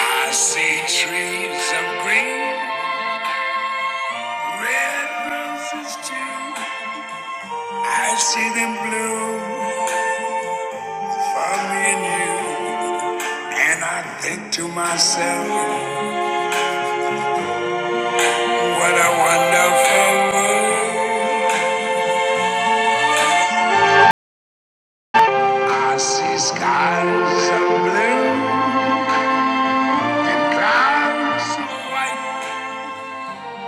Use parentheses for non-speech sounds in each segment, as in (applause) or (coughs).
I see trees of green, red roses too. I see them bloom for me and you. And I think to myself, what a wonderful world. I see skies of blue and clouds of white.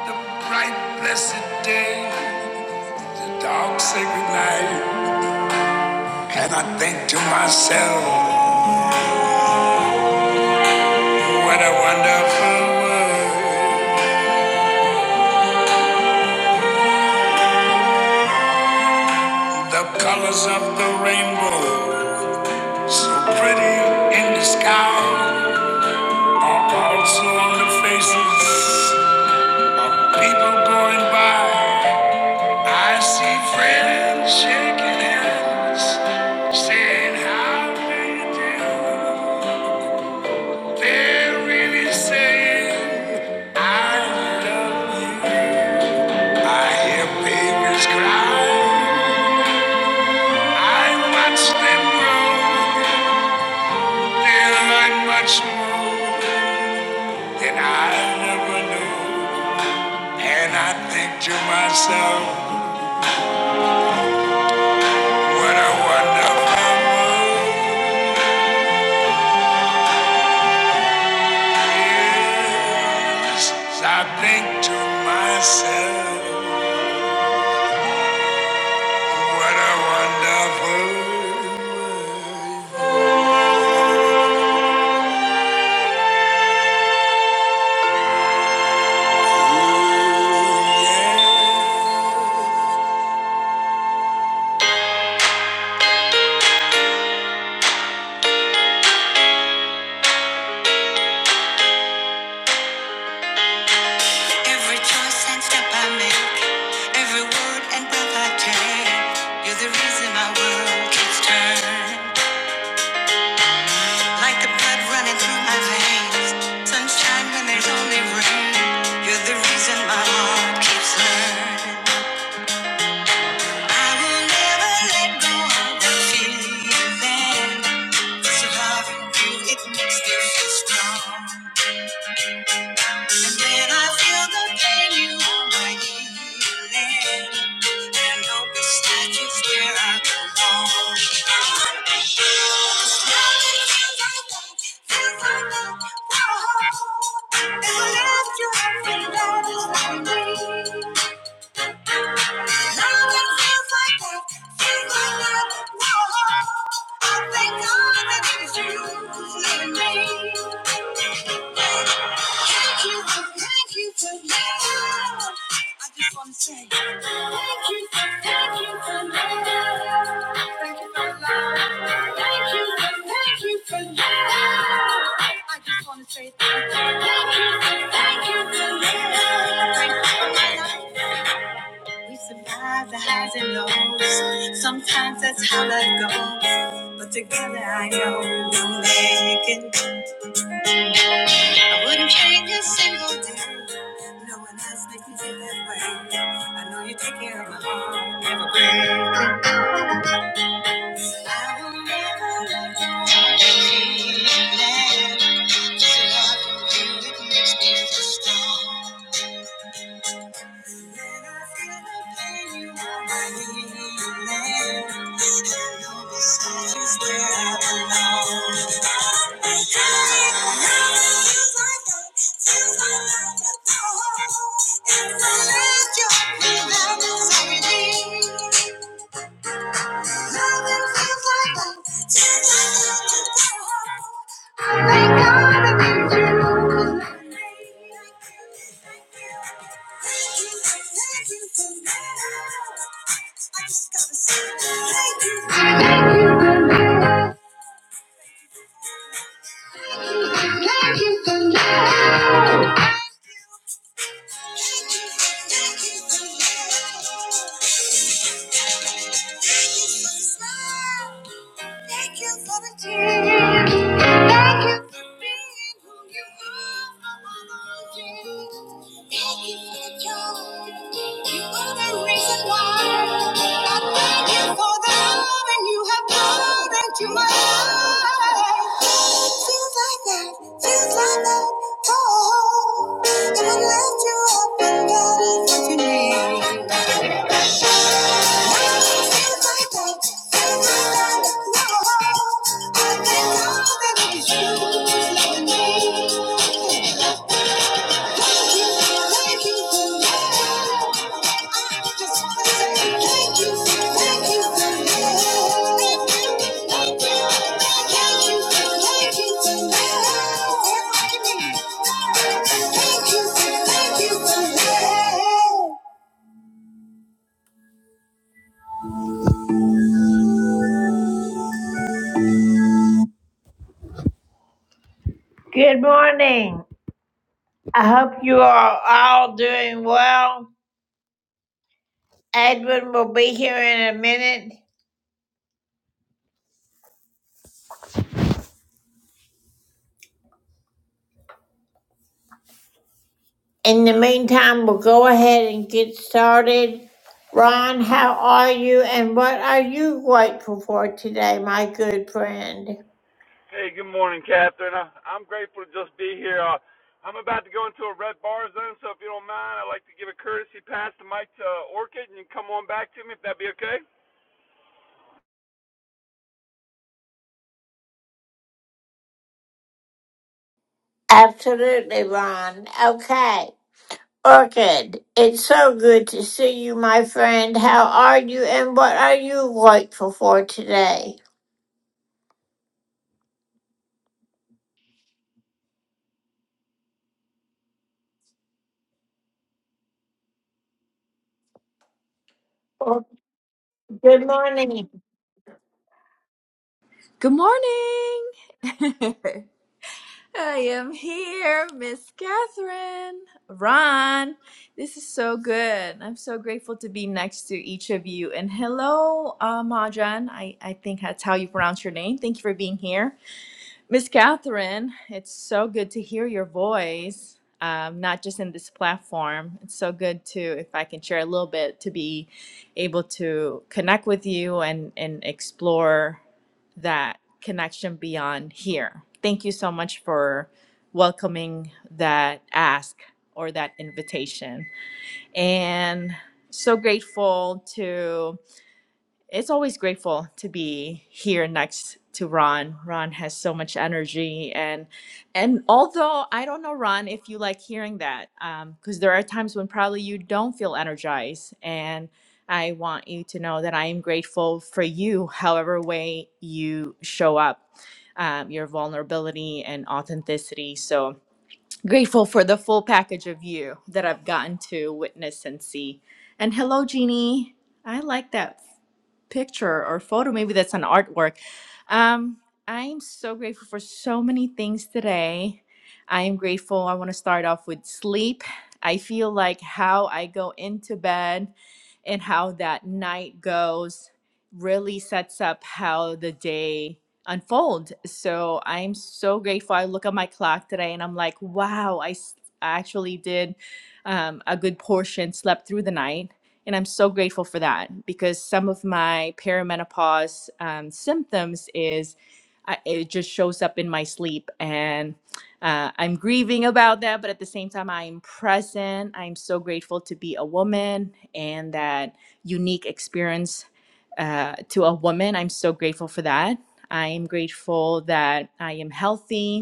The bright blessed day, the dark sacred night. And I think to myself, what a wonderful world. The colors of the rainbow, so pretty in the sky, are also on the faces of people going by. I see friends shaking hands, saying how do you do. They're really saying, I love you. I hear babies cry. I watch them grow. They're like much more. that I never knew. And I think to myself, what a wonderful world. it is. I think to myself, what a wonderful world. Ooh, yeah. Every choice and step I make, every word and breath I take, you're the reason my world keeps turning. Like the blood running through my veins. Sunshine when there's only rain. You're the reason my heart keeps learning. I will never let go of the feeling. This love you, it makes me feel strong. And When I feel the pain, you are my healing. And don't be static where I belong. feels feels like like me. Now it feels like that, that that, whoa. I you Say thank you, thank you, thank you for love. Thank you for my life. That's how it goes. That's how it goes. Wouldn't change a single day. I know you take care of my heart. I will never let go of the feeling. Just love you, it makes me feel strong. Thank you. Thank God that you. Thank you. Thank you for love. Thank you for love. Thank you for the tears. Thank you for being who you are. Thank you for joy. You are the reason why. I thank you for the love and you have poured into my life. Feels like that, feels like that. Oh, if I left you up and that is what you need. Feels like that, feels like that. No, I thank God that it was you who's loving me. Good morning. I hope you are all doing well. Edwin will be here in a minute. In the meantime, we'll go ahead and get started. Ron, how are you and what are you grateful for today, my good friend? Hey, good morning, Catherine. I, I'm grateful to just be here. Uh, I'm about to go into a red bar zone, so if you don't mind, I'd like to give a courtesy pass to Mike to uh, Orchid, and you can come on back to me if that'd be okay. Absolutely, Ron. Okay. Orchid, it's so good to see you, my friend. How are you and what are you grateful for today? Or- Good morning. Good morning. (laughs) I am here, Miss Catherine, Ron. This is so good. I'm so grateful to be next to each of you. And hello, uh, Majan. I, I think that's how you pronounce your name. Thank you for being here. Miss Catherine, it's so good to hear your voice, um, not just in this platform. It's so good to, if I can share a little bit, to be able to connect with you and, and explore that connection beyond here. Thank you so much for welcoming that ask or that invitation. And so grateful to it's always grateful to be here next to Ron. Ron has so much energy and and although I don't know Ron if you like hearing that um because there are times when probably you don't feel energized and I want you to know that I am grateful for you however way you show up um, your vulnerability and authenticity. So grateful for the full package of you that I've gotten to witness and see. And hello Jeannie. I like that picture or photo. Maybe that's an artwork. Um, I'm so grateful for so many things today. I am grateful. I want to start off with sleep. I feel like how I go into bed and how that night goes really sets up how the day unfolds. So I'm so grateful. I look at my clock today and I'm like, wow, I s- I actually did um, a good portion, slept through the night and I'm so grateful for that because some of my perimenopause um, symptoms is I, it just shows up in my sleep. And uh, I'm grieving about that, but at the same time, I'm present. I'm so grateful to be a woman and that unique experience uh, to a woman. I'm so grateful for that. I am grateful that I am healthy.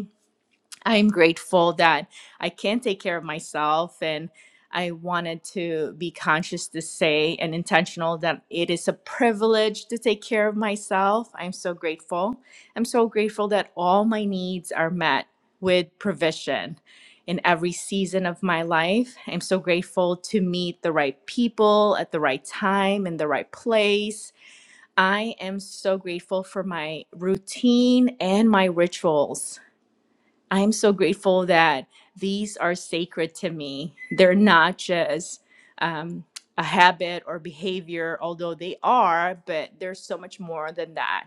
I'm grateful that I can take care of myself and I wanted to be conscious to say and intentional that it is a privilege to take care of myself. I'm so grateful. I'm so grateful that all my needs are met with provision in every season of my life. I'm so grateful to meet the right people at the right time in the right place. I am so grateful for my routine and my rituals. I'm so grateful that these are sacred to me. They're not just um, a habit or behavior, although they are, but there's so much more than that.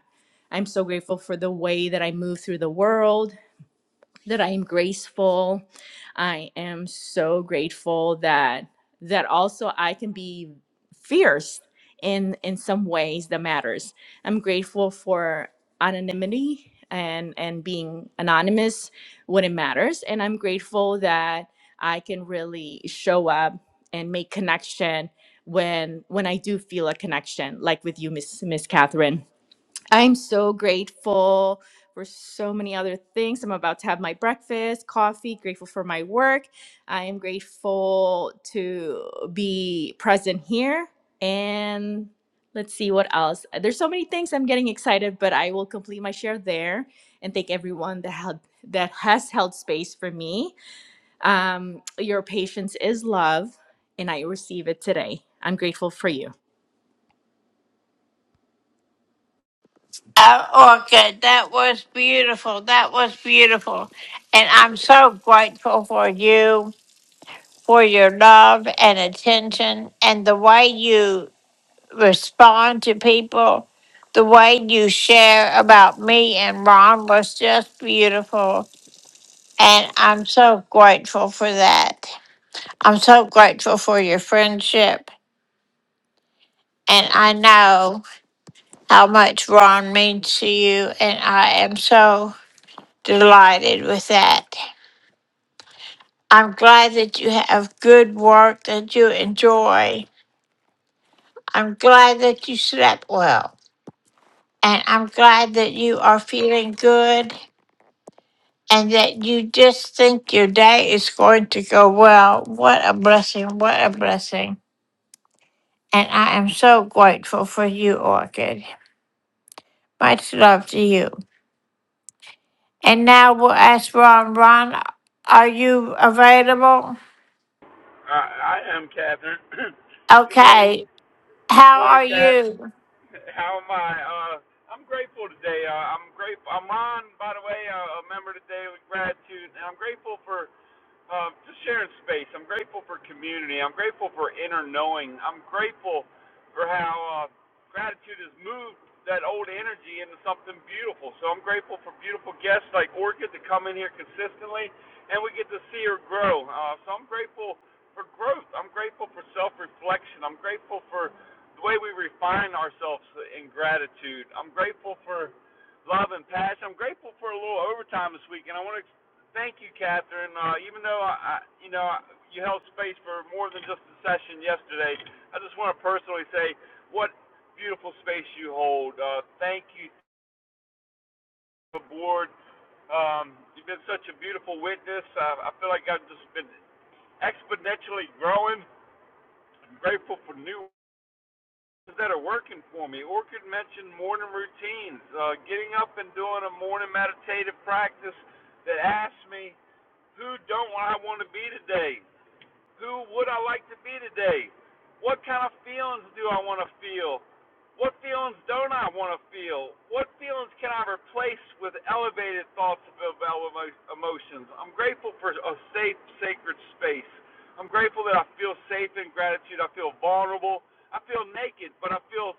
I'm so grateful for the way that I move through the world, that I am graceful. I am so grateful that that also I can be fierce in in some ways that matters. I'm grateful for anonymity and and being anonymous when it matters and I'm grateful that I can really show up and make connection when when I do feel a connection like with you Miss Miss Catherine I'm so grateful for so many other things. I'm about to have my breakfast, coffee, grateful for my work. I am grateful to be present here. And let's see what else. There's so many things I'm getting excited, but I will complete my share there and thank everyone that held that has held space for me. Um, your patience is love, and I receive it today. I'm grateful for you. Uh, Orchid, that was beautiful. That was beautiful. And I'm so grateful for you. for your love and attention and the way you respond to people. The way you share about me and Ron was just beautiful. And I'm so grateful for that. I'm so grateful for your friendship. And I know how much Ron means to you. And I am so delighted with that. I'm glad that you have good work that you enjoy. I'm glad that you slept well. And I'm glad that you are feeling good and that you just think your day is going to go well. What a blessing. What a blessing. And I am so grateful for you, Orchid. Much love to you. And now we'll ask Ron. Ron, are you available? Uh, I am Catherine. (clears throat) good morning. Okay. Good How morning, are Cat. you? How am I? Uh, I'm grateful today. Uh, I'm grateful. I'm Ron, by the way, uh, a member of the Daily Gratitude, and I'm grateful for Um, just sharing space. I'm grateful for community. I'm grateful for inner knowing. I'm grateful for how uh, gratitude has moved that old energy into something beautiful. So I'm grateful for beautiful guests like Orchid to come in here consistently, and we get to see her grow. Uh, so I'm grateful for growth. I'm grateful for self-reflection. I'm grateful for the way we refine ourselves in gratitude. I'm grateful for love and passion. I'm grateful for a little overtime this week, and I want to Thank you, Catherine. Uh, even though I, you know you held space for more than just the session yesterday, I just want to personally say what beautiful space you hold. Uh, thank you to the board. Um, you've been such a beautiful witness. Uh, I feel like I've just been exponentially growing. I'm grateful for new ones that are working for me. Orchid mentioned morning routines, uh, getting up and doing a morning meditative practice that asks me who don't I want to be today? Who would I like to be today? What kind of feelings do I want to feel? What feelings don't I want to feel? What feelings can I replace with elevated thoughts about emo- emotions? I'm grateful for a safe, sacred space. I'm grateful that I feel safe in gratitude. I feel vulnerable. I feel naked, but I feel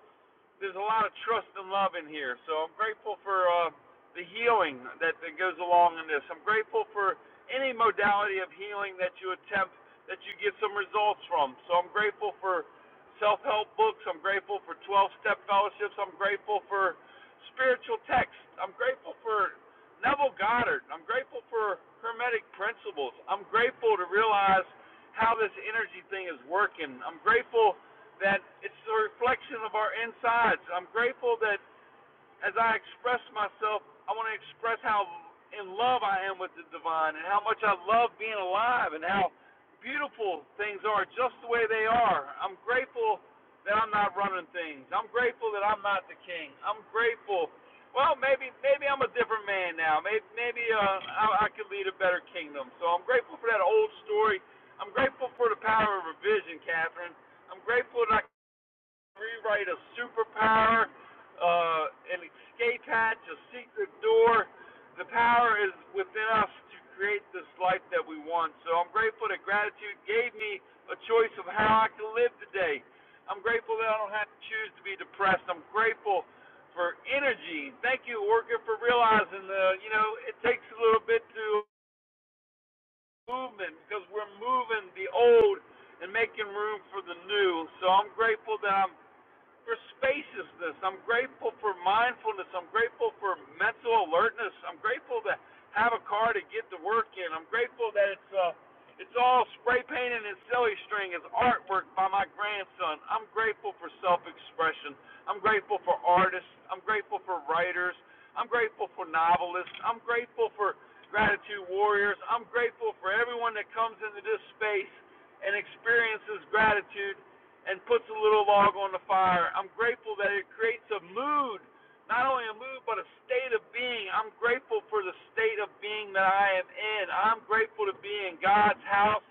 there's a lot of trust and love in here. So I'm grateful for uh, the healing that, that goes along in this. I'm grateful for any modality of healing that you attempt that you get some results from. So I'm grateful for self-help books. I'm grateful for 12-step fellowships. I'm grateful for spiritual texts. I'm grateful for Neville Goddard. I'm grateful for hermetic principles. I'm grateful to realize how this energy thing is working. I'm grateful that it's a reflection of our insides. I'm grateful that as I express myself, I want to express how in love I am with the divine and how much I love being alive and how beautiful things are just the way they are. I'm grateful that I'm not running things. I'm grateful that I'm not the king. I'm grateful. Well, maybe maybe I'm a different man now. Maybe maybe uh, I, I could lead a better kingdom. So I'm grateful for that old story. I'm grateful for the power of revision, Catherine. I'm grateful that I rewrite a superpower, uh, an escape hatch, a secret door. The power is within us to create this life that we want. So I'm grateful that gratitude gave me a choice of how I can live today. I'm grateful that I don't have to choose to be depressed. I'm grateful for energy. Thank you, Orca, for realizing the, you know, it takes a little bit to movement because we're moving the old and making room for the new. So I'm grateful that I'm for spaciousness. I'm grateful for mindfulness. I'm grateful for mental alertness. I'm grateful to have a car to get to work in. I'm grateful that it's uh it's all spray painting and silly string. It's artwork by my grandson. I'm grateful for self-expression. I'm grateful for artists. I'm grateful for writers. I'm grateful for novelists. I'm grateful for gratitude warriors. I'm grateful for everyone that comes into this space and experiences gratitude and puts a little log on the fire. I'm grateful that it creates a mood, not only a mood, but a state of being. I'm grateful for the state of being that I am in. I'm grateful to be in God's house.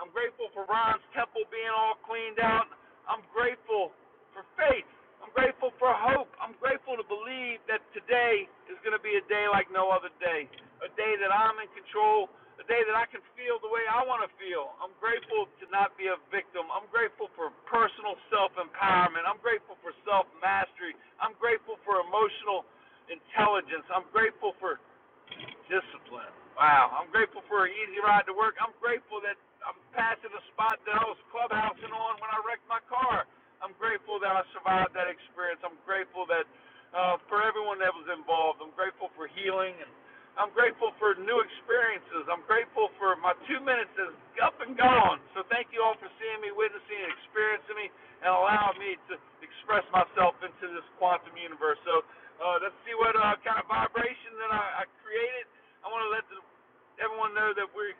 I'm grateful for Ron's temple being all cleaned out. I'm grateful for faith. I'm grateful for hope. I'm grateful to believe that today is going to be a day like no other day. A day that I'm in control the day that I can feel the way I want to feel. I'm grateful to not be a victim. I'm grateful for personal self empowerment. I'm grateful for self mastery. I'm grateful for emotional intelligence. I'm grateful for Discipline. Wow. I'm grateful for an easy ride to work. I'm grateful that I'm passing a spot that I was clubhousing on when I wrecked my car. I'm grateful that I survived that experience. I'm grateful that uh, for everyone that was involved. I'm grateful for healing and I'm grateful for new experiences. I'm grateful for my two minutes is up and gone. So thank you all for seeing me, witnessing, and experiencing me, and allowing me to express myself into this quantum universe. So uh, let's see what uh, kind of vibration that I, I created. I want to let the, everyone know that we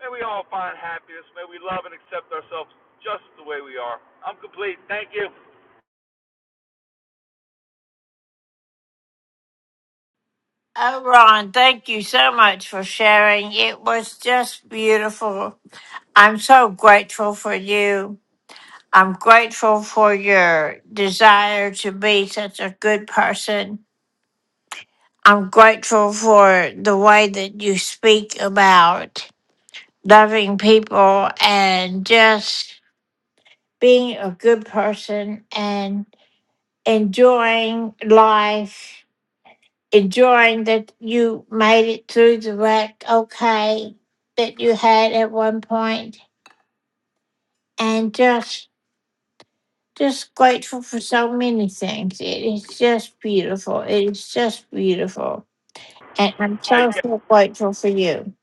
may we all find happiness. May we love and accept ourselves just the way we are. I'm complete. Thank you. Oh, Ron, thank you so much for sharing. It was just beautiful. I'm so grateful for you. I'm grateful for your desire to be such a good person. I'm grateful for the way that you speak about loving people and just being a good person and enjoying life, enjoying that you made it through the wreck okay that you had at one point, and just just grateful for so many things. It is just beautiful. It is just beautiful. And I'm Take so, care. so grateful for you.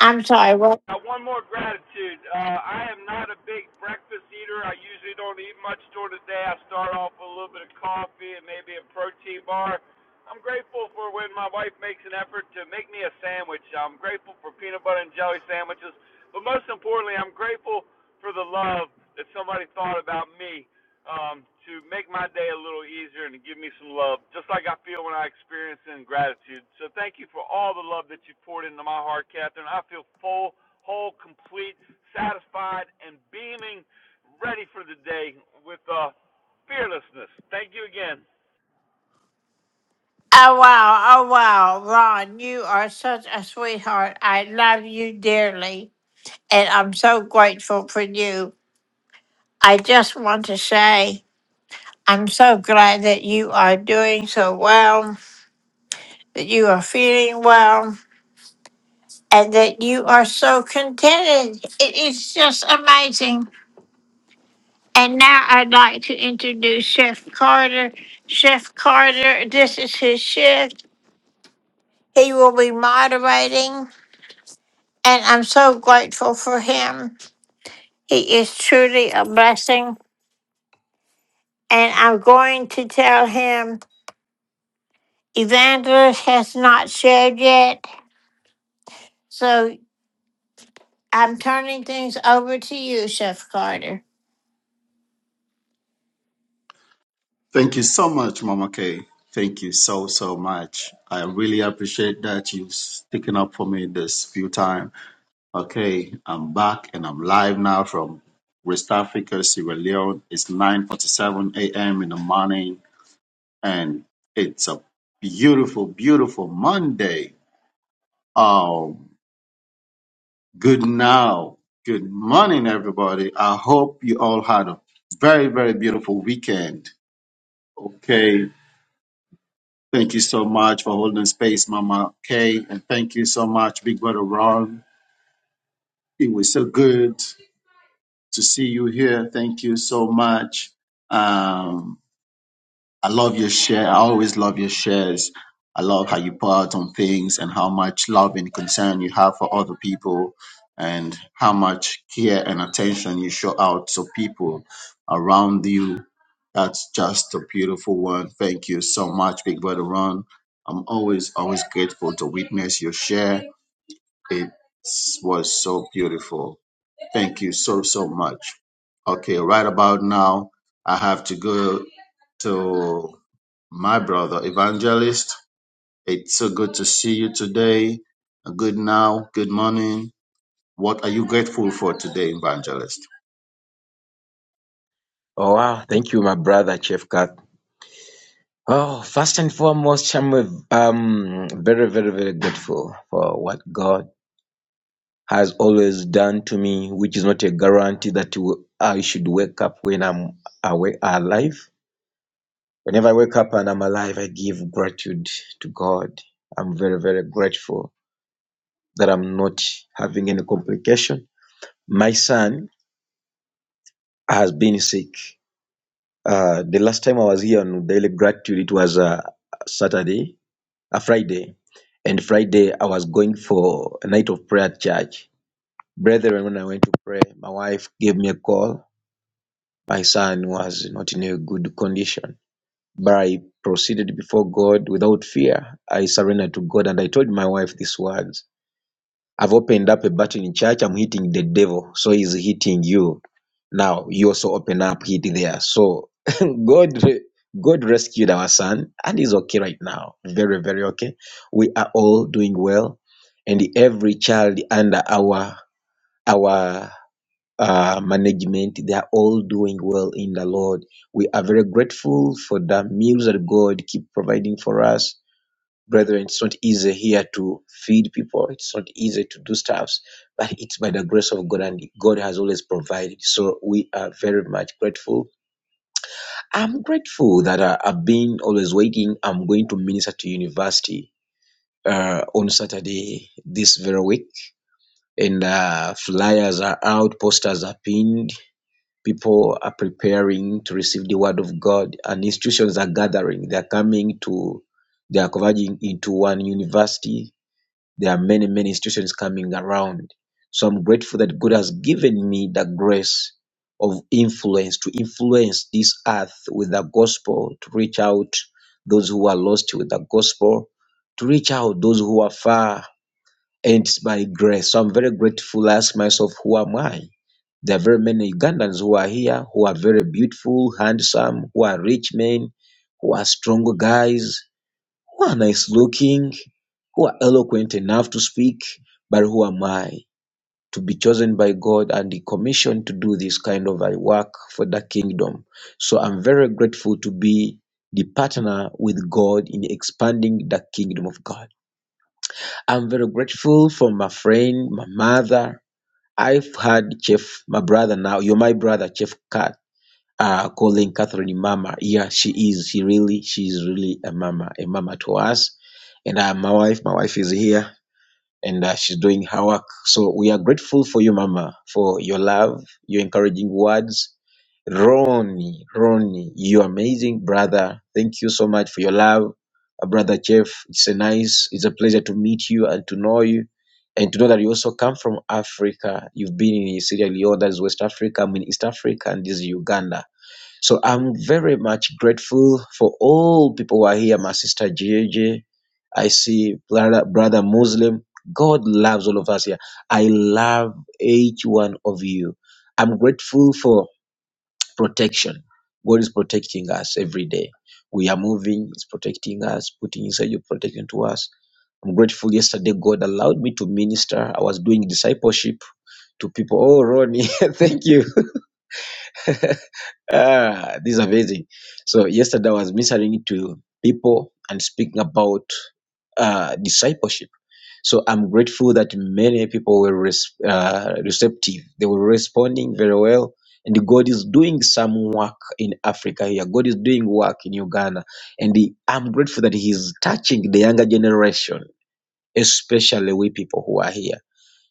I'm sorry, what? Now, one more gratitude. Uh, I am not a big breakfast eater. I usually don't eat much during the day. I start off with a little bit of coffee and maybe a protein bar. I'm grateful for when my wife makes an effort to make me a sandwich. I'm grateful for peanut butter and jelly sandwiches. But most importantly, I'm grateful for the love that somebody thought about me um, to make my day a little easier and to give me some love, just like I feel when I experience in gratitude. So thank you for all the love that you poured into my heart, Catherine. I feel full whole, complete, satisfied, and beaming, ready for the day with uh, fearlessness. Thank you again. Oh, wow. Oh, wow. Ron, you are such a sweetheart. I love you dearly. And I'm so grateful for you. I just want to say I'm so glad that you are doing so well, that you are feeling well, and that you are so contented. It is just amazing. And now I'd like to introduce Chef Carter. Chef Carter, this is his shift. He will be moderating, and I'm so grateful for him. He is truly a blessing, and I'm going to tell him Evangelist has not shared yet, so I'm turning things over to you, Chef Carter. Thank you so much, Mama Kay. Thank you so, so much. I really appreciate that you've sticking up for me this few time. Okay, I'm back and I'm live now from West Africa, Sierra Leone. It's 9.47 a.m. in the morning and it's a beautiful, beautiful Monday. Oh, good now. Good morning, everybody. I hope you all had a very, very beautiful weekend. Okay, Thank you so much for holding space, Mama Kay, and thank you so much, Big Brother Ron. It was so good to see you here. Thank you so much. Um, I love your share. I always love your shares. I love how you pour out on things and how much love and concern you have for other people and how much care and attention you show out to people around you. That's just a beautiful one. Thank you so much, Big Brother Ron. I'm always, always grateful to witness your share. It was so beautiful. Thank you so, so much. Okay, right about now, I have to go to my brother evangelist. It's so good to see you today. Good now, good morning. What are you grateful for today, evangelist? Oh, wow. Thank you, my brother, Chef Kat. Oh, first and foremost, I'm um, very, very, very grateful for what God has always done to me, which is not a guarantee that you- I should wake up when I'm awake, alive. Whenever I wake up and I'm alive, I give gratitude to God. I'm very, very grateful that I'm not having any complication. My son has been sick. Uh, the last time I was here on Daily Gratitude, it was uh, Saturday a Friday. And Friday, I was going for a night of prayer at church. Brethren, when I went to pray, my wife gave me a call. My son was not in a good condition. But I proceeded before God without fear. I surrendered to God and I told my wife these words I've opened up a button in church. I'm hitting the devil. So he's hitting you. Now you also open up, hit there. So (laughs) God, God rescued our son and he's okay right now. Very, very okay. We are all doing well. And every child under our, our, uh, management, they are all doing well in the Lord. We are very grateful for the meals that God keep providing for us brethren, it's not easy here to feed people. It's not easy to do stuffs, but it's by the grace of God, and God has always provided. So we are very much grateful. I'm grateful that I, I've been always waiting. I'm going to minister to university uh, on Saturday this very week, and uh, flyers are out, posters are pinned. People are preparing to receive the word of God, and institutions are gathering. They're coming to, they are converging into one university There are many, many institutions coming around. So I'm grateful that God has given me the grace of influence to influence this earth with the gospel, to reach out those who are lost with the gospel, to reach out those who are far, and it's by grace. So I'm very grateful. I ask myself, who am I? There are very many Ugandans who are here, who are very beautiful, handsome, who are rich men, who are strong guys who are nice looking, who are eloquent enough to speak, but who am I to be chosen by God and commissioned to do this kind of a work for the kingdom? So I'm very grateful to be the partner with God in expanding the kingdom of God. I'm very grateful for my friend, my mother. I've had Chef, my brother now, you're my brother, Chef Kat uh, calling Catherine mama. Yeah, she is. She really, she is really a mama, a mama to us. And uh, my wife, my wife is here and uh, she's doing her work. So we are grateful for you, mama, for your love, your encouraging words. Ronnie, Ronnie, you amazing brother. Thank you so much for your love. Uh, brother Jeff, it's a nice, it's a pleasure to meet you and to know you. And to know that you also come from Africa. You've been in Sierra Leone, that is West Africa, I mean East Africa, and this is Uganda so I'm very much grateful for all people who are here. My sister Gigi, I see brother, brother Muslim. God loves all of us here. I love each one of you. I'm grateful for protection. God is protecting us every day. We are moving, it's protecting us, putting inside your protection to us. I'm grateful yesterday God allowed me to minister. I was doing discipleship to people. Oh, Ronnie, (laughs) thank you. (laughs) Ah, this is amazing. So yesterday I was ministering to people and speaking about uh, discipleship. So I'm grateful that many people were res- uh, receptive. They were responding very well. And God is doing some work in Africa here. God is doing work in Uganda. And he- I'm grateful that He's touching the younger generation, especially we people who are here.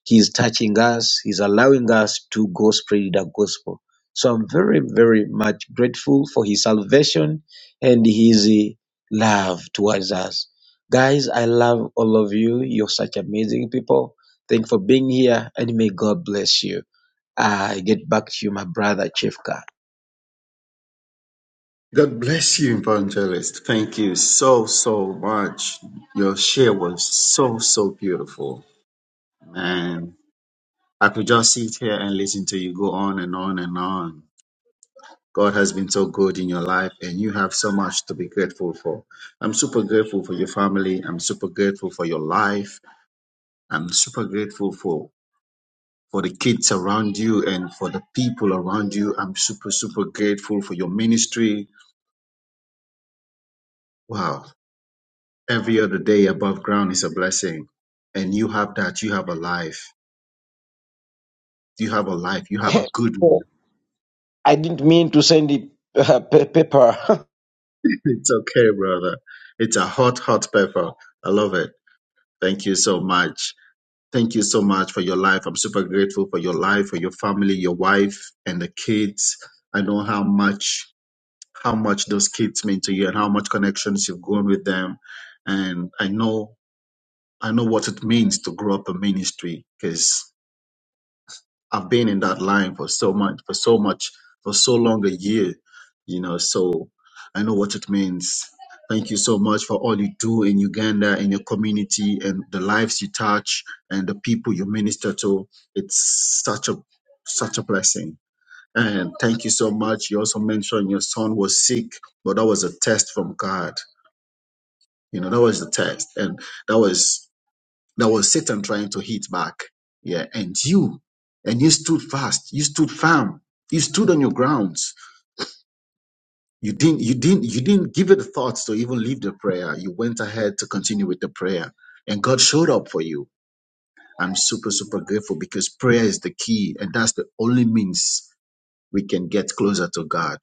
He is touching us. He's allowing us to go spread the gospel. So I'm very, very much grateful for his salvation and his eh, love towards us. Guys, I love all of you. You're such amazing people. Thank you for being here and may God bless you. I get back to you, my brother Chifka. God bless you, evangelist. Thank you so, so much. Your share was so, so beautiful. And I could just sit here and listen to you go on and on and on. God has been so good in your life, and you have so much to be grateful for. I'm super grateful for your family. I'm super grateful for your life. I'm super grateful for for the kids around you and for the people around you. I'm super, super grateful for your ministry. Wow. Every other day above ground is a blessing. And you have that. You have a life. You have a life. You have a (laughs) good Oh, life. I didn't mean to send it uh, pa- paper. (laughs) (laughs) It's okay, brother. It's a hot, hot pepper. I love it. Thank you so much. Thank you so much for your life. I'm super grateful for your life, for your family, your wife, and the kids. I know how much how much those kids mean to you and how much connections you've grown with them. And I know I know what it means to grow up in ministry because I've been in that line for so much for so much for so long a year, you know, so I know what it means. Thank you so much for all you do in Uganda, in your community, and the lives you touch and the people you minister to. It's such a such a blessing. And thank you so much. You also mentioned your son was sick, but that was a test from God. You know, that was the test. And that was that was Satan trying to hit back. Yeah. And you, and you stood fast. You stood firm. You stood on your grounds. You didn't you didn't you didn't give it thoughts to even leave the prayer. You went ahead to continue with the prayer. And God showed up for you. I'm super, super grateful because prayer is the key, and that's the only means we can get closer to God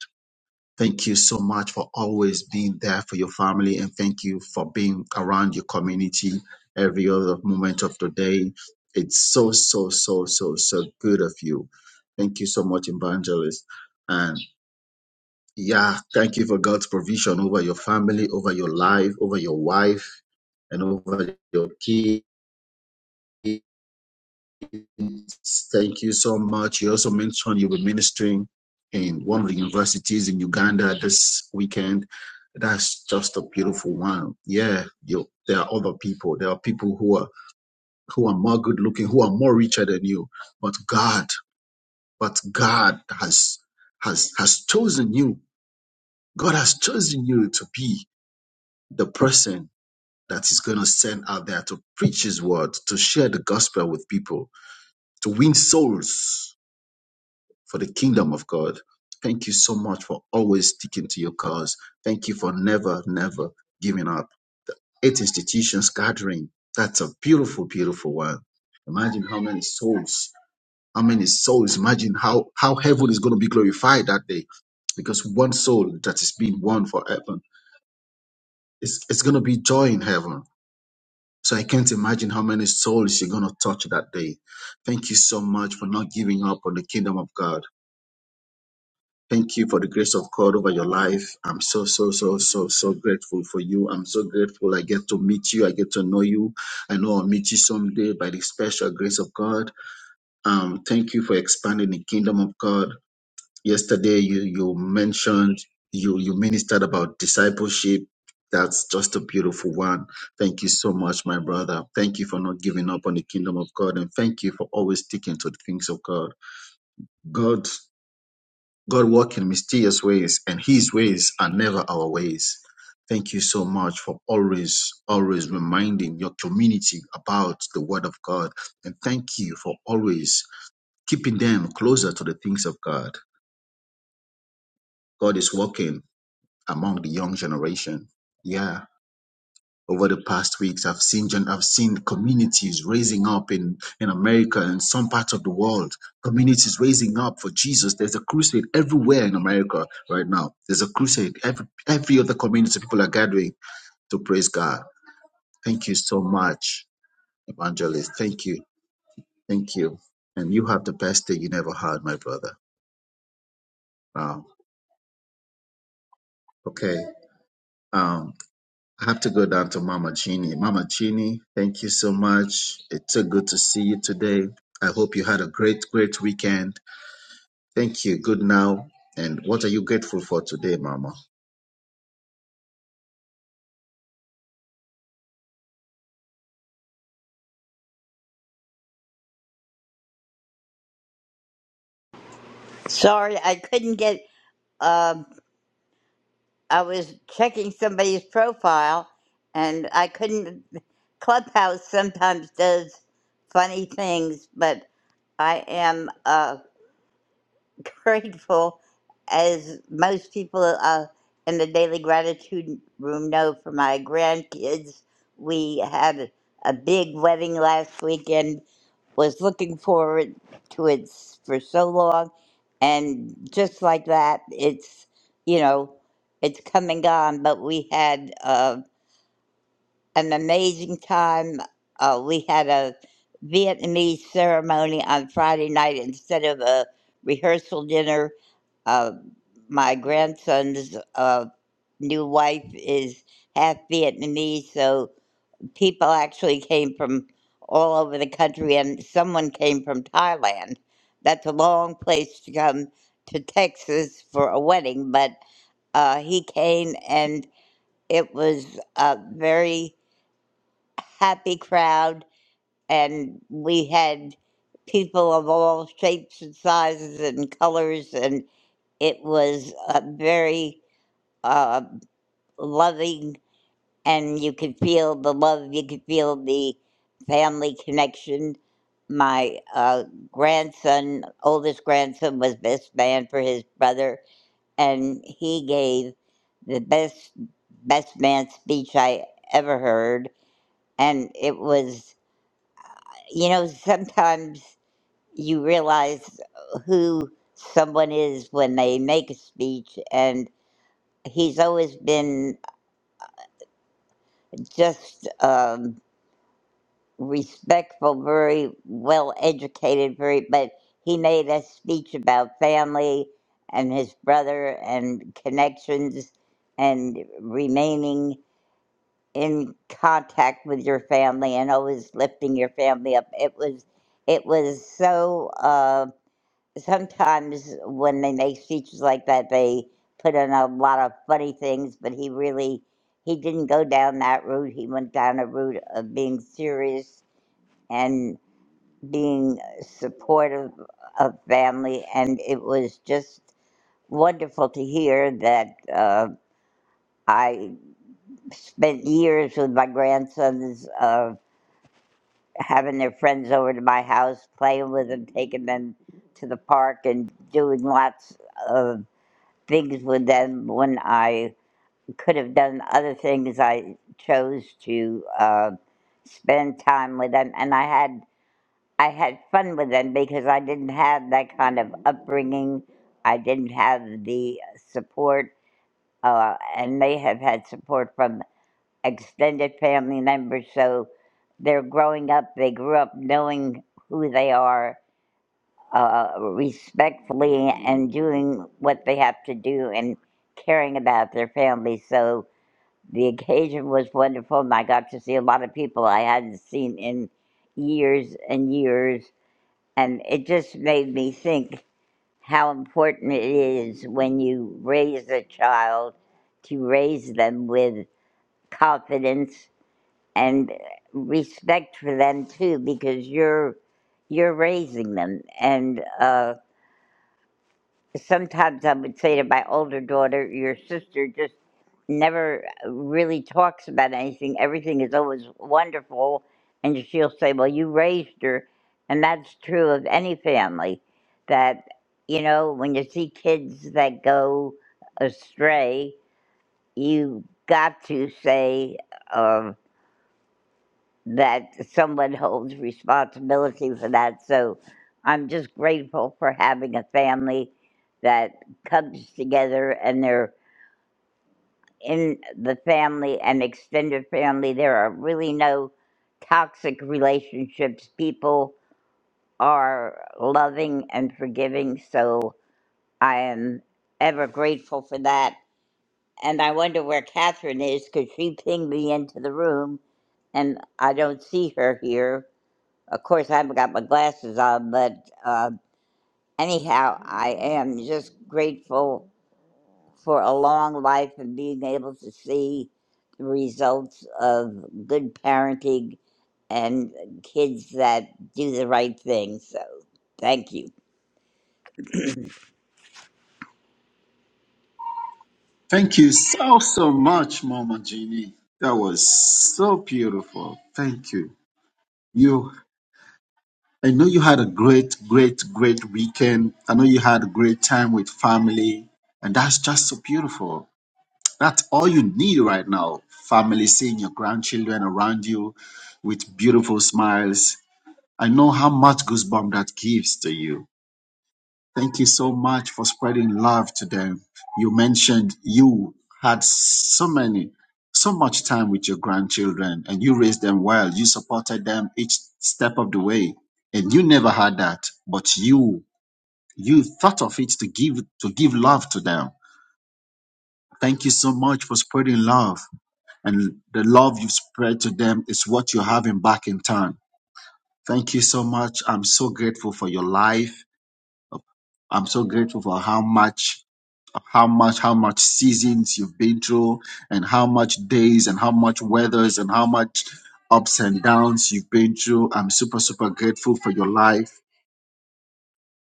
Thank you so much for always being there for your family and thank you for being around your community every other moment of the day. It's so, so, so, so, so good of you. Thank you so much, Evangelist. And yeah, thank you for God's provision over your family, over your life, over your wife, and over your kids. Thank you so much. You also mentioned you'll be ministering in one of the universities in Uganda this weekend. That's just a beautiful one. Yeah, you, there are other people. There are people who are who are more good looking, who are more richer than you. But God, but God has has has chosen you. God has chosen you to be the person that is going to send out there to preach His word, to share the gospel with people, to win souls for the kingdom of God. Thank you so much for always sticking to your cause. Thank you for never, never giving up. Eight institutions gathering. That's a beautiful, beautiful one. Imagine how many souls, how many souls, imagine how, how heaven is going to be glorified that day because one soul that is being won for heaven, it's, it's going to be joy in heaven. So I can't imagine how many souls you're going to touch that day. Thank you so much for not giving up on the kingdom of God. Thank you for the grace of God over your life. I'm so, so, so, so, so grateful for you. I'm so grateful I get to meet you. I get to know you. I know I'll meet you someday by the special grace of God. Um, thank you for expanding the kingdom of God. Yesterday, you, you mentioned, you, you ministered about discipleship. That's just a beautiful one. Thank you so much, my brother. Thank you for not giving up on the kingdom of God. And thank you for always sticking to the things of God. God. God works in mysterious ways, and His ways are never our ways. Thank you so much for always, always reminding your community about the Word of God. And thank you for always keeping them closer to the things of God. God is working among the young generation. Yeah. over the past weeks i've seen John. i i've seen communities raising up in in america and some parts of the world communities raising up for jesus there's a crusade everywhere in america right now there's a crusade every every other community people are gathering to praise god thank you so much evangelist thank you thank you and you have the best day you never had my brother wow okay Um. I have to go down to Mama Chini. Mama Chini, thank you so much. It's so good to see you today. I hope you had a great, great weekend. Thank you. Good now. And what are you grateful for today, Mama? Sorry, I couldn't get. Um, I was checking somebody's profile, and I couldn't. Clubhouse sometimes does funny things, but I am. Uh, (laughs) grateful, as most people uh, in the daily gratitude room know, for my grandkids. We had a big wedding last weekend. Was looking forward to it s- for so long, and just like that, it's you know, it's coming on. But we had uh, an amazing time. Uh, we had a Vietnamese ceremony on Friday night instead of a rehearsal dinner. Uh, my grandson's uh, new wife is half Vietnamese, so people actually came from all over the country, and someone came from Thailand. That's a long place to come to Texas for a wedding, but uh, he came and it was uh, very happy crowd, and we had people of all shapes and sizes and colors, and it was a very uh, loving, and you could feel the love, you could feel the family connection. My uh, grandson, oldest grandson, was best man for his brother, and he gave the best best man speech I ever heard, and it was you know, sometimes you realize who someone is when they make a speech, and he's always been just um, respectful, very well educated, very. But he made a speech about family and his brother and connections and remaining in contact with your family and always lifting your family up. It was, it was so. Uh, sometimes when they make speeches like that, they put in a lot of funny things, but he really he didn't go down that route. He went down a route of being serious and being supportive of family, and it was just wonderful to hear that. Uh, I spent years with my grandsons of having their friends over to my house, playing with them, taking them to the park, and doing lots of things with them when I could have done other things. I chose to uh, spend time with them, and I had I had fun with them because I didn't have that kind of upbringing. I didn't have the support, uh, and they have had support from extended family members. So they're growing up. They grew up knowing who they are uh, respectfully and doing what they have to do and caring about their families. So the occasion was wonderful, and I got to see a lot of people I hadn't seen in years and years. And it just made me think how important it is when you raise a child to raise them with confidence and respect for them too, because you're you're raising them and. Uh, sometimes I would say to my older daughter, your sister just never uh, really talks about anything. Everything is always wonderful. And she'll say, well, you raised her. And that's true of any family that, you know, when you see kids that go astray, you got to say, uh, that someone holds responsibility for that. So I'm just grateful for having a family that comes together and they're in the family and extended family. There are really no toxic relationships. People are loving and forgiving. So I am ever grateful for that. And I wonder where Catherine is because she pinged me into the room and I don't see her here Of course, I haven't got my glasses on, but uh, anyhow, I am just grateful for a long life and being able to see the results of good parenting and kids that do the right thing. So, thank you. Thank you so, so much, Mama Jeannie. That was so beautiful. Thank you. You, I know you had a great, great, great weekend. I know you had a great time with family, and that's just so beautiful. That's all you need right now. Family seeing your grandchildren around you with beautiful smiles. I know how much goosebump that gives to you. Thank you so much for spreading love to them. You mentioned you had so many, so much time with your grandchildren and you raised them well. You supported them each step of the way and you never had that, but you, you thought of it to give, to give love to them. Thank you so much for spreading love and the love you spread to them is what you're having back in turn. Thank you so much. I'm so grateful for your life. I'm so grateful for how much, how much, how much seasons you've been through, and how much days, and how much weathers, and how much ups and downs you've been through. I'm super, super grateful for your life.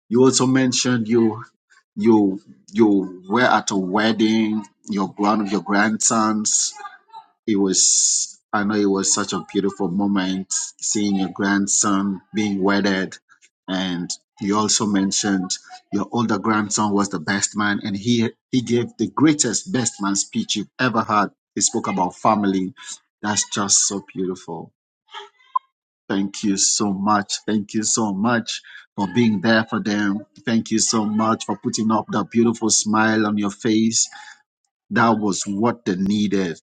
You also mentioned you, you, you were at a wedding. Your one of your grandsons. it was I know it was such a beautiful moment seeing your grandson being wedded and you also mentioned your older grandson was the best man and he he gave the greatest best man speech you've ever had. He spoke about family. That's just so beautiful. Thank you so much. Thank you so much for being there for them. Thank you so much for putting up that beautiful smile on your face. That was what they needed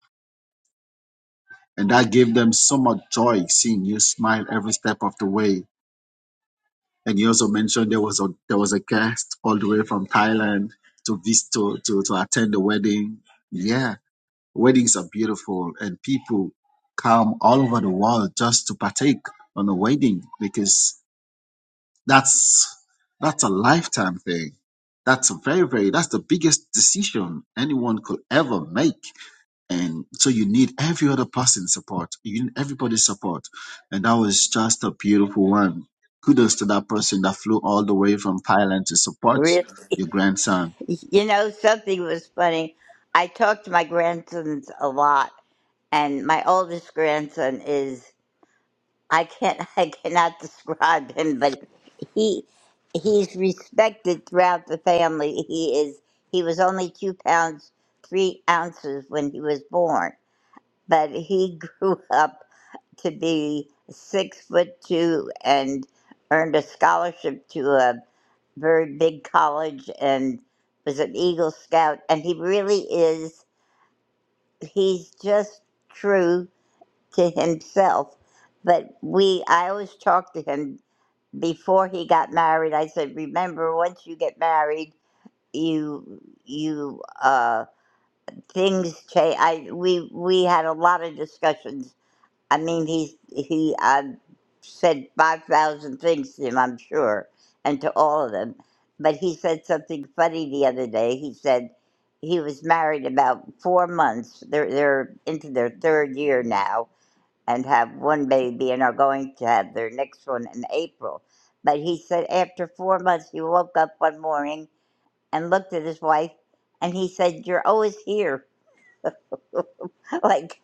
And that gave them so much joy seeing you smile every step of the way. And you also mentioned there was a there was a guest all the way from Thailand to vis- to, to, to attend the wedding. Yeah, weddings are beautiful and people come all over the world just to partake on a wedding because that's that's a lifetime thing. That's a very, very that's the biggest decision anyone could ever make and so you need every other person's support. You need everybody's support. And that was just a beautiful one. Kudos to that person that flew all the way from Thailand to support Really? (laughs) your grandson. You know, something was funny. I talk to my grandsons a lot, and my oldest grandson is I can't (laughs) I cannot describe him, but he he's respected throughout the family. He is he was only two pounds three ounces when he was born, but he (laughs) grew up to be six foot two and earned a scholarship to a very big college and was an Eagle Scout and he really is he's just true to himself but we i always talk to him before he got married i said remember once you get married you you uh things change i we we had a lot of discussions i mean he he i said 5000 things to him i'm sure and to all of them but he said something funny the other day he said he was married about four months they're they're into their third year now and have one baby and are going to have their next one in April. But he said after four months, he woke up one morning and looked at his wife and he said, You're always here. (laughs) like,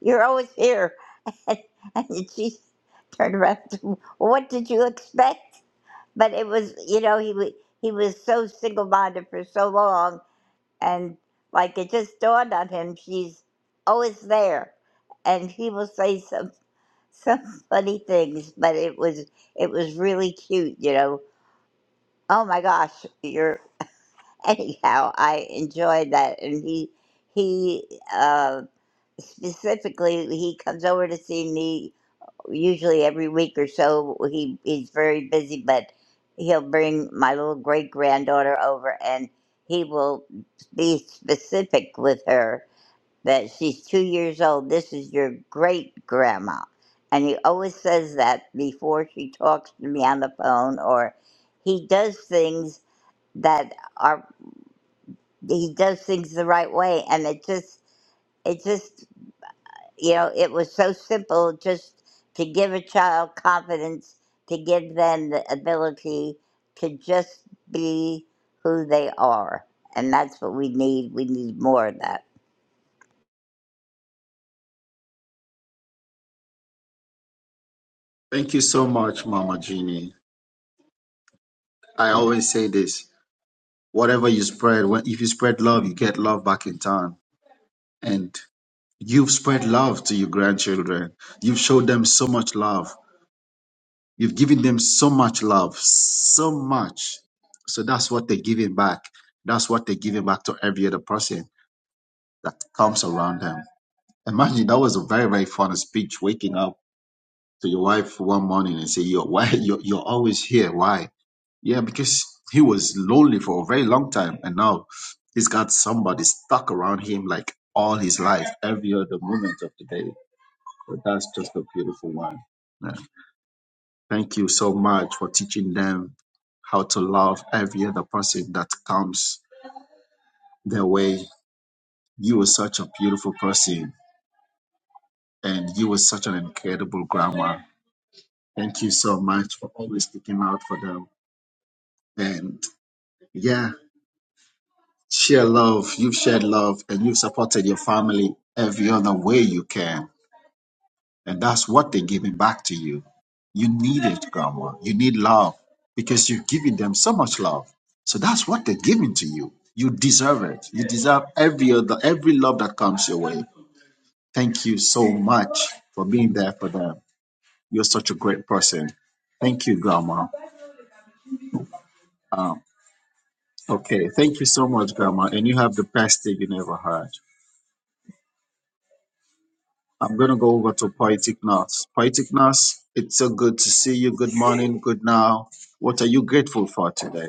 you're always here. (laughs) And, and she turned around, to, him, What did you expect? But it was, you know, he, wa- he was so single minded for so long. And like, it just dawned on him, she's always there. And he will say something some funny things, but it was it was really cute, you know. Oh my gosh, you're (laughs) anyhow. I enjoyed that, and he he uh, specifically he comes over to see me usually every week or so. He he's very busy, but he'll bring my little great granddaughter over, and he will be specific with her that she's two years old. This is your great grandma. And he always says that before she talks to me on the phone, or he does things that are, he does things the right way. And it just, it just, you know, it was so simple just to give a child confidence, to give them the ability to just be who they are. And that's what we need. We need more of that. Thank you so much, Mama Jeannie. I always say this whatever you spread, when, if you spread love, you get love back in turn. And you've spread love to your grandchildren. You've showed them so much love. You've given them so much love, so much. So that's what they're giving back. That's what they're giving back to every other person that comes around them. Imagine that was a very, very fun speech waking up to your wife one morning and say, Yo, why (laughs) you're, you're always here? Why? Yeah, because he was lonely for a very long time and now he's got somebody stuck around him like all his life, every other moment of the day. So that's just a beautiful one. Yeah. Thank you so much for teaching them how to love every other person that comes their way. You were such a beautiful person and you were such an incredible grandma. Thank you so much for always sticking out for them. And yeah, share love. You've shared love and you've supported your family every other way you can. And that's what they're giving back to you. You need it, Grandma. You need love because you've given them so much love. So that's what they're giving to you. You deserve it. You deserve every other, every love that comes your way. Thank you so much for being there for them. You're such a great person. Thank you, Grandma. Um, okay, thank you so much, Grandma. And you have the best day you never had. I'm going to go over to Poetic Nurse. Poetic Nurse, it's so good to see you. Good morning, good now. What are you grateful for today?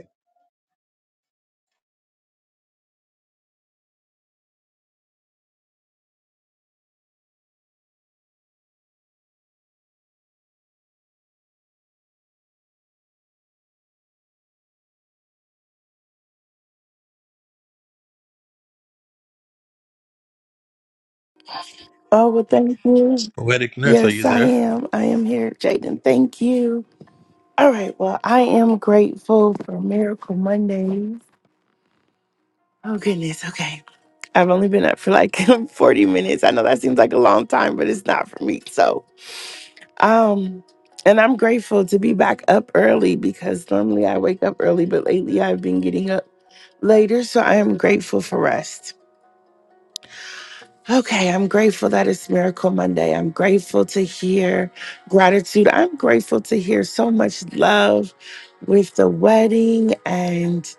Oh, well, thank you. Poetic nurse, are Yes, you I there? am. I am here, Jaden. Thank you. All right. Well, I am grateful for Miracle Mondays. Oh, goodness. Okay. I've only been up for like (laughs) 40 minutes. I know that seems like a long time, but it's not for me. So, um, and I'm grateful to be back up early because normally I wake up early, but lately I've been getting up later. So I am grateful for rest. Okay, I'm grateful that it's Miracle Monday. I'm grateful to hear gratitude. I'm grateful to hear so much love with the wedding and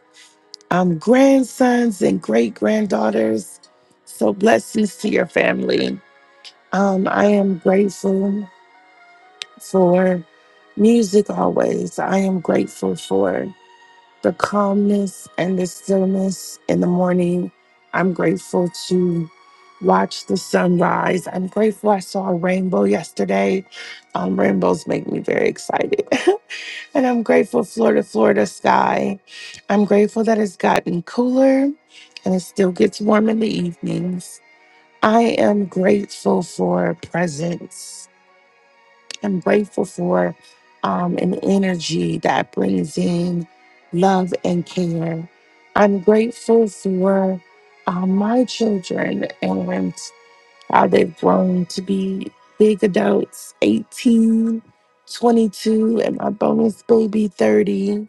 um, grandsons and great granddaughters. So, blessings to your family. Um, I am grateful for music always. I am grateful for the calmness and the stillness in the morning. I'm grateful to watch the sunrise. I'm grateful I saw a rainbow yesterday. Um, rainbows make me very excited. (laughs) and I'm grateful floor to Florida sky. I'm grateful that it's gotten cooler and it still gets warm in the evenings. I am grateful for presence. I'm grateful for um, an energy that brings in love and care. I'm grateful for um, my children and how they've grown to be big adults 18, 22, and my bonus baby 30.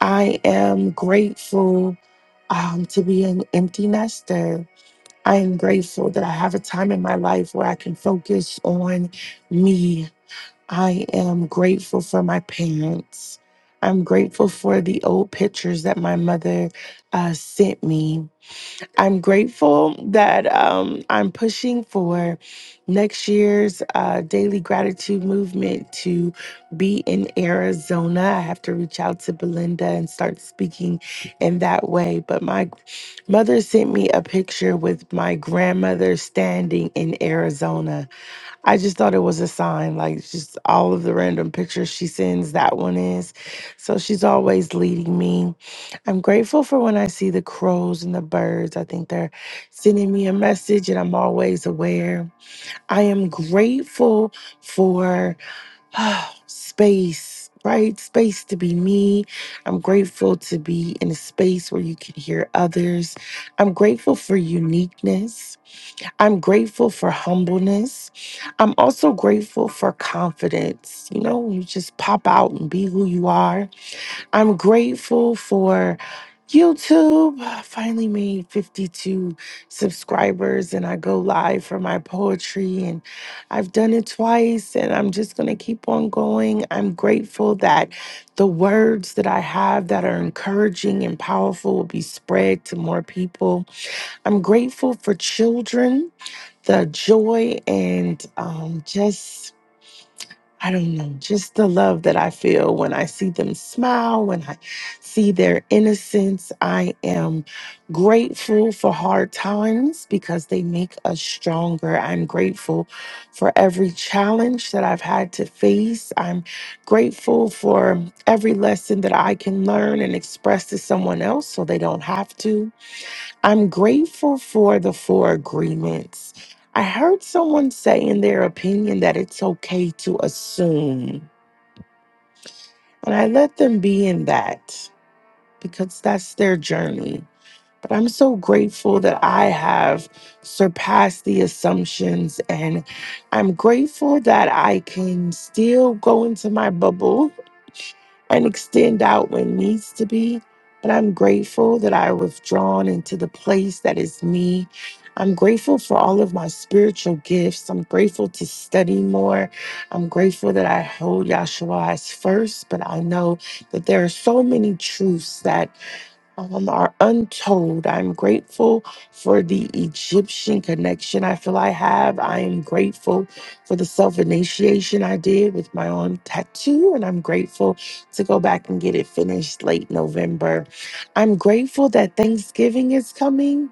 I am grateful um, to be an empty nester. I am grateful that I have a time in my life where I can focus on me I am grateful for my parents. I'm grateful for the old pictures that my mother uh, sent me. I'm grateful that um, I'm pushing for next year's uh, daily gratitude movement to be in Arizona. I have to reach out to Belinda and start speaking in that way. But my mother sent me a picture with my grandmother standing in Arizona I just thought it was a sign, like just all of the random pictures she sends, that one is. So she's always leading me. I'm grateful for when I see the crows and the birds. I think they're sending me a message and I'm always aware. I am grateful for (sighs) space, right? Space to be me. I'm grateful to be in a space where you can hear others. I'm grateful for uniqueness. I'm grateful for humbleness. I'm also grateful for confidence. You know, you just pop out and be who you are. I'm grateful for YouTube. (sighs) I finally made 52 subscribers and I go live for my poetry and I've done it twice and I'm just going to keep on going. I'm grateful that the words that I have that are encouraging and powerful will be spread to more people. I'm grateful for children the joy and um, just I don't know, just the love that I feel when I see them smile, when I see their innocence. I am grateful for hard times because they make us stronger. I'm grateful for every challenge that I've had to face. I'm grateful for every lesson that I can learn and express to someone else so they don't have to. I'm grateful for the four agreements. I heard someone say in their opinion that it's okay to assume, and I let them be in that because that's their journey. But I'm so grateful that I have surpassed the assumptions. And I'm grateful that I can still go into my bubble and extend out when needs to be. But I'm grateful that I withdrawn into the place that is me. I'm grateful for all of my spiritual gifts. I'm grateful to study more. I'm grateful that I hold Yahshua as first, but I know that there are so many truths that um, are untold. I'm grateful for the Egyptian connection I feel I have. I am grateful for the self initiation I did with my own tattoo, and I'm grateful to go back and get it finished late November. I'm grateful that Thanksgiving is coming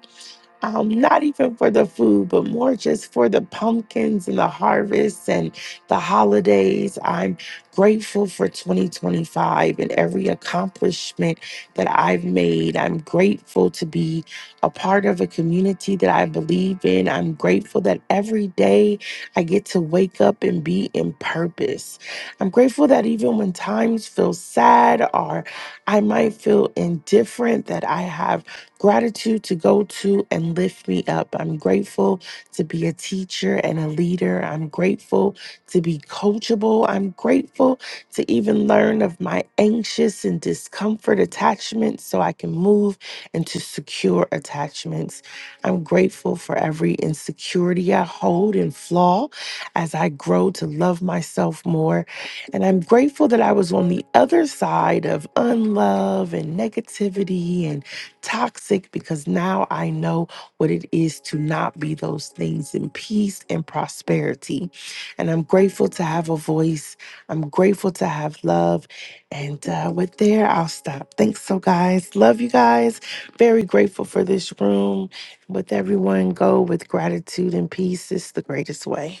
um, not even for the food, but more just for the pumpkins and the harvests and the holidays. I'm grateful for 2025 and every accomplishment that I've made. I'm grateful to be a part of a community that I believe in. I'm grateful that every day I get to wake up and be in purpose. I'm grateful that even when times feel sad or I might feel indifferent, that I have Gratitude to go to and lift me up. I'm grateful to be a teacher and a leader. I'm grateful to be coachable. I'm grateful to even learn of my anxious and discomfort attachments so I can move into secure attachments. I'm grateful for every insecurity I hold and flaw as I grow to love myself more. And I'm grateful that I was on the other side of unlove and negativity and toxic because now I know what it is to not be those things in peace and prosperity. And I'm grateful to have a voice. I'm grateful to have love. And uh, with there, I'll stop. Thanks so, guys. Love you guys. Very grateful for this room. With everyone, go with gratitude and peace. It's the greatest way.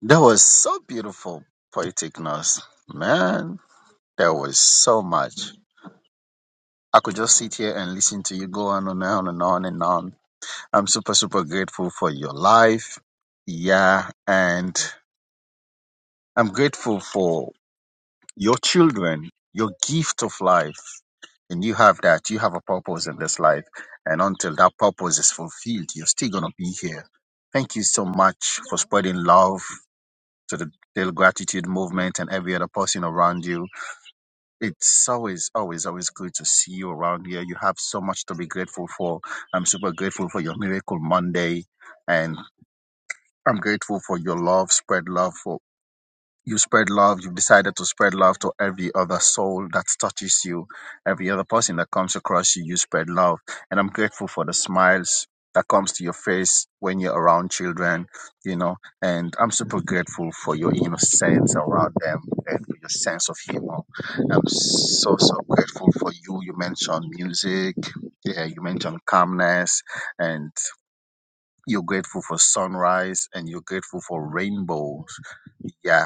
That was so beautiful, Poetic Nurse. Man, there was so much. I could just sit here and listen to you go on and on and on and on. I'm super, super grateful for your life. Yeah, and I'm grateful for your children, your gift of life. And you have that. You have a purpose in this life. And until that purpose is fulfilled, you're still going to be here. Thank you so much for spreading love to the Daily Gratitude Movement and every other person around you. It's always, always, always good to see you around here. You have so much to be grateful for. I'm super grateful for your Miracle Monday. And I'm grateful for your love, spread love you spread love you've decided to spread love to every other soul that touches you every other person that comes across you you spread love and i'm grateful for the smiles that comes to your face when you're around children you know and i'm super grateful for your innocence around them and for your sense of humor i'm so so grateful for you you mentioned music yeah you mentioned calmness and you're grateful for sunrise and you're grateful for rainbows yeah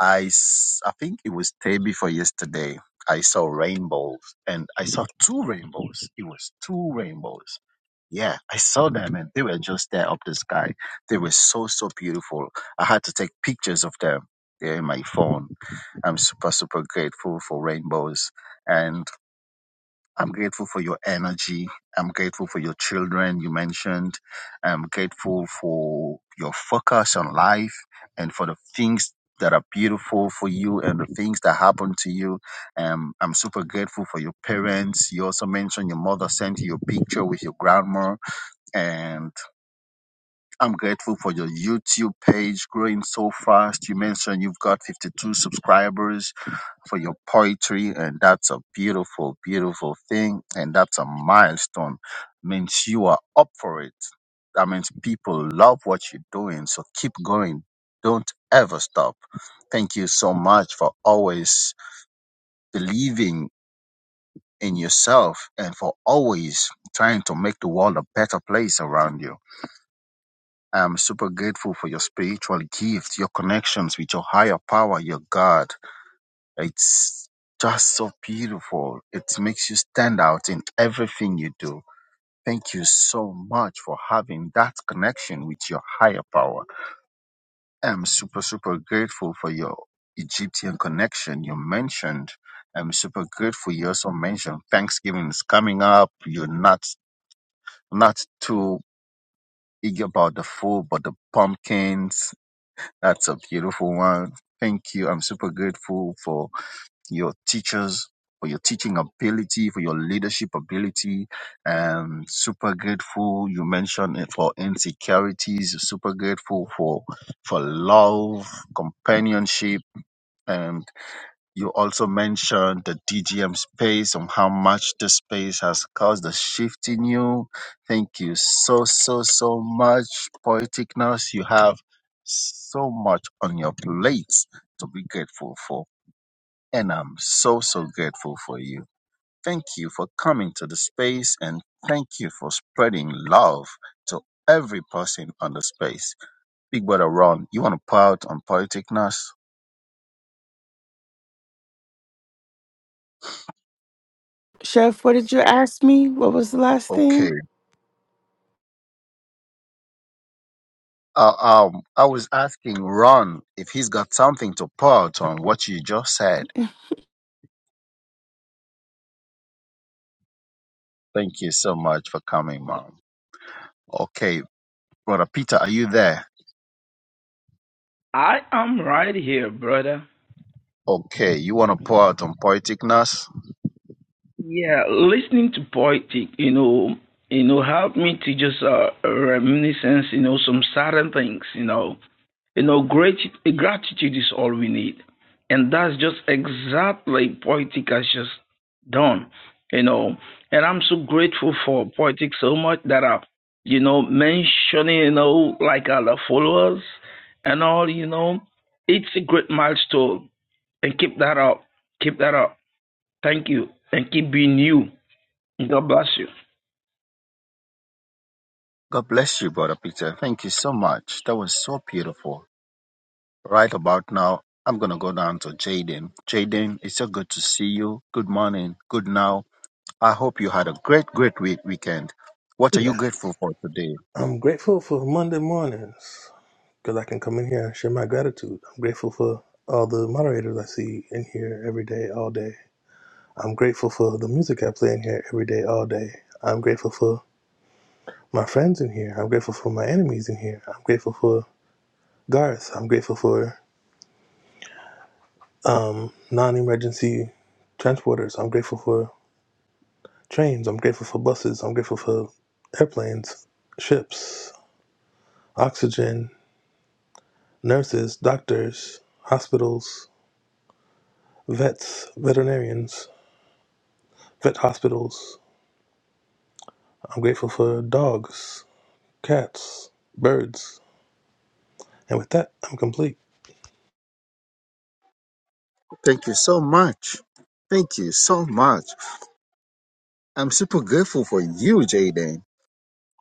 I, s- I think it was day before yesterday. I saw rainbows and I saw two rainbows. It was two rainbows. Yeah, I saw them and they were just there up the sky. They were so, so beautiful. I had to take pictures of them. They're in my phone. I'm super, super grateful for rainbows. and. I'm grateful for your energy. I'm grateful for your children you mentioned. I'm grateful for your focus on life and for the things that are beautiful for you and the things that happen to you. Um, I'm super grateful for your parents. You also mentioned your mother sent you a picture with your grandma. And I'm grateful for your YouTube page growing so fast. You mentioned you've got 52 subscribers for your poetry and that's a beautiful beautiful thing and that's a milestone means you are up for it that means people love what you're doing so keep going don't ever stop thank you so much for always believing in yourself and for always trying to make the world a better place around you i'm super grateful for your spiritual gifts your connections with your higher power your god It's just so beautiful. It makes you stand out in everything you do. Thank you so much for having that connection with your higher power. I'm super, super grateful for your Egyptian connection you mentioned. I'm super grateful you also mentioned Thanksgiving is coming up. You're not not too eager about the food, but the pumpkins. That's a beautiful one. Thank you. I'm super grateful for your teachers for your teaching ability, for your leadership ability. Um, super grateful. You mentioned it for insecurities. Super grateful for for love, companionship, and you also mentioned the DGM space and how much the space has caused a shift in you. Thank you so so so much, Poetic Nurse. You have so much on your plate to be grateful for. And I'm so, so grateful for you. Thank you for coming to the space and thank you for spreading love to every person on the space. Big brother Ron, you want to pour out on politicness? Chef, what did you ask me? What was the last Okay. thing? Uh, um, I was asking Ron if he's got something to pour out on what you just said. Thank you so much for coming, mom. Okay. Brother Peter, are you there? I am right here, brother. Okay. You want to pour out on politicness? Yeah, listening to poetic, you know, you know, helped me to just uh, reminiscence, you know, some certain things, you know, you know, great gratitude is all we need, and that's just exactly poetic has just done, you know, and I'm so grateful for poetic so much that I, you know, mentioning, you know, like other followers and all, you know, it's a great milestone, and keep that up, keep that up Thank you. And keep being you. God bless you. God bless you, Brother Peter. Thank you so much. That was so beautiful. Right about now, I'm going to go down to Jaden. Jaden, it's so good to see you. Good morning. Good now. I hope you had a great, great week- weekend. What are you Yeah. grateful for today? I'm grateful for Monday mornings because I can come in here and share my gratitude. I'm grateful for all the moderators I see in here every day, all day. I'm grateful for the music I play in here every day, all day. I'm grateful for my friends in here. I'm grateful for my enemies in here. I'm grateful for Garth. I'm grateful for um, non emergency transporters. I'm grateful for trains. I'm grateful for buses. I'm grateful for airplanes, ships, oxygen, nurses, doctors, hospitals, vets, veterinarians, vet hospitals. I'm grateful for dogs, cats, birds. And with that, I'm complete. Thank you so much. Thank you so much. I'm super grateful for you, Jaden.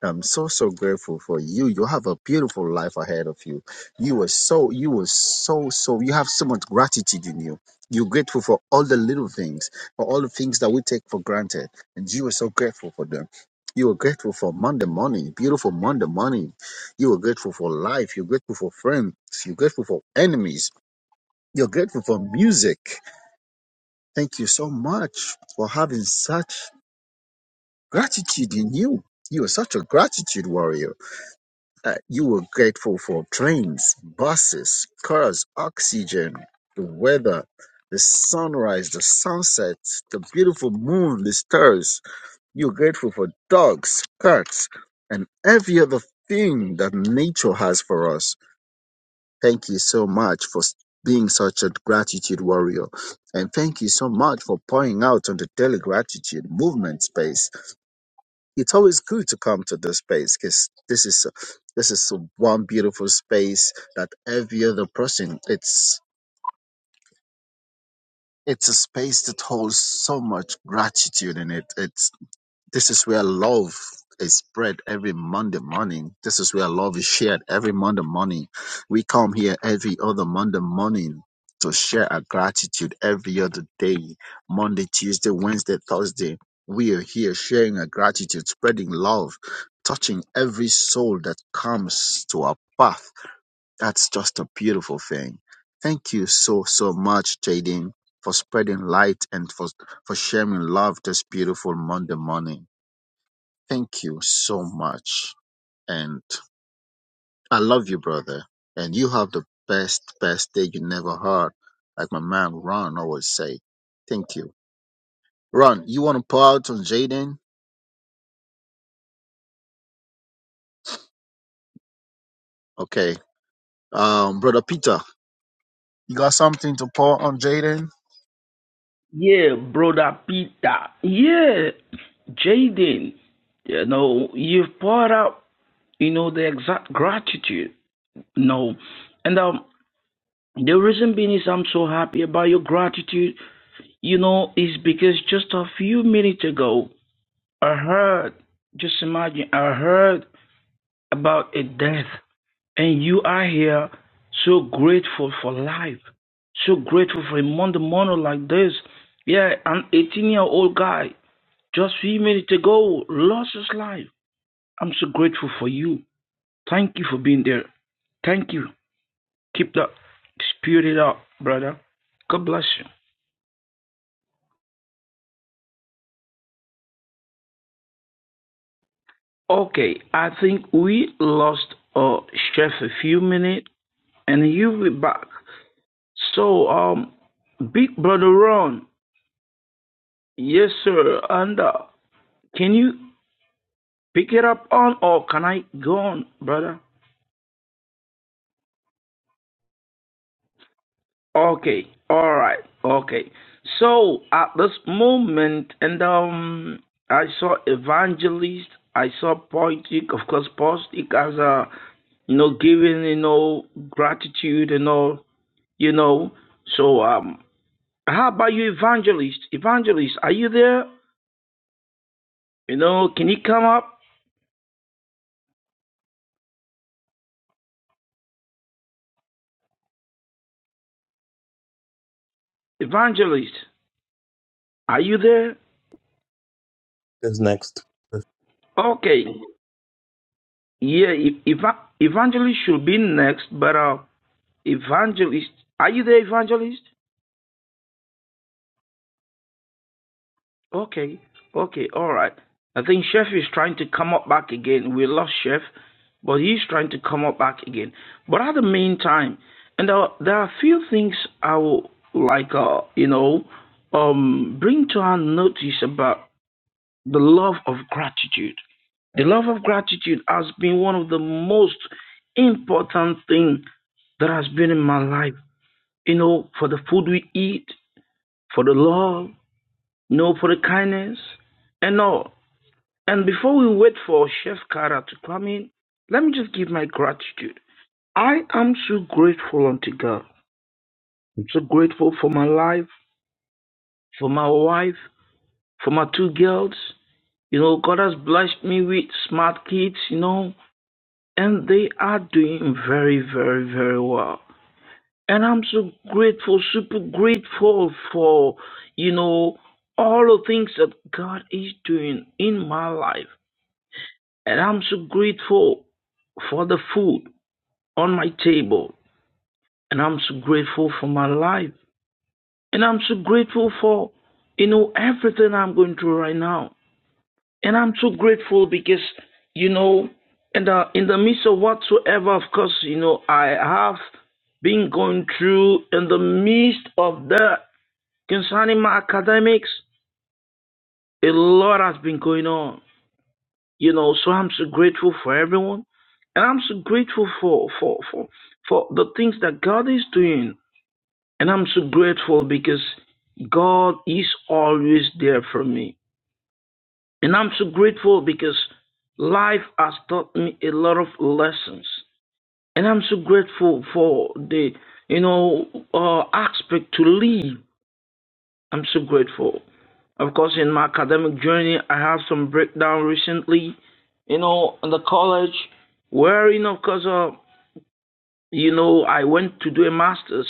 I'm so so grateful for you. You have a beautiful life ahead of you. You were so you were so so you have so much gratitude in you. You're grateful for all the little things, for all the things that we take for granted, and you were so grateful for them. You were grateful for Monday morning, beautiful Monday morning. You were grateful for life. You're grateful for friends. You're grateful for enemies. You're grateful for music. Thank you so much for having such gratitude in you. You are such a gratitude warrior Uh, you were grateful for trains, buses, cars, oxygen, the weather, the sunrise, the sunset, the beautiful moon, the stars. you were grateful for dogs, cats, and every other thing that nature has for us. Thank you so much for s- being such a gratitude warrior. And thank you so much for pointing out on the daily gratitude movement space it's always good to come to this space because this is this is so, one beautiful space that every other person it's it's a space that holds so much gratitude in it. It's this is where love is spread every Monday morning. This is where love is shared every Monday morning. We come here every other Monday morning to share our gratitude every other day Monday, Tuesday, Wednesday, Thursday. We are here sharing our gratitude, spreading love, touching every soul that comes to our path. That's just a beautiful thing. Thank you so, so much, Jaden, for spreading light and for, for sharing love this beautiful Monday morning. Thank you so much. And I love you, brother. And you have the best, best day you never heard, like my man Ron always say. Thank you. Ron, you want to pour out on Jaden? Okay. Um, brother Peter, you got something to pour on Jaden? Yeah, brother Peter. Yeah, Jaden. You know, you've poured out, you know, the exact gratitude. No. And um, the reason being is I'm so happy about your gratitude, you know, is because just a few minutes ago, I heard, just imagine, I heard about a death And you are here so grateful for life, so grateful for a Monday morning like this. Yeah, an 18 year old guy just few minutes ago lost his life. I'm so grateful for you. Thank you for being there. Thank you. Keep that spirit up, brother. God bless you. Okay, I think we lost uh, Chef a few minutes, and you'll be back. So, um, Big Brother Ron, yes, sir, and uh, Can you pick it up on or can I go on, brother? Okay. All right. Okay. So at this moment and um I saw evangelist, I saw poetic, of course poetic as a you know giving, you know, gratitude and all, you know. So um how about you evangelist? Evangelist, are you there? You know, can you come up? Evangelist, are you there? Is next. Okay. Yeah, e- eva- evangelist should be next, but uh, evangelist, are you the evangelist? Okay, okay, all right. I think Chef is trying to come up back again. We lost Chef, but he's trying to come up back again. But at the meantime, and uh, there are a few things I will like, uh, you know, um, bring to our notice about the love of gratitude. The love of gratitude has been one of the most important thing that has been in my life. You know, for the food we eat, for the love, you know, for the kindness, and all. And before we wait for Chef Kara to come in, let me just give my gratitude. I am so grateful unto God. I'm so grateful for my life, for my wife, for my two girls. You know, God has blessed me with smart kids, you know. and they are doing very, very, very well. And I'm so grateful, super grateful for, you know, all the things that God is doing in my life. And I'm so grateful for the food on my table. And I'm so grateful for my life. And I'm so grateful for, you know, everything I'm going through right now. And I'm so grateful because, you know, in the, in the midst of whatsoever, of course, you know, I have been going through in the midst of that concerning my academics, a lot has been going on, you know, so I'm so grateful for everyone. And I'm so grateful for, for, for, for the things that God is doing. And I'm so grateful because God is always there for me. And I'm so grateful because life has taught me a lot of lessons. And I'm so grateful for the, you know, uh, aspect to live. I'm so grateful. Of course, in my academic journey, I had some breakdown recently, you know, in the college, wherein, of course, uh, you know, I went to do a master's,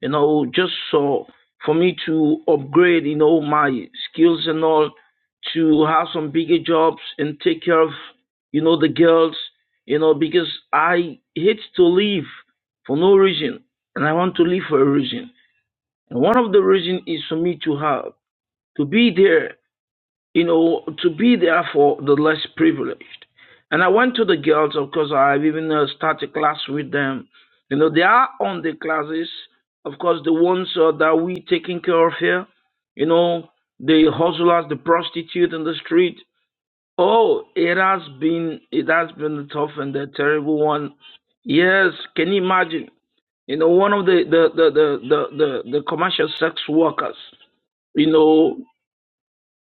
you know, just so for me to upgrade, you know, my skills and all to have some bigger jobs and take care of, you know, the girls, you know, because I hate to leave for no reason and I want to leave for a reason. And one of the reason is for me to have to be there you know, to be there for the less privileged. And I went to the girls, of course, I've even uh, started class with them. You know, they are on the classes, of course, the ones uh, that we taking care of here, you know, the hustlers, the prostitute in the street. Oh, it has been, it has been a tough and a terrible one. Yes, can you imagine? You know, one of the, the, the, the, the, the, the commercial sex workers, you know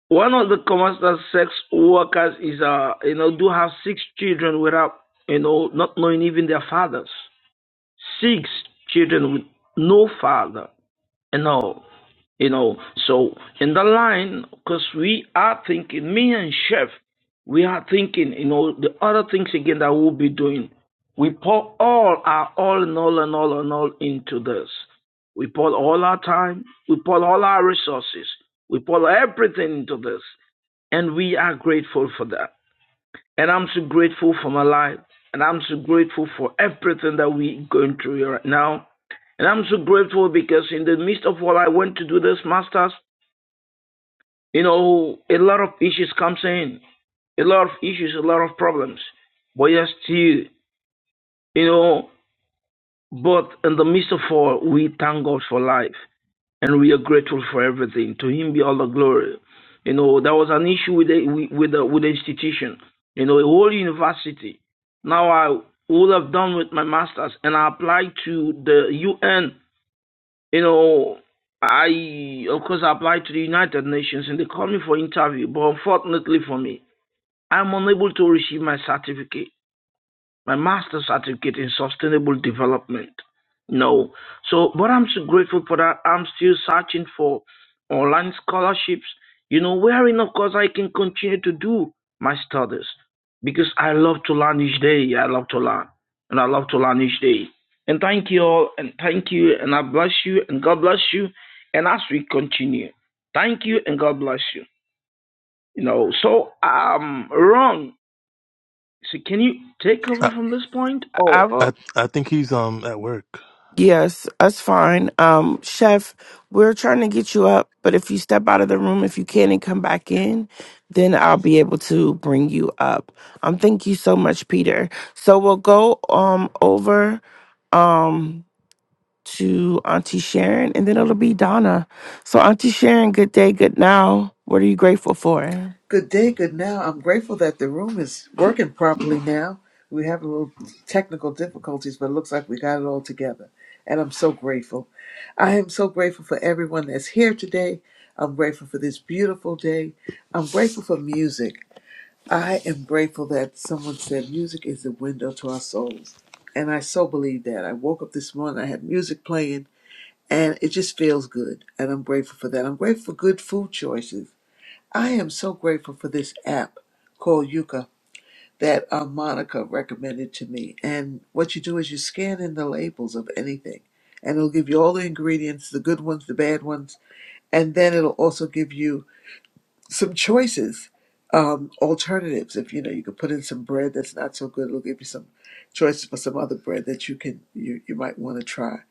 one of the comments that sex workers is, uh, you know, do have six children without, you know, not knowing even their fathers. Six children with no father and all, you know. So in the line, because we are thinking, me and Chef, we are thinking, you know, the other things again that we'll be doing. We pour all our all and all and all and all into this. We pour all our time. We pour all our resources. We pour everything into this. And we are grateful for that. And I'm so grateful for my life. And I'm so grateful for everything that we're going through right now. And I'm so grateful because in the midst of what I went to do this masters, you know, a lot of issues comes in. A lot of issues, a lot of problems. But yes, still, you know, but in the midst of all, we thank God for life. and we are grateful for everything. To Him be all the glory. You know, there was an issue with the with with the, with the institution. You know, a whole university. Now I would have done with my masters, and I applied to the UN. You know, I of course I applied to the United Nations, and they called me for interview. But unfortunately for me, I'm unable to receive my certificate my master's certificate in sustainable development. No. So, but I'm so grateful for that. I'm still searching for online scholarships, you know, wherein, of course, I can continue to do my studies because I love to learn each day. I love to learn and I love to learn each day. And thank you all, and thank you, and I bless you, and God bless you. And as we continue, thank you, and God bless you. You know, so um, Ron, so can you take over I, from this point? or? I will. I, I think he's um at work. Yes, that's fine. Um, Chef, we're trying to get you up, but if you step out of the room, if you can and come back in, then I'll be able to bring you up. Um, thank you so much, Peter. So we'll go um over um to Auntie Sharon, and then it'll be Donna. So Auntie Sharon, good day, good now. What are you grateful for? Good day, good now. I'm grateful that the room is working properly now. We have a little technical difficulties, but it looks like we got it all together. And I'm so grateful. I am so grateful for everyone that's here today. I'm grateful for this beautiful day. I'm grateful for music. I am grateful that someone said music is the window to our souls. And I so believe that. I woke up this morning, I had music playing, and it just feels good. And I'm grateful for that. I'm grateful for good food choices. I am so grateful for this app called Yuka that uh, Monica recommended to me. And what you do is you scan in the labels of anything, and it'll give you all the ingredients the good ones, the bad ones, and then it'll also give you some choices. Um, alternatives if you know you could put in some bread that's not so good it'll give you some choices for some other bread that you can you, you might want to try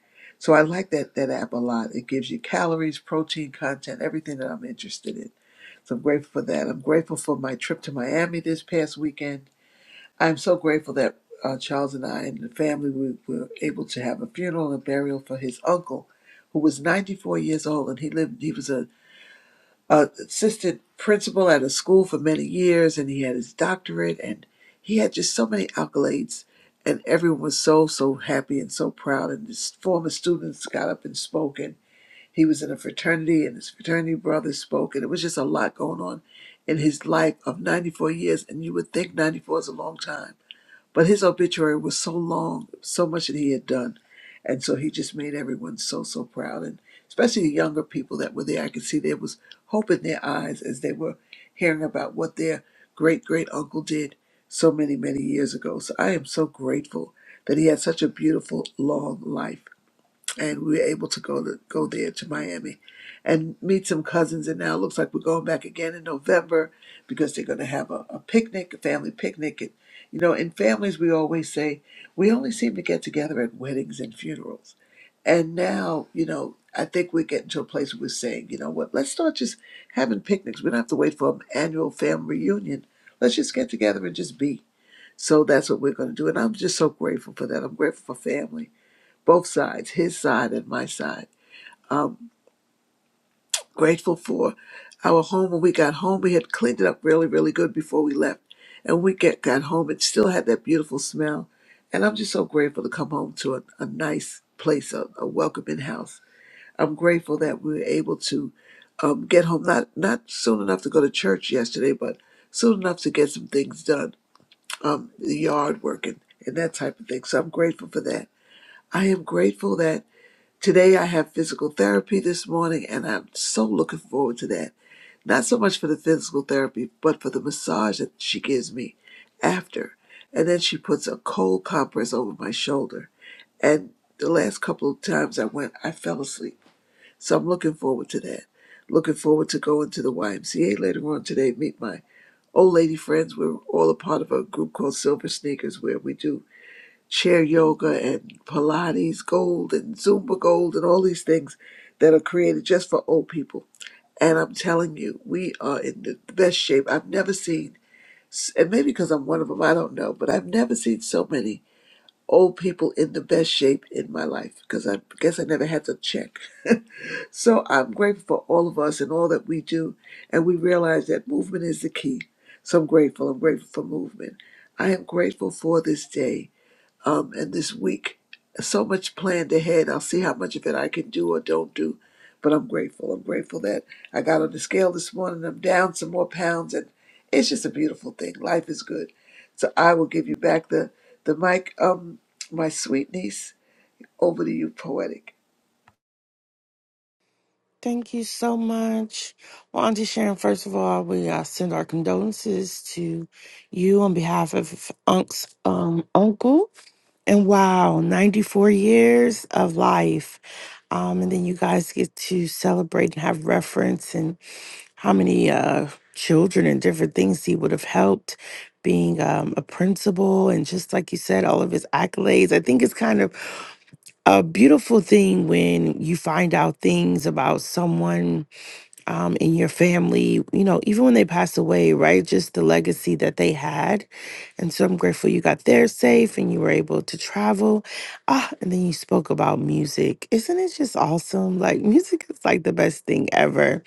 so i like that that app a lot it gives you calories protein content everything that i'm interested in so I'm grateful for that. I'm grateful for my trip to Miami this past weekend. I'm so grateful that uh, Charles and I and the family we were able to have a funeral and burial for his uncle, who was 94 years old, and he lived. He was a uh, assistant principal at a school for many years, and he had his doctorate, and he had just so many accolades. And everyone was so, so happy and so proud. And his former students got up and spoke, and he was in a fraternity, and his fraternity brother spoke, and it was just a lot going on in his life of 94 years. And you would think 94 is a long time but his obituary was so long, so much that he had done. And so he just made everyone so, so proud. And especially the younger people that were there, I could see there was hope in their eyes as they were hearing about what their great great uncle did so many, many years ago. So I am so grateful that he had such a beautiful, long life and we were able to go to go there to Miami and meet some cousins. And now it looks like we're going back again in November because they're going to have a, a picnic, a family picnic. And you know, in families, we always say we only seem to get together at weddings and funerals. And now, you know, I think we're getting to a place where we're saying, you know what, let's start just having picnics. We don't have to wait for an annual family reunion. Let's just get together and just be. So that's what we're going to do. And I'm just so grateful for that. I'm grateful for family both sides, his side and my side. Um, grateful for our home. When we got home, we had cleaned it up really, really good before we left. And we get, got home, it still had that beautiful smell. And I'm just so grateful to come home to a, a nice place, a, a welcoming house. I'm grateful that we were able to um, get home, not, not soon enough to go to church yesterday, but soon enough to get some things done, um, the yard working and that type of thing. So I'm grateful for that. I am grateful that Today I have physical therapy this morning, and I'm so looking forward to that. Not so much for the physical therapy, but for the massage that she gives me after. And then she puts a cold compress over my shoulder. And the last couple of times I went, I fell asleep. So I'm looking forward to that. Looking forward to going to the YMCA later on today, meet my old lady friends. We're all a part of a group called Silver Sneakers where we do chair yoga and Pilates Gold and Zumba Gold and all these things that are created just for old people. And I'm telling you, we are in the best shape I've never seen. And maybe because I'm one of them, I don't know, but I've never seen so many old people in the best shape in my life because I guess I never had to check. (laughs) so I'm grateful for all of us and all that we do. And we realize that movement is the key. So I'm grateful. I'm grateful for movement. I am grateful for this day um, and this week. So much planned ahead. I'll see how much of it I can do or don't do. But I'm grateful. I'm grateful that I got on the scale this morning. I'm down some more pounds, and it's just a beautiful thing. Life is good. So I will give you back the the mic. Um, my sweet niece, over to you, poetic. Thank you so much. Well, Auntie Sharon, first of all, we uh, send our condolences to you on behalf of Unc's um, uncle. And wow, 94 years of life. Um, and then you guys get to celebrate and have reference and how many uh, children and different things he would have helped being um, a principal. And just like you said, all of his accolades. I think it's kind of a beautiful thing when you find out things about someone um, in your family, you know, even when they pass away, right? Just the legacy that they had. And so I'm grateful you got there safe and you were able to travel. Ah, and then you spoke about music. Isn't it just awesome? Like, music is like the best thing ever.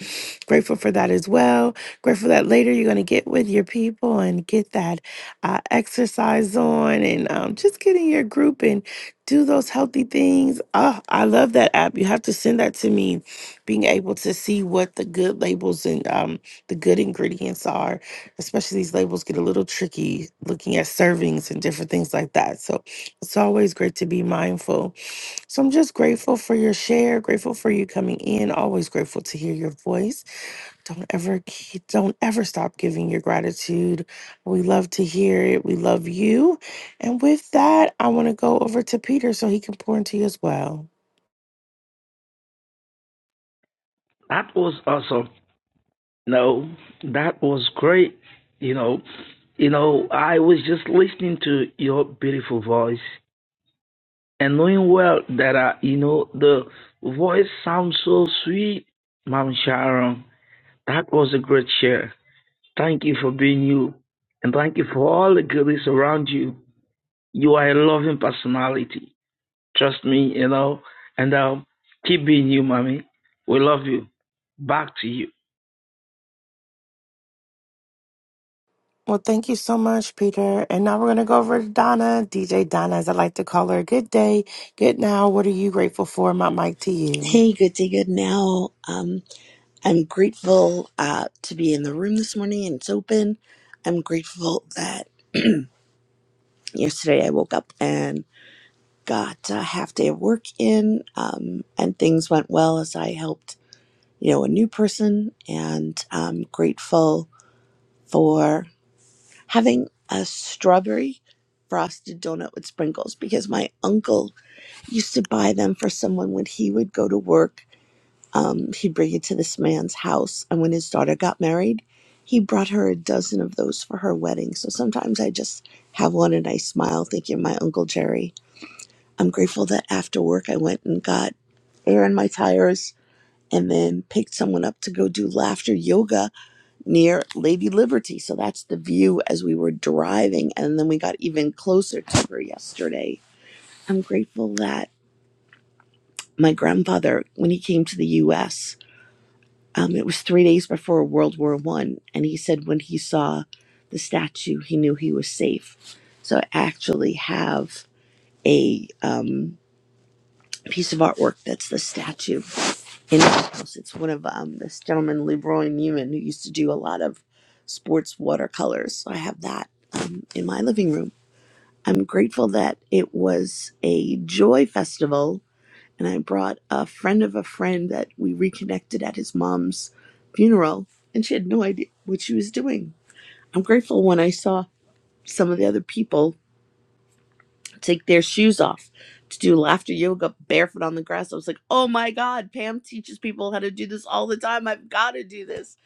Grateful for that as well. Grateful that later you're going to get with your people and get that uh, exercise on and um, just get in your group and do those healthy things. Oh, I love that app. You have to send that to me being able to see what the good labels and um, the good ingredients are, especially these labels get a little tricky looking at servings and different things like that. So it's always great to be mindful. So I'm just grateful for your share, grateful for you coming in, always grateful to hear your voice. Don't ever ke- don't ever stop giving your gratitude. We love to hear it. We love you. And with that, I want to go over to Peter so he can pour into you as well. That was awesome. No, that was great. You know, you know, I was just listening to your beautiful voice and knowing well that, uh, you know, the voice sounds so sweet, Mom Sharon. That was a great share. Thank you for being you. And thank you for all the goodies around you. You are a loving personality. Trust me, you know. And um, keep being you, mommy. We love you. Back to you. Well, thank you so much, Peter. And now we're going to go over to Donna, DJ Donna, as I like to call her. Good day, good now. What are you grateful for? My mic to you. Hey, good day, good now. Um, I'm grateful uh, to be in the room this morning and it's open. I'm grateful that yesterday I woke up and got a half day of work in um, and things went well as I helped, you know, a new person. And I'm grateful for having a strawberry frosted donut with sprinkles because my uncle used to buy them for someone when he would go to work um, he'd bring it to this man's house. And when his daughter got married, he brought her a dozen of those for her wedding. So sometimes I just have one and I smile thinking my Uncle Jerry. I'm grateful that after work I went and got air in my tires and then picked someone up to go do laughter yoga near Lady Liberty. So that's the view as we were driving. And then we got even closer to her yesterday. I'm grateful that my grandfather, when he came to the US, Um, it was three days before World War One, and he said when he saw the statue, he knew he was safe. So I actually have a um, piece of artwork that's the statue in my house. It's one of um, this gentleman Leroy Newman who used to do a lot of sports watercolors. So I have that um, in my living room. I'm grateful that it was a joy festival and I brought a friend of a friend that we reconnected at his mom's funeral, and she had no idea what she was doing. I'm grateful when I saw some of the other people take their shoes off to do laughter yoga barefoot on the grass. I was like, oh my God, Pam teaches people how to do this all the time. I've got to do this.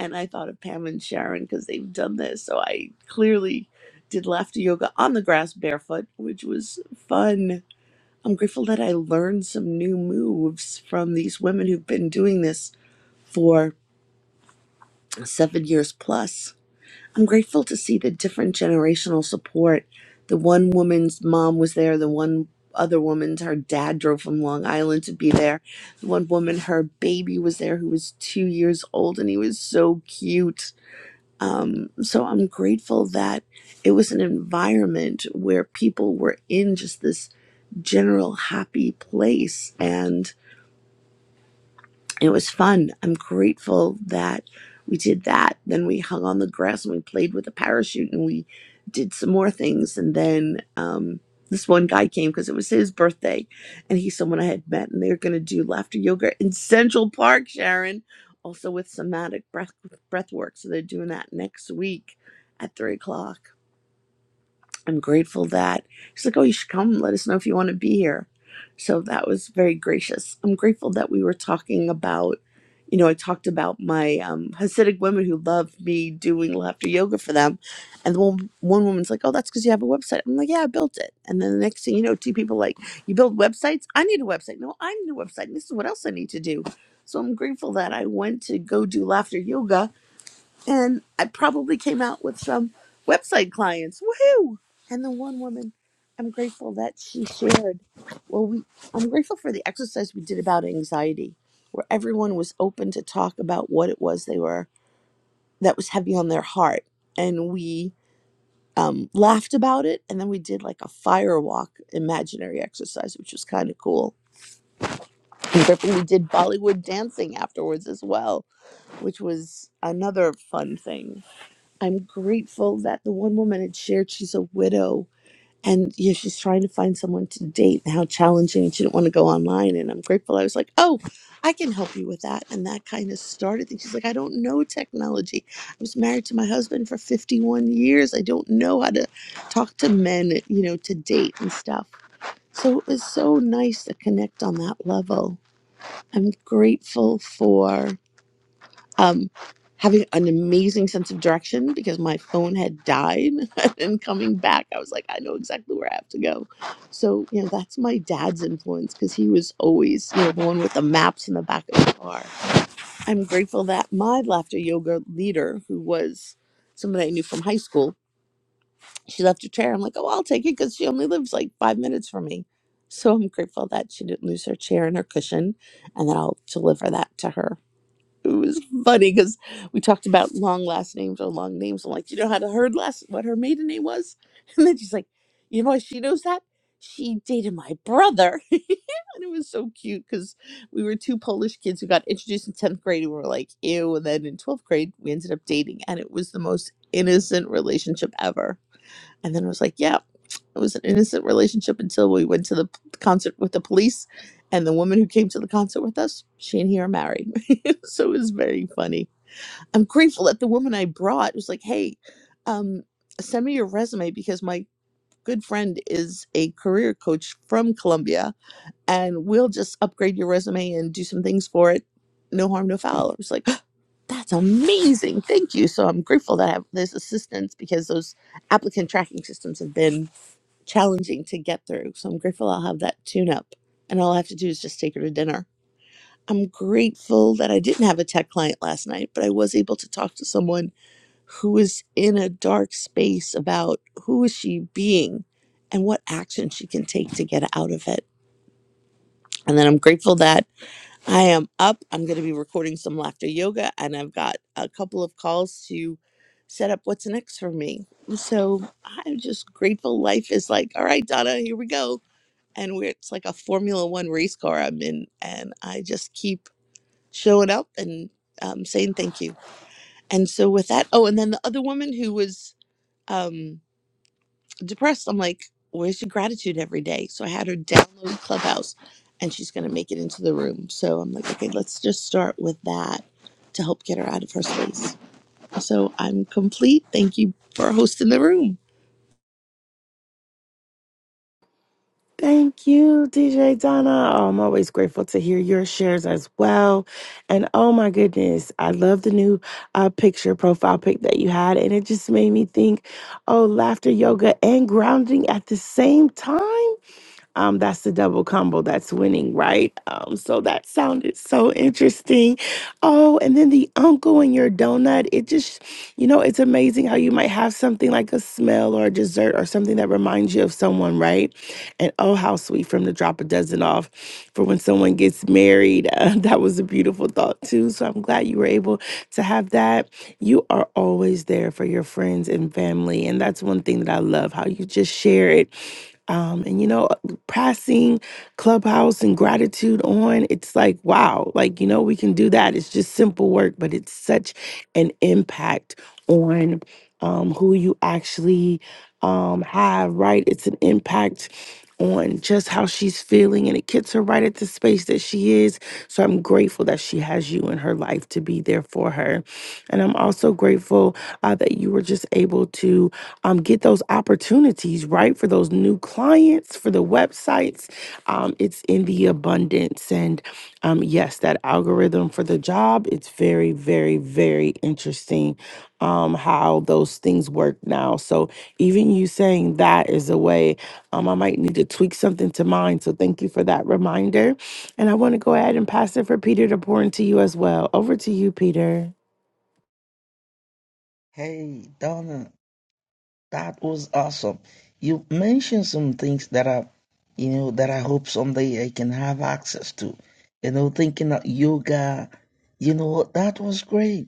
And I thought of Pam and Sharon because they've done this. So I clearly did laughter yoga on the grass barefoot, which was fun I'm grateful that I learned some new moves from these women who've been doing this for seven years plus. I'm grateful to see the different generational support. The one woman's mom was there, the one other woman's, her dad drove from Long Island to be there. The one woman, her baby was there who was two years old and he was so cute. Um, so I'm grateful that it was an environment where people were in just this general happy place. And it was fun. I'm grateful that we did that. Then we hung on the grass and we played with a parachute and we did some more things. And then um, this one guy came because it was his birthday and he's someone I had met and they are going to do laughter yoga in Central Park, Sharon, also with somatic breath, breath work. So they're doing that next week at three o'clock. I'm grateful that she's like, oh, you should come. Let us know if you want to be here. So that was very gracious. I'm grateful that we were talking about, you know, I talked about my um, Hasidic women who love me doing laughter yoga for them. And the one, one woman's like, oh, that's because you have a website. I'm like, yeah, I built it. And then the next thing you know, two people like, you build websites? I need a website. No, I need a website. This is what else I need to do. So I'm grateful that I went to go do laughter yoga and I probably came out with some website clients. Woohoo! And the one woman, I'm grateful that she shared. Well, we I'm grateful for the exercise we did about anxiety, where everyone was open to talk about what it was they were that was heavy on their heart, and we um, laughed about it, and then we did like a fire walk imaginary exercise, which was kind of cool. I'm grateful we did Bollywood dancing afterwards as well, which was another fun thing I'm grateful that the one woman had shared she's a widow and yeah, she's trying to find someone to date and how challenging and she didn't want to go online. And I'm grateful I was like, Oh, I can help you with that. And that kind of started things. She's like, I don't know technology. I was married to my husband for 51 years. I don't know how to talk to men, you know, to date and stuff. So it was so nice to connect on that level. I'm grateful for um, having an amazing sense of direction because my phone had died (laughs) and coming back i was like i know exactly where i have to go so you know that's my dad's influence because he was always you know the one with the maps in the back of the car i'm grateful that my laughter yoga leader who was somebody i knew from high school she left her chair i'm like oh i'll take it because she only lives like five minutes from me so i'm grateful that she didn't lose her chair and her cushion and that i'll deliver that to her it was funny because we talked about long last names or long names. I'm like, do you know how to her last what her maiden name was? (laughs) And then she's like, you know why she knows that? She dated my brother. (laughs) and it was so cute because we were two Polish kids who got introduced in 10th grade and we were like, ew. And then in 12th grade, we ended up dating. And it was the most innocent relationship ever. And then was like, yeah, it was an innocent relationship until we went to the p- concert with the police. And the woman who came to the concert with us, she and he are married. (laughs) so it was very funny. I'm grateful that the woman I brought was like, hey, um, send me your resume because my good friend is a career coach from Columbia and we'll just upgrade your resume and do some things for it. No harm, no foul. I was like, (gasps) that's amazing. Thank you. So I'm grateful that I have this assistance because those applicant tracking systems have been challenging to get through. So I'm grateful I'll have that tune up and all I have to do is just take her to dinner. I'm grateful that I didn't have a tech client last night, but I was able to talk to someone who was in a dark space about who is she being and what action she can take to get out of it. And then I'm grateful that I am up. I'm going to be recording some laughter yoga and I've got a couple of calls to set up what's next for me. So I'm just grateful life is like, all right, Donna, here we go and we're it's like a Formula One race car I'm in, and I just keep showing up and um, saying thank you. And so with that, oh, and then the other woman who was um, depressed, I'm like, where's your gratitude every day? So I had her download Clubhouse, and she's gonna make it into the room. So I'm like, okay, let's just start with that to help get her out of her space. So I'm complete. Thank you for hosting the room. Thank you, DJ Donna. Oh, I'm always grateful to hear your shares as well. And oh my goodness, I love the new uh, picture profile pic that you had. And it just made me think, oh, laughter, yoga, and grounding at the same time. Um, that's the double combo that's winning, right? Um, so that sounded so interesting. Oh, and then the uncle and your donut. It just, you know, it's amazing how you might have something like a smell or a dessert or something that reminds you of someone, right? And oh, how sweet from the drop a dozen off for when someone gets married. (laughs) Uh, that was a beautiful thought, too. So I'm glad you were able to have that. You are always there for your friends and family. And that's one thing that I love how you just share it. Um, and you know, passing Clubhouse and gratitude on. It's like, wow, like, you know, we can do that. It's just simple work, but it's such an impact on um, who you actually um, have, right? It's an impact on just how she's feeling and it gets her right at the space that she is. So I'm grateful that she has you in her life to be there for her. And I'm also grateful uh, that you were just able to um, get those opportunities, right? For those new clients, for the websites. Um, it's in the abundance. And um, yes, that algorithm for the job, it's very, very, very interesting um, how those things work now. So even you saying that is a way um, I might need to tweak something to mine. So thank you for that reminder. And I want to go ahead and pass it for Peter to pour into you as well. Over to you, Peter. Hey, Donna. That was awesome. You mentioned some things that are, you know, that I hope someday I can have access to. You know, thinking of yoga, you know, that was great.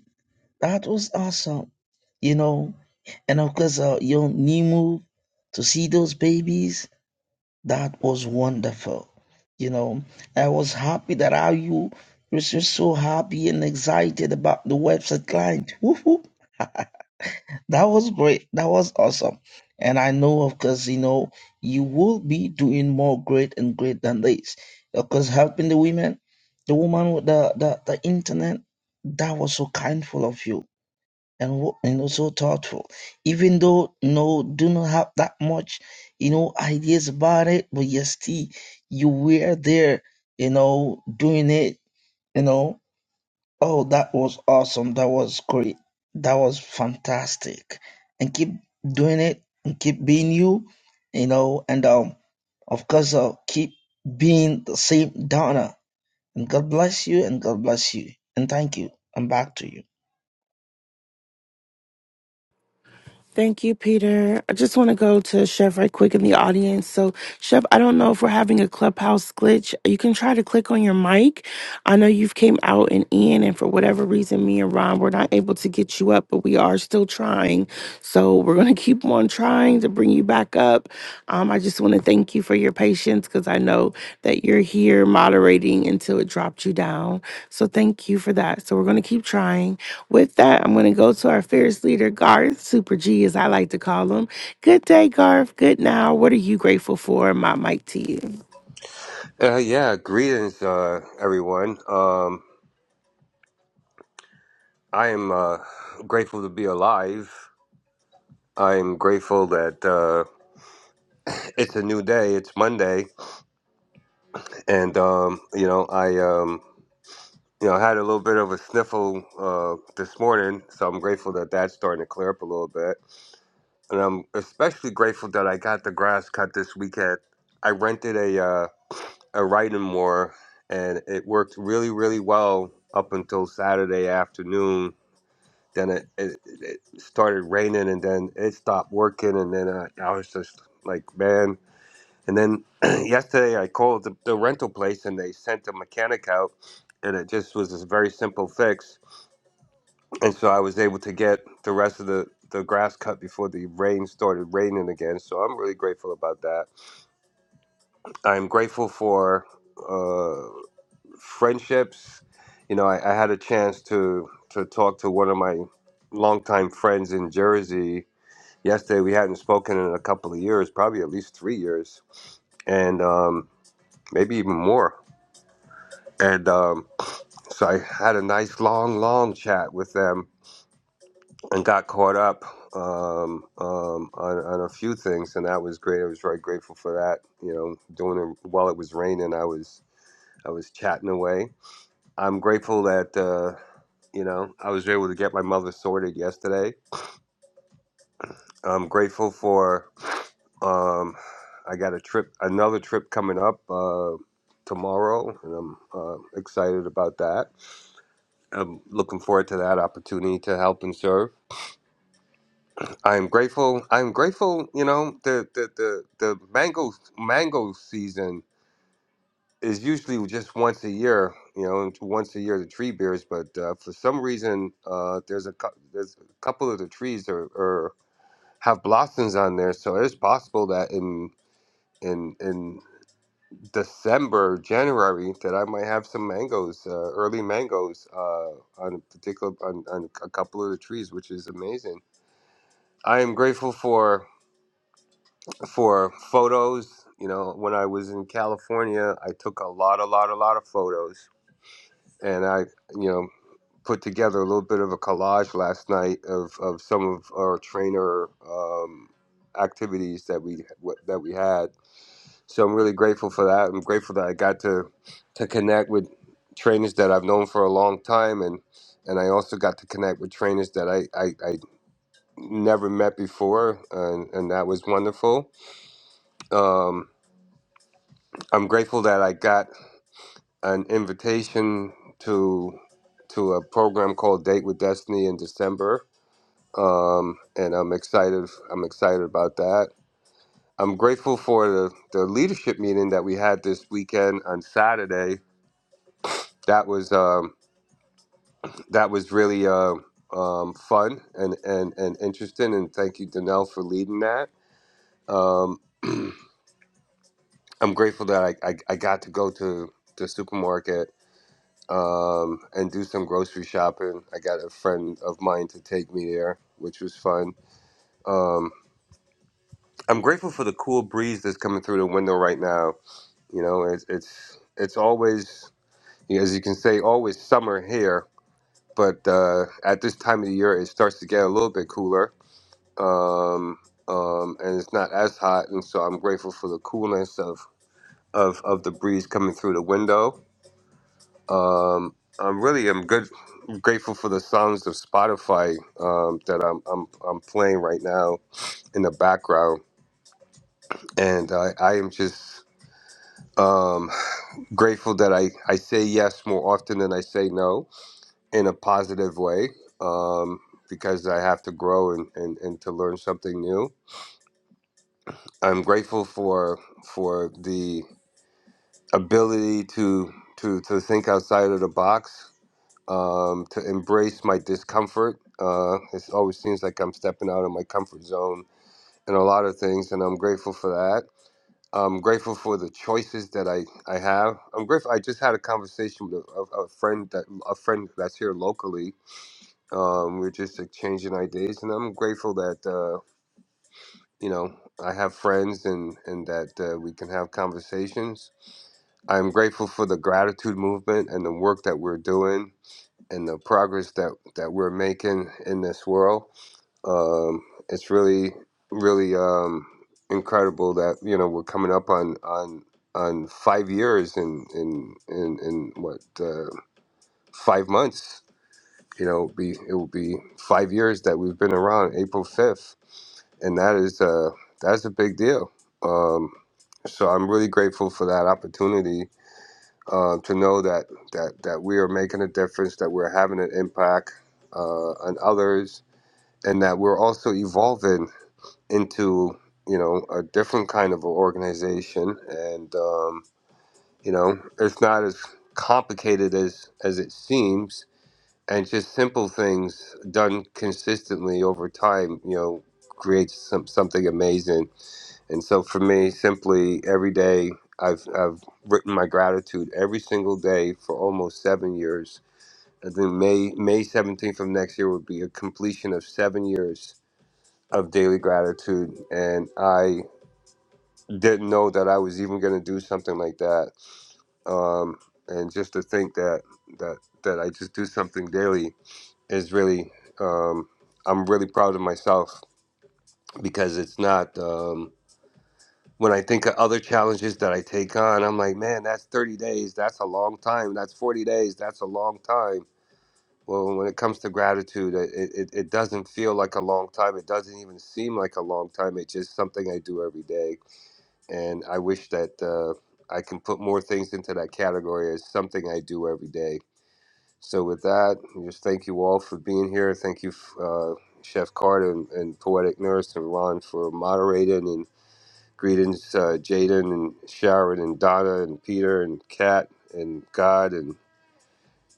That was awesome. You know, and of course, uh, your new move to see those babies, that was wonderful. You know, I was happy that how you was just so happy and excited about the website client. Woohoo! That was great. That was awesome. And I know, of course, you know, you will be doing more great and great than this. Because helping the women, the woman with the, the, the internet, that was so kindful of you and wo- you know so thoughtful. Even though you know, do not have that much, you know, ideas about it, but yes, still you were there, you know, doing it, you know. Oh, that was awesome. That was great. That was fantastic. And keep doing it and keep being you, you know, and um of course uh, keep being the same Donna. And God bless you and God bless you. And thank you. I'm back to you. Thank you, Peter. I just want to go to Chef right quick in the audience. So, Chef, I don't know if we're having a clubhouse glitch. You can try to click on your mic. I know you've came out and in, and for whatever reason, me and Ron were not able to get you up, but we are still trying. So we're gonna keep on trying to bring you back up. Um, I just want to thank you for your patience because I know that you're here moderating until it dropped you down. So thank you for that. So we're gonna keep trying. With that, I'm going to go to our fearless leader, Garth, Super G, as I like to call him. Good day, Garth. Good now. What are you grateful for? My mic to you. Uh, yeah, greetings, uh, everyone. Um, I am uh, grateful to be alive. I am grateful that uh, (clears throat) it's a new day. It's Monday, and um, you know, I um, you know had a little bit of a sniffle uh, this morning, so I'm grateful that that's starting to clear up a little bit. And I'm especially grateful that I got the grass cut this weekend. I rented a uh, a riding mower, and it worked really, really well up until Saturday afternoon Then it, it it started raining, and then it stopped working, and then I, I was just like, man. And then (clears throat) yesterday I called the, the rental place, and they sent a mechanic out, and it just was this very simple fix, and so I was able to get the rest of the the grass cut before the rain started raining again. So I'm really grateful about that. I'm grateful for uh, friendships. You know, I, I had a chance to to talk to one of my longtime friends in Jersey yesterday we hadn't spoken in a couple of years, probably at least three years, and um, maybe even more. And um, so I had a nice long, long chat with them and got caught up um, um, on, on a few things, and that was great. I was very grateful for that. You know, doing it while it was raining, I was I was chatting away. I'm grateful that uh, you know I was able to get my mother sorted yesterday. I'm grateful for Um, I got a trip, another trip coming up uh, tomorrow, and I'm uh, excited about that. I'm looking forward to that opportunity to help and serve. I'm grateful. I'm grateful. You know, the the the, the mango mango season is usually just once a year. You know, and once a year the tree bears, but uh, for some reason, uh, there's a cou- there's a couple of the trees are, are have blossoms on there, so it's possible that in in in December, January that I might have some mangoes, uh, early mangoes, uh, on a particular on, on a couple of the trees, which is amazing. I am grateful for for photos. You know, when I was in California, I took a lot, a lot, a lot of photos, and I, you know, put together a little bit of a collage last night of, of some of our trainer um, activities that we that we had So I'm really grateful for that. I'm grateful that I got to to connect with trainers that I've known for a long time and and I also got to connect with trainers that I, I, I never met before and, and that was wonderful. Um, I'm grateful that I got an invitation to to a program called Date with Destiny in December. Um, and I'm excited I'm excited about that. I'm grateful for the, the leadership meeting that we had this weekend on Saturday that was um, that was really uh, um, fun and, and and interesting. And thank you, Danelle, for leading that. Um, I'm grateful that I, I, I got to go to the supermarket um, and do some grocery shopping. I got a friend of mine to take me there, which was fun. Um, I'm grateful for the cool breeze that's coming through the window right now. You know, it's it's it's always as you can say, always summer here. But uh, at this time of the year, it starts to get a little bit cooler um, um, and it's not as hot, and so I'm grateful for the coolness of of, of the breeze coming through the window. Um, I'm really am good, grateful for the sounds of Spotify um, that I'm, I'm I'm playing right now in the background, and I, I am just um, grateful that I, I say yes more often than I say no in a positive way. Um, because I have to grow and, and, and to learn something new. I'm grateful for for the ability to to to think outside of the box, um, to embrace my discomfort. Uh, it always seems like I'm stepping out of my comfort zone in a lot of things, and I'm grateful for that. I'm grateful for the choices that I, I have. I'm grateful. I just had a conversation with a, a, a friend that a friend that's here locally. Um, we are just exchanging ideas, and I'm grateful that uh, you know I have friends and and that uh, we can have conversations I'm grateful for the gratitude movement and the work that we're doing and the progress that, that we're making in this world. Um, it's really, really um, incredible that you know we're coming up on on on five years in in in, in what uh, five months. You know, it'll be it will be five years that we've been around April fifth, and that is uh, that's a big deal. Um, so I'm really grateful for that opportunity uh, to know that, that that we are making a difference, that we're having an impact uh, on others, and that we're also evolving into you know a different kind of an organization. And um, you know, it's not as complicated as as it seems, and just simple things done consistently over time, you know, creates some something amazing and so for me, simply every day, I've, I've written my gratitude every single day for almost seven years. And then May, May 17th of next year would be a completion of seven years of daily gratitude. And I didn't know that I was even going to do something like that. Um, and just to think that, that, that I just do something daily is really, um, I'm really proud of myself because it's not. Um, When I think of other challenges that I take on, I'm like, man, that's 30 days. That's a long time. That's 40 days. That's a long time. Well, when it comes to gratitude, it, it, it doesn't feel like a long time. It doesn't even seem like a long time. It's just something I do every day. And I wish that uh, I can put more things into that category as something I do every day. So, with that, just thank you all for being here. Thank you, uh, Chef Carter and, and Poetic Nurse and Ron for moderating and. Greetings, uh, Jaden and Sharon and Donna and Peter and Kat and God and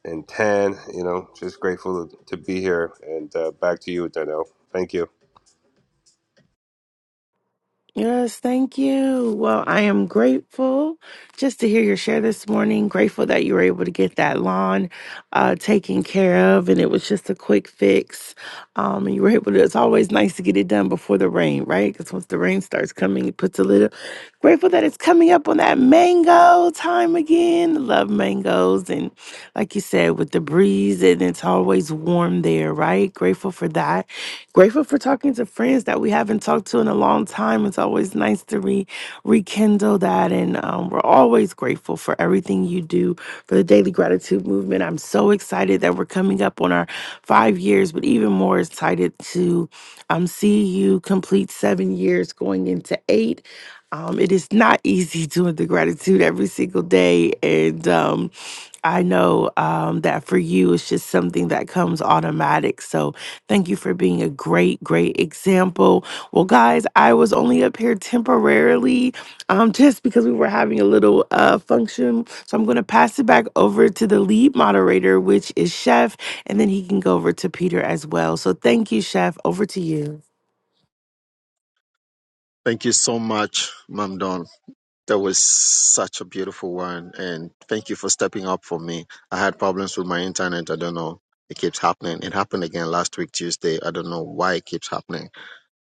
and Tan. You know, just grateful to, to be here. And uh, back to you, Donnell. Thank you. Yes, thank you. Well, I am grateful just to hear your share this morning. Grateful that you were able to get that lawn uh, taken care of, and it was just a quick fix. Um, and you were able to. It's always nice to get it done before the rain, right? Because once the rain starts coming, it puts a little. Grateful that it's coming up on that mango time again. Love mangoes, and like you said, with the breeze, and it's always warm there, right? Grateful for that. Grateful for talking to friends that we haven't talked to in a long time. It's always nice to re- rekindle that. And um, we're always grateful for everything you do for the Daily Gratitude Movement. I'm so excited that we're coming up on our five years, but even more excited to um, see you complete seven years going into eight. Um, it is not (laughs) easy doing the gratitude every single day. And um, I know um, that for you, it's just something that comes automatic. So thank you for being a great, great example. Well, guys, I was only up here temporarily um, just because we were having a little uh, function. So I'm going to pass it back over to the lead moderator, which is Chef, and then he can go over to Peter as well. So thank you, Chef. Over to you. Thank you so much, Mam Don. That was such a beautiful one. And thank you for stepping up for me. I had problems with my internet. I don't know. It keeps happening. It happened again last week, Tuesday. I don't know why it keeps happening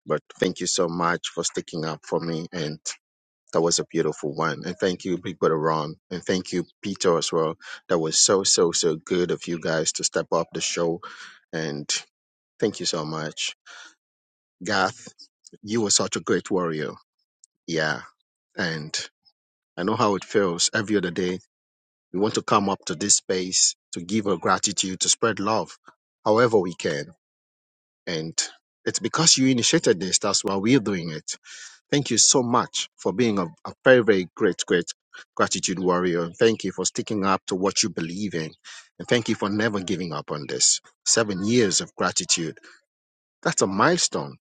But thank you so much for sticking up for me. And that was a beautiful one. And thank you, Big Brother Ron. And thank you, Peter, as well. That was so, so, so good of you guys to step up the show. And thank you so much. Gath, you were such a great warrior. Yeah. And I know how it feels every other day. We want to come up to this space to give our gratitude, to spread love however we can. And it's because you initiated this. That's why we're doing it Thank you so much for being a, a very, very great, great gratitude warrior. thank you for sticking up to what you believe in. And thank you for never giving up on this. Seven years of gratitude. That's a milestone.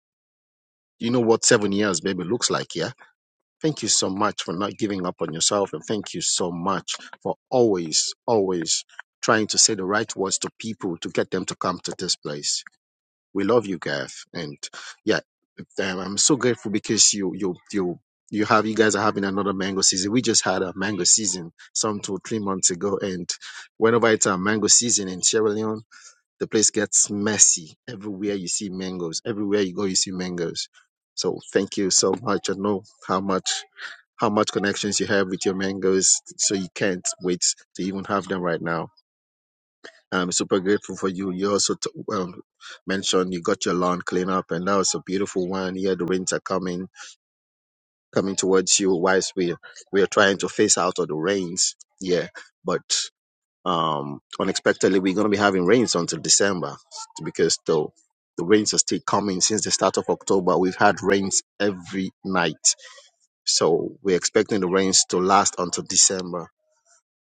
You know what seven years, baby, looks like, yeah? Thank you so much for not giving up on yourself. And thank you so much for always, always trying to say the right words to people to get them to come to this place we love you, Gav, and yeah, um, I'm so grateful because you you you you have you guys are having another mango season. We just had a mango season some two three months ago, and whenever it's a mango season in Sierra Leone, the place gets messy. Everywhere you see mangoes, everywhere you go, you see mangoes. So thank you so much. I know how much how much connections you have with your mangoes, so you can't wait to even have them right now I'm super grateful for you. You also t- well, mentioned you got your lawn clean up, and that was a beautiful one. Here, the rains are coming, coming towards you. Whilst we we are trying to face out of the rains, yeah, but um, unexpectedly we're gonna be having rains until December because the the rains are still coming since the start of October. We've had rains every night, so we're expecting the rains to last until December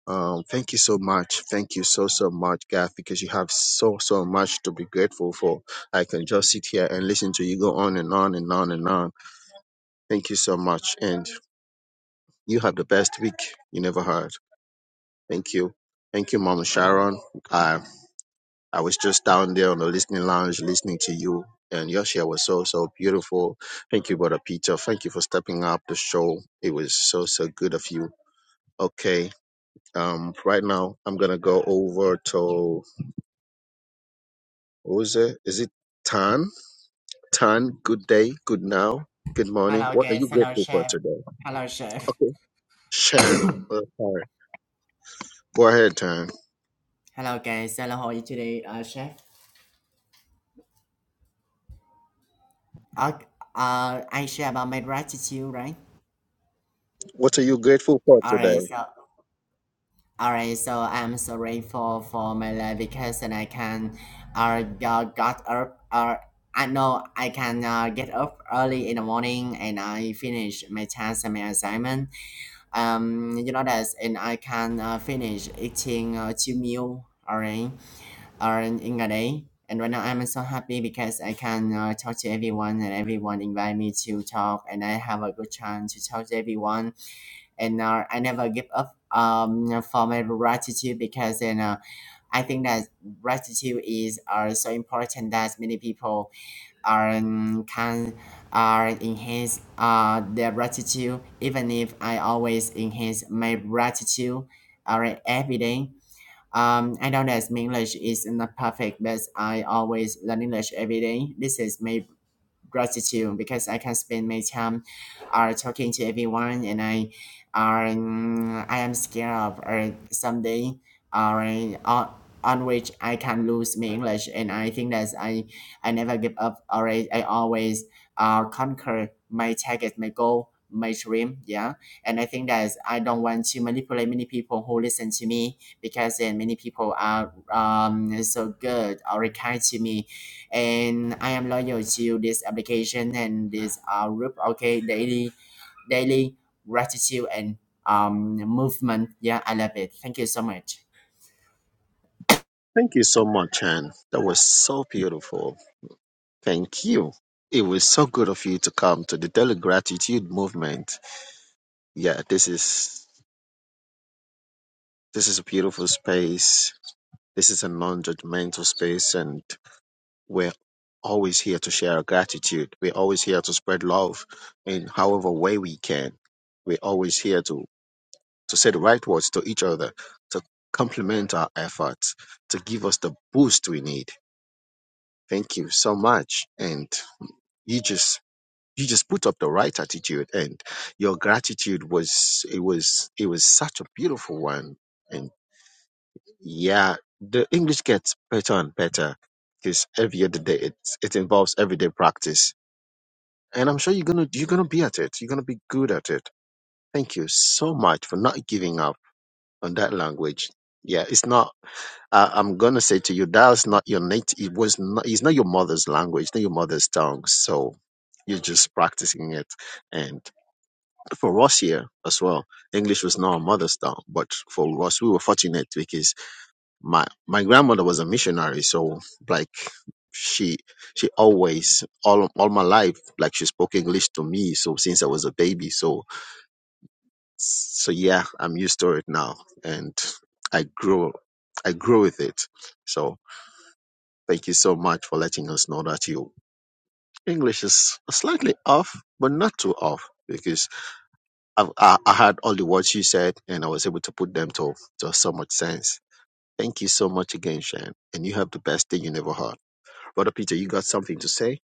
um, thank you so much. Thank you so, so much, Gath, because you have so, so much to be grateful for. I can just sit here and listen to you go on and on and on and on. Thank you so much. And you have the best week you never had. Thank you. Thank you, Mama Sharon. I, I was just down there on the listening lounge listening to you, and your share was so, so beautiful. Thank you, Brother Peter. Thank you for stepping up the show. It was so, so good of you. Okay. Um, right now, I'm going to go over to. What was it? Is it Tan? Tan, good day, good now, good morning. Hello What are guys, you hello grateful for chef. today? Hello chef. Okay. (coughs) Shan, hello uh, sorry. Go ahead, Tan. guys, hello how are you today, uh, chef? Uh, uh, I share about my gratitude, right? What are you grateful for Alright, today? so alright, so I'm so grateful for my life because and I can, uh, uh, got up, uh, I know I can uh, get up early in the morning and I finish my task and my assignment. Um, you know that, and I can uh, finish eating uh, two meal, alright. are in in a day. And right now I'm so happy because I can uh, talk to everyone and everyone invite me to talk and I have a good chance to talk to everyone. And uh, I never give up um, for my gratitude because you know I think that gratitude is uh, so important that many people are um, can are enhance uh, their gratitude even if I always enhance my gratitude uh, every day um, I know that my English is not perfect, but I always learn English every day. This is my gratitude because I can spend my time are uh, talking to everyone and I are mm, I am scared of or someday or uh, on on which I can lose my English and I think that I I never give up or I, I always uh, conquer my target my goal my dream yeah and I think that I don't want to manipulate many people who listen to me because then many people are um, so good or kind to me and I am loyal to this application and this uh, group. Okay, daily daily gratitude and um movement. Yeah, I love it. Thank you so much. Thank you so much, Shan. That was so beautiful. Thank you. It was so good of you to come to the Daily Gratitude Movement. Yeah, this is this is a beautiful space. This is a non-judgmental space, and we're always here to share our gratitude. We're always here to spread love in however way we can. We're always here to, to say the right words to each other, to complement our efforts, to give us the boost we need. Thank you so much. And you just you just put up the right attitude and your gratitude was it was it was such a beautiful one. And yeah, the English gets better and better because every other day it it involves everyday practice and I'm sure you're gonna you're gonna be at it. You're gonna be good at it. Thank you so much for not giving up on that language. Yeah, it's not. Uh, I'm gonna say to you, that's not your native. It was not. It's not your mother's language. It's not your mother's tongue. So you're just practicing it. And for us here as well, English was not our mother's tongue. But for us, we were fortunate because my my grandmother was a missionary so like she she always all all my life like she spoke english to me so since i was a baby so so yeah i'm used to it now and i grew i grew with it so thank you so much for letting us know that your english is slightly off but not too off because I've, I, I had all the words you said and i was able to put them to, to so much sense thank you so much again shan and you have the best day you never heard Brother Peter, you got something to say?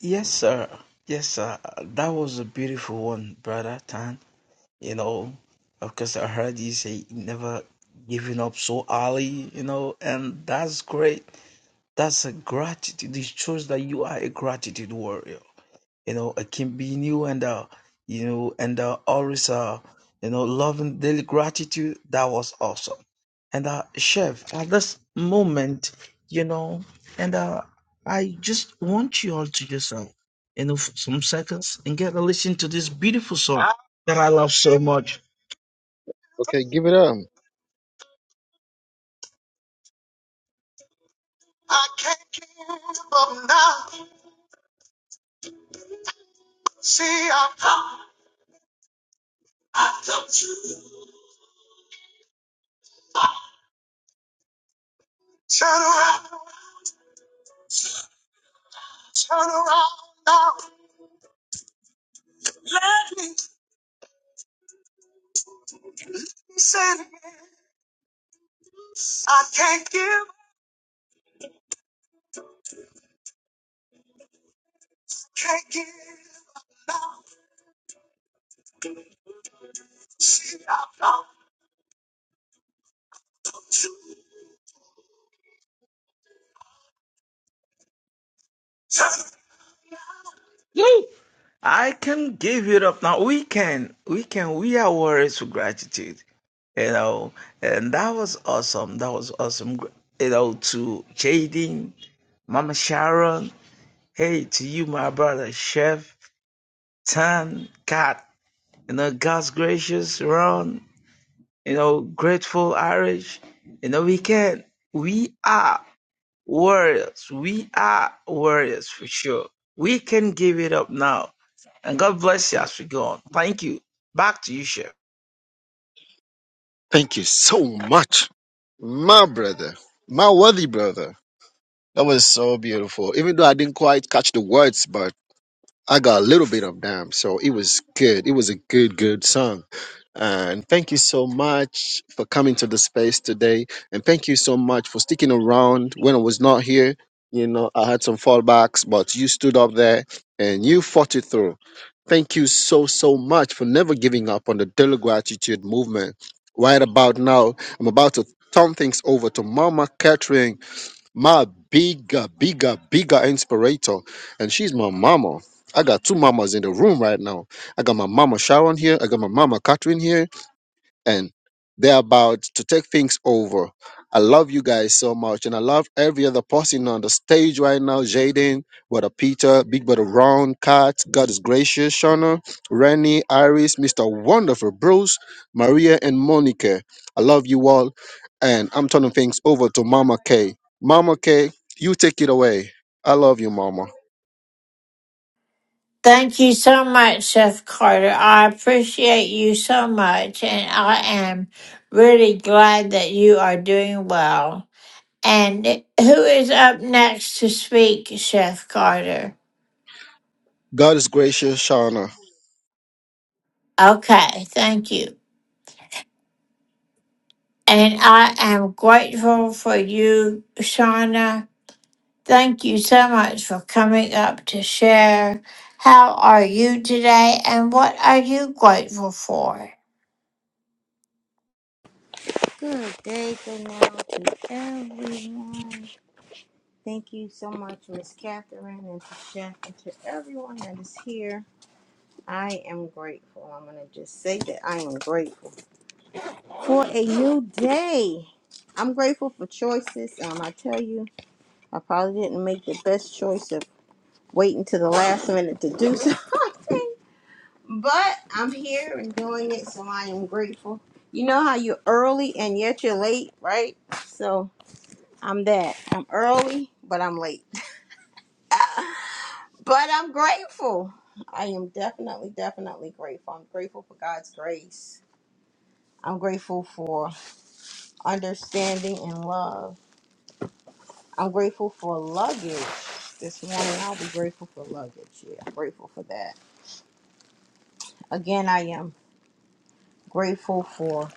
Yes, sir. Yes, sir. That was a beautiful one, brother Tan. You know, of course, I heard you say never giving up so early, you know, and that's great. That's a gratitude. It shows that you are a gratitude warrior. You know, it can be new and uh, you know, and uh, always uh, you know, loving daily gratitude. That was awesome. And uh, chef, at this moment, you know, and uh, I just want you all to yourself, you know, for some seconds and get to listen to this beautiful song that I love so much. Okay, give it up. I can give it up now. We can, we can, we are warriors for gratitude. you know and that was awesome that was awesome you know to jaden mama sharon hey to you my brother chef tan cat you know god's gracious ron you know grateful irish you know we can we are warriors we are warriors for sure we can give it up now and god bless you as we go on thank you back to you chef Thank you so much. My brother, my worthy brother. That was so beautiful. Even though I didn't quite catch the words, but I got a little bit of them, so it was good. It was a good, good song. And thank you so much for coming to the space today. And thank you so much for sticking around when I was not here. You know, I had some fallbacks, but you stood up there and you fought it through. Thank you so, so much for never giving up on the daily gratitude movement. Right about now, I'm about to turn things over to Mama Catherine my bigger, bigger, bigger inspirator. And she's my mama. I got two mamas in the room right now. I got my mama Sharon here. I got my mama Catherine here and they're about to take things over. I love you guys so much, and I love every other person on the stage right now. Jaden, Brother Peter, Big Brother Ron, Kat, God is gracious, Shauna, Rennie, Iris, Mr. Wonderful, Bruce, Maria, and Monica. I love you all, and I'm turning things over to Mama K. Mama K, you take it away. I love you, Mama. Thank you so much, Chef Carter. I appreciate you so much, and I am really glad that you are doing well. And who is up next to speak, Chef Carter? God is gracious, Shauna. Okay, thank you. And I am grateful for you, Shauna. Thank you so much for coming up to share. How are you today, and what are you grateful for? Good day, good now to everyone. Thank you so much, Miss Catherine and to Chef and to everyone that is here. I am grateful. I'm going to just say that I am grateful for a new day. I'm grateful for choices. Um, I tell you, I probably didn't make the best choice of waiting to the last minute to do (laughs) something, but I'm here and doing it, so I am grateful. You know how you're early and yet you're late, right? So I'm that. I'm early, but I'm late. (laughs) But I'm grateful. I am definitely, definitely grateful. I'm grateful for God's grace. I'm grateful for understanding and love. I'm grateful for luggage. This morning I'll be grateful for luggage. Yeah, I'm grateful for that. Again, I am grateful for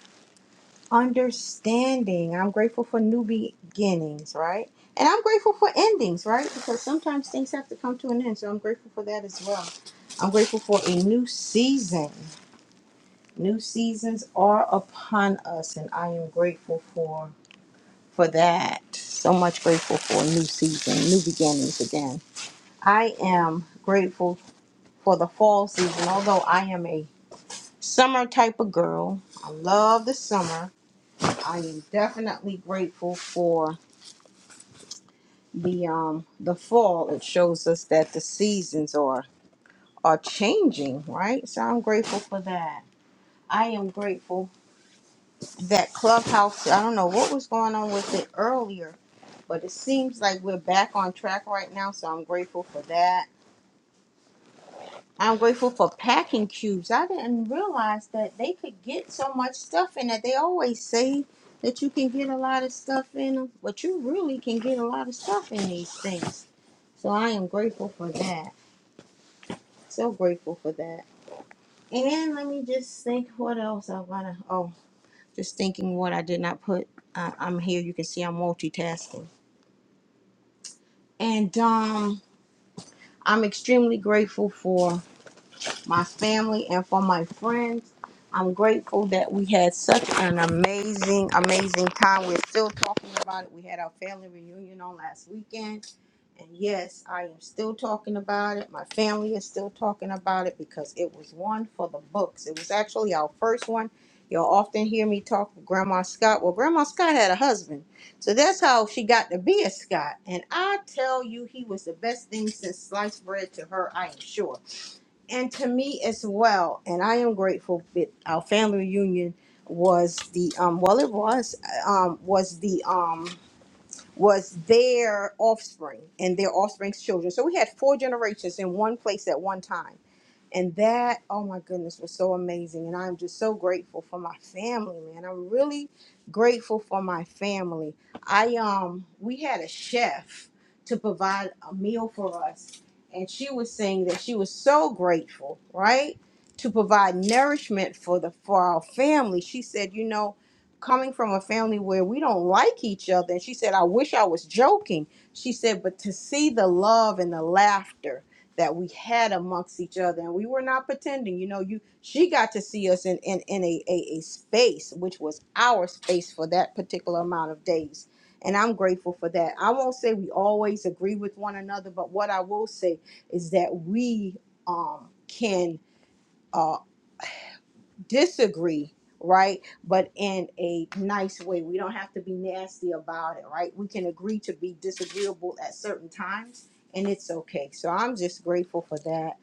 understanding. I'm grateful for new beginnings, right? And I'm grateful for endings, right? Because sometimes things have to come to an end. So I'm grateful for that as well. I'm grateful for a new season. New seasons are upon us, and I am grateful for for that. So much grateful for a new season, new beginnings again. I am grateful for the fall season, although I am a summer type of girl. I love the summer. I am definitely grateful for. the um the fall it shows us that the seasons are are changing right so i'm grateful for that i am grateful that clubhouse i don't know what was going on with it earlier but it seems like we're back on track right now so i'm grateful for that i'm grateful for packing cubes i didn't realize that they could get so much stuff in it they always say that you can get a lot of stuff in them but you really can get a lot of stuff in these things so i am grateful for that So grateful for that. And let me just think what else I wanna oh, just thinking what I did not put. Uh, I'm here, you can see I'm multitasking. And um I'm extremely grateful for. my family, and for my friends. I'm grateful that we had such an amazing, amazing time. We're still talking about it. We had our family reunion on last weekend. And yes, I am still talking about it. My family is still talking about it because it was one for the books. It was actually our first one. You'll often hear me talk with Grandma Scott. Well, Grandma Scott had a husband. So that's how she got to be a Scott. And I tell you, he was the best thing since sliced bread to her, I am sure and to me as well. And I am grateful that our family reunion was the um well it was um was the um was their offspring and their offspring's children. So we had four generations in one place at one time. And that, oh my goodness, was so amazing. And I'm just so grateful for my family, man. I'm really grateful for my family. I um we had a chef to provide a meal for us, and she was saying that she was so grateful, right? To provide nourishment for the for our family. She said, you know, coming from a family where we don't like each other, and she said, I wish I was joking. She said, but to see the love and the laughter that we had amongst each other and we were not pretending you know you she got to see us in in, in a, a a space which was our space for that particular amount of days and i'm grateful for that i won't say we always agree with one another but what i will say is that we um can uh disagree, right? But in a nice way. We don't have to be nasty about it, right? We can agree to be disagreeable at certain times and it's okay. So I'm just grateful for that.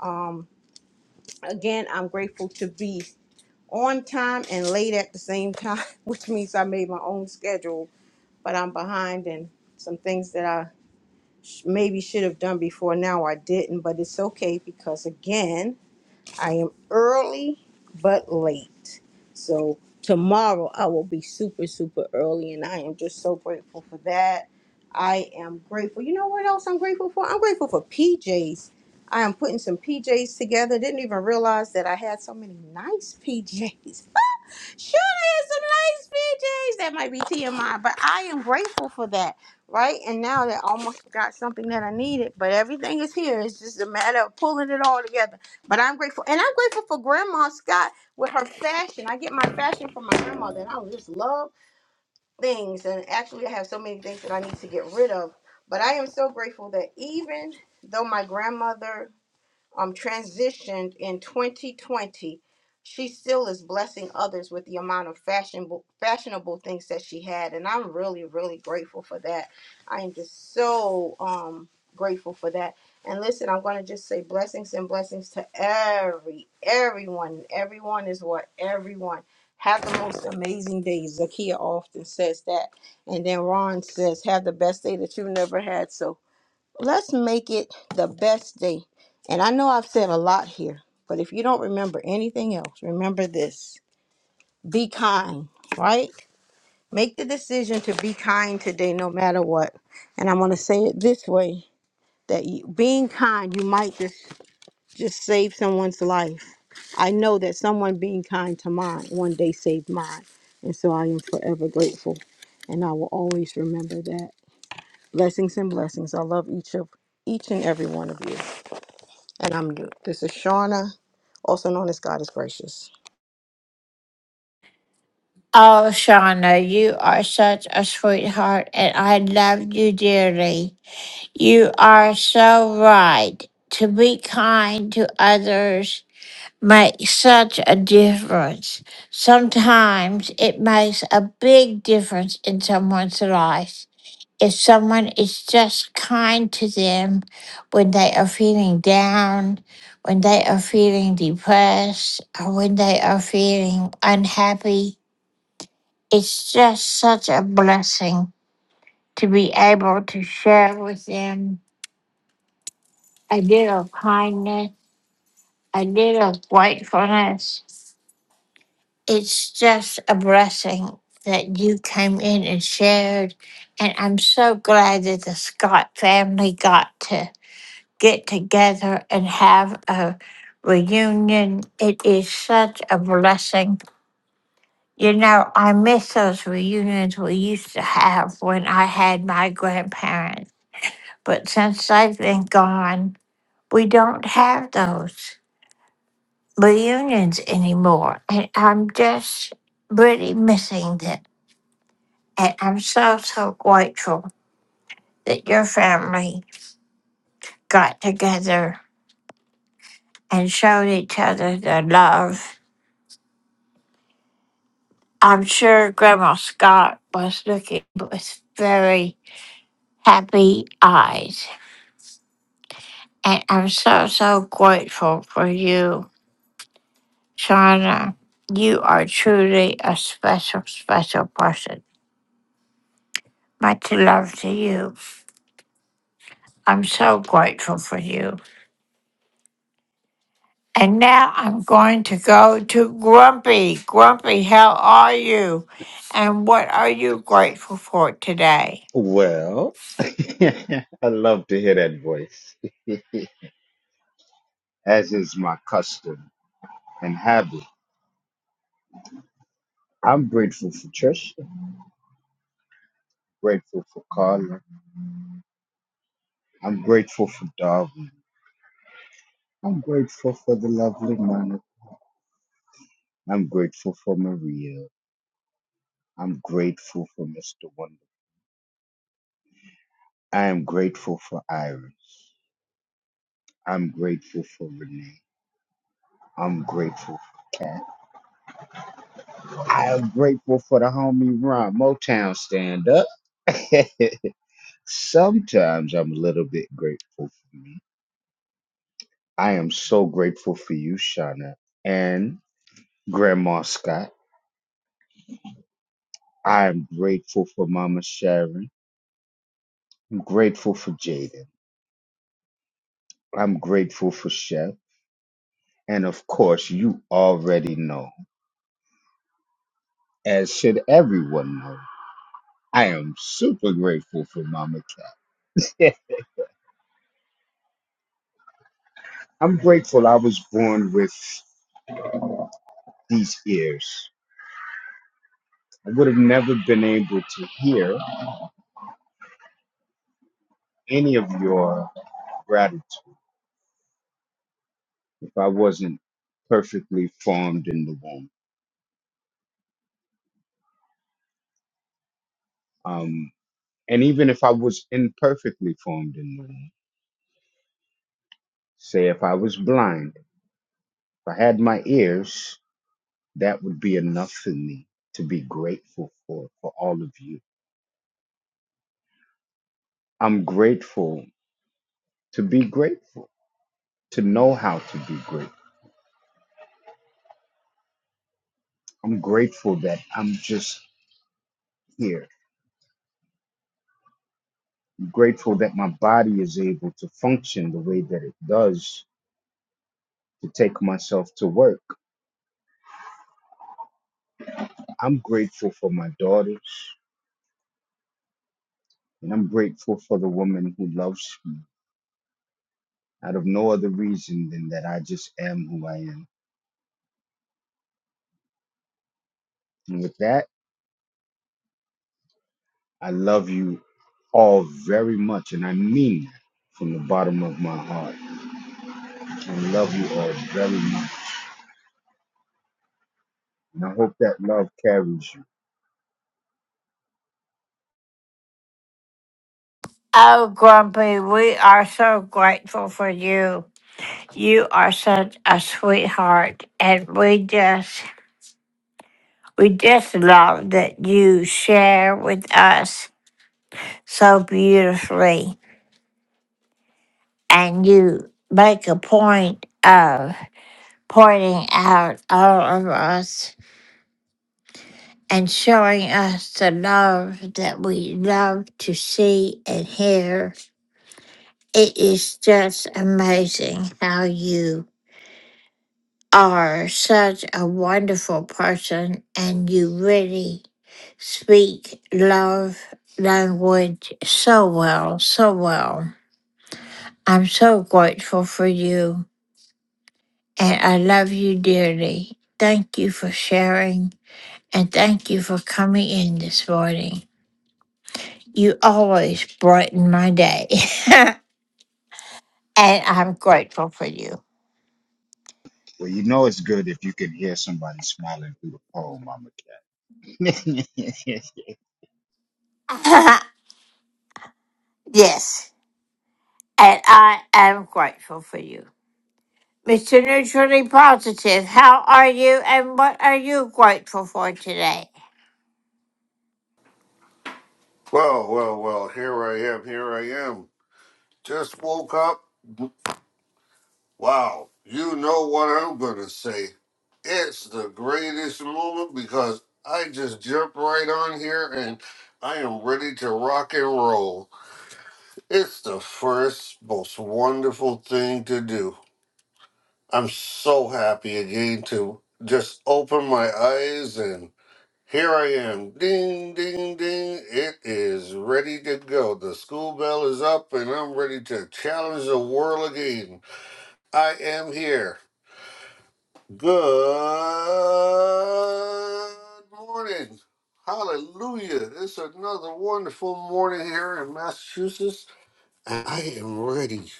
Um again, I'm grateful to be on time and late at the same time, (laughs) which means I made my own schedule, but I'm behind in some things that I sh- maybe should have done before now I didn't, but it's okay because again, I am early but late. So tomorrow I will be super, super early, and I am just so grateful for that. I am grateful. You know what else I'm grateful for? I'm grateful for PJs. I am putting some PJs together. Didn't even realize that I had so many nice PJs. (laughs) Sure, there's some nice PJs. That might be TMI, but I am grateful for that, right? And now that I almost got something that I needed, but everything is here. It's just a matter of pulling it all together. But I'm grateful, and I'm grateful for Grandma Scott with her fashion. I get my fashion from my grandmother, and I just love things. And actually, I have so many things that I need to get rid of. But I am so grateful that even though my grandmother um, transitioned in 2020, she still is blessing others with the amount of fashionable fashionable things that she had, and I'm really really grateful for that. I am just so um grateful for that. And listen, I'm gonna just say blessings and blessings to every everyone. Everyone is what everyone. Have the most amazing day. Zakia often says that. And then Ron says, have the best day that you've never had. So let's make it the best day. And I know I've said a lot here, but if you don't remember anything else, remember this be kind, right? Make the decision to be kind today, no matter what. And I'm going to say it this way that you, being kind, you might just, just save someone's life. I know that someone being kind to mine one day saved mine. And so I am forever grateful. And I will always remember that. Blessings and blessings. I love each of each and every one of you. And I'm mute. This is Shauna, also known as God is Gracious. Oh, Shauna, you are such a sweetheart, and I love you dearly. You are so right. To be kind to others makes such a difference. Sometimes it makes a big difference in someone's life. If someone is just kind to them when they are feeling down, when they are feeling depressed, or when they are feeling unhappy, it's just such a blessing to be able to share with them a little kindness, a little gratefulness. It's just a blessing that you came in and shared. And I'm so glad that the Scott family got to get together and have a reunion. It is such a blessing. You know, I miss those reunions we used to have when I had my grandparents. But since they've been gone, we don't have those reunions anymore. And I'm just really missing them. And I'm so, so grateful that your family got together and showed each other their love. I'm sure Grandma Scott was looking with very happy eyes. And I'm so, so grateful for you Shauna, you are truly a special, special person. Much love to you. I'm so grateful for you. And now I'm going to go to Grumpy. Grumpy, how are you? And what are you grateful for today? Well, (laughs) I love to hear that voice, as is my custom and habit. I'm grateful for Trisha. Grateful for Carla. I'm grateful for Darwin. I'm grateful for the lovely Monica. I'm grateful for Maria. I'm grateful for Mr. Wonderful. I am grateful for Iris. I'm grateful for Renee. I'm grateful for Kat. I am grateful for the homie Ron Motown stand up. (laughs) Sometimes I'm a little bit grateful for me. I am so grateful for you, Shauna, and Grandma Scott. I'm grateful for Mama Sharon. I'm grateful for Jaden. I'm grateful for Chef. And of course, you already know, as should everyone know, I am super grateful for Mama Cat. (laughs) I'm grateful I was born with these ears. I would have never been able to hear any of your gratitude if I wasn't perfectly formed in the womb. Um, and even if I was imperfectly formed in the womb, say if I was blind, if I had my ears, that would be enough for me to be grateful for, for all of you. I'm grateful to be grateful, to know how to be grateful. I'm grateful that I'm just here. I'm grateful that my body is able to function the way that it does to take myself to work. I'm grateful for my daughters. And I'm grateful for the woman who loves me out of no other reason than that I just am who I am. And with that, I love you all very much. And I mean that from the bottom of my heart. I love you all very much. And I hope that love carries you. Oh, Grumpy, we are so grateful for you. You are such a sweetheart, and we just, we just love that you share with us so beautifully. And you make a point of pointing out all of us and showing us the love that we love to see and hear. It is just amazing how you are such a wonderful person and you really speak love language so well, so well. I'm so grateful for you. and I love you dearly. Thank you for sharing and thank you for coming in this morning. You always brighten my day, (laughs) and I'm grateful for you. Well, you know it's good if you can hear somebody smiling through the phone, Mama Cat. (laughs) (laughs) yes, and I am grateful for you. Mr. Neutrally Positive, how are you and what are you grateful for today? Well, well, well, here I am, here I am. Just woke up. Wow, you know what I'm gonna say. It's the greatest moment because I just jumped right on here and I am ready to rock and roll. It's the first most wonderful thing to do. I'm so happy again to just open my eyes and. Here I am. Ding, ding, ding. It is ready to go. The school bell is up and I'm ready to challenge the world again. I am here. Good morning. Hallelujah. It's another wonderful morning here in Massachusetts. And I am ready.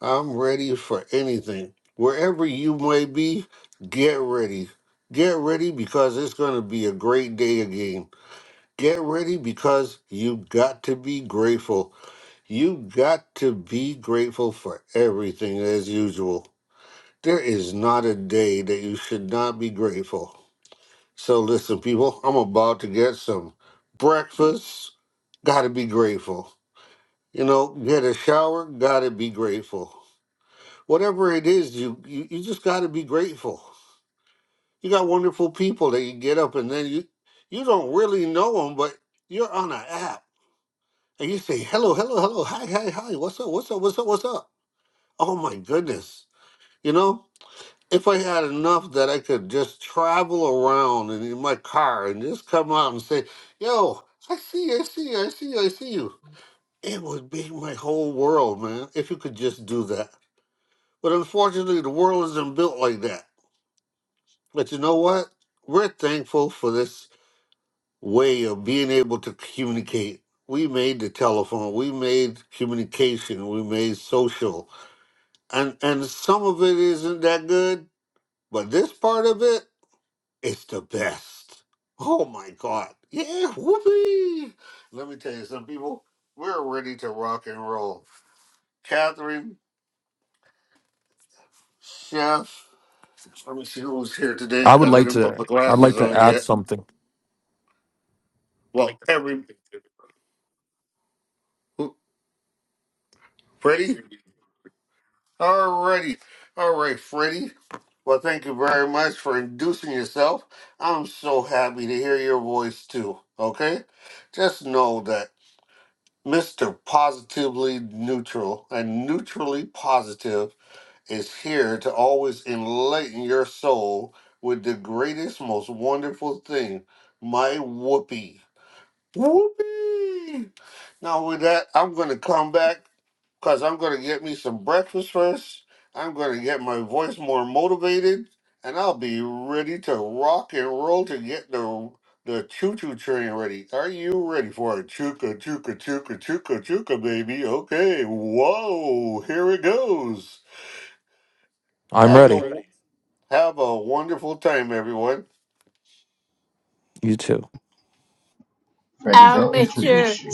I'm ready for anything. Wherever you may be, get ready. Get ready because it's going to be a great day again. Get ready because you got to be grateful. You got to be grateful for everything as usual. There is not a day that you should not be grateful. So, listen, people, I'm about to get some breakfast. Gotta be grateful. You know, get a shower. Gotta be grateful. Whatever it is, you, you, you just gotta be grateful. You got wonderful people that you get up and then you, you don't really know them, but you're on an app and you say, hello, hello, hello, hi, hi, hi, what's up, what's up, what's up, what's up? Oh my goodness. You know, if I had enough that I could just travel around and in my car and just come out and say, yo, I see you, I see you, I see you, I see you. It would be my whole world, man, if you could just do that. But unfortunately, the world isn't built like that. But you know what? We're thankful for this way of being able to communicate. We made the telephone, we made communication, we made social and and some of it isn't that good, but this part of it is the best. Oh my god. Yeah, whoopee. Let me tell you some people, we're ready to rock and roll. Catherine, Chef, let me see who was here today I would because I like didn't put to my I'd like glasses to on add yet. something. Well, every who- Freddie? Alrighty. Alright, Freddie. Well, thank you very much for inducing yourself. I'm so happy to hear your voice too. Okay? Just know that Mr. Positively Neutral and Neutrally Positive is here to always enlighten your soul with the greatest, most wonderful thing, my whoopee. Whoopee! Now, with that, I'm going to come back because I'm going to get me some breakfast first. I'm going to get my voice more motivated, and I'll be ready to rock and roll to get the the choo choo train ready. Are you ready for a chooka chooka chooka chooka chooka baby? Okay, whoa, here it goes. I'm Have a ready. Ready. have a wonderful time, everyone. You too. Freddie, Oh, they'll Mr. introduce you.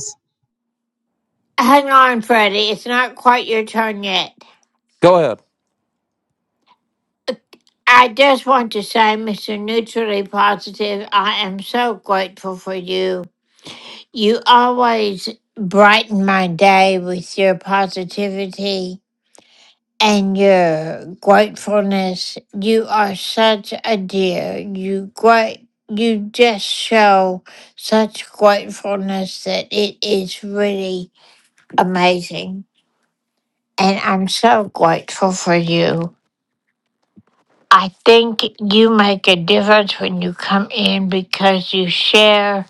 Hang on, Freddie. It's not quite your turn yet. Go ahead. I just want to say, Mr. Neutrally Positive, I am so grateful for you. You always brighten my day with your positivity and your gratefulness. You are such a dear. You great you just show such gratefulness that it is really amazing. And I'm so grateful for you. I think you make a difference when you come in because you share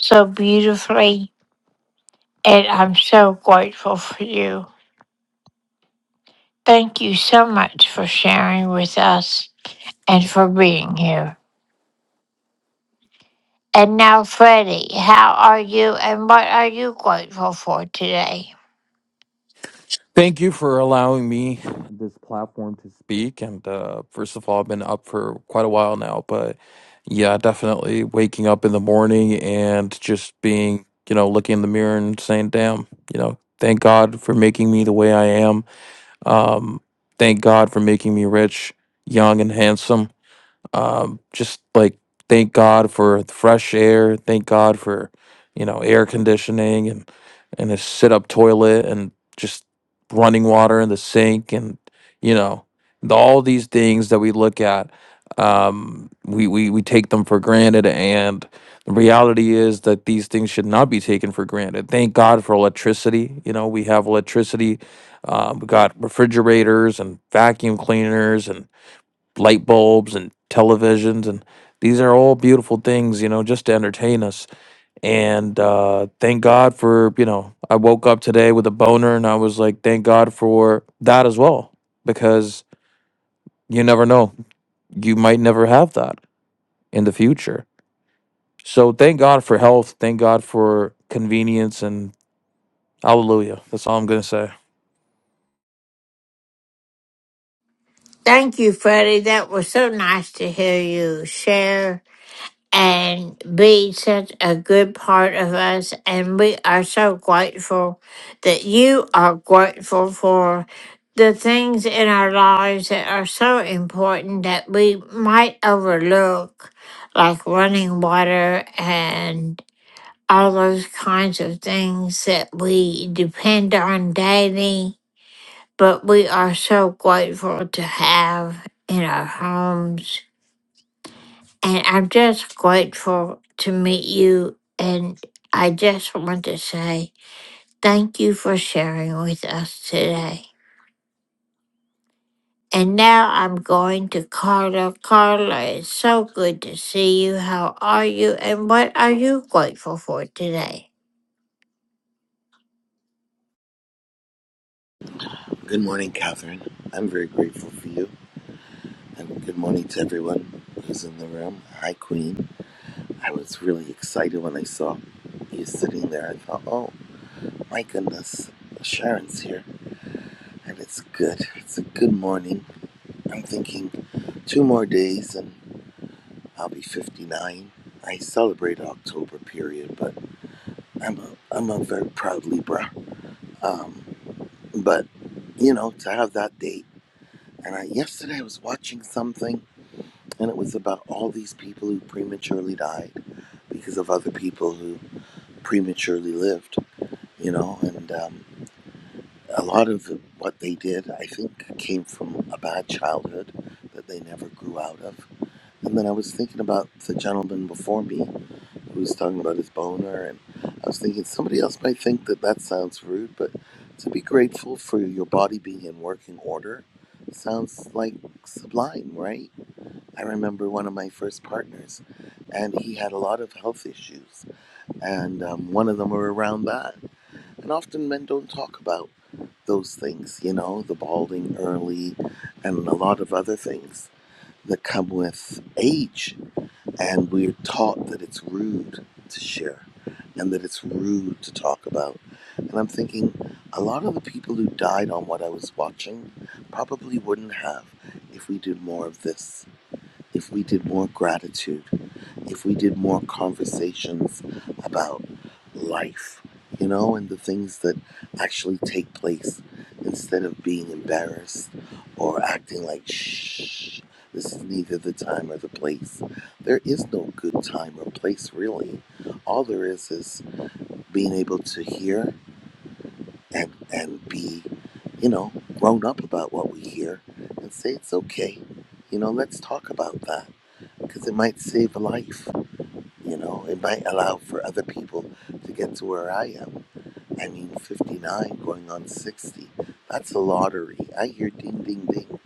so beautifully, and I'm so grateful for you. Thank you so much for sharing with us and for being here. And now, Freddie, how are you and what are you grateful for today? Thank you for allowing me this platform to speak. And uh, first of all, I've been up for quite a while now, but yeah, definitely waking up in the morning and just being, you know, looking in the mirror and saying, damn, you know, thank God for making me the way I am. Um, thank God for making me rich, young, and handsome um, just like thank God for the fresh air, thank God for you know air conditioning and and a sit up toilet and just running water in the sink and you know the- all these things that we look at um we, we we take them for granted and the reality is that these things should not be taken for granted thank god for electricity you know we have electricity um, we got refrigerators and vacuum cleaners light bulbs and televisions and these are all beautiful things you know just to entertain us and uh thank god for you know i woke up today with a boner and i was like thank god for that as well because you never know you might never have that in the future so thank god for health thank god for convenience and hallelujah that's all i'm gonna say Thank you, Freddie. That was so nice to hear you share. and be such a good part of us. And we are so grateful that you are grateful for the things in our lives that are so important that we might overlook, like running water and all those kinds of things that we depend on daily. But we are so grateful to have in our homes and I'm just grateful to meet you. And I just want to say thank you for sharing with us today. And now I'm going to Carla. Carla, it's so good to see you. How are you? And what are you grateful for today? Good morning, Catherine. I'm very grateful for you. And good morning to everyone who's in the room. Hi, Queen. I was really excited when I saw you sitting there. I thought, oh, my goodness, Sharon's here. And it's good. It's a good morning. I'm thinking two more days and I'll be 59. I celebrate October period, but I'm a, I'm a very proud Libra. Um, but, you know, to have that date. And I, yesterday I was watching something And it was about all these people who prematurely died because of other people who prematurely lived, you know. And um, a lot of what they did, I think, came from a bad childhood that they never grew out of. And then I was thinking about the gentleman before me who was talking about his boner, and I was thinking somebody else might think that that sounds rude, but to be grateful for your body being in working order sounds like sublime, right? I remember one of my first partners, and he had a lot of health issues, and um, one of them were around that. And often men don't talk about those things, you know, the balding early, and a lot of other things that come with age. And we're taught that it's rude to share, and that it's rude to talk about. And I'm thinking, a lot of the people who died on what I was watching probably wouldn't have if we did more of this, if we did more gratitude if we did more conversations about life, you know, and the things that actually take place instead of being embarrassed or acting like, shh, this is neither the time or the place. There is no good time or place, really. All there is is being able to hear and, and be, you know, grown up about what we hear and say it's okay. You know, let's talk about that because it might save a life. You know, it might allow for other people to get to where I am. I mean, 59 going on 60. That's a lottery. I hear ding, ding, ding,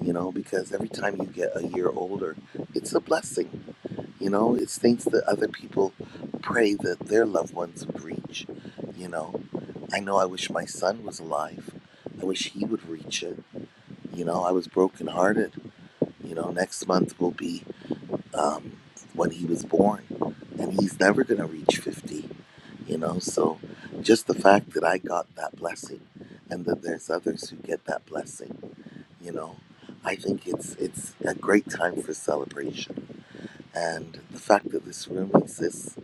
you know, because every time you get a year older, it's a blessing. You know, it's things that other people pray that their loved ones would reach. You know, I know I wish my son was alive. I wish he would reach it. You know, I was brokenhearted. You know, next month will be um, when he was born, and he's never going to reach 50, you know. So, just the fact that I got that blessing, and that there's others who get that blessing, you know, I think it's it's a great time for celebration. And the fact that this room exists,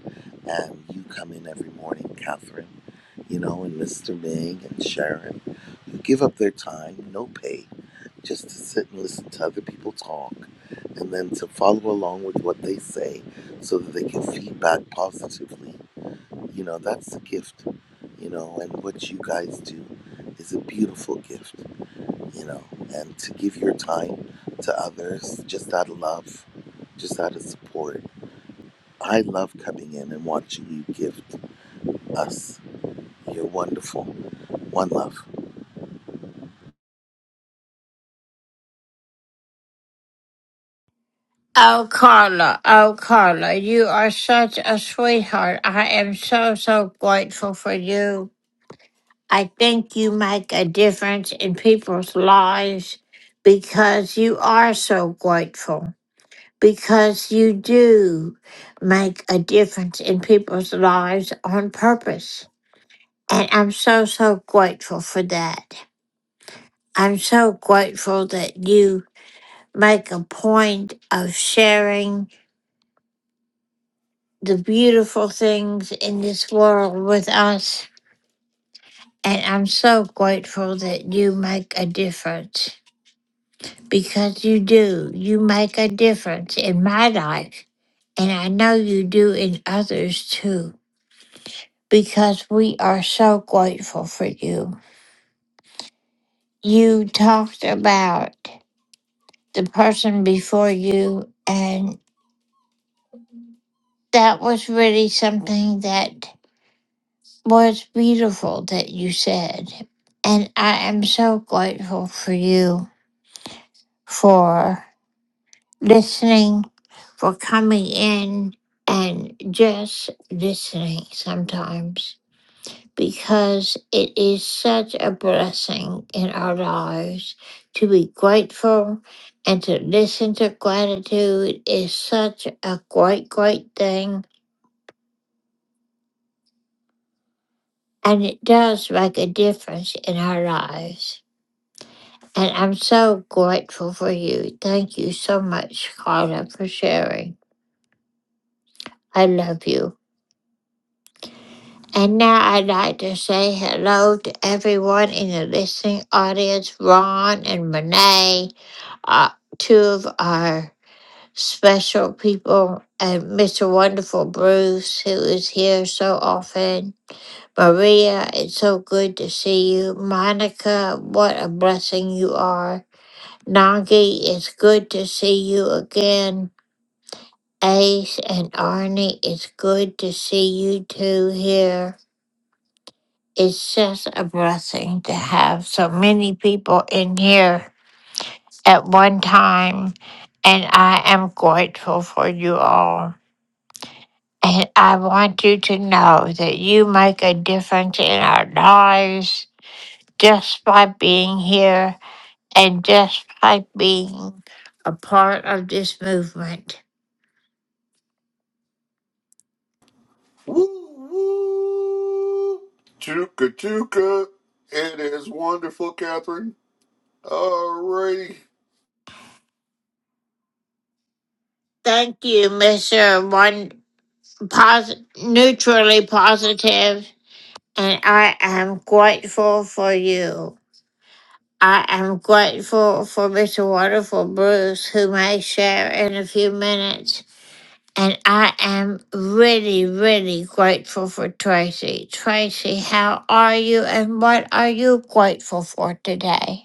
and you come in every morning, Catherine, you know, and Mr. Ming and Sharon, who give up their time, no pay, just to sit and listen to other people talk and then to follow along with what they say so that they can feedback positively. You know, that's the gift, you know, and what you guys do is a beautiful gift, you know, and to give your time to others just out of love, just out of support. I love coming in and watching you gift us. You're wonderful. One love. Oh, Carla, oh, Carla, you are such a sweetheart. I am so, so grateful for you. I think you make a difference in people's lives because you are so grateful, because you do make a difference in people's lives on purpose. And I'm so, so grateful for that. I'm so grateful that you make a point of sharing the beautiful things in this world with us. And I'm so grateful that you make a difference. because you do. You make a difference in my life, and I know you do in others too, because we are so grateful for you. You talked about the person before you, and that was really something that was beautiful that you said. And I am so grateful for you for. listening, for coming in and just listening sometimes because it is such a blessing in our lives to be grateful and to listen to gratitude is such a great, great thing. And it does make a difference in our lives. And I'm so grateful for you. Thank you so much, Carla, for sharing. I love you. And now I'd like to say hello to everyone in the listening audience, Ron and Renee, uh, two of our special people, and Mr. Wonderful Bruce, who is here so often. Maria, it's so good to see you. Monica, what a blessing you are. Nagi, it's good to see you again. Ace and Arnie, it's good to see you two here. It's just a blessing to have so many people in here at one time. And I am grateful for you all. And I want you to know that you make a difference in our lives just by being here and just by being a part of this movement. Woo woo, chooka chooka. It is wonderful, Catherine. Alrighty. Thank you, Mr. One Pos- Neutrally Positive, and I am grateful for you. I am grateful for Mr. Wonderful Bruce, who may share in a few minutes. And I am really, really grateful for Tracy. Tracy, how are you and what are you grateful for today?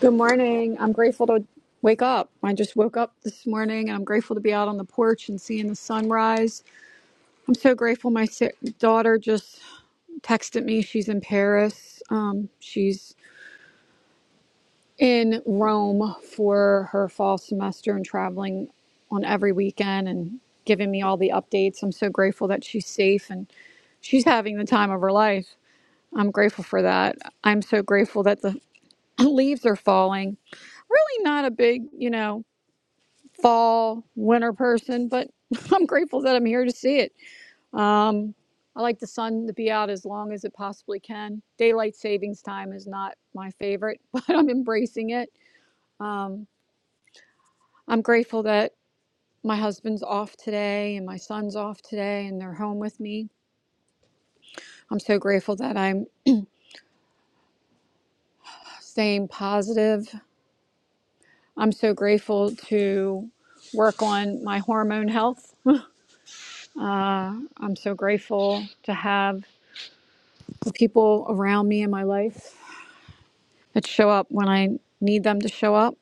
Good morning. I'm grateful to wake up. I just woke up this morning and I'm grateful to be out on the porch and seeing the sunrise. I'm so grateful my si- daughter just texted me. She's in Paris. Um, she's in Rome for her fall semester and traveling on every weekend and giving me all the updates. I'm so grateful that she's safe and she's having the time of her life. I'm grateful for that. I'm so grateful that the (clears throat) leaves are falling. Really not a big, you know, fall, winter person, but (laughs) I'm grateful that I'm here to see it. Um, I like the sun to be out as long as it possibly can. Daylight savings time is not my favorite, (laughs) but I'm embracing it. Um, I'm grateful that my husband's off today and my son's off today and they're home with me. I'm so grateful that I'm staying positive. I'm so grateful to work on my hormone health. I'm so grateful to have the people around me in my life that show up when I need them to show up.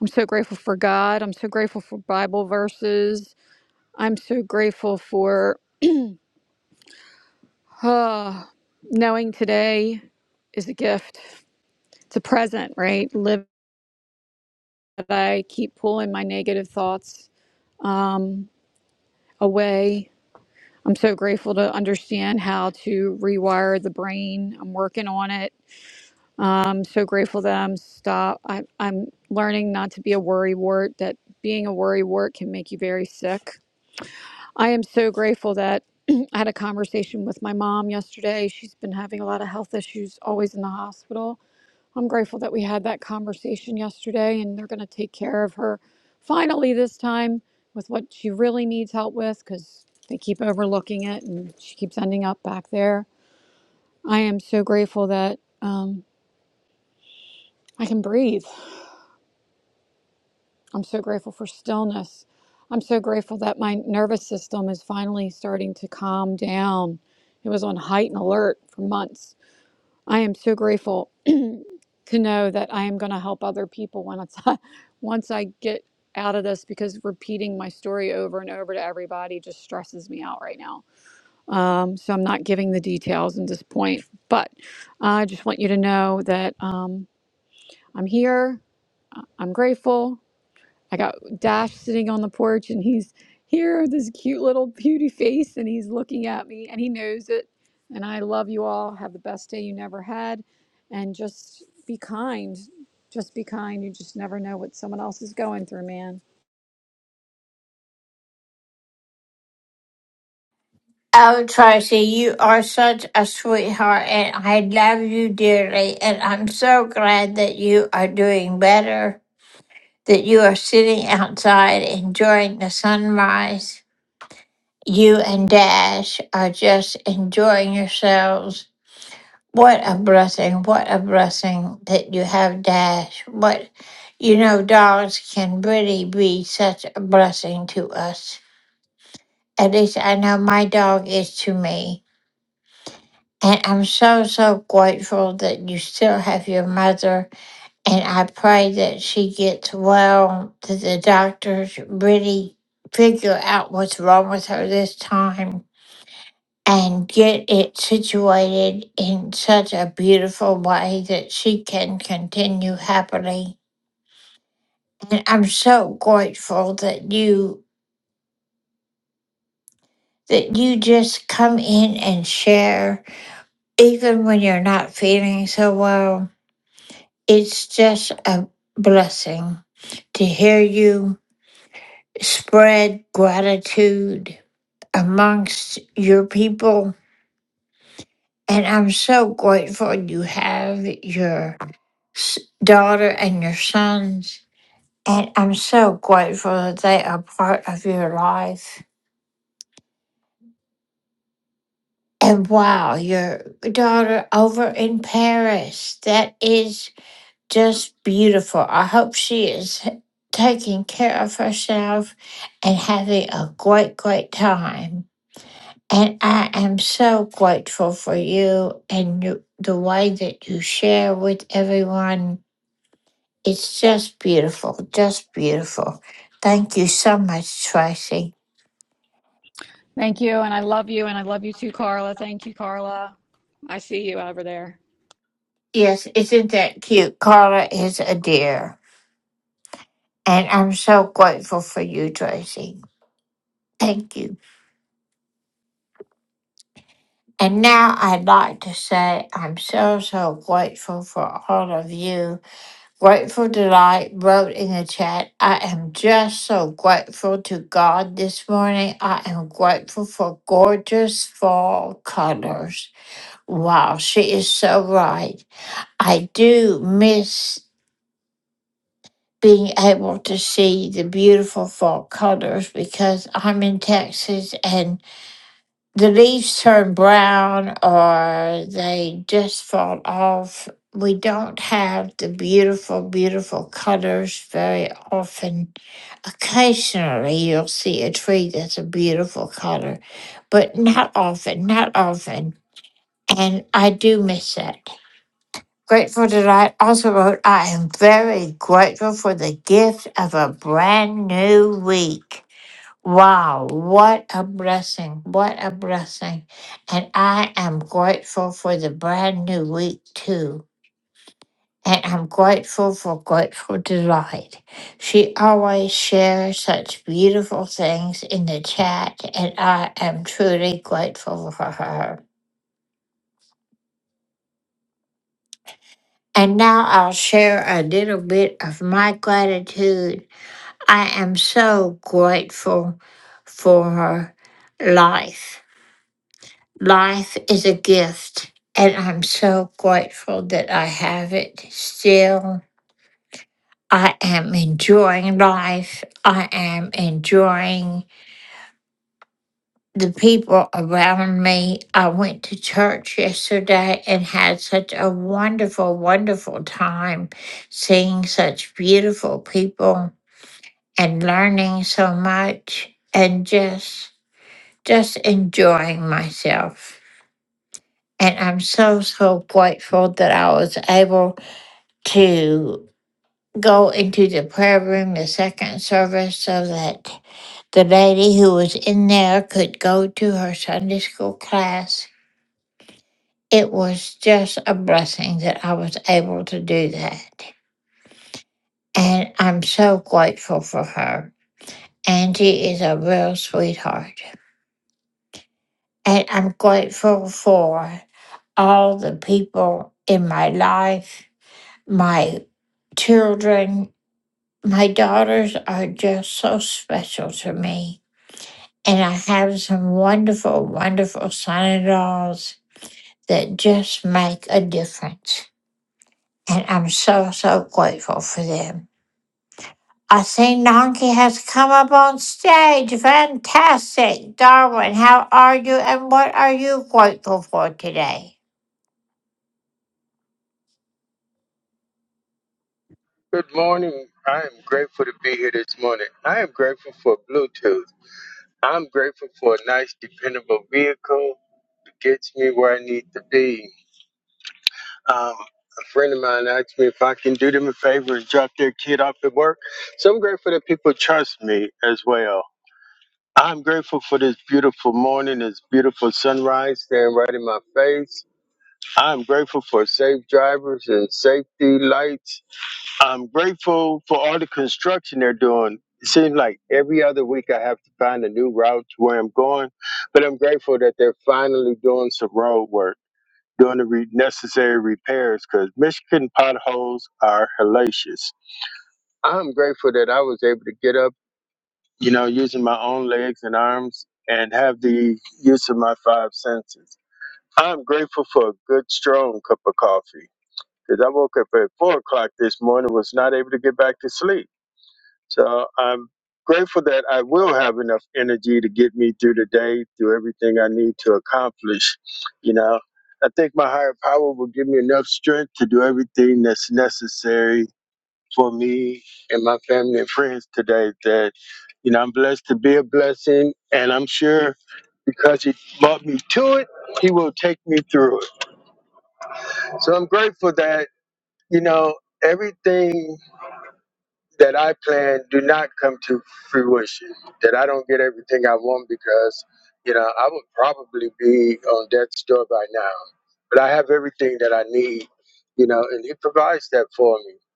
I'm so grateful for God. I'm so grateful for Bible verses. I'm so grateful for ah, knowing today is a gift. It's a present, right? Live that I keep pulling my negative thoughts um, away. I'm so grateful to understand how to rewire the brain. I'm working on it. Um, so grateful that I'm stop. I, I'm learning not to be a worrywart. That being a worrywart can make you very sick. I am so grateful that (clears throat) I had a conversation with my mom yesterday. She's been having a lot of health issues, always in the hospital. I'm grateful that we had that conversation yesterday, and they're going to take care of her finally this time with what she really needs help with because they keep overlooking it, and she keeps ending up back there. I am so grateful that um, I can breathe. I'm so grateful for stillness. I'm so grateful that my nervous system is finally starting to calm down. It was on heightened alert for months. I am so grateful to know that I am going to help other people once I, (laughs) once I get out of this because repeating my story over and over to everybody just stresses me out right now. Um, so I'm not giving the details at this point, but I just want you to know that um, I'm here. I'm grateful. I got Dash sitting on the porch and he's here, this cute little beauty face, and he's looking at me and he knows it. And I love you all. Have the best day you never had. And just be kind. Just be kind. You just never know what someone else is going through, man. Oh, Tracy, you are such a sweetheart and I love you dearly. And I'm so glad that you are doing better, that you are sitting outside enjoying the sunrise. you and Dash are just enjoying yourselves. What a blessing. What a blessing that you have Dash. What, you know, dogs can really be such a blessing to us. At least I know my dog is to me. And I'm so, so grateful that you still have your mother. And I pray that she gets well, that the doctors really figure out what's wrong with her this time and get it situated in such a beautiful way that she can continue happily. And I'm so grateful that you that you just come in and share even when you're not feeling so well. It's just a blessing to hear you spread gratitude amongst your people. And I'm so grateful you have your s- daughter and your sons. And I'm so grateful that they are part of your life. And wow, your daughter over in Paris. That is just beautiful. I hope she is h- taking care of herself and having a great, great time. And I am so grateful for you and you, the way that you share with everyone It's just beautiful, just beautiful. Thank you so much, Tracy. Thank you. And I love you. And I love you too, Carla. Thank you, Carla. I see you over there. Yes, isn't that cute? Carla is a dear. And I'm so grateful for you, Tracy. Thank you. And now I'd like to say I'm so, so grateful for all of you. Grateful Delight wrote in the chat, I am just so grateful to God this morning. I am grateful for gorgeous fall colors. Wow, she is so right. I do miss being able to see the beautiful fall colors because I'm in Texas and the leaves turn brown or they just fall off. We don't have the beautiful, beautiful colors very often. Occasionally, you'll see a tree that's a beautiful color, but not often, not often. And I do miss that. Grateful Delight also wrote, I am very grateful for the gift of a brand new week. Wow, what a blessing. What a blessing. And I am grateful for the brand new week too. And I'm grateful for Grateful Delight. She always shares such beautiful things in the chat, and I am truly grateful for her. And now I'll share a little bit of my gratitude I am so grateful for life. Life is a gift, and I'm so grateful that I have it still. I am enjoying life. I am enjoying the people around me. I went to church yesterday and had such a wonderful, wonderful time seeing such beautiful people and learning so much and just just enjoying myself. And I'm so, so grateful that I was able to go into the prayer room, the second service, so that the lady who was in there could go to her Sunday school class. It was just a blessing that I was able to do that. And I'm so grateful for her. Angie is a real sweetheart. And I'm grateful for all the people in my life, my children. My daughters are just so special to me. And I have some wonderful, wonderful son in laws that just make a difference. And I'm so, so grateful for them. I see Nanki has come up on stage. Fantastic. Darwin, how are you and what are you grateful for today? Good morning. I am grateful to be here this morning. I am grateful for Bluetooth. I'm grateful for a nice, dependable vehicle that gets me where I need to be. Um, a friend of mine asked me if I can do them a favor and drop their kid off at work. So I'm grateful that people trust me as well. I'm grateful for this beautiful morning, this beautiful sunrise staring right in my face. I'm grateful for safe drivers and safety lights I'm grateful for all the construction they're doing. It seems like every other week I have to find a new route to where I'm going, but I'm grateful that they're finally doing some road work, doing the re- necessary repairs because Michigan potholes are hellacious. I'm grateful that I was able to get up, you know, using my own legs and arms and have the use of my five senses. I'm grateful for a good, strong cup of coffee because I woke up at four o'clock this morning, was not able to get back to sleep so I'm grateful that I will have enough energy to get me through the day, through everything I need to accomplish. You know, I think my higher power will give me enough strength to do everything that's necessary for me and my family and friends today. That, you know, I'm blessed to be a blessing, and I'm sure because He brought me to it, He will take me through it. So I'm grateful that, you know, everything. that I plan do not come to fruition, that I don't get everything I want because, you know, I would probably be on death's door by now. But I have everything that I need, you know, and he provides that for me.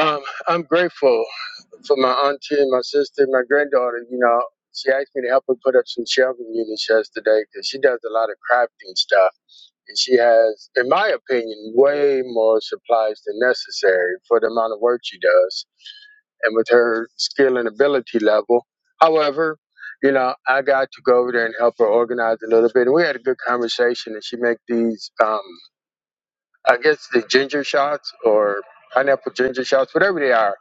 Um, I'm grateful for my auntie and my sister my granddaughter, you know. She asked me to help her put up some shelving units yesterday because she does a lot of crafting stuff and she has, in my opinion, way more supplies than necessary for the amount of work she does and with her skill and ability level. However, you know, I got to go over there and help her organize a little bit. And we had a good conversation, and she make these, um, I guess, the ginger shots or pineapple ginger shots, whatever they are.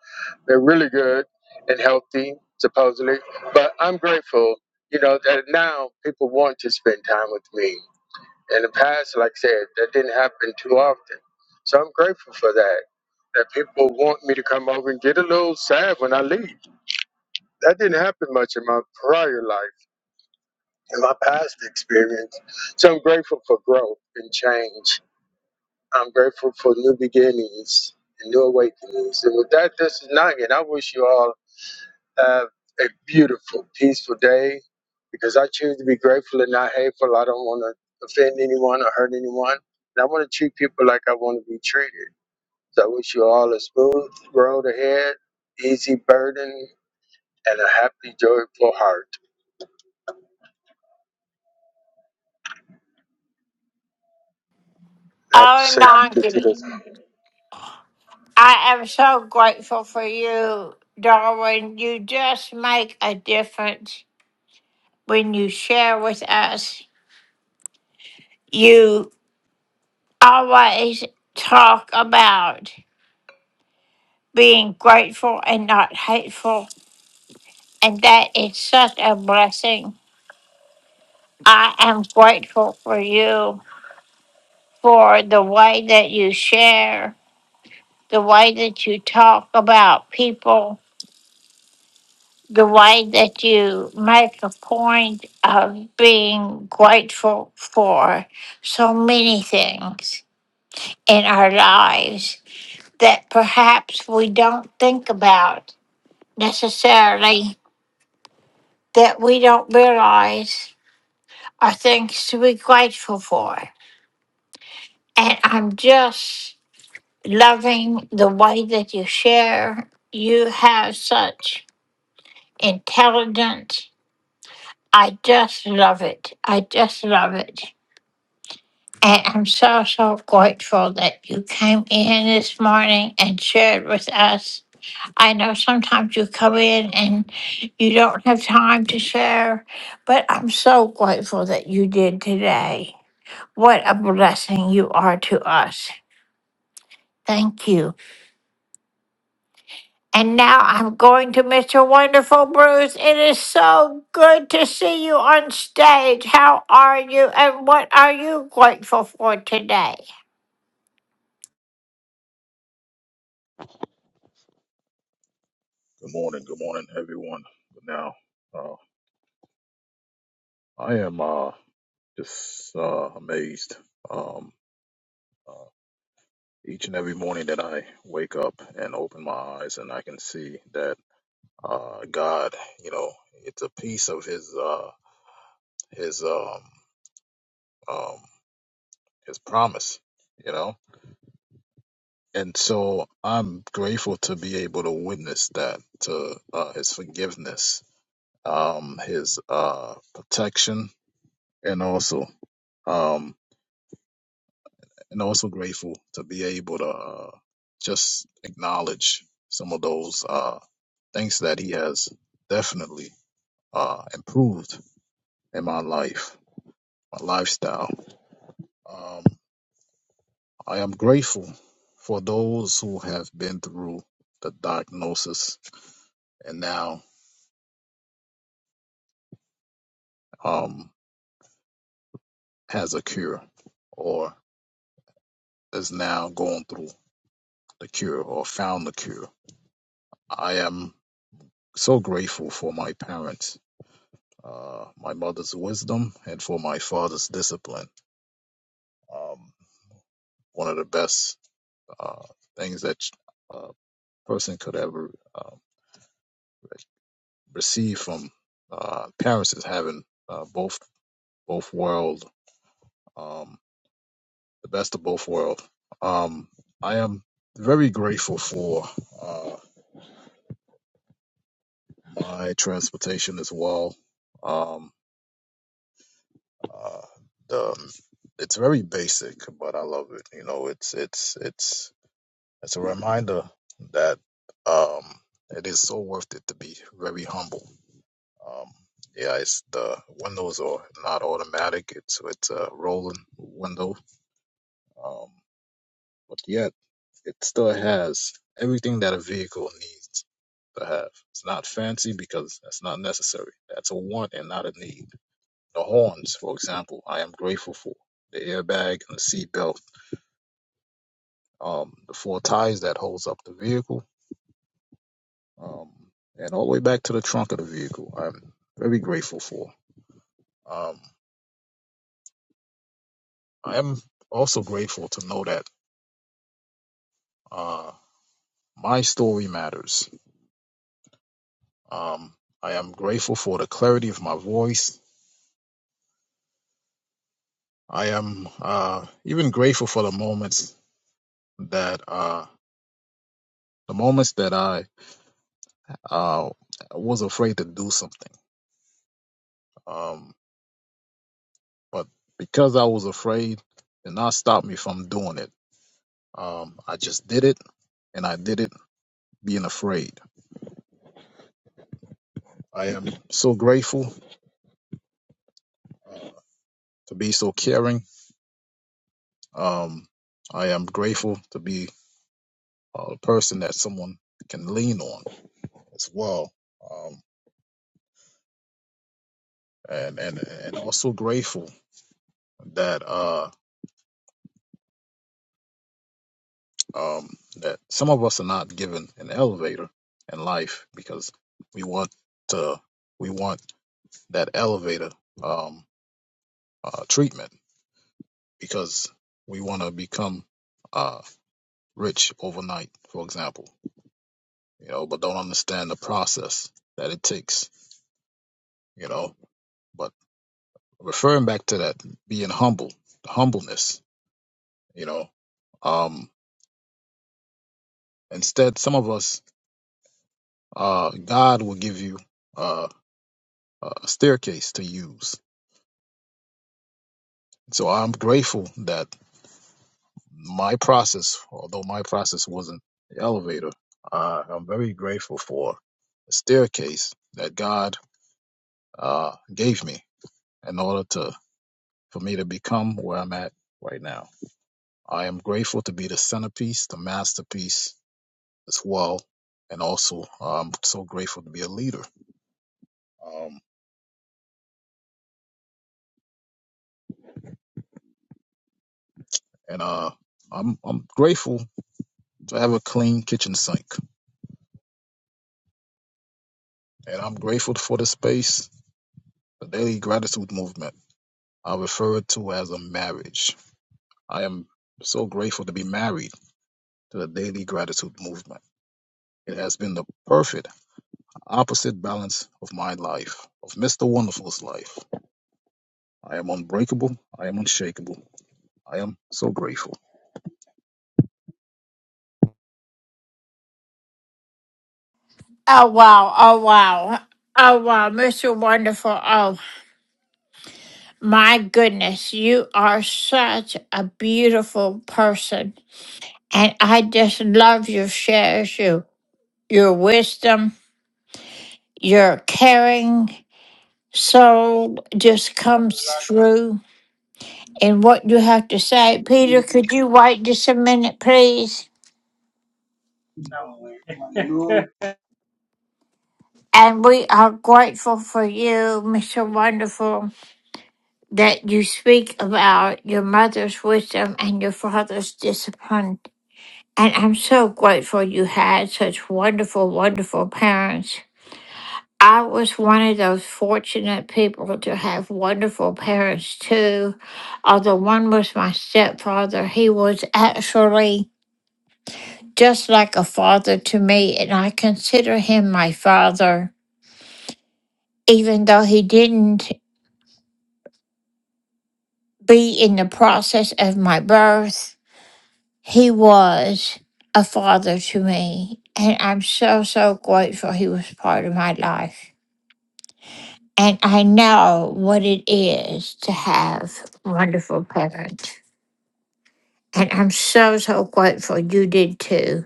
They're really good and healthy, supposedly. But I'm grateful, you know, that now people want to spend time with me in the past, like I said, that didn't happen too often. So I'm grateful for that. That people want me to come over and get a little sad when I leave. That didn't happen much in my prior life, in my past experience. So I'm grateful for growth and change. I'm grateful for new beginnings and new awakenings. And with that, this is Nugget. I wish you all Have a beautiful, peaceful day because I choose to be grateful and not hateful. I don't want to offend anyone or hurt anyone. And I want to treat people like I want to be treated. So I wish you all a smooth road ahead, easy burden, and a happy, joyful heart. I have to Oh, say, to this Nongi, I am so grateful for you, Darwin. You just make a difference when you share with us. You always talk about being grateful and not hateful, and that is such a blessing. I am grateful for you for the way that you share, the way that you talk about people, the way that you make a point of being grateful for so many things in our lives that perhaps we don't think about necessarily, that we don't realize are things to be grateful for. And I'm just loving the way that you share. You have such intelligence. I just love it. I just love it. And I'm so, so grateful that you came in this morning and shared with us. I know sometimes you come in and you don't have time to share, but I'm so grateful that you did today. What a blessing you are to us. Thank you. And now I'm going to Mr. Wonderful Bruce. It is so good to see you on stage. How are you and what are you grateful for today? Good morning, good morning, everyone. Now, uh, I am uh, just uh, amazed um, uh, each and every morning that I wake up and open my eyes, and I can see that uh, God, you know, it's a piece of His uh, His um, um, His promise, you know. And so I'm grateful to be able to witness that to uh, His forgiveness, um, His uh, protection, and also. Um, and also grateful to be able to uh, just acknowledge some of those uh, things that he has definitely uh, improved in my life, my lifestyle. Um, I am grateful for those who have been through the diagnosis and now um, has a cure or is now going through the cure or found the cure. I am so grateful for my parents uh, my mother's wisdom and for my father's discipline. Um, one of the best uh, things that a person could ever uh, receive from uh, parents is having uh, both both world um, the best of both worlds. Um, I am very grateful for uh, my transportation as well. Um, uh, the it's very basic, but I love it. You know, it's it's it's It's a reminder that um, it is so worth it to be very humble. Um, yeah, it's the windows are not automatic. It's it's a rolling window, um, but yet it still has everything that a vehicle needs to have. It's not fancy because that's not necessary. That's a want and not a need. The horns, for example, I am grateful for the airbag and the seatbelt, um, the four ties that holds up the vehicle um, and all the way back to the trunk of the vehicle. I'm very grateful for. Um, I am also grateful to know that uh, my story matters. Um, I am grateful for the clarity of my voice. I am uh, even grateful for the moments that uh, the moments that I uh, was afraid to do something, um, but because I was afraid, it did not stop me from doing it. Um, I just did it, and I did it being afraid I am so grateful uh, to be so caring. Um, I am grateful to be uh, a person that someone can lean on as well, um, and and and also grateful that uh, um, that some of us are not given an elevator in life because we want to we want that elevator um, uh, treatment because we want to become uh, rich overnight, for example you know, but don't understand the process that it takes, you know. But referring back to that, being humble, the humbleness, you know. Um, instead, some of us, uh, God will give you uh, a staircase to use. So I'm grateful that my process, although my process wasn't the elevator, uh, I'm very grateful for the staircase that God uh, gave me in order to for me to become where I'm at right now. I am grateful to be the centerpiece, the masterpiece as well, and also uh, I'm so grateful to be a leader. Um, and uh, I'm I'm grateful to have a clean kitchen sink, and I'm grateful for the space, the daily gratitude movement I refer to as a marriage. I am so grateful to be married to the daily gratitude movement. It has been the perfect opposite balance of my life, of Mr. Wonderful's life. I am unbreakable. I am unshakable. I am so grateful. Oh, wow. Oh, wow. Oh, wow. Mr. Wonderful. Oh, my goodness. You are such a beautiful person. And I just love your shares, your, your wisdom, your caring soul just comes through. and what you have to say. Peter, could you wait just a minute, please? And we are grateful for you, Mr. Wonderful, that you speak about your mother's wisdom and your father's discipline. And I'm so grateful you had such wonderful, wonderful parents. I was one of those fortunate people to have wonderful parents too. Although one was my stepfather, he was actually just like a father to me, and I consider him my father, even though he didn't be in the process of my birth. He was a father to me, and I'm so, so grateful he was part of my life. And I know what it is to have wonderful parents. And I'm so, so grateful you did too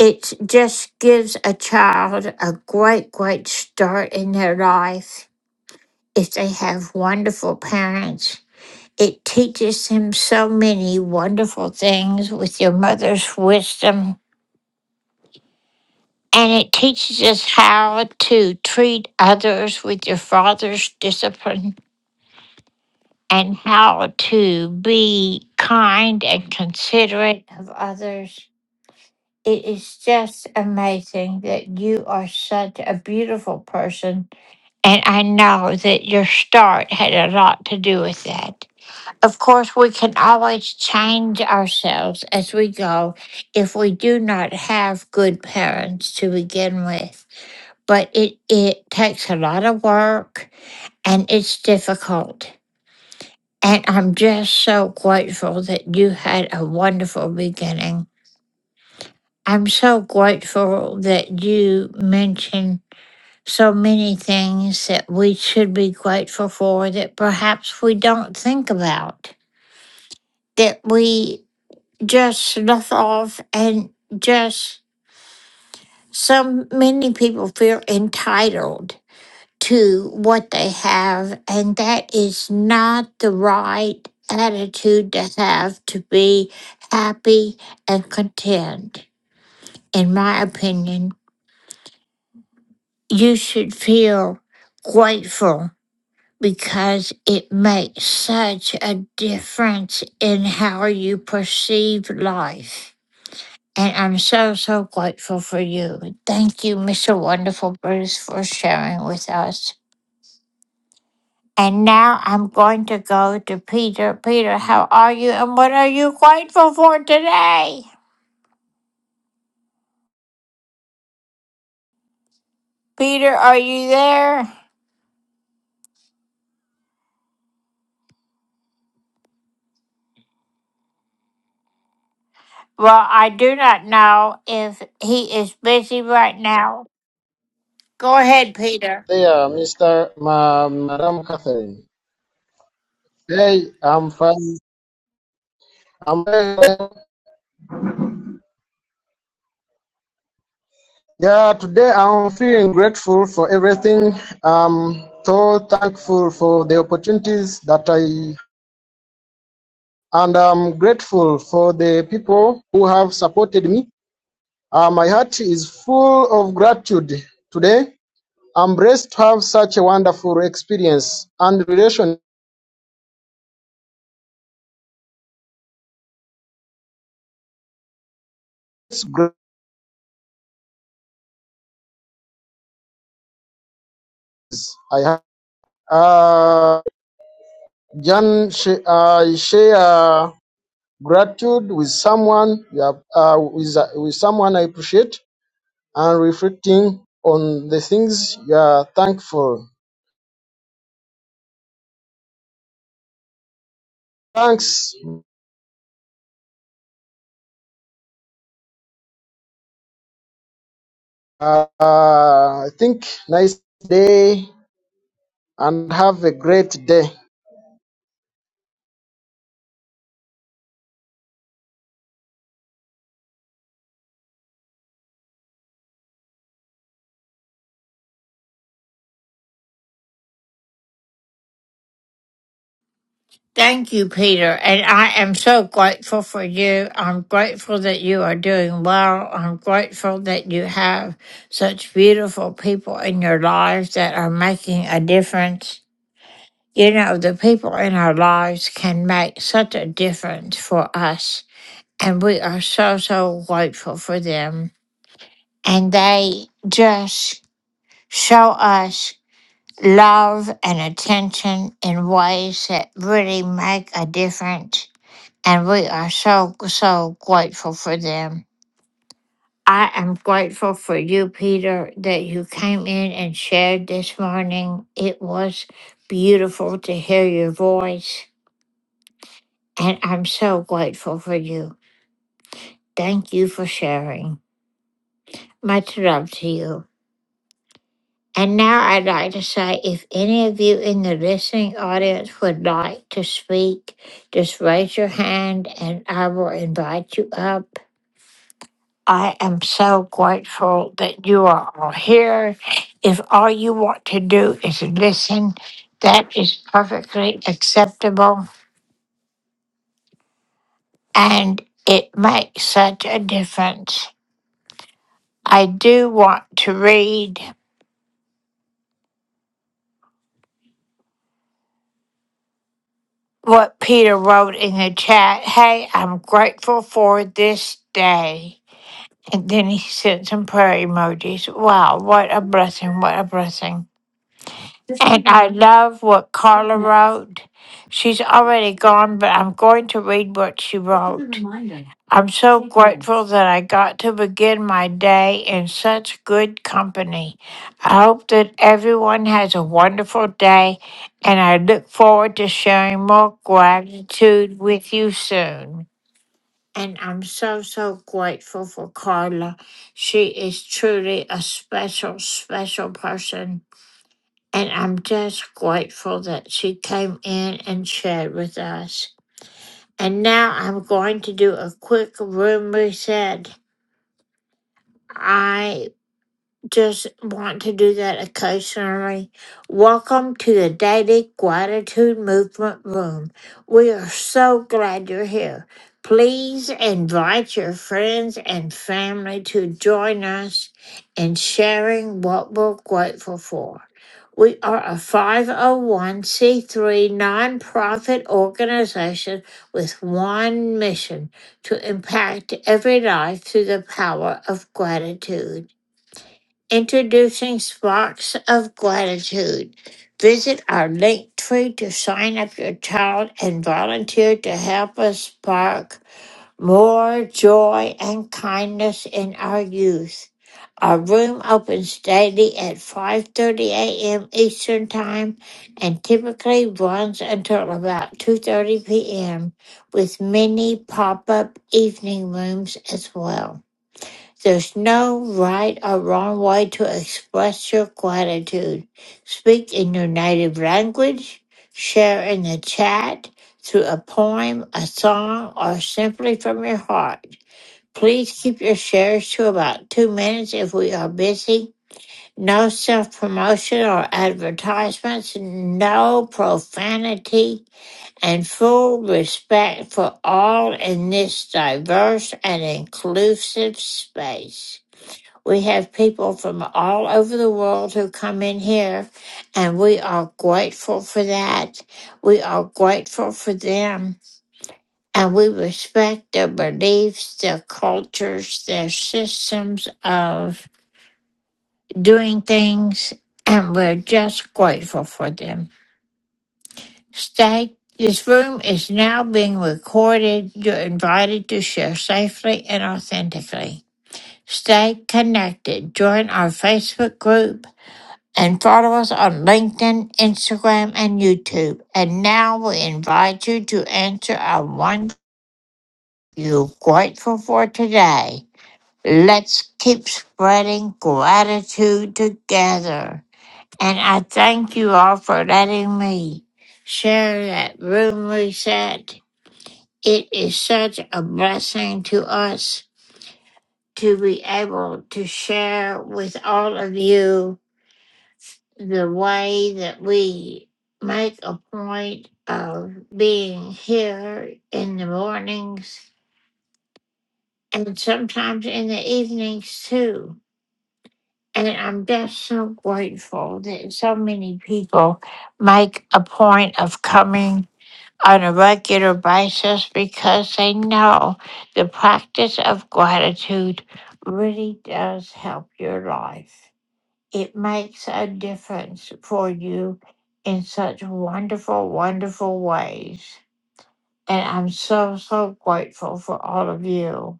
it just gives a child a great, great start in their life. if they have wonderful parents. It teaches them so many wonderful things with your mother's wisdom. And it teaches us how to treat others with your father's discipline and how to be kind and considerate of others. It is just amazing that you are such a beautiful person. And I know that your start had a lot to do with that. Of course, we can always change ourselves as we go if we do not have good parents to begin with. But it, it takes a lot of work and it's difficult. And I'm just so grateful that you had a wonderful beginning. I'm so grateful that you mentioned so many things that we should be grateful for that perhaps we don't think about. That we just slough off and just some many people feel entitled to what they have and that is not the right attitude to have to be happy and content in my opinion you should feel grateful because it makes such a difference in how you perceive life And I'm so, so grateful for you. Thank you, Mr. Wonderful Bruce, for sharing with us. And now I'm going to go to Peter. Peter, how are you and what are you grateful for today? Peter, are you there? Well, I do not know if he is busy right now. Go ahead, Peter. there, Mr. Ma- Madam Catherine. Hey, I'm fine. I'm very well. Yeah, today I'm feeling grateful for everything. I'm so thankful for the opportunities that I and I'm grateful for the people who have supported me. Uh, my heart is full of gratitude today. I'm blessed to have such a wonderful experience and relation. I have. Uh, Jan, sh- I share. gratitude with someone you have, uh, with, uh, with someone I appreciate and reflecting on the things you are thankful. Thanks. Uh, uh, I think nice day and have a great day. Thank you, Peter. And I am so grateful for you. I'm grateful that you are doing well. I'm grateful that you have such beautiful people in your lives that are making a difference. You know, the people in our lives can make such a difference for us. And we are so, so grateful for them. And they just show us love and attention in ways that really make a difference and we are so, so grateful for them. I am grateful for you, Peter, that you came in and shared this morning. It was beautiful to hear your voice, and I'm so grateful for you. Thank you for sharing. Much love to you. And now I'd like to say if any of you in the listening audience would like to speak, just raise your hand and I will invite you up. I am so grateful that you are all here. If all you want to do is listen, that is perfectly acceptable and it makes such a difference. I do want to read what Peter wrote in the chat. Hey, I'm grateful for this day. And then he sent some prayer emojis. Wow, what a blessing! What a blessing. I love what Carla wrote. She's already gone, but I'm going to read what she wrote. I'm so grateful that I got to begin my day in such good company. I hope that everyone has a wonderful day, and I look forward to sharing more gratitude with you soon. And I'm so, so grateful for Carla. She is truly a special, special person. And I'm just grateful that she came in and shared with us. And now I'm going to do a quick room reset. I just want to do that occasionally. Welcome to the Daily Gratitude Movement Room. We are so glad you're here. Please invite your friends and family to join us in sharing what we're grateful for. We are a 501c3 nonprofit organization with one mission to impact every life through the power of gratitude. Introducing Sparks of Gratitude. Visit our link tree to sign up your child and volunteer to help us spark more joy and kindness in our youth. Our room opens daily at 5:30 a.m. Eastern Time and typically runs until about 2:30 p.m. with many pop-up evening rooms as well. There's no right or wrong way to express your gratitude. Speak in your native language, share in the chat through a poem, a song, or simply from your heart. Please keep your shares to about two minutes if we are busy. No self promotion or advertisements, no profanity, and full respect for all in this diverse and inclusive space. We have people from all over the world who come in here, and we are grateful for that. We are grateful for them, and we respect their beliefs, their cultures, their systems of doing things, and we're just grateful for them. Stay. This room is now being recorded. You're invited to share safely and authentically. Stay connected. Join our Facebook group and follow us on LinkedIn, Instagram, and YouTube. And now we invite you to answer our one you're grateful for today. Let's keep spreading gratitude together. And I thank you all for letting me share that room reset. It is such a blessing to us to be able to share with all of you the way that we make a point of being here in the mornings and sometimes in the evenings too. And I'm just so grateful that so many people make a point of coming on a regular basis because they know the practice of gratitude really does help your life. It makes a difference for you in such wonderful, wonderful ways. And I'm so, so grateful for all of you.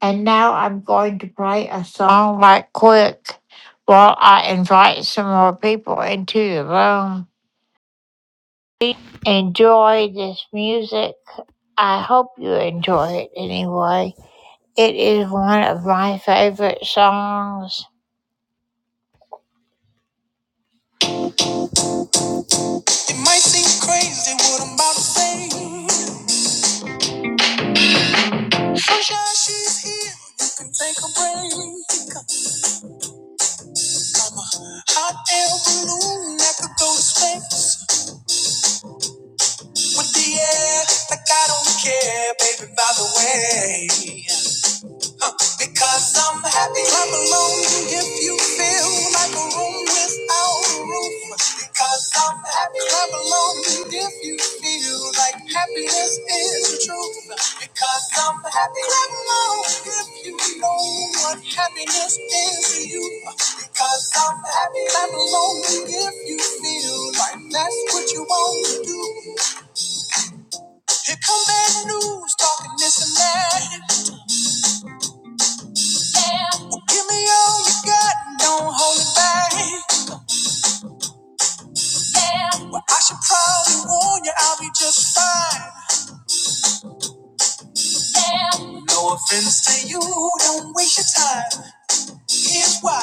And now I'm going to play a song right quick while I invite some more people into the room. Enjoy this music. I hope you enjoy it anyway. It is one of my favorite songs. It might seem crazy what I'm about to say. Thank she's here. You can take a break. I'm a hot air balloon that could go to space with the air. Like I don't care, baby, by the way. Because I'm happy, clap along if you feel like a room without a roof. Because I'm happy, clap along if you feel like happiness is the truth. Because I'm happy, clap along if you know what happiness is to you. Because I'm happy, clap along if you feel like that's what you want to do. Here come bad news, talking this and that. Give me all you got, don't hold me back. Well, I should probably warn you, I'll be just fine. No offense to you, don't waste your time. Here's why.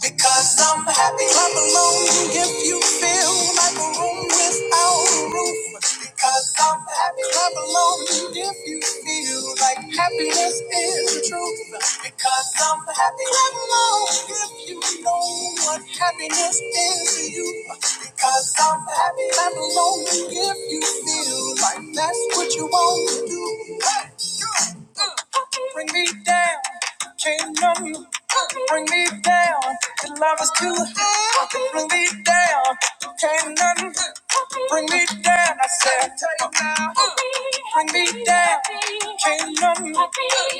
Because I'm happy. Clap along if you feel like a room without a roof. Because I'm happy. Clap along if you feel like happiness is the truth. Because I'm happy. Clap along if you know what happiness is to you. Because I'm happy. Clap along if you feel like that's what you want to do. Hey, you, uh, Bring me down, kingdom. Bring me down, your love is too high. Bring me down, you can't nothing. Bring me down, I said. Tell you now. Bring me down, can't nothing.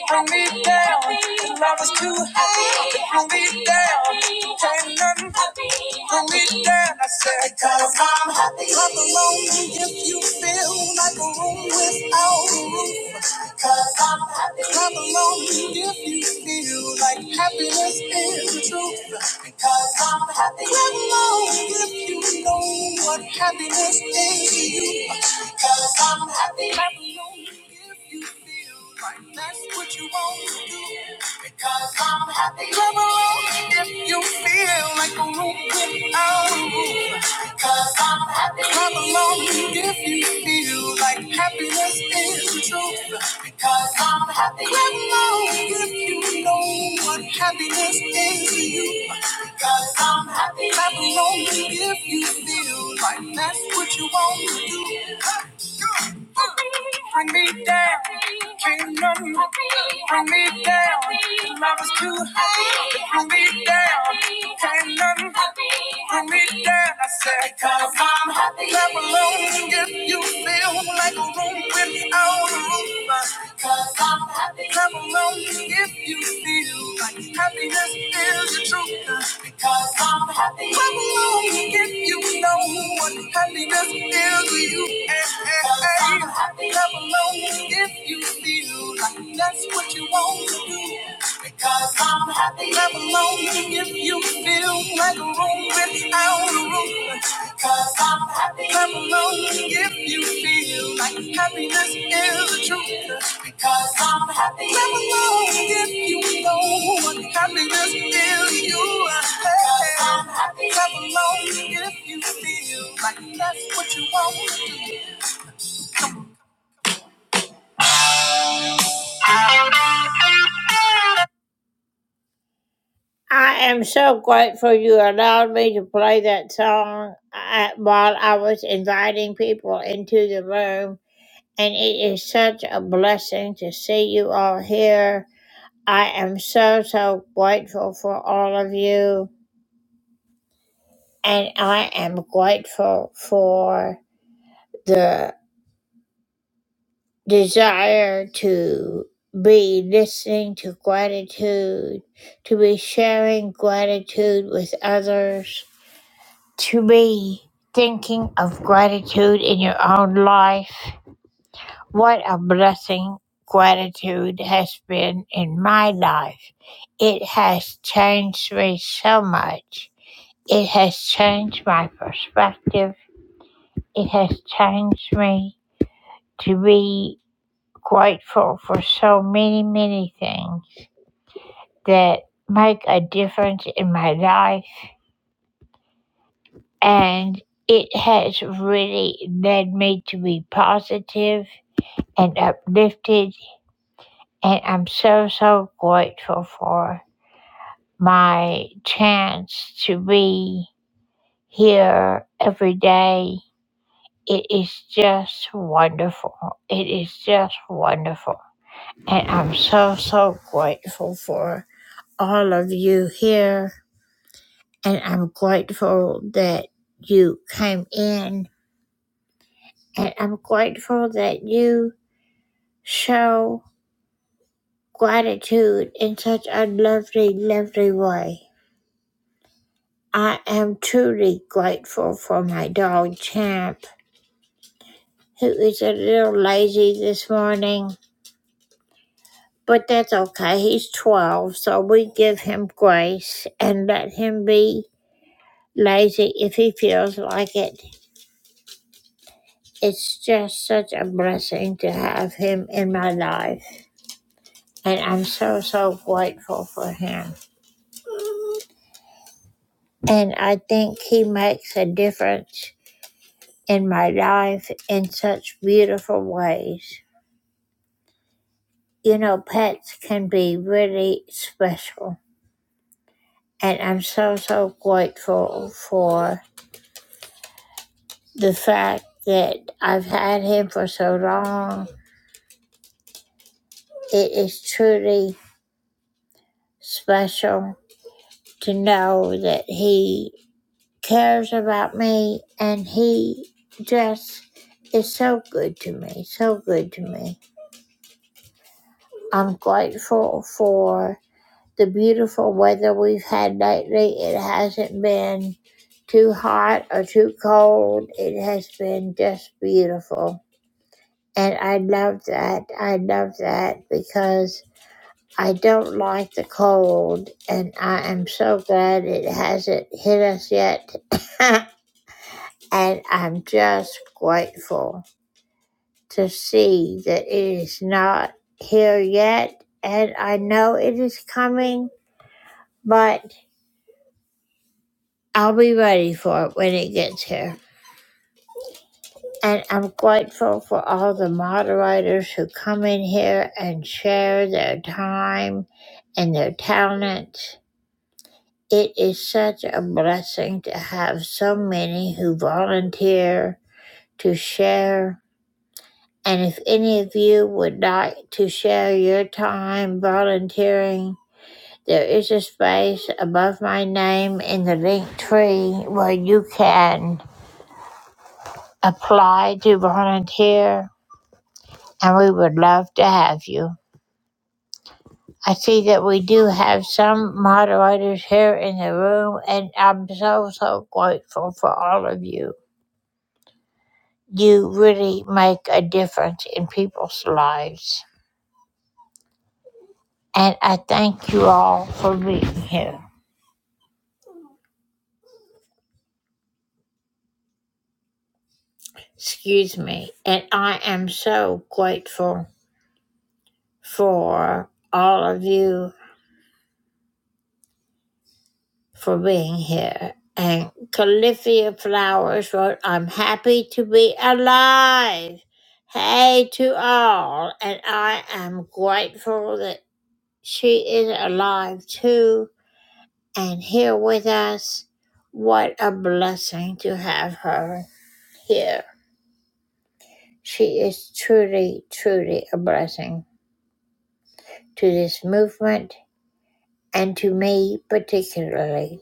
Bring me down, your love is too high. Bring me down, you can't nothing. Bring me down, I said. Cause I'm happy. Come along if you feel like a room without a roof. Cause I'm happy. Clap along if you feel like happiness is the truth. Because I'm happy. Clap along if you know what happiness is to you. Because I'm happy. Clap along if you feel like that's what you want to do. Because I'm happy. Clap along if you feel like a room without a roof. Because I'm happy. Clap along if you feel you like happiness is the truth. Because I'm happy. Clap along if you know what happiness is to you. Because I'm happy. Clap along if you feel like that's what you want to do. Clap, go, Bring me down, kingdom. Bring me down. Love is too high. Bring me down, kingdom. Bring me down, I said, because I'm happy. Clap along if you feel like a room without a roof. Because I'm happy. Clap along if you feel like happiness is the truth. Because I'm happy. Clap along if you know what happiness is to you. Hey, hey, hey. Clap along if you feel like that's what you want to do. Because I'm happy. Clap along if you feel like a room without a roof. Because I'm happy. Clap along if you feel like happiness is the truth. Because I'm happy. Clap along if you know what happiness is to you. Because I'm happy. Clap along if you feel like that's what you want to do. I am so grateful you allowed me to play that song uh, while I was inviting people into the room, and it is such a blessing to see you all here. I am so, so grateful for all of you, and I am grateful for the desire to be listening to gratitude, to be sharing gratitude with others to be thinking of gratitude in your own life. What a blessing gratitude has been in my life. It has changed me so much. It has changed my perspective. It has changed me to be grateful for so many, many things that make a difference in my life. And it has really led me to be positive and uplifted. And I'm so, so grateful for my chance to be here every day. It is just wonderful. It is just wonderful. And I'm so, so grateful for all of you here. And I'm grateful that you came in. And I'm grateful that you show gratitude in such a lovely, lovely way. I am truly grateful for my dog Champ, who is a little lazy this morning, but that's okay. He's 12, so we give him grace and let him be lazy if he feels like it. It's just such a blessing to have him in my life, and I'm so, so grateful for him. And I think he makes a difference in my life in such beautiful ways. You know, pets can be really special. And I'm so, so grateful for the fact that I've had him for so long. It is truly special to know that he cares about me and he just is so good to me, so good to me. I'm grateful for the beautiful weather we've had lately. It hasn't been too hot or too cold. It has been just beautiful. And I love that. I love that because I don't like the cold. And I am so glad it hasn't hit us yet. (coughs) (laughs) and I'm just grateful to see that it is not here yet. And I know it is coming, but I'll be ready for it when it gets here. And I'm grateful for all the moderators who come in here and share their time and their talents. It is such a blessing to have so many who volunteer to share. And if any of you would like to share your time volunteering, there is a space above my name in the link tree where you can apply to volunteer, and we would love to have you. I see that we do have some moderators here in the room, and I'm so, so grateful for all of you. You really make a difference in people's lives, and I thank you all for being here. Excuse me, and I am so grateful for all of you for being here. And Califia Flowers wrote, I'm happy to be alive. Hey to all. And I am grateful that she is alive too and here with us. What a blessing to have her here. She is truly, truly a blessing to this movement and to me particularly.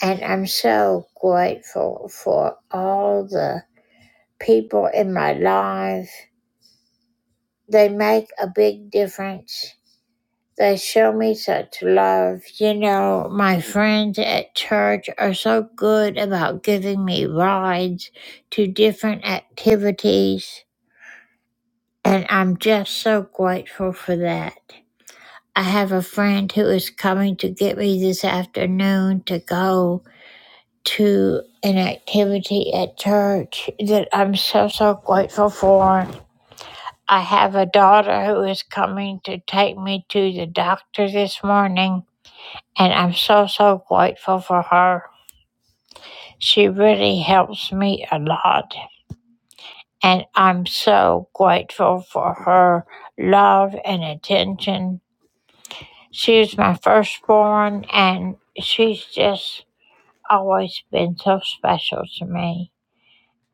And I'm so grateful for all the people in my life. They make a big difference. They show me such love. You know, my friends at church are so good about giving me rides to different activities, and I'm just so grateful for that. I have a friend who is coming to get me this afternoon to go to an activity at church that I'm so, so grateful for. I have a daughter who is coming to take me to the doctor this morning, and I'm so, so grateful for her. She really helps me a lot, and I'm so grateful for her love and attention. She's my firstborn, and she's just always been so special to me,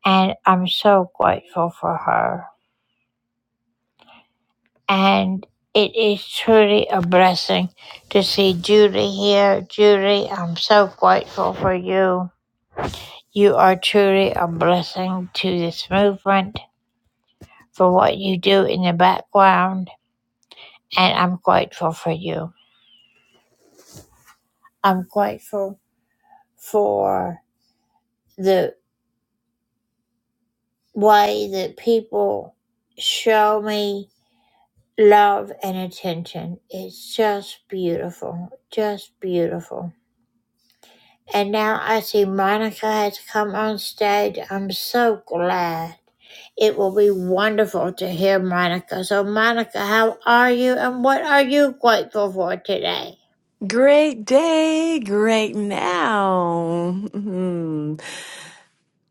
and I'm so grateful for her. and it is truly a blessing to see Judy here. Judy, I'm so grateful for you. You are truly a blessing to this movement for what you do in the background, and I'm grateful for you. I'm grateful for the way that people show me love and attention. It's just beautiful, just beautiful. And now I see Monica has come on stage. I'm so glad. It will be wonderful to hear Monica. So, Monica, how are you and what are you grateful for today? Great day, great now. Mhm.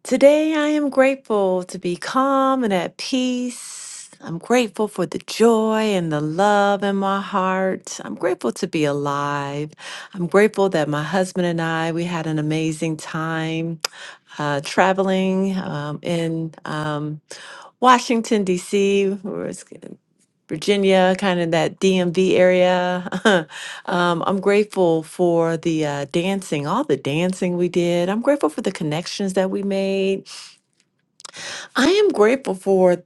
Today I am grateful to be calm and at peace. I'm grateful for the joy and the love in my heart. I'm grateful to be alive. I'm grateful that my husband and I, we had an amazing time uh, traveling um, in um, Washington, D.C. Virginia, kind of that DMV area. (laughs) um, I'm grateful for the uh, dancing, all the dancing we did. I'm grateful for the connections that we made. I am grateful for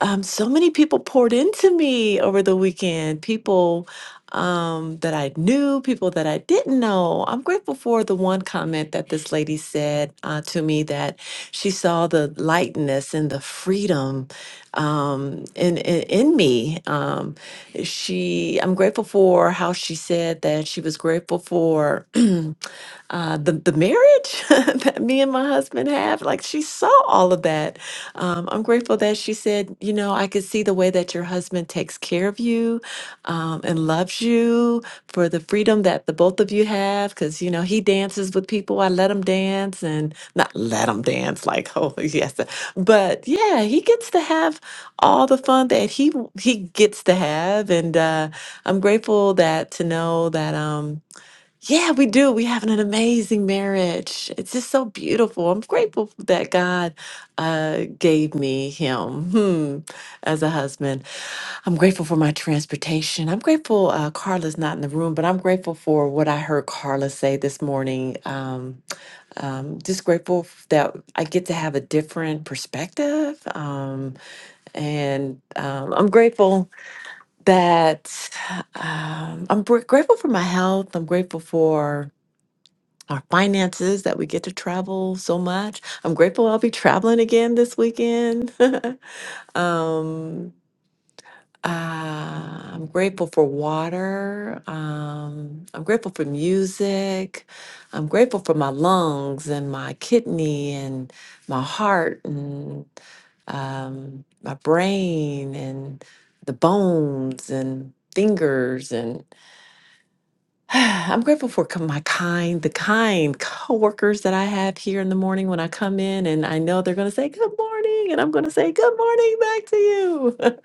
um, so many people poured into me over the weekend. People um, that I knew, people that I didn't know. I'm grateful for the one comment that this lady said uh, to me that she saw the lightness and the freedom um, in, in in me. Um, she, I'm grateful for how she said that she was grateful for. (clears throat) uh, the the marriage (laughs) that me and my husband have. Like she saw all of that. Um, I'm grateful that she said, you know, I could see the way that your husband takes care of you um, and loves you for the freedom that the both of you have. Because you know he dances with people. I let him dance and not let him dance like (laughs) oh yes, uh, but yeah, he gets to have all the fun that he he gets to have, and uh, I'm grateful that to know that. Um, yeah, we do. We have an amazing marriage. It's just so beautiful. I'm grateful that God uh, gave me him hmm, as a husband. I'm grateful for my transportation. I'm grateful uh, Carla's not in the room, but I'm grateful for what I heard Carla say this morning. Um, um, just grateful that I get to have a different perspective. Um, and um, I'm grateful that um, I'm gr- grateful for my health. I'm grateful for our finances that we get to travel so much. I'm grateful I'll be traveling again this weekend. (laughs) um, uh, I'm grateful for water. Um, I'm grateful for music. I'm grateful for my lungs and my kidney and my heart and um, my brain and the bones and fingers (sighs) I'm grateful for co- my kind, the kind coworkers that I have here in the morning when I come in, and I know they're going to say good morning, and I'm going to say good morning back to you. (laughs)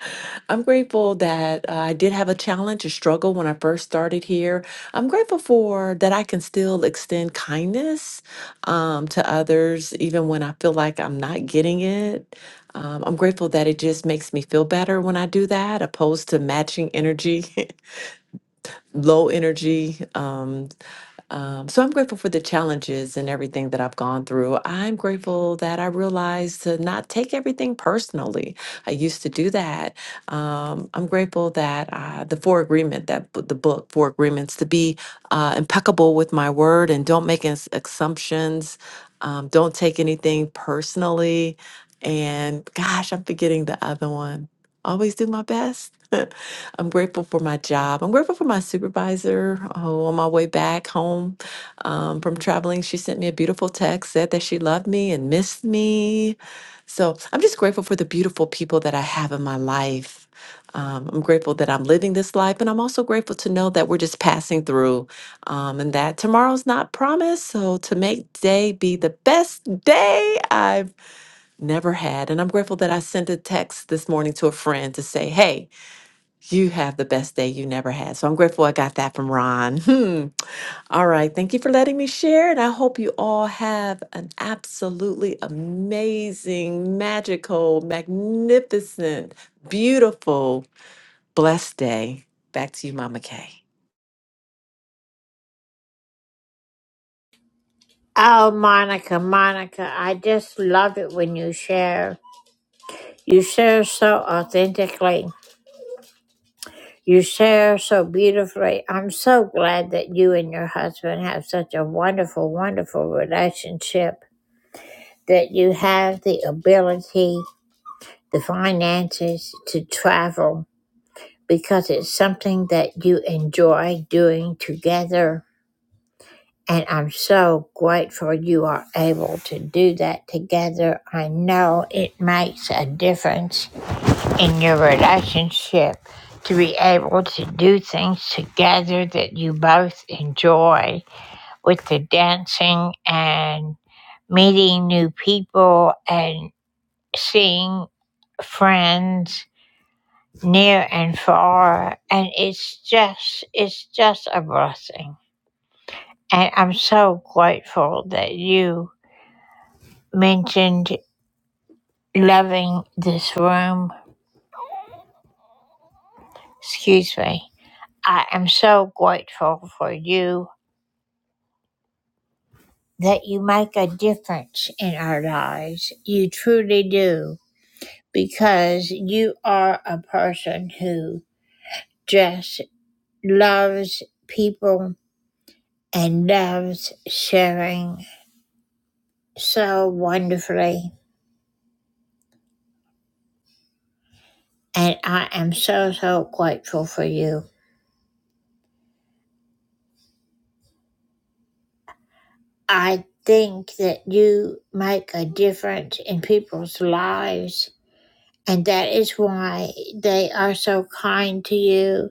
I'm grateful that uh, I did have a challenge, a struggle when I first started here. I'm grateful for that I can still extend kindness um, to others, even when I feel like I'm not getting it. Um, I'm grateful that it just makes me feel better when I do that, opposed to matching energy (laughs) low energy um, um, so I'm grateful for the challenges and everything that I've gone through. I'm grateful that I realized to not take everything personally. I used to do that. Um, I'm grateful that uh, the Four Agreement, that b- the book Four Agreements, to be uh, impeccable with my word and don't make as- assumptions. Um, don't take anything personally. And gosh, I'm forgetting the other one. Always do my best. (laughs) I'm grateful for my job. I'm grateful for my supervisor. Oh, on my way back home um, from traveling, she sent me a beautiful text, said that she loved me and missed me. So I'm just grateful for the beautiful people that I have in my life. Um, I'm grateful that I'm living this life, and I'm also grateful to know that we're just passing through um, and that tomorrow's not promised. So, to make today be the best day I've never had. And I'm grateful that I sent a text this morning to a friend to say, Hey, you have the best day you never had. So I'm grateful I got that from Ron. Hmm. All right. Thank you for letting me share. And I hope you all have an absolutely amazing, magical, magnificent, beautiful, blessed day. Back to you, Mama Kay. Oh, Monica, Monica, I just love it when you share. You share so authentically. You share so beautifully. I'm so glad that you and your husband have such a wonderful, wonderful relationship, that you have the ability, the finances to travel because it's something that you enjoy doing together. And I'm so grateful you are able to do that together. I know it makes a difference in your relationship to be able to do things together that you both enjoy with the dancing and meeting new people and seeing friends near and far and it's just it's just a blessing and i'm so grateful that you mentioned loving this room excuse me i am so grateful for you that you make a difference in our lives. You truly do, because you are a person who just loves people and loves sharing so wonderfully. And I am so, so grateful for you. I think that you make a difference in people's lives. And that is why they are so kind to you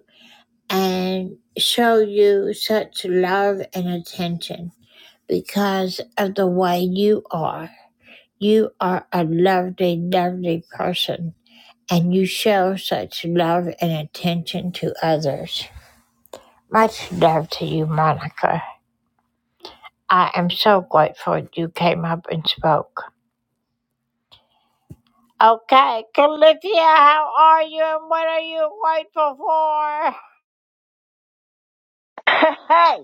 and show you such love and attention because of the way you are. You are a lovely, lovely person, and you show such love and attention to others. Much love to you, Monica. I am so grateful you came up and spoke. Okay, Calithia, how are you and what are you grateful for? (laughs) Hey,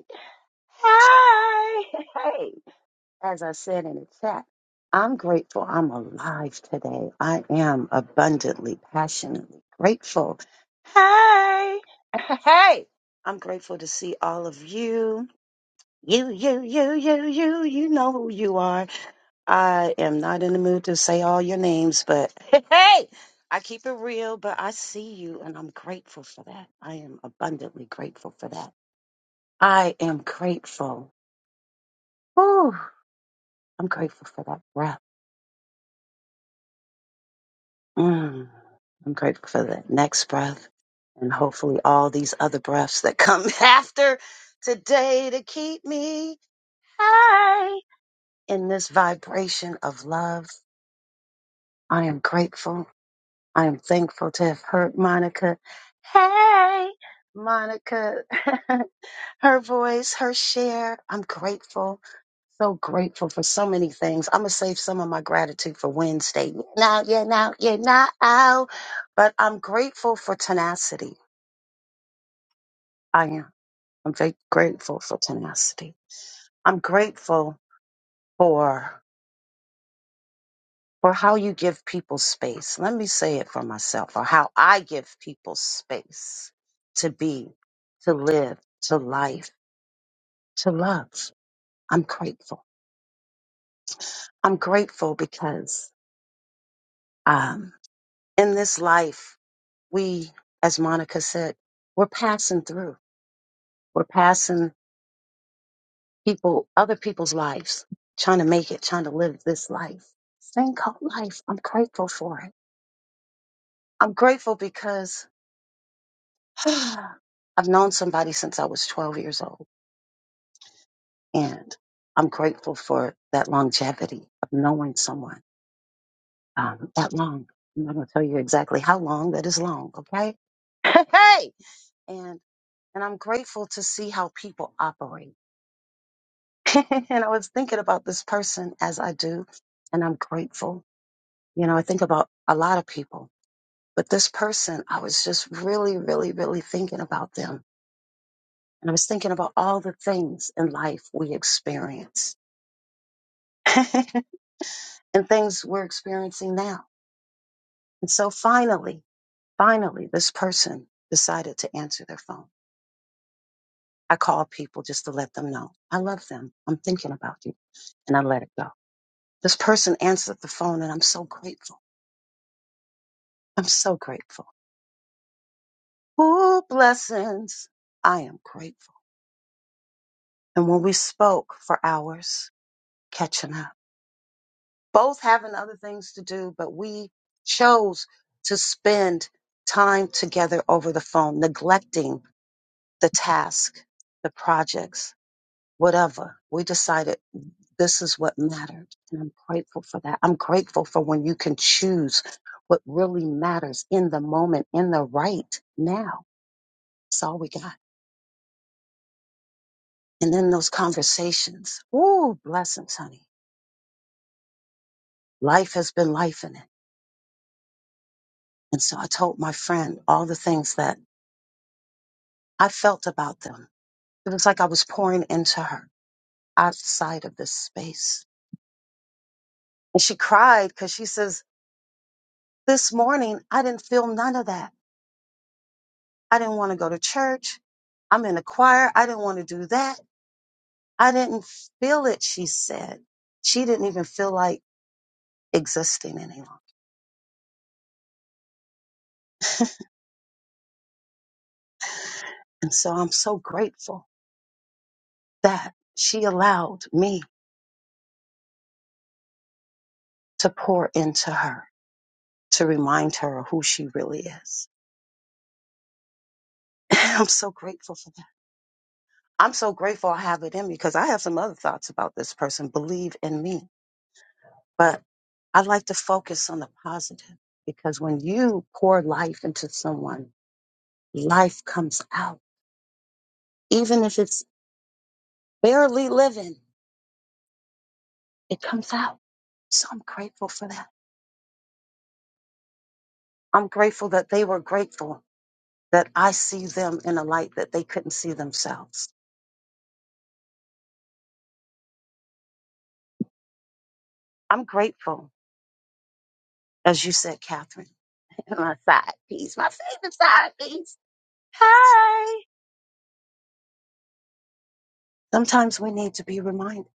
hey, hey. As I said in the chat, I'm grateful I'm alive today. I am abundantly, passionately grateful. Hey, (laughs) hey. I'm grateful to see all of you. You, you, you, you, you, you know who you are. I am not in the mood to say all your names, but (laughs) hey, hey, I keep it real, but I see you and I'm grateful for that. I am abundantly grateful for that. I am grateful. Whew, I'm grateful for that breath. Mm, I'm grateful for that next breath and hopefully all these other breaths that come (laughs) after today to keep me high in this vibration of love. I am grateful. I am thankful to have heard Monica. Hey, Monica, (laughs) her voice, her share. I'm grateful. So grateful for so many things. I'm gonna save some of my gratitude for Wednesday. Now, yeah, now, yeah, now. But I'm grateful for tenacity. I am. I'm very grateful for tenacity. I'm grateful for for how you give people space. Let me say it for myself, or how I give people space to be, to live, to life, to love. I'm grateful. I'm grateful because um, in this life we, as Monica said, we're passing through. We're passing people, other people's lives, trying to make it, trying to live this life. This thing called life. I'm grateful for it. I'm grateful because (sighs) I've known somebody since I was 12 years old, and I'm grateful for that longevity of knowing someone um, that long. I'm not going to tell you exactly how long. That is long, okay? (laughs) Hey, and and I'm grateful to see how people operate. (laughs) and I was thinking about this person as I do, and I'm grateful. You know, I think about a lot of people, but this person, I was just really, really, really thinking about them. And I was thinking about all the things in life we experience (laughs) and things we're experiencing now. And so finally, finally, this person decided to answer their phone. I called people just to let them know I love them. I'm thinking about you. And I let it go. This person answered the phone, and I'm so grateful. I'm so grateful. Oh, blessings. I am grateful. And when we spoke for hours, catching up, both having other things to do, but we chose to spend time together over the phone, neglecting the task, the projects, whatever. We decided this is what mattered. And I'm grateful for that. I'm grateful for when you can choose what really matters in the moment, in the right now. It's all we got. And then those conversations. Ooh, blessings, honey. Life has been life in it. And so I told my friend all the things that I felt about them. It was like I was pouring into her outside of this space. And she cried because she says, This morning, I didn't feel none of that. I didn't want to go to church. I'm in a choir. I didn't want to do that. I didn't feel it, she said. She didn't even feel like existing any longer. (laughs) And so I'm so grateful that she allowed me to pour into her, to remind her of who she really is. (laughs) I'm so grateful for that. I'm so grateful I have it in me because I have some other thoughts about this person. Believe in me. But I like to focus on the positive because when you pour life into someone, life comes out. Even if it's barely living, it comes out. So I'm grateful for that. I'm grateful that they were grateful that I see them in a light that they couldn't see themselves. I'm grateful as you said, Catherine, (laughs) my side piece, my favorite side piece. Hi. Sometimes we need to be reminded.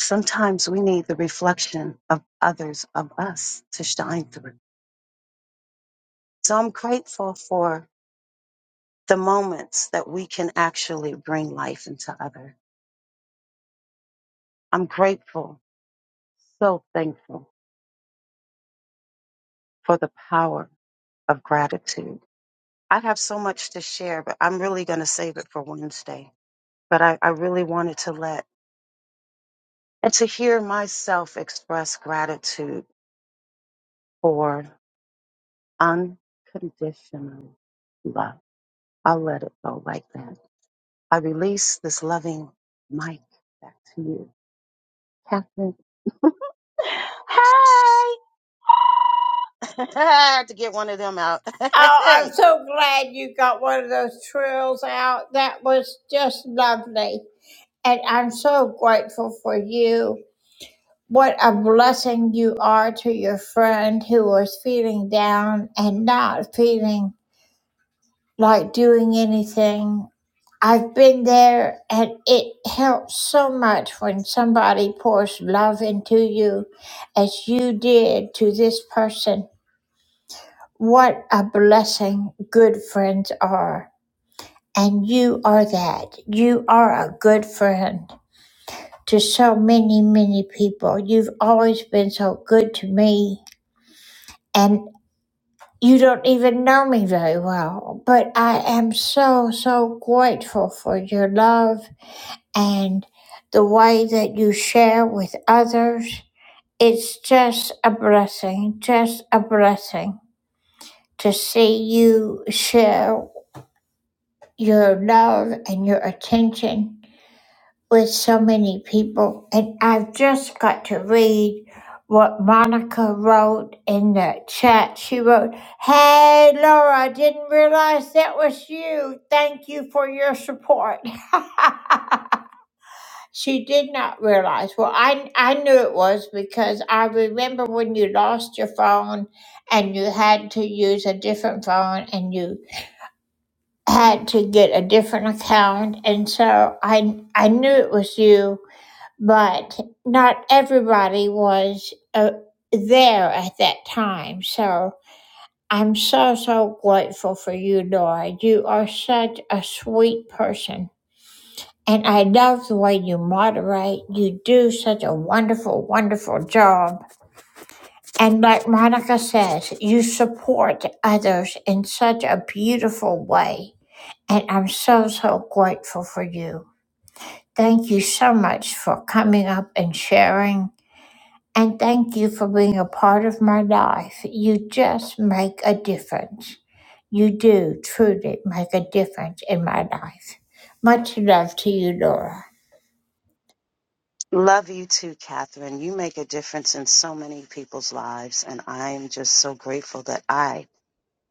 Sometimes we need the reflection of others, of us to shine through. So I'm grateful for the moments that we can actually bring life into others. I'm grateful, so thankful for the power of gratitude. I have so much to share, but I'm really going to save it for Wednesday. But I, I really wanted to let and to hear myself express gratitude for unconditional love. I'll let it go like that. I release this loving mic back to you, Catherine. (laughs) Hi! (laughs) I had to get one of them out. (laughs) Oh, I'm hey. so glad you got one of those trills out. That was just lovely. And I'm so grateful for you. What a blessing you are to your friend who was feeling down and not feeling like doing anything. I've been there and it helps so much when somebody pours love into you as you did to this person. What a blessing good friends are. And you are that. You are a good friend to so many, many people. You've always been so good to me. And you don't even know me very well. But I am so, so grateful for your love and the way that you share with others. It's just a blessing, just a blessing to see you share your love and your attention with so many people. And I've just got to read what Monica wrote in the chat. She wrote, Hey, Laura, I didn't realize that was you. Thank you for your support. (laughs) she did not realize. Well, I, I knew it was because I remember when you lost your phone and you had to use a different phone and you had to get a different account. And so I, I knew it was you but not everybody was uh, there at that time. So I'm so, so grateful for you, Laura. You are such a sweet person. And I love the way you moderate. You do such a wonderful, wonderful job. And like Monica says, you support others in such a beautiful way. And I'm so, so grateful for you. Thank you so much for coming up and sharing And thank you for being a part of my life. You just make a difference. You do truly make a difference in my life. Much love to you, Laura. Love you too, Catherine. You make a difference in so many people's lives, and I am just so grateful that I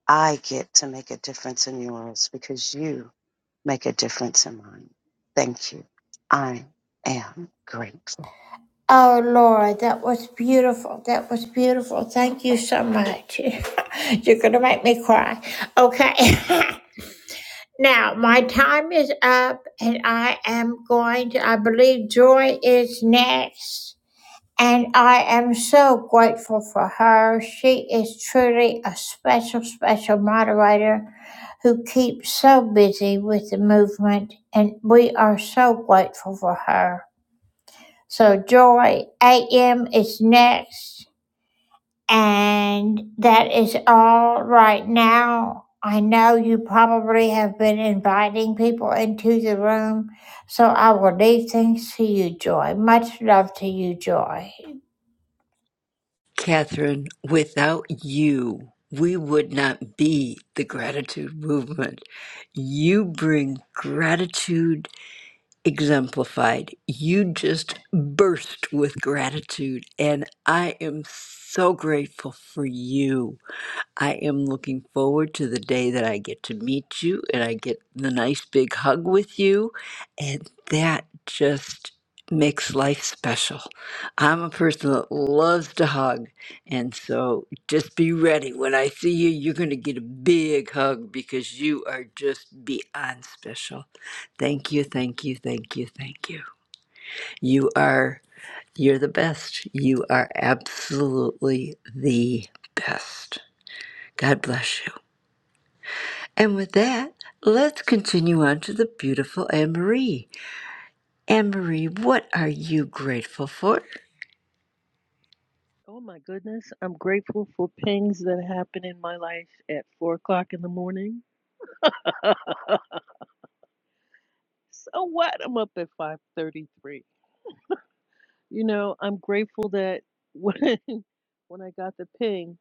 I get to make a difference in yours because you make a difference in mine. Thank you. I am grateful. Oh, Laura, that was beautiful. That was beautiful. Thank you so much. (laughs) You're going to make me cry. Okay. (laughs) now, my time is up, and I am going to, I believe Joy is next. And I am so grateful for her. She is truly a special, special moderator who keeps so busy with the movement, and we are so grateful for her. So, Joy AM is next, and that is all right now. I know you probably have been inviting people into the room, so I will leave things to you, Joy. Much love to you, Joy. Catherine, without you, we would not be the gratitude movement. You bring gratitude exemplified. You just burst with gratitude. And I am so grateful for you. I am looking forward to the day that I get to meet you and I get the nice big hug with you. And that just makes life special. I'm a person that loves to hug. And so just be ready. When I see you, you're going to get a big hug because you are just beyond special. Thank you, thank you, thank you, thank you. You are, you're the best. You are absolutely the best. God bless you. And with that, let's continue on to the beautiful Anne Marie. Anne Marie, what are you grateful for? Oh my goodness, I'm grateful for pings that happen in my life at four o'clock in the morning. (laughs) so what? I'm up at five thirty-three. You know, I'm grateful that when (laughs) when I got the ping,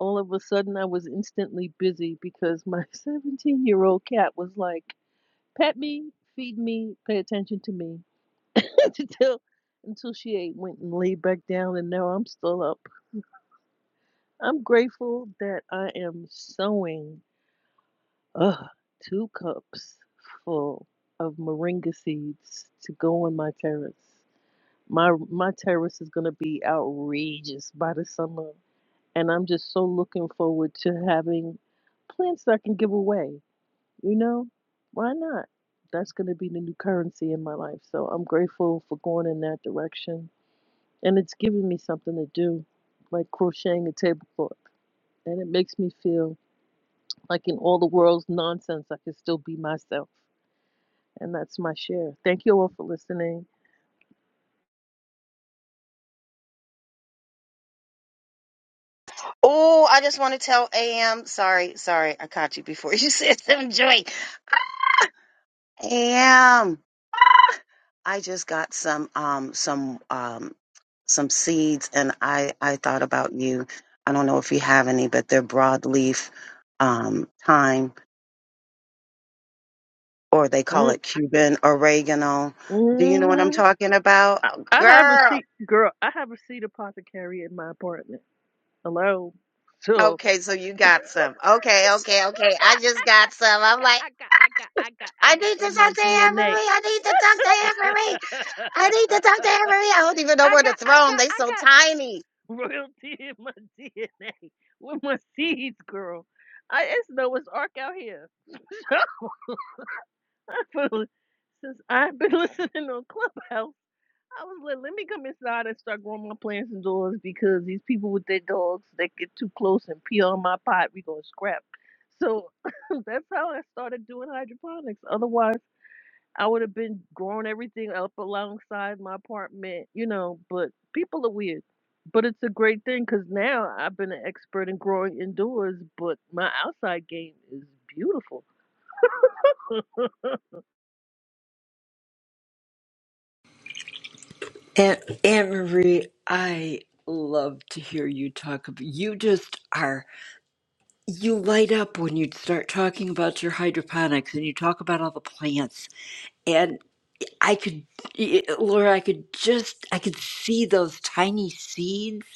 all of a sudden I was instantly busy because my (laughs) seventeen-year-old cat was like, "Pet me, feed me, pay attention to me," (laughs) until until she ate, went and laid back down, and now I'm still up. I'm grateful that I am sewing Ugh, two cups full of moringa seeds to go on my terrace. My my terrace is gonna be outrageous by the summer, and I'm just so looking forward to having plants that I can give away. You know, why not? That's gonna be the new currency in my life. So I'm grateful for going in that direction, and it's giving me something to do, like crocheting a tablecloth, and it makes me feel like in all the world's nonsense, I can still be myself. And that's my share. Thank you all for listening. Oh, I just want to tell AM. Sorry, sorry, I caught you before you (laughs) said something, Joy. Am I just got some um some um some seeds and I I thought about you. I don't know if you have any, but they're broadleaf um thyme or they call Mm-hmm. it Cuban oregano. Do you know what I'm talking about? I, I have a Girl. seat, girl. I have a seat apothecary in my apartment. Hello. So Okay, so you got some. Okay, okay, okay. I I got, just I got, got some. I I'm got, like, I got, I got, I I got need to in my talk to Anne DNA. Marie. I need to talk to (laughs) Anne Marie. I need to talk to Anne Marie. I don't even know I where to got, I throw them. got, They so I tiny. got royalty in my DNA with my seeds, girl. I it's Noah's Ark out here. (laughs) Since I've been (laughs) listening on Clubhouse. I was like, let me come inside and start growing my plants indoors because these people with their dogs that get too close and pee on my pot, we gonna scrap. So (laughs) that's how I started doing hydroponics. Otherwise, I would have been growing everything up alongside my apartment, you know. But people are weird. But it's a great thing because now I've been an expert in growing indoors, but my outside game is beautiful. And Anne Marie, I love to hear you talk about you just are you light up when you start talking about your hydroponics and you talk about all the plants and I could Laura I could just I could see those tiny seeds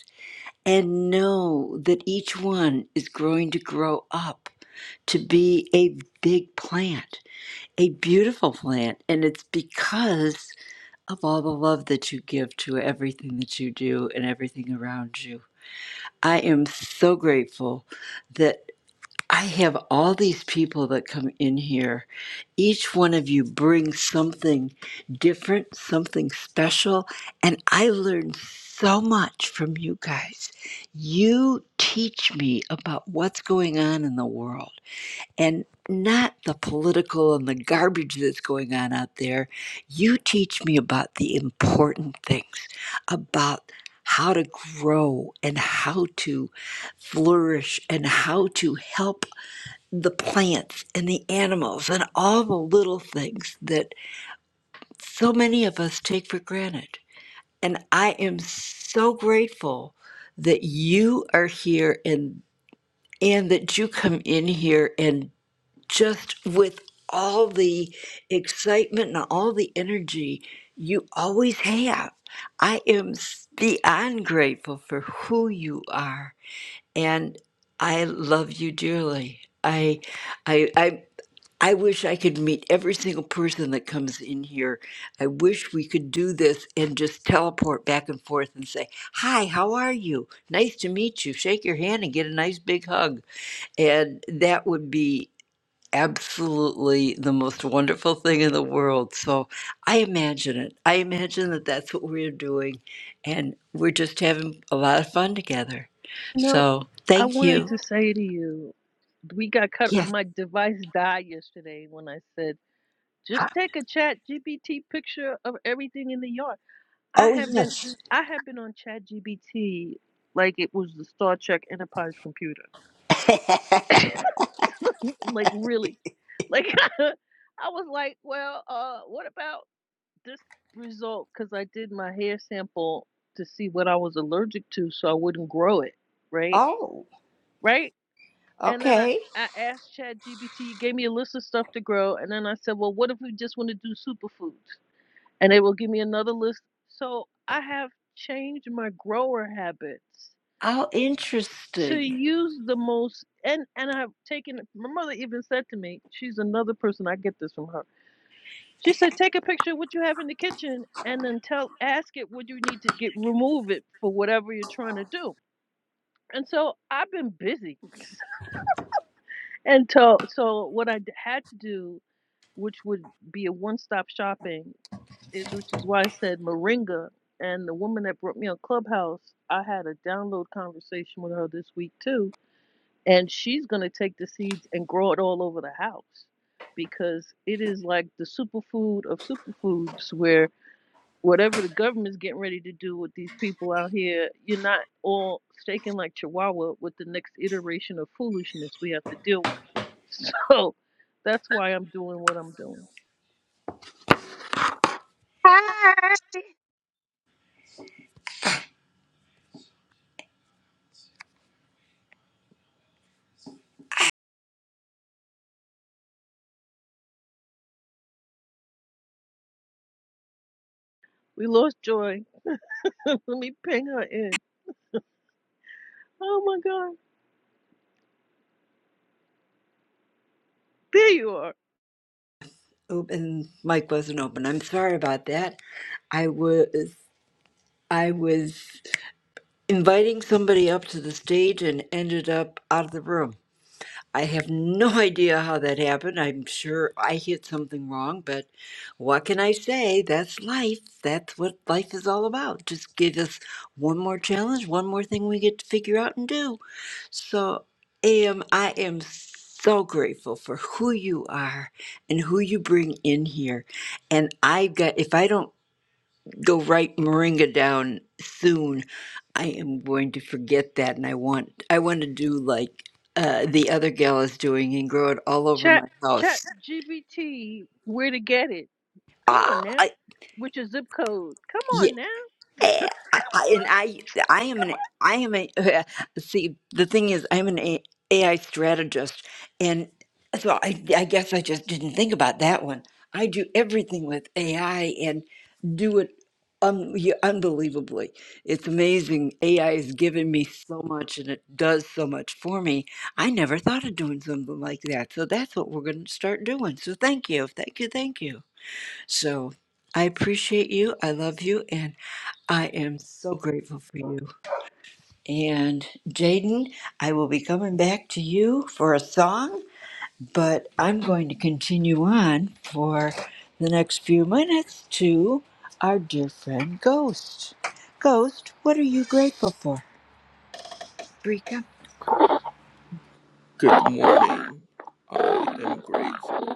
and know that each one is growing to grow up to be a big plant, a beautiful plant. And it's because of all the love that you give to everything that you do and everything around you. I am so grateful that. I have all these people that come in here. Each one of you brings something different, something special. And I learn so much from you guys. You teach me about what's going on in the world and not the political and the garbage that's going on out there. You teach me about the important things, about how to grow and how to flourish and how to help the plants and the animals and all the little things that so many of us take for granted. And I am so grateful that you are here and and that you come in here and just with all the excitement and all the energy you always have. I am s- beyond grateful for who you are and I love you dearly. I I, I I wish I could meet every single person that comes in here. I wish we could do this and just teleport back and forth and say, Hi, how are you? Nice to meet you. Shake your hand and get a nice big hug. And that would be absolutely the most wonderful thing in the world. So I imagine it. I imagine that that's what we're doing. And we're just having a lot of fun together. You know, So I thank wanted you. to say to you, we got cut. Yes. My device died yesterday when I said Just take a chat GBT picture of everything in the yard. I Oh, have been yes. I have been on chat GBT like it was the Star Trek Enterprise computer. (laughs) like really. Like (laughs) I was like, well, uh, what about this result? Because I did my hair sample to see what I was allergic to so I wouldn't grow it. Right? Oh, Right? And then I, okay. I asked Chad GBT, gave me a list of stuff to grow, and then I said, Well, what if we just want to do superfoods? and it will give me another list. So I have changed my grower habits How to interesting. use the most and and I've taken my mother even said to me, she's another person I get this from her. She said, take a picture of what you have in the kitchen and then tell ask it what you need to get remove it for whatever you're trying to do. And so I've been busy. (laughs) and so so what I had to do, which would be a one stop shopping is which is why I said Moringa and the woman that brought me on Clubhouse, I had a download conversation with her this week too. And she's gonna take the seeds and grow it all over the house because it is like the superfood of superfoods where whatever the government's getting ready to do with these people out here, you're not all staking like Chihuahua with the next iteration of foolishness we have to deal with. So that's why I'm doing what I'm doing. Hi. We lost Joy. (laughs) Let me ping her in. Oh my God. There you are. Open mic wasn't open. I'm sorry about that. I was I was inviting somebody up to the stage and ended up out of the room. I have no (laughs) idea how that happened. I'm sure I hit something wrong, but what can I say? That's life. That's what life is all about. Just give us one more challenge, one more thing we get to figure out and do. So, Am, I am so grateful for who you are and who you bring in here. And I got, if I don't go write Moringa down soon, I am going to forget that. And I want, I want to do like uh, the other gal is doing and grow it all over Chat my chat house. GBT where to get it. Come Ah, on now. I, With your zip code. Come yeah. on now. Eh, I, I- and I, I am an, I am a. (laughs) see, the thing is, I'm an A- AI strategist, and so I, I guess I just didn't think about that one. I do everything with AI and do it um, unbelievably. It's amazing. AI has given me so much, and it does so much for me. I never thought of doing something like that. So that's what we're going to start doing. So thank you, thank you, thank you. So I appreciate you. I love you. And I am so grateful for you. And Jaden, I will be coming back to you for a song, but I'm going to continue on for the next few minutes to our dear friend Ghost. Ghost, what are you grateful for? Rika? Good morning. I am grateful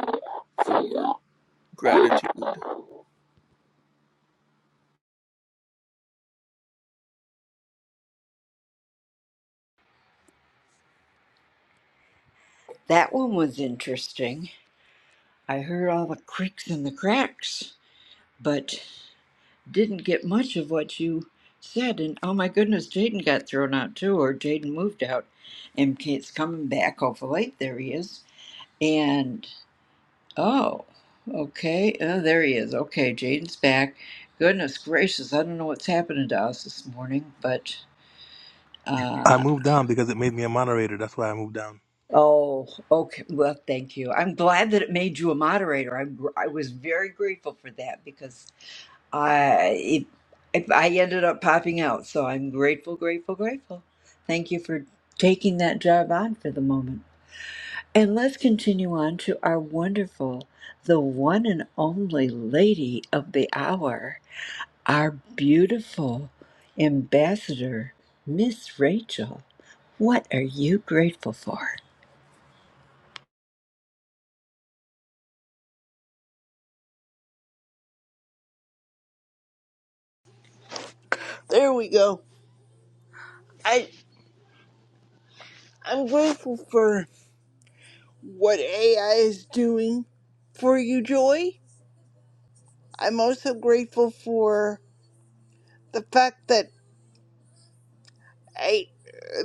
for gratitude. That one was interesting. I heard all the creaks and the cracks, but didn't get much of what you said. And oh my goodness, Jaden got thrown out too, or Jaden moved out, and Kate's coming back. Hopefully, there he is. And oh, okay, uh, there he is. Okay, Jaden's back. Goodness gracious, I don't know what's happening to us this morning, but I uh, moved down because it made me a moderator. That's why I moved down. oh, okay. Well, thank you. I'm glad that it made you a moderator. I I was very grateful for that because I it, it, I ended up popping out, so I'm grateful, grateful, grateful. Thank you for taking that job on for the moment. And let's continue on to our wonderful, the one and only lady of the hour, our beautiful ambassador, Miss Rachel. What are you grateful for? There we go. I I'm grateful for what AI is doing for you, Joy. I'm also grateful for the fact that I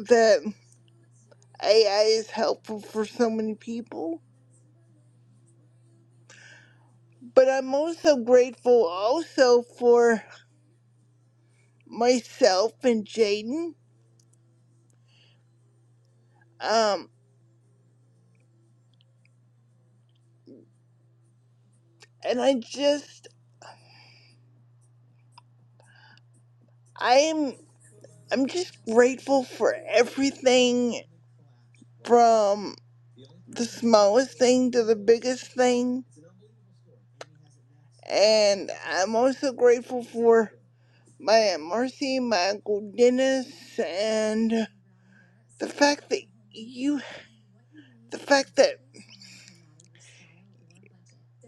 that AI is helpful for so many people. But I'm also grateful also for myself and Jaden. Um, and I just I'm I'm just grateful for everything from the smallest thing to the biggest thing And I'm also grateful for my Aunt Marcy, my Uncle Dennis, and the fact that you, the fact that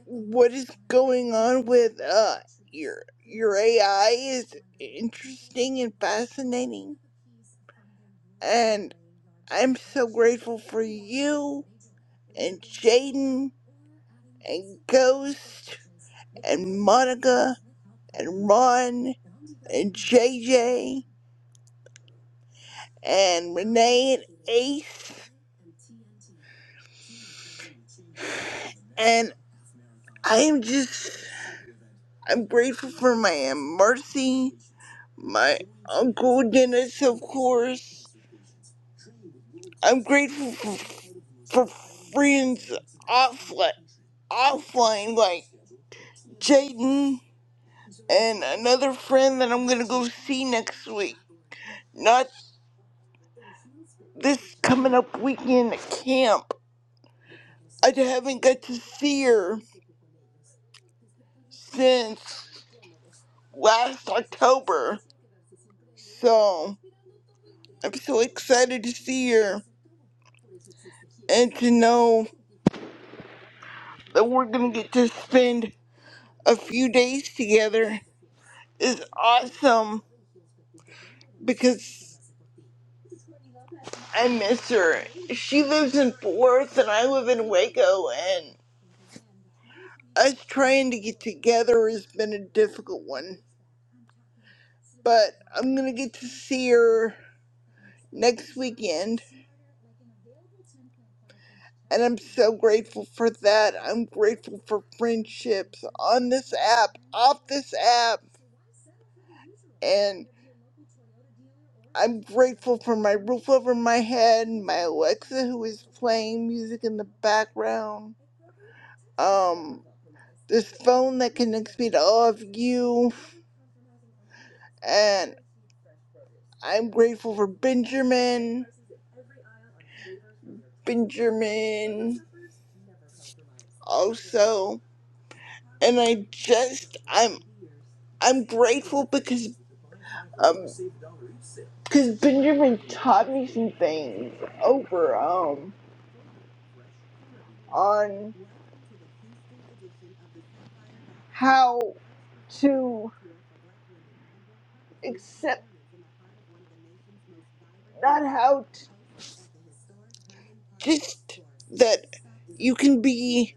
what is going on with uh your your AI is interesting and fascinating. And I'm so grateful for you and Jaden and Ghost and Monica and Ron and JJ and Renee and Ace And I am just, I'm grateful for my Aunt Marcy, my Uncle Dennis, of course. I'm grateful for, for friends offline, offline like Jaden and another friend that I'm going to go see next week. Not this coming up weekend at camp. I haven't got to see her since last October. So I'm so excited to see her and to know. that we're going to get to spend a few days together is awesome because I miss her. She lives in Fort Worth and I live in Waco, and us trying to get together has been a difficult one. But I'm going to get to see her next weekend. And I'm so grateful for that. I'm grateful for friendships on this app, off this app. And I'm grateful for my roof over my head, my Alexa who is playing music in the background. Um this phone that connects me to all of you and I'm grateful for Benjamin. Benjamin. also and i just i'm i'm grateful because um because benjamin taught me some things over um on how to accept not how to just that you can be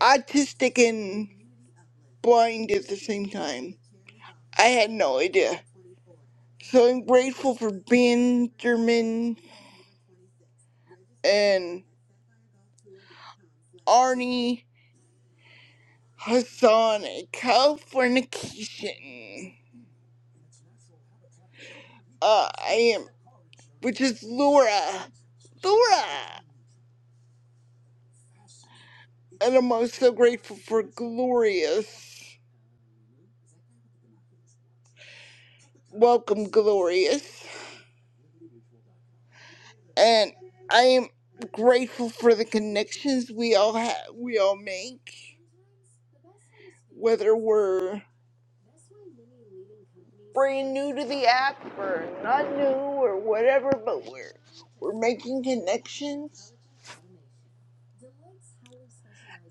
autistic and blind at the same time i had no idea so i'm grateful for benjamin and arnie Hasana, Californication. Uh, I am, which is Laura. Laura! And I'm also grateful for Glorious. Welcome, Glorious. And I am grateful for the connections we all have, we all make, whether we're brand new to the app or not new or whatever, but we're we're making connections.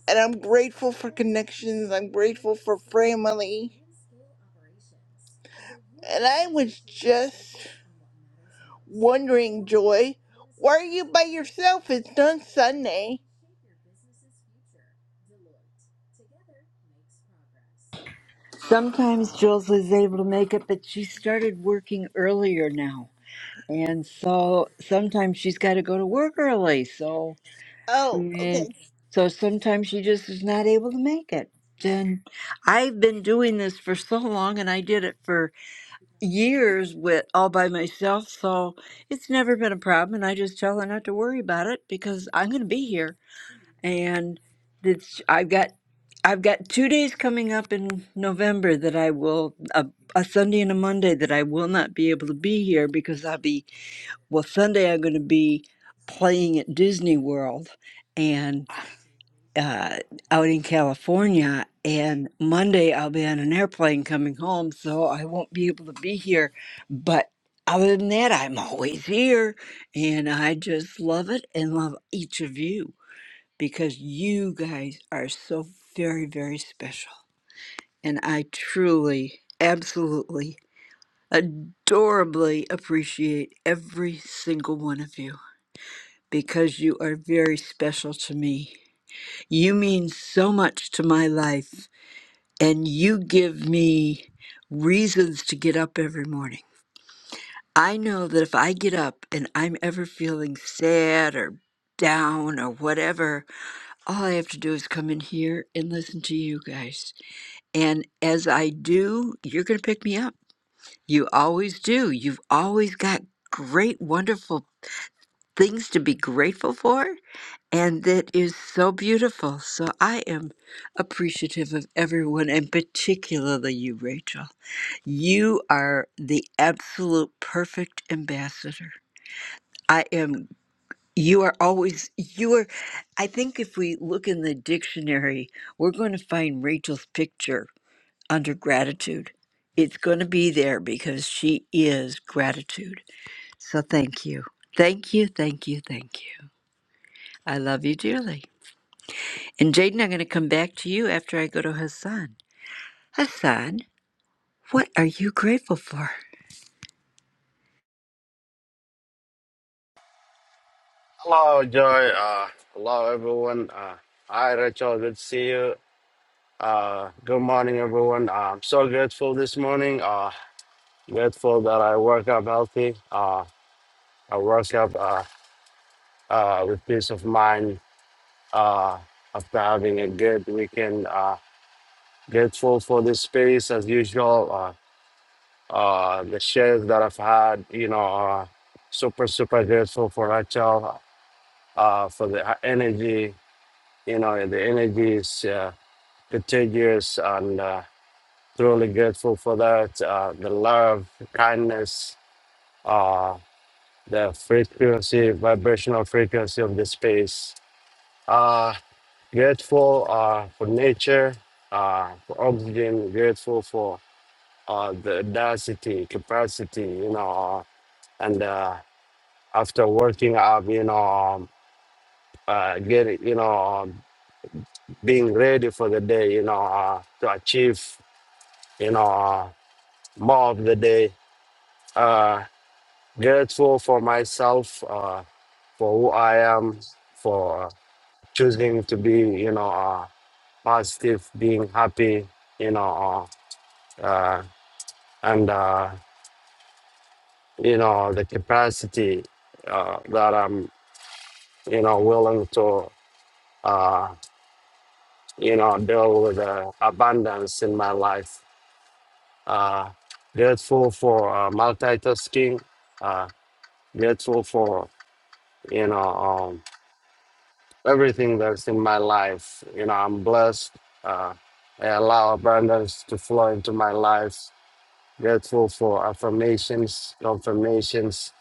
And I'm grateful for connections. I'm grateful for family. And I was just wondering, Joy, why are you by yourself? It's not Sunday. Sometimes Jules is able to make it, but she started working earlier now. And so sometimes she's got to go to work early. So Oh, okay. it's, so sometimes she just is not able to make it. And I've been doing this for so long and I did it for years with all by myself. So it's never been a problem. And I just tell her not to worry about it because I'm going to be here. And it's, I've got, I've got two days coming up in November that I will, a, a Sunday and a Monday that I will not be able to be here because I'll be well, Sunday I'm going to be playing at Disney World and uh, out in California. And Monday I'll be on an airplane coming home, so I won't be able to be here. But other than that, I'm always here. And I just love it and love each of you because you guys are so very, very special. And I truly, absolutely, adorably appreciate every single one of you because you are very special to me. You mean so much to my life, and you give me reasons to get up every morning. I know that if I get up and I'm ever feeling sad or down or whatever, all I have to do is come in here and listen to you guys. And as I do, you're going to pick me up. You always do. You've always got great, wonderful things to be grateful for. And that is so beautiful. So I am appreciative of everyone, and particularly you, Rachel. You are the absolute perfect ambassador. I am, you are always, you are, I think if we look in the dictionary, we're going to find Rachel's picture under gratitude. It's going to be there because she is gratitude. So thank you. Thank you, thank you, thank you. I love you dearly. And Jaden, I'm going to come back to you after I go to Hassan. Hassan, what are you grateful for? Hello, Joy. Uh, hello, everyone. Uh, hi, Rachel. Good to see you. Uh, good morning, everyone. Uh, I'm so grateful this morning. Uh, grateful that I woke up healthy. Uh, I woke up uh, uh, with peace of mind uh, after having a good weekend. Uh, grateful for this space as usual. Uh, uh, the shares that I've had, you know, uh, super, super grateful for Rachel, uh, for the energy. You know, the energy is. Uh, contagious and uh, truly grateful for that. Uh, the love, kindness, uh, the frequency, vibrational frequency of the space. Uh, grateful uh, for nature, uh, for oxygen, grateful for uh, the density, capacity, you know, uh, and uh, after working up, you know, um, uh, getting, you know, um, being ready for the day, you know, uh, to achieve, you know, uh, more of the day uh, grateful for myself, uh, for who I am, for choosing to be, you know, uh, positive, being happy, you know, uh, uh, and, uh, you know, the capacity uh, that I'm, you know, willing to, uh, you know, deal with uh, abundance in my life. Uh, grateful for uh, multitasking, uh, grateful for, you know, um, everything that's in my life. You know, I'm blessed. Uh, I allow abundance to flow into my life. Grateful for affirmations, confirmations.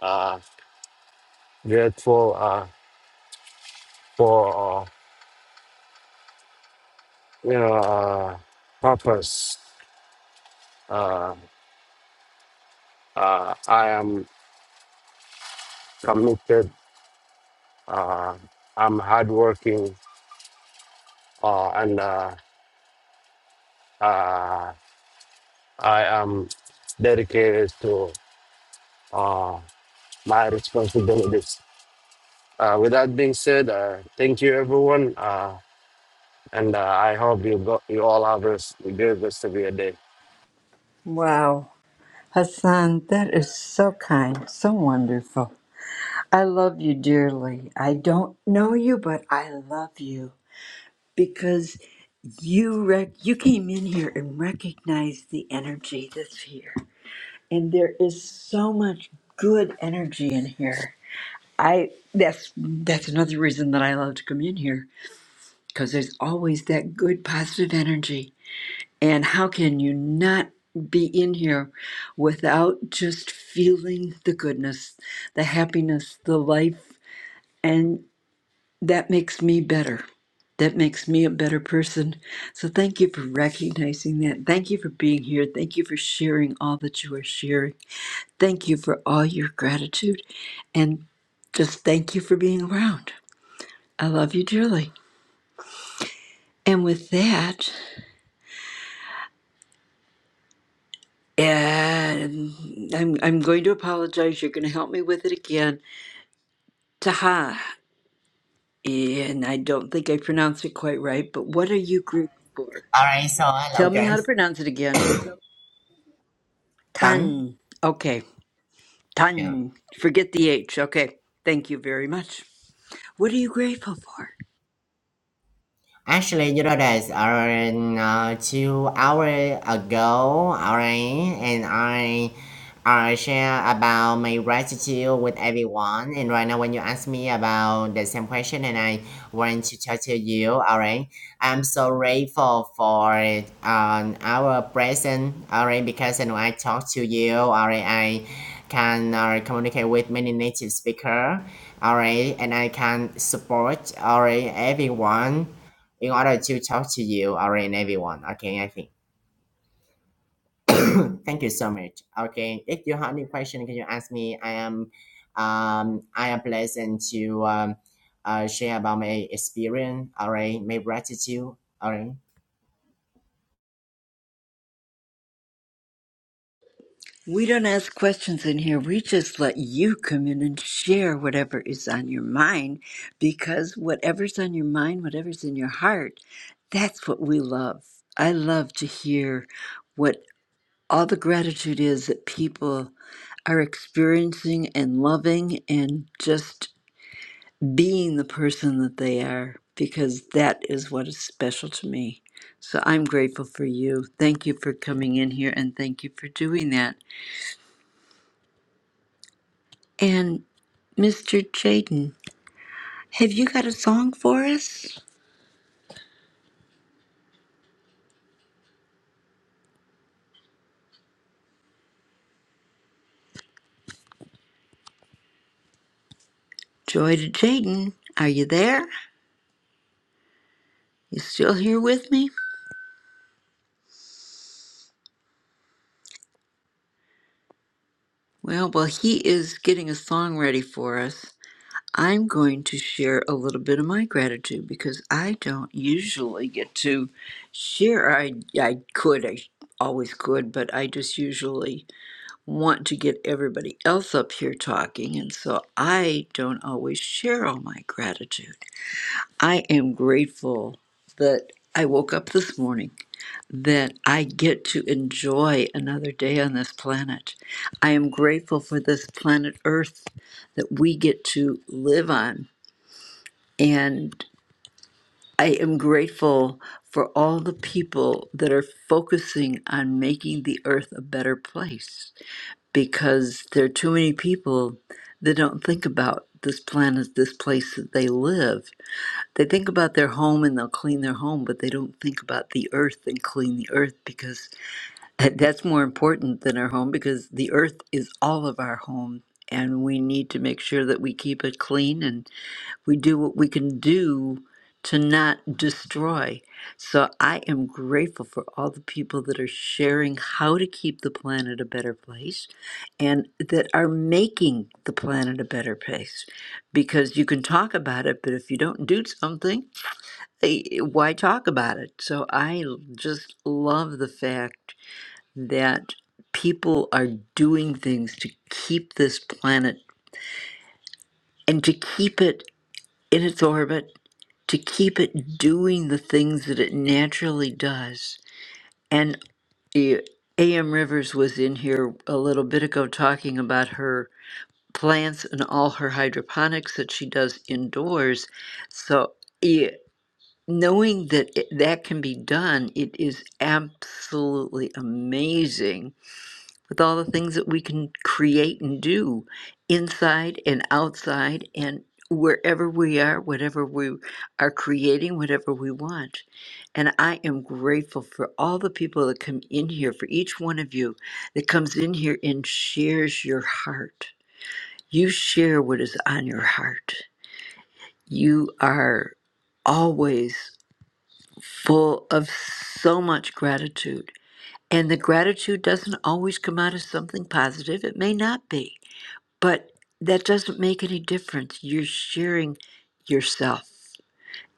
Uh, grateful uh, for uh, you know uh, purpose. Uh, uh, I am committed. Uh, I'm hardworking, uh, and uh, uh, I am dedicated to uh, my responsibilities Uh, with that being said, uh, thank you everyone, uh, and uh, I hope you got you all have a s- good rest of your day. Wow. Hassan, that is so kind, so wonderful. I love you dearly. I don't know you, but I love you because you rec- you came in here and recognized the energy that's here. And there is so much good energy in here. I that's that's another reason that I love to come in here because there's always that good positive energy. And how can you not be in here without just feeling the goodness, the happiness, the life? And that makes me better. That makes me a better person. So thank you for recognizing that. Thank you for being here. Thank you for sharing all that you are sharing. Thank you for all your gratitude. And just thank you for being around. I love you dearly. And with that, And I'm I'm going to apologize. You're going to help me with it again. Taha, and I don't think I pronounced it quite right. But what are you grateful for? All right, so Tell hello me how to guys. pronounce it again. Tan. Tan. Okay. Yeah. Tan. Forget the H. Okay. Thank you very much. What are you grateful for? Actually, you know that uh, two hours ago, alright, and I I share about my gratitude with everyone. And right now, when you ask me about the same question, and I want to talk to you, alright, I'm so grateful for um, our present, alright, because you know, I talk to you, alright, I can uh, communicate with many native speaker, alright, and I can support, alright, everyone in order to talk to you or in everyone. Okay, I think. Thank you so much. Okay, if you have any question, can you ask me? I am, um, I am pleasant to um, uh, share about my experience. All right, my gratitude. All right. We don't ask questions in here. We just let you come in and share whatever is on your mind because whatever's on your mind, whatever's in your heart, that's what we love. I love to hear what all the gratitude is that people are experiencing and loving and just being the person that they are because that is what is special to me. So I'm grateful for you. Thank you for coming in here and thank you for doing that. And Mr. Jaden, have you got a song for us? Joy to Jaden, are you there? You still here with me? Well, while he is getting a song ready for us, I'm going to share a little bit of my gratitude because I don't usually get to share. I, I could, I always could, but I just usually want to get everybody else up here talking, and so I don't always share all my gratitude. I am grateful that I woke up this morning, that I get to enjoy another day on this planet. I am grateful for this planet Earth that we get to live on. And I am grateful for all the people that are focusing on making the Earth a better place because there are too many people that don't think about this planet, this place that they live they think about their home and they'll clean their home, but they don't think about the earth and clean the earth because that's more important than our home because the earth is all of our home and we need to make sure that we keep it clean and we do what we can do to not destroy. So I am grateful for all the people that are sharing how to keep the planet a better place and that are making the planet a better place because you can talk about it, but if you don't do something, eh, why talk about it? So I l- just love the fact that people are doing things to keep this planet and to keep it in its orbit, to keep it doing the things that it naturally does. And eh, A.M. Rivers was in here a little bit ago talking about her plants and all her hydroponics that she does indoors. So. yeah, knowing that it, that can be done, it is absolutely amazing with all the things that we can create and do inside and outside and wherever we are, whatever we are creating, whatever we want. And I am grateful for all the people that come in here, for each one of you that comes in here and shares your heart. You share what is on your heart. You are always full of so much gratitude. And the gratitude doesn't always come out as something positive. It may not be, but that doesn't make any difference. You're sharing yourself,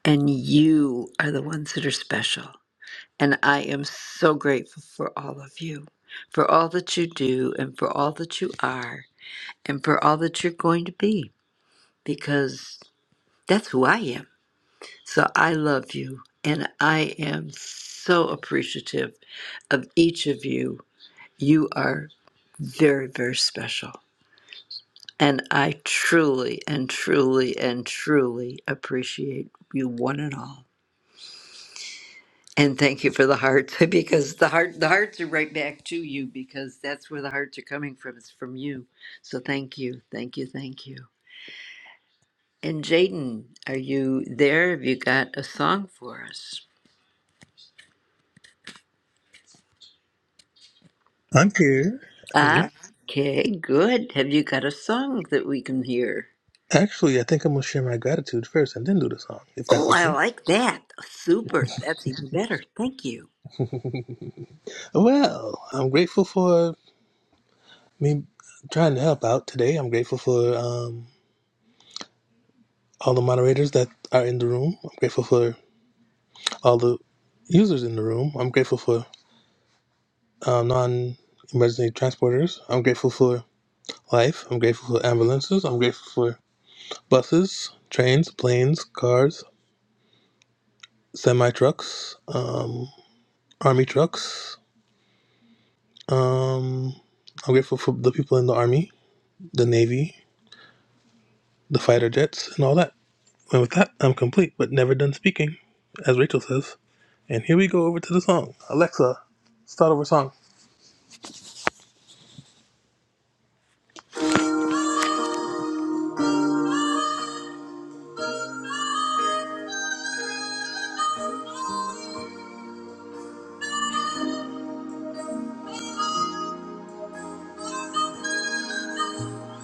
and you are the ones that are special. And I am so grateful for all of you, for all that you do, and for all that you are, and for all that you're going to be, because that's who I am. So I love you, and I am so appreciative of each of you. You are very, very special. And I truly and truly and truly appreciate you one and all. And thank you for the hearts (laughs) because the heart the hearts are right back to you because that's where the hearts are coming from. It's from you. So thank you. Thank you. Thank you. And Jaden, are you there? Have you got a song for us? I'm here. I'm Ah, here. okay, good. Have you got a song that we can hear? Actually, I think I'm gonna share my gratitude first and then do the song, if that's Oh, I okay. like that. Super. That's even better. Thank you. Well, I'm grateful for me trying to help out today. I'm grateful for um all the moderators that are in the room. I'm grateful for all the users in the room. I'm grateful for uh, non emergency transporters. I'm grateful for life. I'm grateful for ambulances. I'm grateful for buses, trains, planes, cars, semi trucks, um, army trucks. Um, I'm grateful for the people in the army, the navy, the fighter jets, and all that. And with that, I'm complete, but never done speaking, as Rachel says. And here we go over to the song. Alexa, start over song.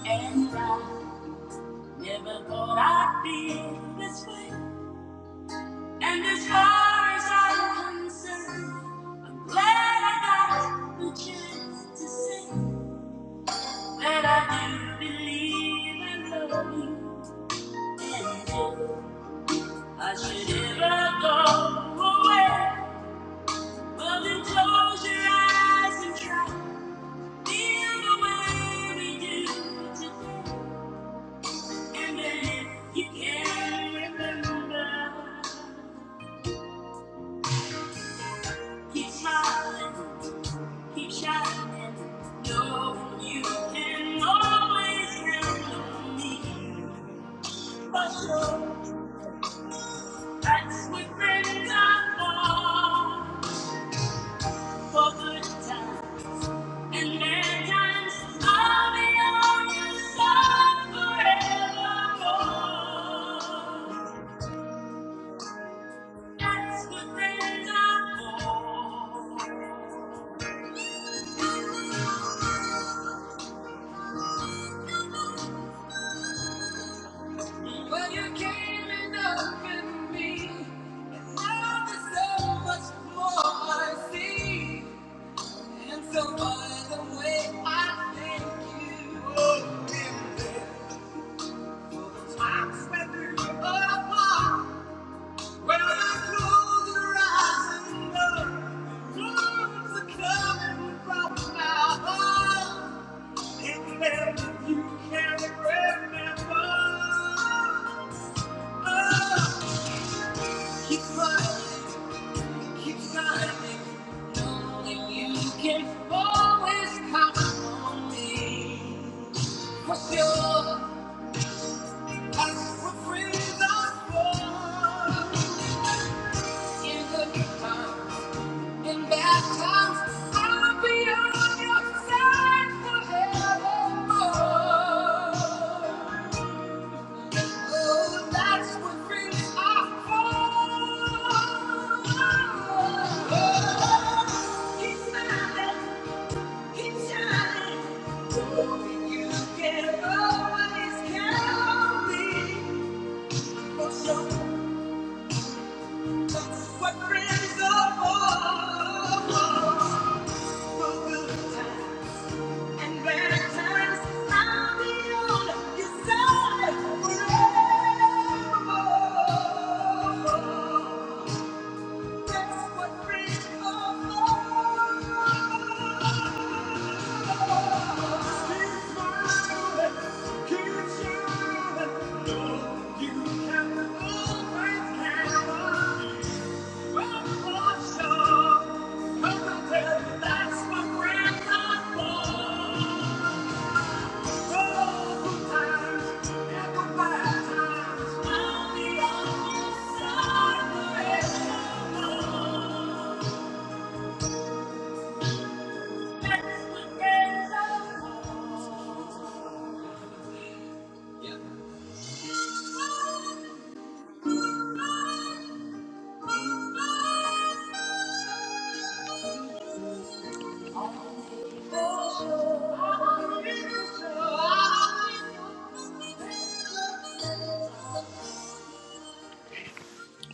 And I never thought I'd be this way. And as far as I'm concerned, I'm glad I got the chance to say that I do believe in love you. And if I should ever go away, well then close your eyes and try. to Feel the way we do today. And then if you can remember. Keep smiling, keep shining, knowing you can always count on me. For sure, that's what friends are for. For good times and bad times, I'll be on your side forevermore. That's what friends are for. Well, you came and opened me. And now there's so much more I see. And so, by the way, I thank you. Oh, dear, for the times when we were apart. When I close your eyes and know the words are coming from my heart. And then you can not remember. Oh, Keep fighting, keep fighting, knowing you can always count on me. For sure, as for friends I was, in the good times, in bad times, I'll be on your side forevermore. Oh, that's what brings our hope. He's mine, he's shining. Knowing you can always count me. For sure, that's what friends are for. For good times and bad times, I'll be on your side forevermore. Times, only on your times Oh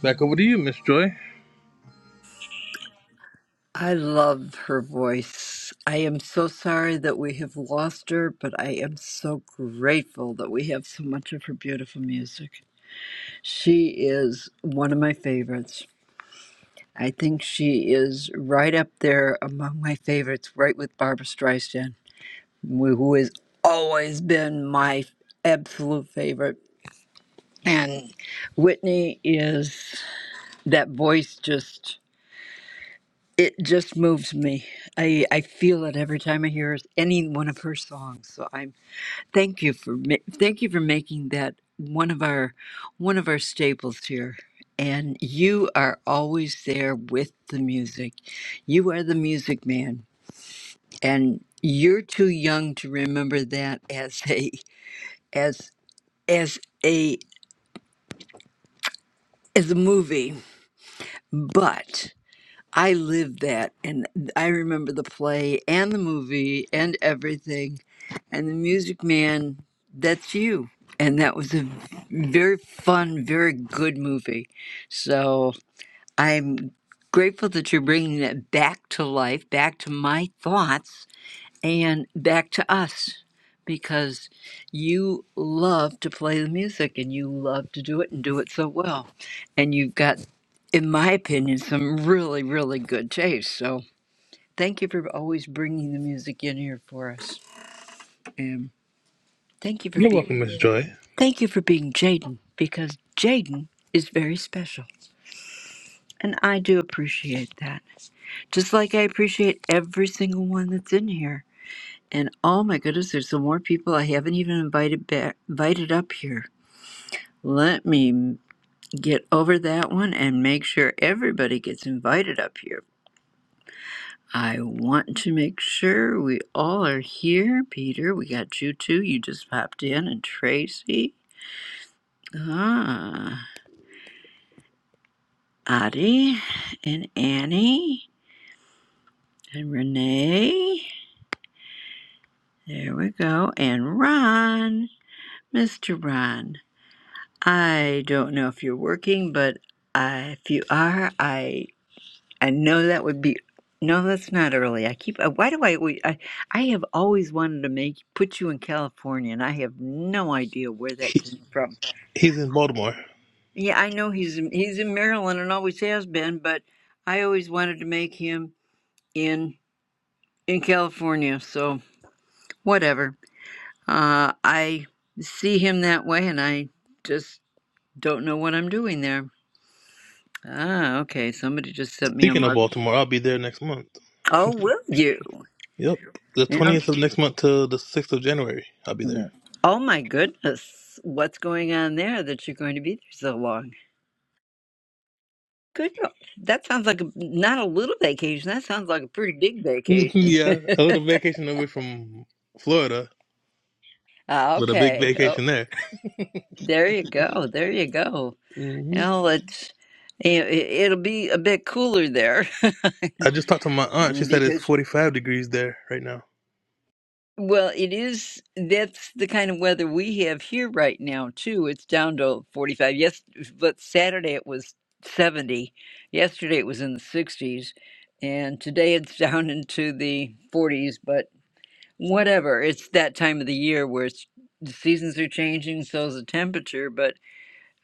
Back over to you, Miss Joy. I love her voice. I am so sorry that we have lost her, but I am so grateful that we have so much of her beautiful music. She is one of my favorites. I think she is right up there among my favorites, right with Barbara Streisand, who who has always been my absolute favorite. And Whitney is that voice just it just moves me. I I feel it every time I hear any one of her songs. So I'm thank you for ma- thank you for making that one of our one of our staples here. And you are always there with the music. You are the music man. And you're too young to remember that as a as as a as a movie. But I lived that, and I remember the play and the movie and everything, and the Music Man. That's you, and that was a very fun, very good movie. So I'm grateful that you're bringing that back to life, back to my thoughts, and back to us because you love to play the music and you love to do it and do it so well. And you've got, in my opinion, some really, really good taste. So thank you for always bringing the music in here for us. And thank you for You're being, welcome, Miss Joy. thank you for being Jaden because Jaden is very special. And I do appreciate that. Just like I appreciate every single one that's in here And oh my goodness, there's some more people I haven't even invited back, invited up here. Let me get over that one and make sure everybody gets invited up here. I want to make sure we all are here. Peter, we got you too. You just popped in, and Tracy, ah, Adi, and Annie, and Renee. There we go. And Ron, Mr. Ron. I don't know if you're working, but uh, if you are, I I know that would be. No, that's not early. I keep. uh, Why do I, we I? I have always wanted to make put you in California, and I have no idea where that He, came from. he's in Baltimore. Yeah, I know he's in- he's in Maryland and always has been, but I always wanted to make him in in California. So whatever. Uh, I see him that way, and I just don't know what I'm doing there. Ah, okay. Somebody just sent me a Speaking of mark. Baltimore, I'll be there next month. Oh, will you? Yep, the Yeah. twentieth of next month to the sixth of January, I'll be there. Yeah. (laughs) Oh my goodness. What's going on there that you're going to be there so long? Good. lo- That sounds like a, not a little vacation. That sounds like a pretty big vacation. (laughs) yeah, a little vacation away from Florida, Ah, but a big okay. Oh, vacation there. there you go. There you go. Mm-hmm. Well, it's it, it'll be a bit cooler there (laughs) I just talked to my aunt. She said it's because 45 degrees there right now. Well, it is. That's the kind of weather we have here right now, too. It's down to 45. Yes, but Saturday it was 70. Yesterday it was in the 60s. And today it's (laughs) down into the 40s. But whatever. It's that time of the year where it's, the seasons are changing, so is the temperature. But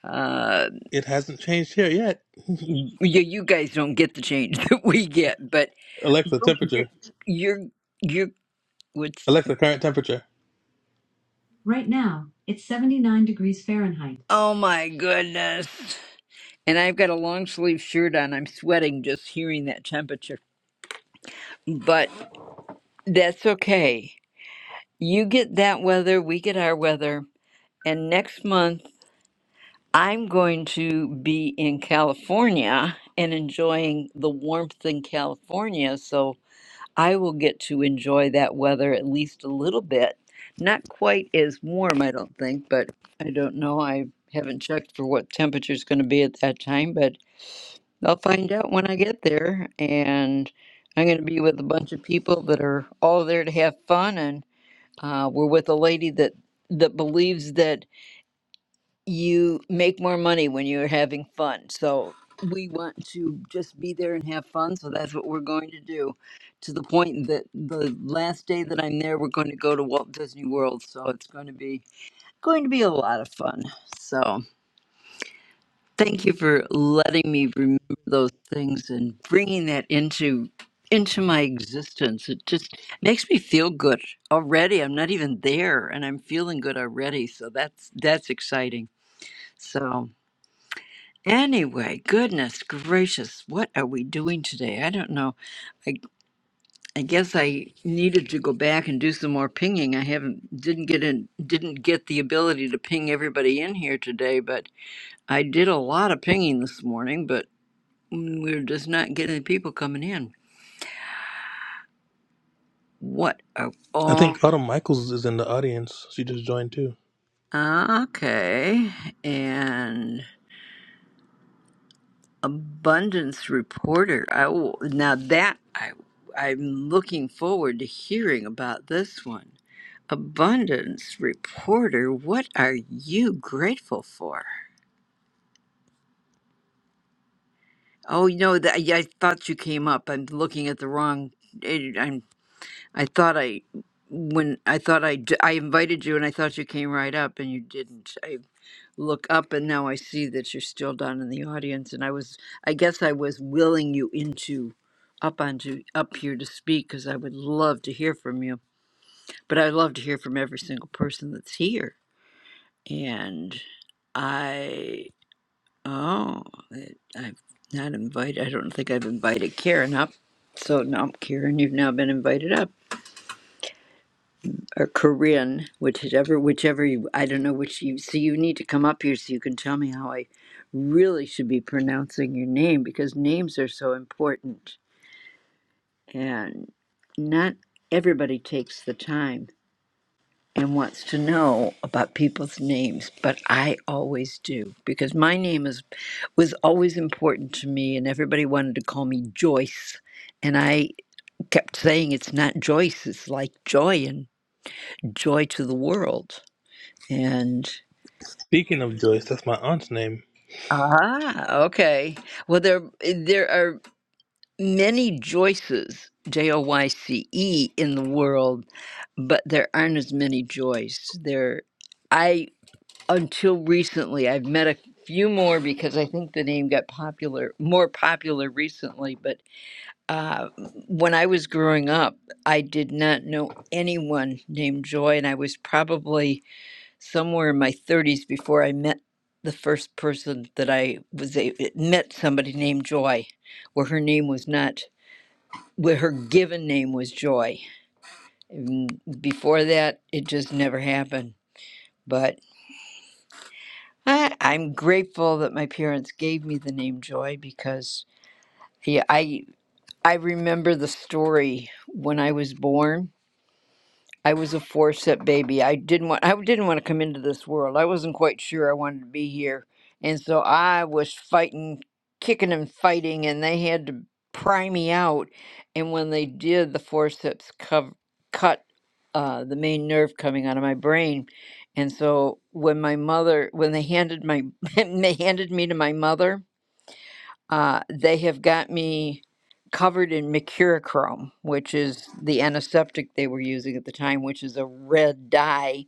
uh, It hasn't changed here yet. you, you guys don't get the change (laughs) that we get. But Alexa, you're, you're, temperature. you're, you're what's, Alexa, current temperature. Right now, it's 79 degrees Fahrenheit. oh my goodness. and I've got a long sleeve shirt on. I'm sweating just hearing that temperature. But that's okay. You get that weather, we get our weather. And next month, I'm going to be in California and enjoying the warmth in California. So I will get to enjoy that weather at least a little bit. Not quite as warm, I don't think, but I don't know. I haven't checked for what temperature is going to be at that time, but I'll find out when I get there, and I'm going to be with a bunch of people that are all there to have fun. And uh, we're with a lady that that believes that you make more money when you're having fun. So we want to just be there and have fun. So that's what we're going to do. To the point that the last day that I'm there, we're going to go to Walt Disney World. So it's going to be going to be a lot of fun. So. Thank you for letting me remember those things and bringing that into into my existence. It just makes me feel good already. I'm not even there and I'm feeling good already. So that's that's exciting. So anyway, goodness gracious, what are we doing today? I don't know. I I guess I needed to go back and do some more pinging. I haven't didn't get in didn't get the ability to ping everybody in here today, but I did a lot of pinging this morning, but Mm, We're just not getting the people coming in. What? a- I Oh, think Autumn Michaels is in the audience. She just joined too. okay. And abundance reporter. I will, now that I I'm looking forward to hearing about this one. Abundance reporter, what are you grateful for? Oh, you know that yeah, I thought you came up. I'm looking at the wrong. I, I'm. I thought I when I thought I d- I invited you and I thought you came right up and you didn't. look up and now I see that you're still down in the audience and I was I guess I was willing you into up onto up here to speak because I would love to hear from you. But I love to hear from every single person that's here. And I oh I- I've not invited I don't think I've invited Karen up. So now Karen, you've now been invited up. or Korean, whichever whichever you I don't know which you so you need to come up here so you can tell me how I really should be pronouncing your name because names are so important and not everybody takes the time and wants to know about people's names, but I always do because my name is was always important to me and everybody wanted to call me Joyce and I kept saying it's not Joyce, it's like joy and joy to the world. And Speaking of Joyce, that's my aunt's name. Ah, okay. Well, there eh, there are many Joyces, J O Y C E, in the world, but there aren't as many Joyce. There, I until recently I've met a few more because I think the name got popular, more popular recently. But uh, when I was growing up, I did not know anyone named Joy, and I was probably somewhere in my 30s before I met the first person that I was a, met somebody named Joy, where her name was not where her given name was Joy. And before that, it just never happened. But I, I'm grateful that my parents gave me the name Joy because yeah, I I remember the story when I was born I was a four step baby. I didn't want I didn't want to come into this world. I wasn't quite sure I wanted to be here. And so I was fighting, kicking and fighting, and they had to pry me out. And when they did, the forceps cov- cut uh, the main nerve coming out of my brain. And so when my mother, when they handed my, (laughs) they handed me to my mother, uh, they have got me covered in mercurochrome, which is the antiseptic they were using at the time, which is a red dye.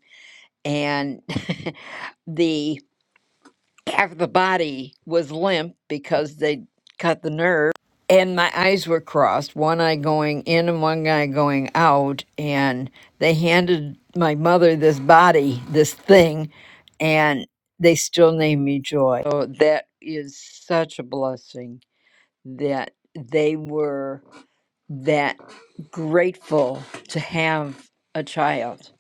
And (laughs) the half of the body was limp because they cut the nerve. And my eyes were crossed, one eye going in and one eye going out. And they handed my mother this body, this thing, and they still named me Joy. So that is such a blessing that they were that grateful to have a child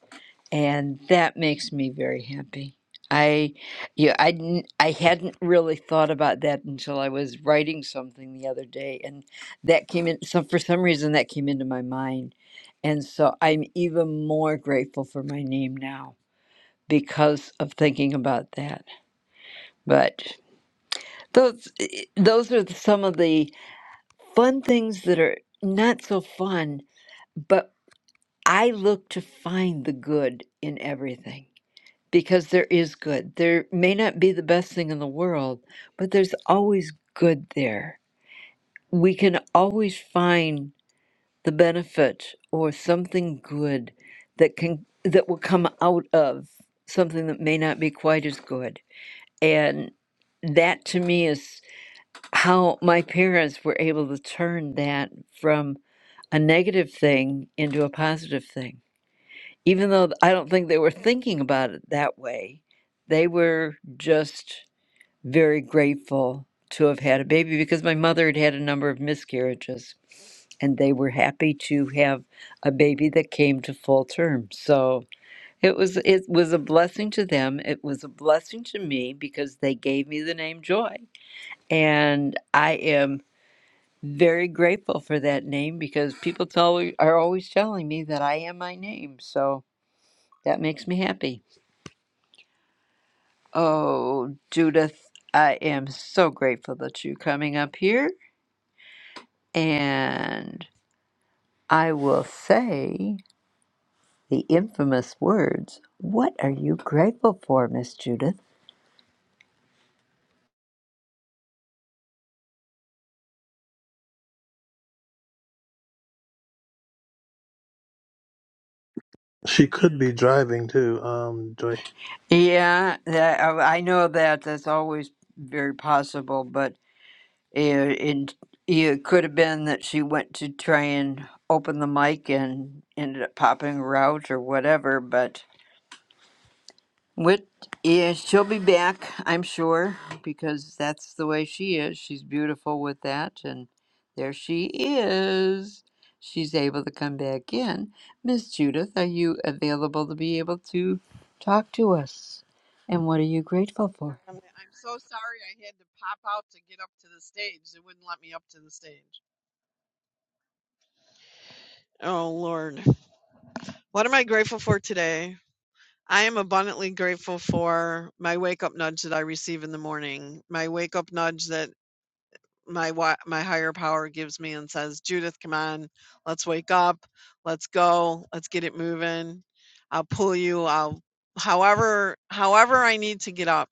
and that makes me very happy i yeah i didn't- i hadn't really thought about that until i was writing something the other day and that came in so for some reason that came into my mind and so i'm even more grateful for my name now because of thinking about that but those eh, those are some of the fun things that are not so fun, but I look to find the good in everything because there is good. There may not be the best thing in the world, but there's always good there. We can always find the benefit or something good that can that will come out of something that may not be quite as good. And that to me is how my parents were able to turn that from a negative thing into a positive thing. Even though I don't think they were thinking about it that way, they were just very grateful to have had a baby because my mother had had a number of miscarriages and they were happy to have a baby that came to full term. So it was it was a blessing to them. It was a blessing to me because they gave me the name Joy. And I am very grateful for that name because people tell are always telling me that I am my name, so that makes me happy. Oh, Judith, I am so grateful that you're coming up here, and I will say the infamous words. What are you grateful for, Miss Judith? She could be driving too. Um, Joy. Yeah, that, I I know that that's always very possible, but Yeah, it, it could have been that she went to try and open the mic and ended up popping her out or whatever, but with yeah, she'll be back, I'm sure, because that's the way she is. She's beautiful with that, and there she is. She's able to come back in. Miss Judith, are you available to be able to talk to us? And what are you grateful for? I'm, I'm so sorry I had to pop out to get up to the stage. They wouldn't let me up to the stage. Oh, Lord. What am I grateful for today? I am abundantly grateful for my wake up nudge that I receive in the morning, my wake up nudge that my wi my higher power gives me and says, "Judith, come on. Let's wake up. Let's go. Let's get it moving. I'll pull you. I'll however however I need to get up."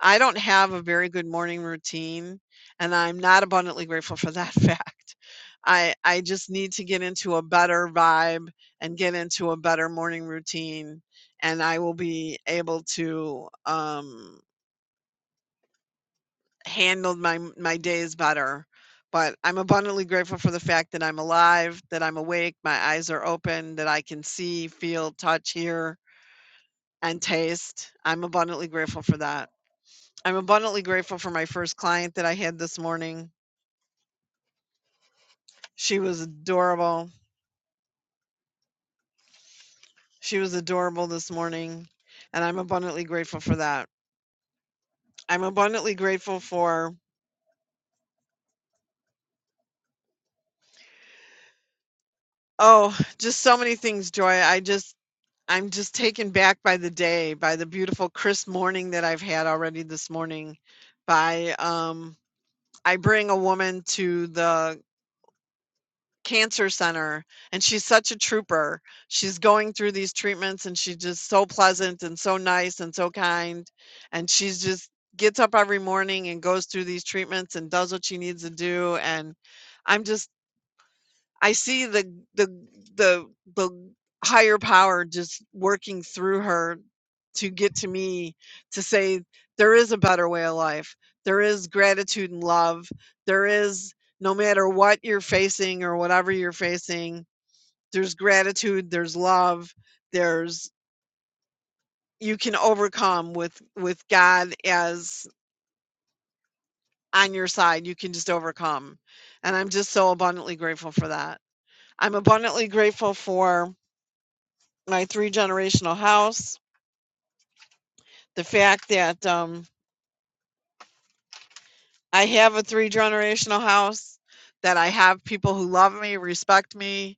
I don't have a very good morning routine, and I'm not abundantly grateful for that (laughs) fact. I I just need to get into a better vibe and get into a better morning routine, and I will be able to um handled my my days better. But I'm abundantly grateful for the fact that I'm alive, that I'm awake, my eyes are open, that I can see, feel, touch, hear, and taste. I'm abundantly grateful for that. I'm abundantly grateful for my first client that I had this morning. She was adorable. She was adorable this morning, and I'm abundantly grateful for that. I'm abundantly grateful for oh, just so many things, Joy. I just I'm just taken back by the day, by the beautiful crisp morning that I've had already this morning. By um, I bring a woman to the cancer center, and she's such a trooper. She's going through these treatments, and she's just so pleasant and so nice and so kind. And she's just gets up every morning and goes through these treatments and does what she needs to do. And I'm just I see the the the the higher power just working through her to get to me to say there is a better way of life. There is gratitude and love. There is no matter what you're facing or whatever you're facing, there's gratitude, there's love, there's you can overcome with with God as on your side. You can just overcome. And I'm just so abundantly grateful for that. I'm abundantly grateful for my three generational house, the fact that um I have a three generational house that I have people who love me, respect me,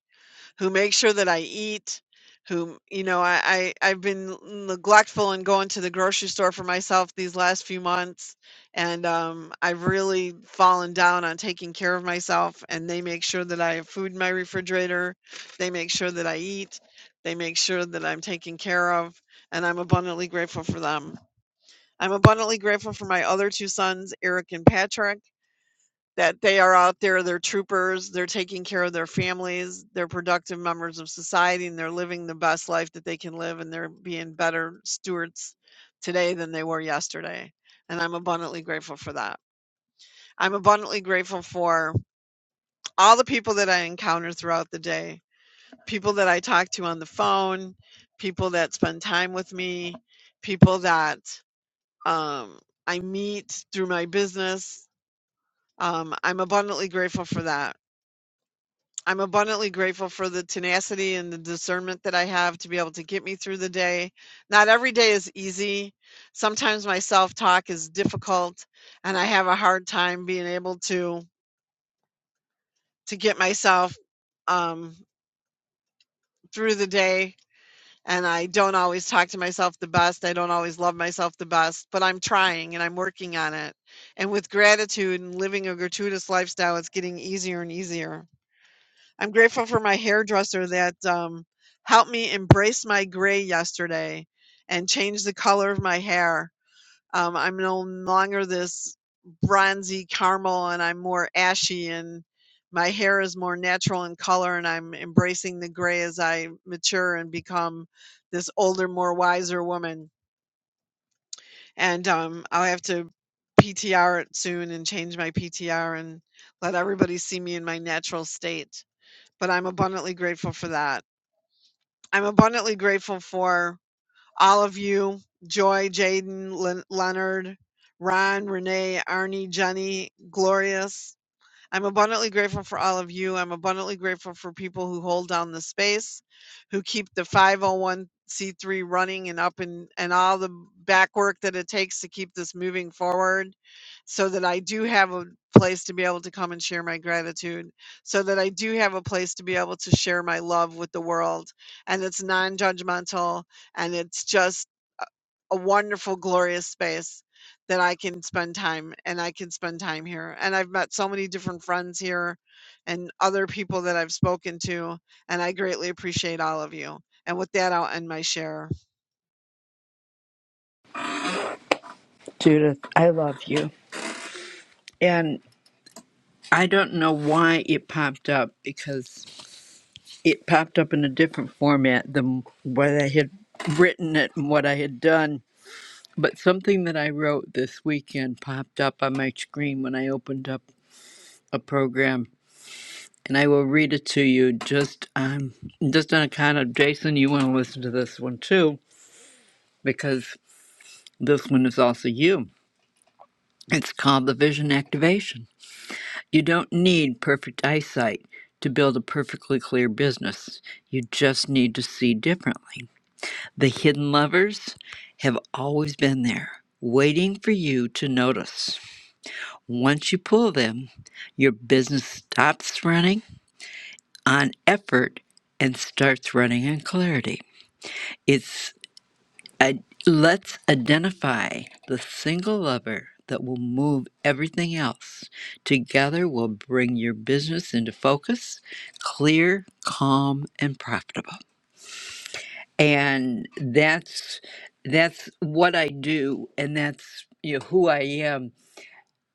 who make sure that I eat, who, you know, I, I, I've been neglectful in going to the grocery store for myself these last few months. And um, I've really fallen down on taking care of myself. And they make sure that I have food in my refrigerator. They make sure that I eat. They make sure that I'm taken care of. And I'm abundantly grateful for them. I'm abundantly grateful for my other two sons, Eric and Patrick that they are out there, they're troopers, they're taking care of their families, they're productive members of society, and they're living the best life that they can live, and they're being better stewards today than they were yesterday. And I'm abundantly grateful for that. I'm abundantly grateful for all the people that I encounter throughout the day, people that I talk to on the phone, people that spend time with me, people that um, I meet through my business. Um, I'm abundantly grateful for that. I'm abundantly grateful for the tenacity and the discernment that I have to be able to get me through the day. Not every day is easy. Sometimes my self-talk is difficult and I have a hard time being able to to get myself um through the day and I don't always talk to myself the best. I don't always love myself the best, but I'm trying and I'm working on it. And with gratitude and living a gratuitous lifestyle, it's getting easier and easier. I'm grateful for my hairdresser that um, helped me embrace my gray yesterday and change the color of my hair. Um, I'm no longer this bronzy caramel and I'm more ashy and my hair is more natural in color and I'm embracing the gray as I mature and become this older, more wiser woman. And um, I'll have to PTR it soon and change my PTR and let everybody see me in my natural state but I'm abundantly grateful for that. I'm abundantly grateful for all of you Joy, Jaden, Len- Leonard, Ron, Renee, Arnie, Jenny, Glorious, I'm abundantly grateful for all of you. I'm abundantly grateful for people who hold down the space, who keep the 501c3 running and up and, and all the back work that it takes to keep this moving forward so that I do have a place to be able to come and share my gratitude, so that I do have a place to be able to share my love with the world. And it's non judgmental and it's just a a wonderful, glorious space that I can spend time and I can spend time here. And I've met so many different friends here and other people that I've spoken to, and I greatly appreciate all of you. And with that, I'll end my share. Judith, I love you. and. I don't know why it popped up because it popped up in a different format than what I had written it and what I had done. But something that I wrote this weekend popped up on my screen when I opened up a program, and I will read it to you just um just on account of Jason. You want to listen to this one too because this one is also you. It's called the Vision Activation. You don't need perfect eyesight to build a perfectly clear business. You just need to see differently. The hidden levers have always been there, waiting for you to notice. Once you pull them, your business stops running on effort and starts running on clarity. It's. I, let's identify the single lever that will move everything else. Together, we'll bring your business into focus, clear, calm, and profitable. And that's that's what I do, and that's you know, who I am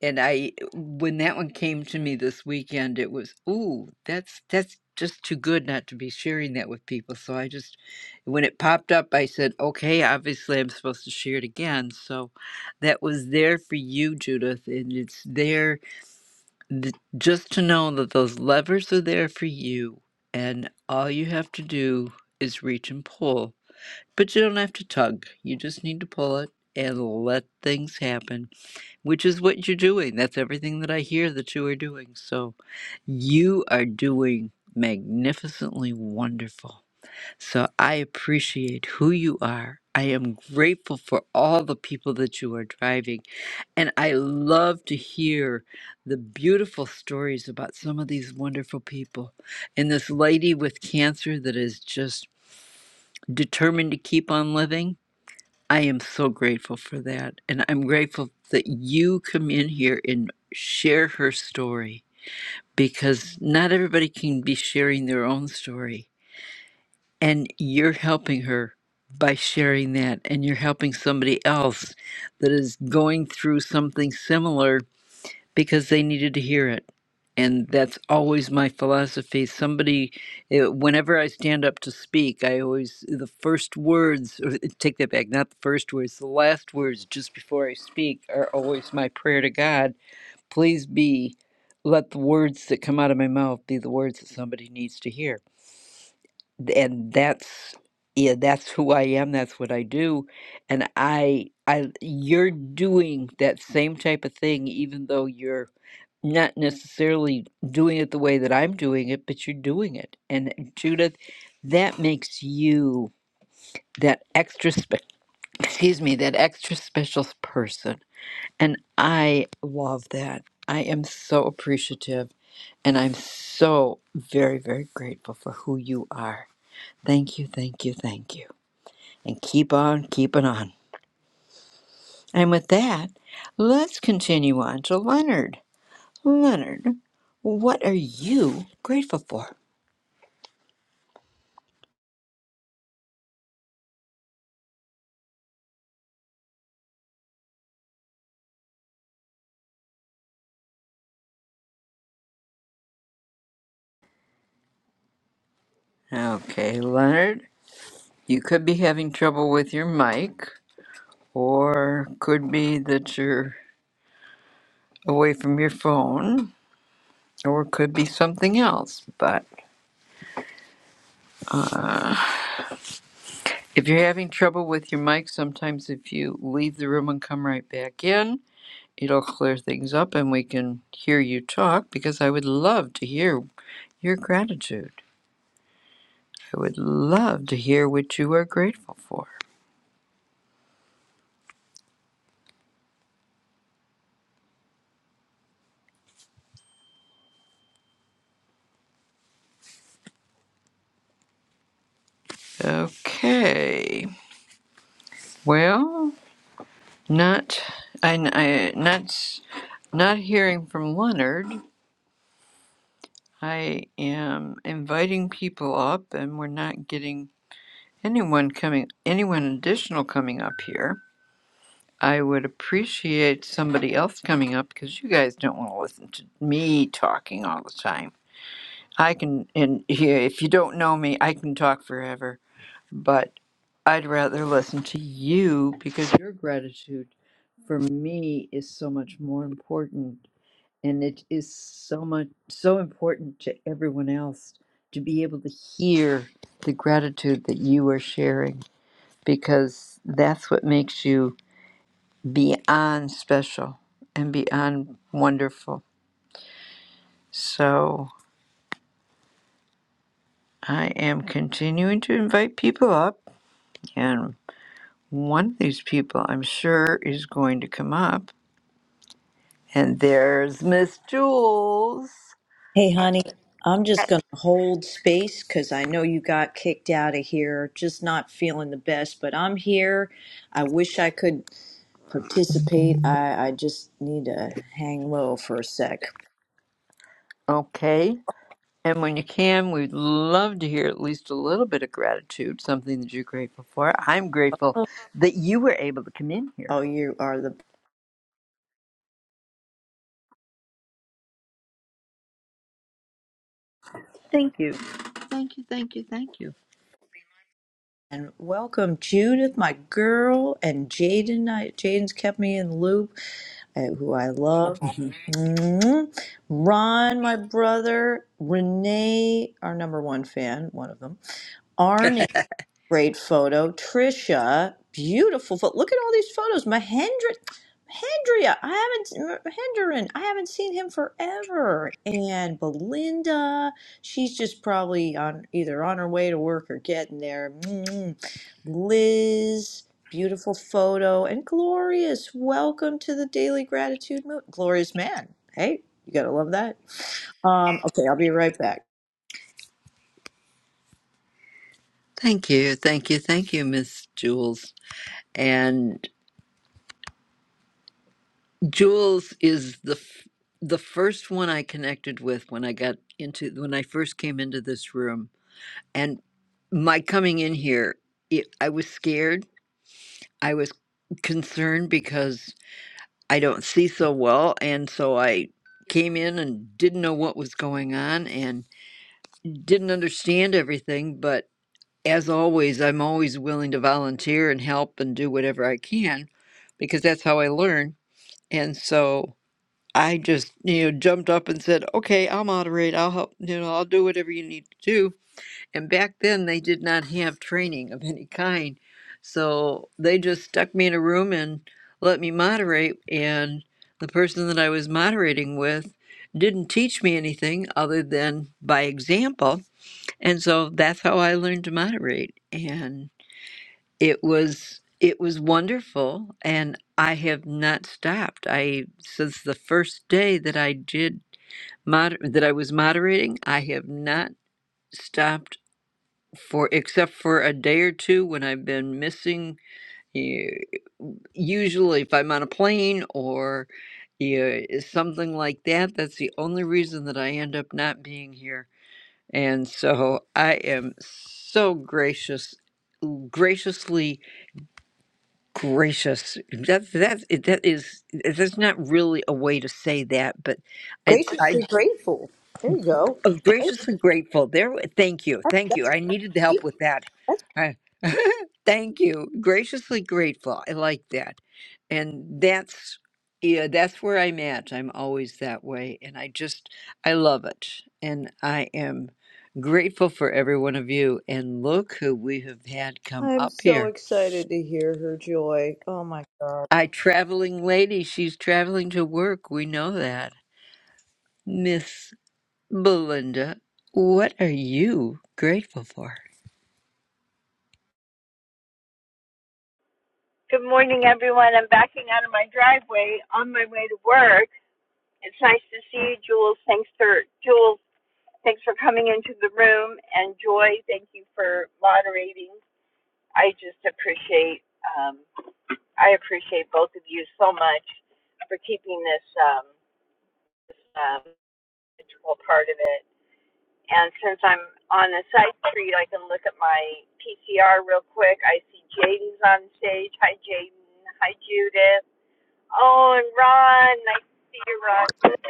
and I when that one came to me this weekend, it was ooh, that's that's just too good not to be sharing that with people. So I just when it popped up, I said, okay, obviously I'm supposed to share it again. So that was there for you, Judith, and it's there th- just to know that those levers are there for you, and all you have to do is reach and pull. But you don't have to tug. You just need to pull it and let things happen which is what you're doing. That's everything that I hear that you are doing. So you are doing magnificently wonderful. So I appreciate who you are. I am grateful for all the people that you are driving. And I love to hear the beautiful stories about some of these wonderful people. And this lady with cancer that is just determined to keep on living I am so grateful for that. And I'm grateful that you come in here and share her story because not everybody can be sharing their own story. And you're helping her by sharing that. And you're helping somebody else that is going through something similar because they needed to hear it. And that's always my philosophy. Somebody, eh, whenever I stand up to speak, I always, the first words, or eh, take that back, not the first words, the last words just before I speak are always my prayer to God. Please be, let the words that come out of my mouth be the words that somebody needs to hear. And that's, yeah, that's who I am. That's what I do. And I, I, you're doing that same type of thing, even though you're not necessarily doing it the way that I'm doing it, but you're doing it. And uh, Judith, that makes you that extra spe- (laughs) excuse me, that extra special person. And I love that. I am so appreciative and I'm so very very grateful for who you are. Thank you, thank you, thank you. And keep on keeping on. And with that, let's continue on to Leonard. Leonard, what are you grateful for? Okay, Leonard, you could be having trouble with your mic, or could be that you're away from your phone, or could be something else. But if you're having trouble with your mic, sometimes if you leave the room and come right back in, it'll clear things up and we can hear you talk because I would love to hear your gratitude. I would love to hear what you are grateful for. Okay, well. Not, I, I not, s- not hearing from Leonard. I am inviting people up, and we're not getting anyone coming, anyone additional coming up here. I would appreciate somebody else coming up because you guys don't want to listen to me talking all the time. I can, and yeah, if you don't know me, I can talk forever, but I'd rather listen to you because your gratitude for me is so much more important and it is so much so important to everyone else to be able to hear the gratitude that you are sharing because that's what makes you beyond special and beyond wonderful so i am continuing to invite people up and one of these people i'm sure is going to come up and there's miss jules Hey, honey, I'm just going to hold space because I know you got kicked out of here. Just not feeling the best, but I'm here. I wish I could participate. I, I just need to hang low for a sec. okay And when you can, we'd love to hear at least a little bit of gratitude, something that you're grateful for. I'm grateful Oh, that you were able to come in here. oh, you are the. Thank you. Thank you. Thank you. Thank you. And welcome, Judith, my girl, and Jaden. I- Jaden's kept me in the loop, uh, who I love. Mhm. Mhm. Ron, my brother, Renee, our number one fan, one of them. Great photo. Trisha, beautiful photo. Look at all these photos. Mahendra, Mahendria, I haven't, Mahendran, I haven't seen him forever. And Belinda, she's just probably on either on her way to work or getting there. Mm. Liz, beautiful photo. And Glorious, welcome to the Daily Gratitude Movement. Glorious man. Hey, you gotta love that. Um, okay, I'll be right back. Thank you. Thank you. Thank you, Miss Jules. And Jules is the f- the first one I connected with when I got into when I first came into this room. And my coming in here, it, I was scared. I was concerned because I don't see so well. And so I came in and didn't know what was going on and didn't understand everything. But as always, I'm always willing to volunteer and help and do whatever I can because that's how I learn. And so I just, you know, jumped up and said, okay, I'll moderate. I'll help. You know, I'll do whatever you need to do. And back then, they did not have training of any kind. So they just stuck me in a room and let me moderate. And the person that I was moderating with didn't teach me anything other than by example. And so that's how I learned to moderate. And it was it was wonderful and I have not stopped. I since the first day that I did moder- that I was moderating, I have not stopped for except for a day or two when I've been missing. eh, Usually, if I'm on a plane or yeah, eh, something like that, that's the only reason that I end up not being here. And so I am so gracious, graciously gracious. That that that is that's not really a way to say that, but it's I Graciously grateful. There you go. Oh, graciously grateful. There, thank you, thank you. That's a I double needed the G. help with that. I- (laughs) thank you. Graciously grateful. I like that, and that's yeah, that's where I'm at. I'm always that way, and I just I love it, and I am grateful for every one of you. And look who we have had come I'm up so here. excited to hear her joy. Oh my God. I traveling lady. She's traveling to work. We know that, Miss Belinda. What are you grateful for? Good morning, everyone. I'm backing out of my driveway on my way to work. It's nice to see you, Jules. Thanks for Jules. Thanks for coming into the room, and Joy, thank you for moderating. I just appreciate um, I appreciate both of you so much for keeping this um, this, um, integral part of it. And since I'm on a side street, I can look at my PCR real quick. I see Jaden's on stage. Hi, Jaden. Hi, Judith. Oh, and Ron, nice to see you,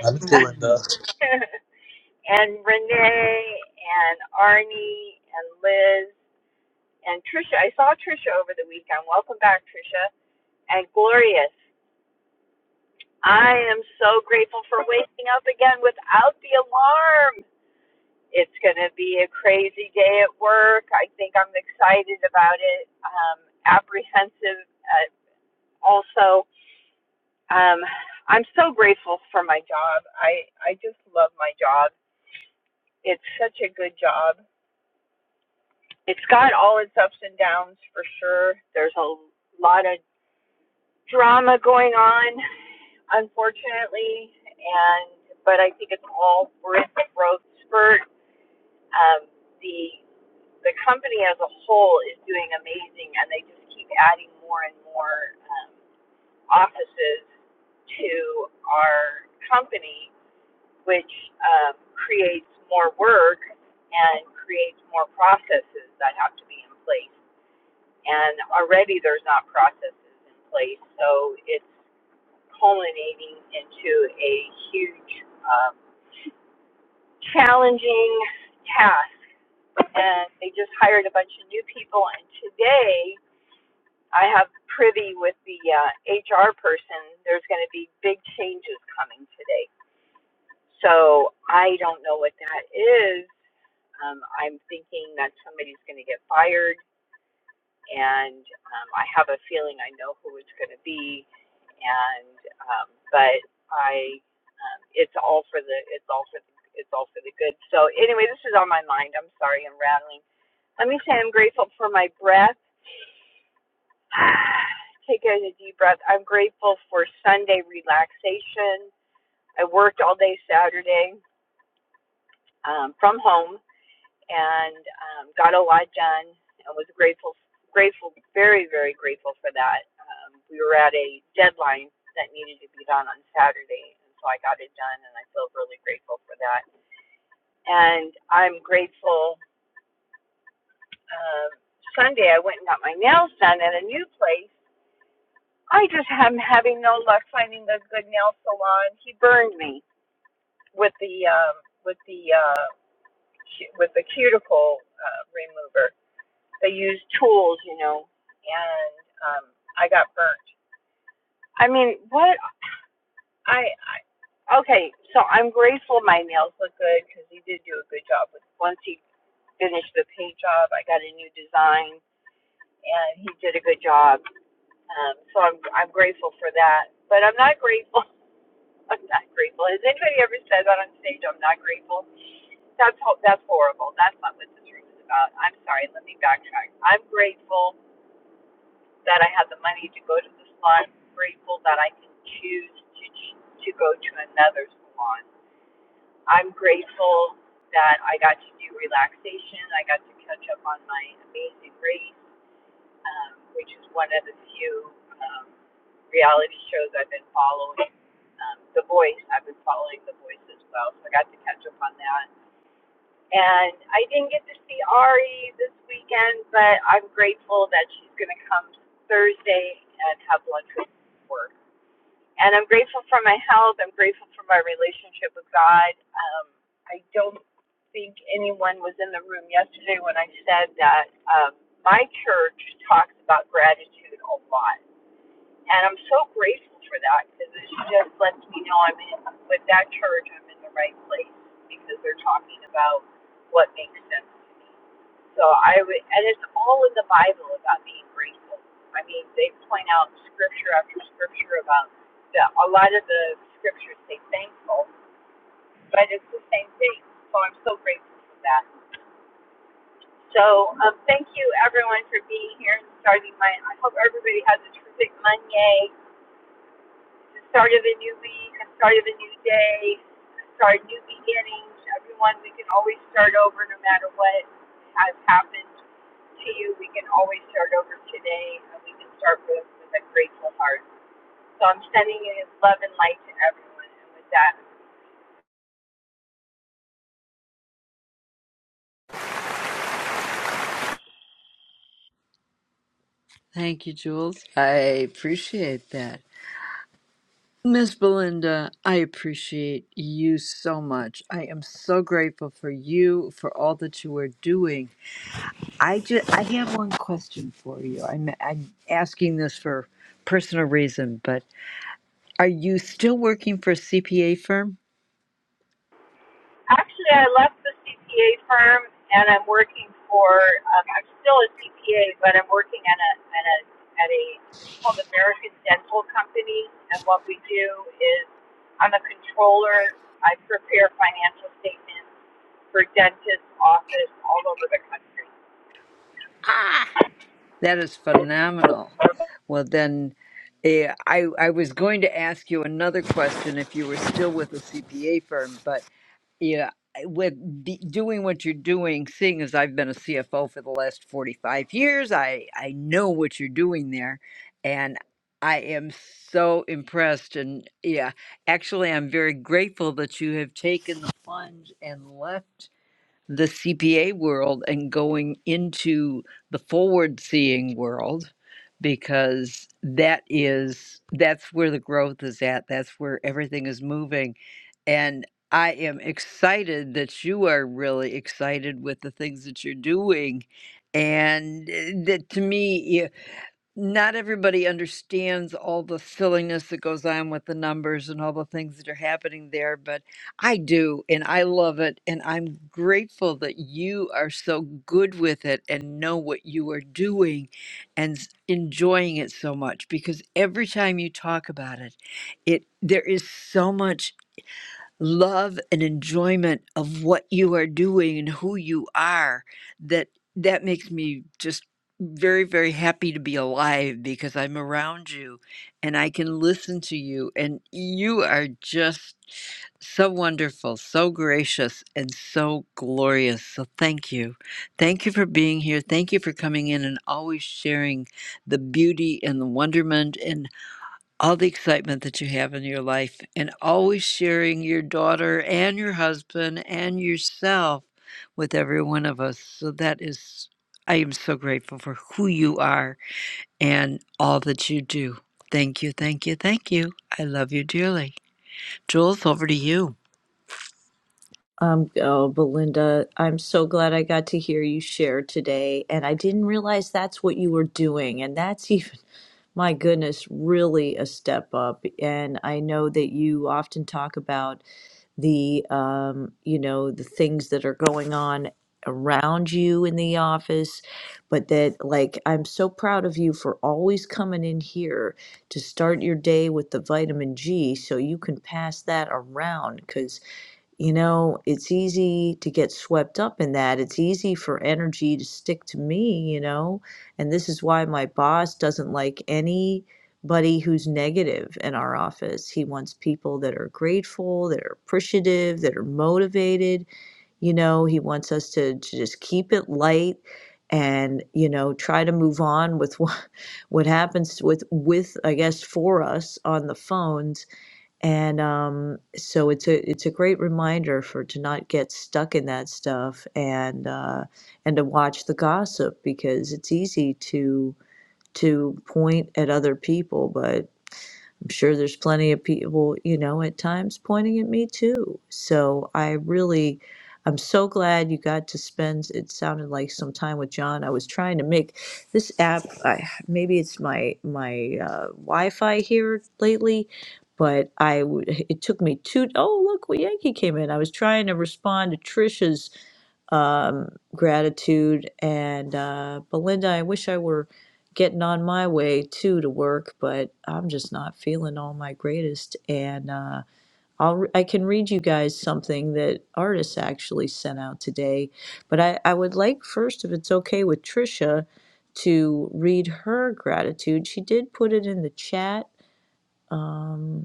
I'm still in the. Ron. (laughs) and Renee and Arnie and Liz and Trisha. I saw Trisha over the weekend. Welcome back, Trisha. And Glorious. I am so grateful for waking up again without the alarm. It's going to be a crazy day at work. I think I'm excited about it, um, apprehensive uh, also. Um, I'm so grateful for my job. I I just love my job. It's such a good job. It's got all its ups and downs for sure. There's a lot of drama going on, unfortunately, and but I think it's all worth the growth spurt. Um, the the company as a whole is doing amazing, and they just keep adding more and more um, offices to our company which um, creates more work and creates more processes that have to be in place. And already there's not processes in place, so it's culminating into a huge, um, challenging task. And they just hired a bunch of new people, and today I have privy with the uh, HR person. There's going to be big changes coming today. So I don't know what that is, Um, I'm thinking that somebody's going to get fired, and um, I have a feeling I know who it's going to be, and um, but I, um, it's all for the, it's all for the, it's all for the good. So anyway, this is on my mind. I'm sorry, I'm rattling. Let me say I'm grateful for my breath. (sighs) Take a deep breath. I'm grateful for Sunday relaxation. I worked all day Saturday um, from home and um, got a lot done and was grateful, grateful, very, very grateful for that. Um, we were at a deadline that needed to be done on Saturday, and so I got it done, and I feel really grateful for that. And I'm grateful. Um, Sunday, I went and got my nails done at a new place. I just am having no luck finding a good nail salon. He burned me with the um, with the uh, cu- with the cuticle uh, remover they used tools, you know, and um, I got burnt. I mean, what I, I okay, so I'm grateful my nails look good because he did do a good job. With once he finished the paint job, I got a new design, and he did a good job. Um, so I'm I'm grateful for that. But I'm not grateful. (laughs) I'm not grateful. Has anybody ever said that on stage? I'm not grateful. That's ho- that's horrible. That's not what this room is about. I'm sorry. Let me backtrack. I'm grateful that I have the money to go to the salon. I'm grateful that I can choose to to go to another salon. I'm grateful that I got to do relaxation. I got to catch up on my Amazing Race, um, which is one of the few um, reality shows I've been following. Um, the Voice, I've been following The Voice as well, so I got to catch up on that. And I didn't get to see Ari this weekend, but I'm grateful that she's going to come Thursday and have lunch with me work. And I'm grateful for my health. I'm grateful for my relationship with God. Um, I don't think anyone was in the room yesterday when I said that um, my church talks about gratitude a lot and I'm so grateful for that because it just lets me know I'm in, with that church, I'm in the right place because they're talking about what makes sense. So I would, and it's all in the Bible about being grateful. I mean, they point out scripture after scripture about the, a lot of the scriptures say thankful, but it's the same thing. So I'm so grateful for that. So um, thank you everyone for being here and starting my. I hope everybody has a terrific Monday the start of a new week, a start of a new day, a start new beginnings. Everyone, we can always start over no matter what has happened to you. We can always start over today, and we can start with, with a grateful heart. So I'm sending you love and light to everyone. And with that, Thank you, Jules. I appreciate that. Miss Belinda, I appreciate you so much. I am so grateful for you for all that you are doing. I just I have one question for you. I'm I'm asking this for personal reason, but are you still working for a CPA firm? Actually, I left the CPA firm and I'm working for. Um, I'm still a CPA, but I'm working at a at a at a. It's called American Dental Company, and what we do is I'm a controller. I prepare financial statements for dentist office all over the country. That is phenomenal. Well then eh, I I was going to ask you another question if you were still with a CPA firm, but Yeah, I- with be, doing what you're doing, seeing as I've been a CFO for the last 45 years, I I know what you're doing there, and I am so impressed. And yeah, actually, I'm very grateful that you have taken the plunge and left the CPA world and going into the forward seeing world because that is that's where the growth is at that's where everything is moving and i am excited that you are really excited with the things that you're doing and eh, that to me yeah, not everybody understands all the silliness that goes on with the numbers and all the things that are happening there, but I do, and I love it. And I'm grateful that you are so good with it and know what you are doing and s- enjoying it so much because every time you talk about it, it there is so much love and enjoyment of what you are doing and who you are that that makes me just very very happy to be alive because i'm around you and i can listen to you and you are just so wonderful so gracious and so glorious so thank you thank you for being here thank you for coming in and always sharing the beauty and the wonderment and all the excitement that you have in your life and always sharing your daughter and your husband and yourself with every one of us. So that is, I am so grateful for who you are and all that you do. Thank you, thank you, thank you. I love you dearly. Jules, over to you. Um, oh, Belinda, I'm so glad I got to hear you share today. And I didn't realize that's what you were doing. And that's (laughs) even, my goodness, really a step up. And I know that you often talk about. the um, you know the things that are going on around you in the office but that like i'm so proud of you for always coming in here to start your day with the vitamin g so you can pass that around because. You know, it's easy to get swept up in that. It's easy for energy to stick to me, you know? And this is why my boss doesn't like anybody who's negative in our office. He wants people that are grateful, that are appreciative, that are motivated. You know, he wants us to, to just keep it light and, you know, try to move on with what, (laughs) what happens with, with, I guess, for us on the phones and um, so it's a it's a great reminder for to not get stuck in that stuff and uh, and to watch the gossip because it's easy to to point at other people, but I'm sure there's plenty of people, you know, at times pointing at me too. So I really, I'm so glad you got to spend, it sounded like some time with John. I was trying to make this app, I, maybe it's my, my uh, Wi-Fi here lately, but I, w- it took me two, oh, look, well, Yankee came in. I was trying to respond to Trisha's um, gratitude. And uh, Belinda, I wish I were getting on my way too to work, but I'm just not feeling all my greatest. And uh, I'll I can read you guys something that artists actually sent out today, but I, I would like first, if it's okay with Trisha, to read her gratitude. She did put it in the chat. Um,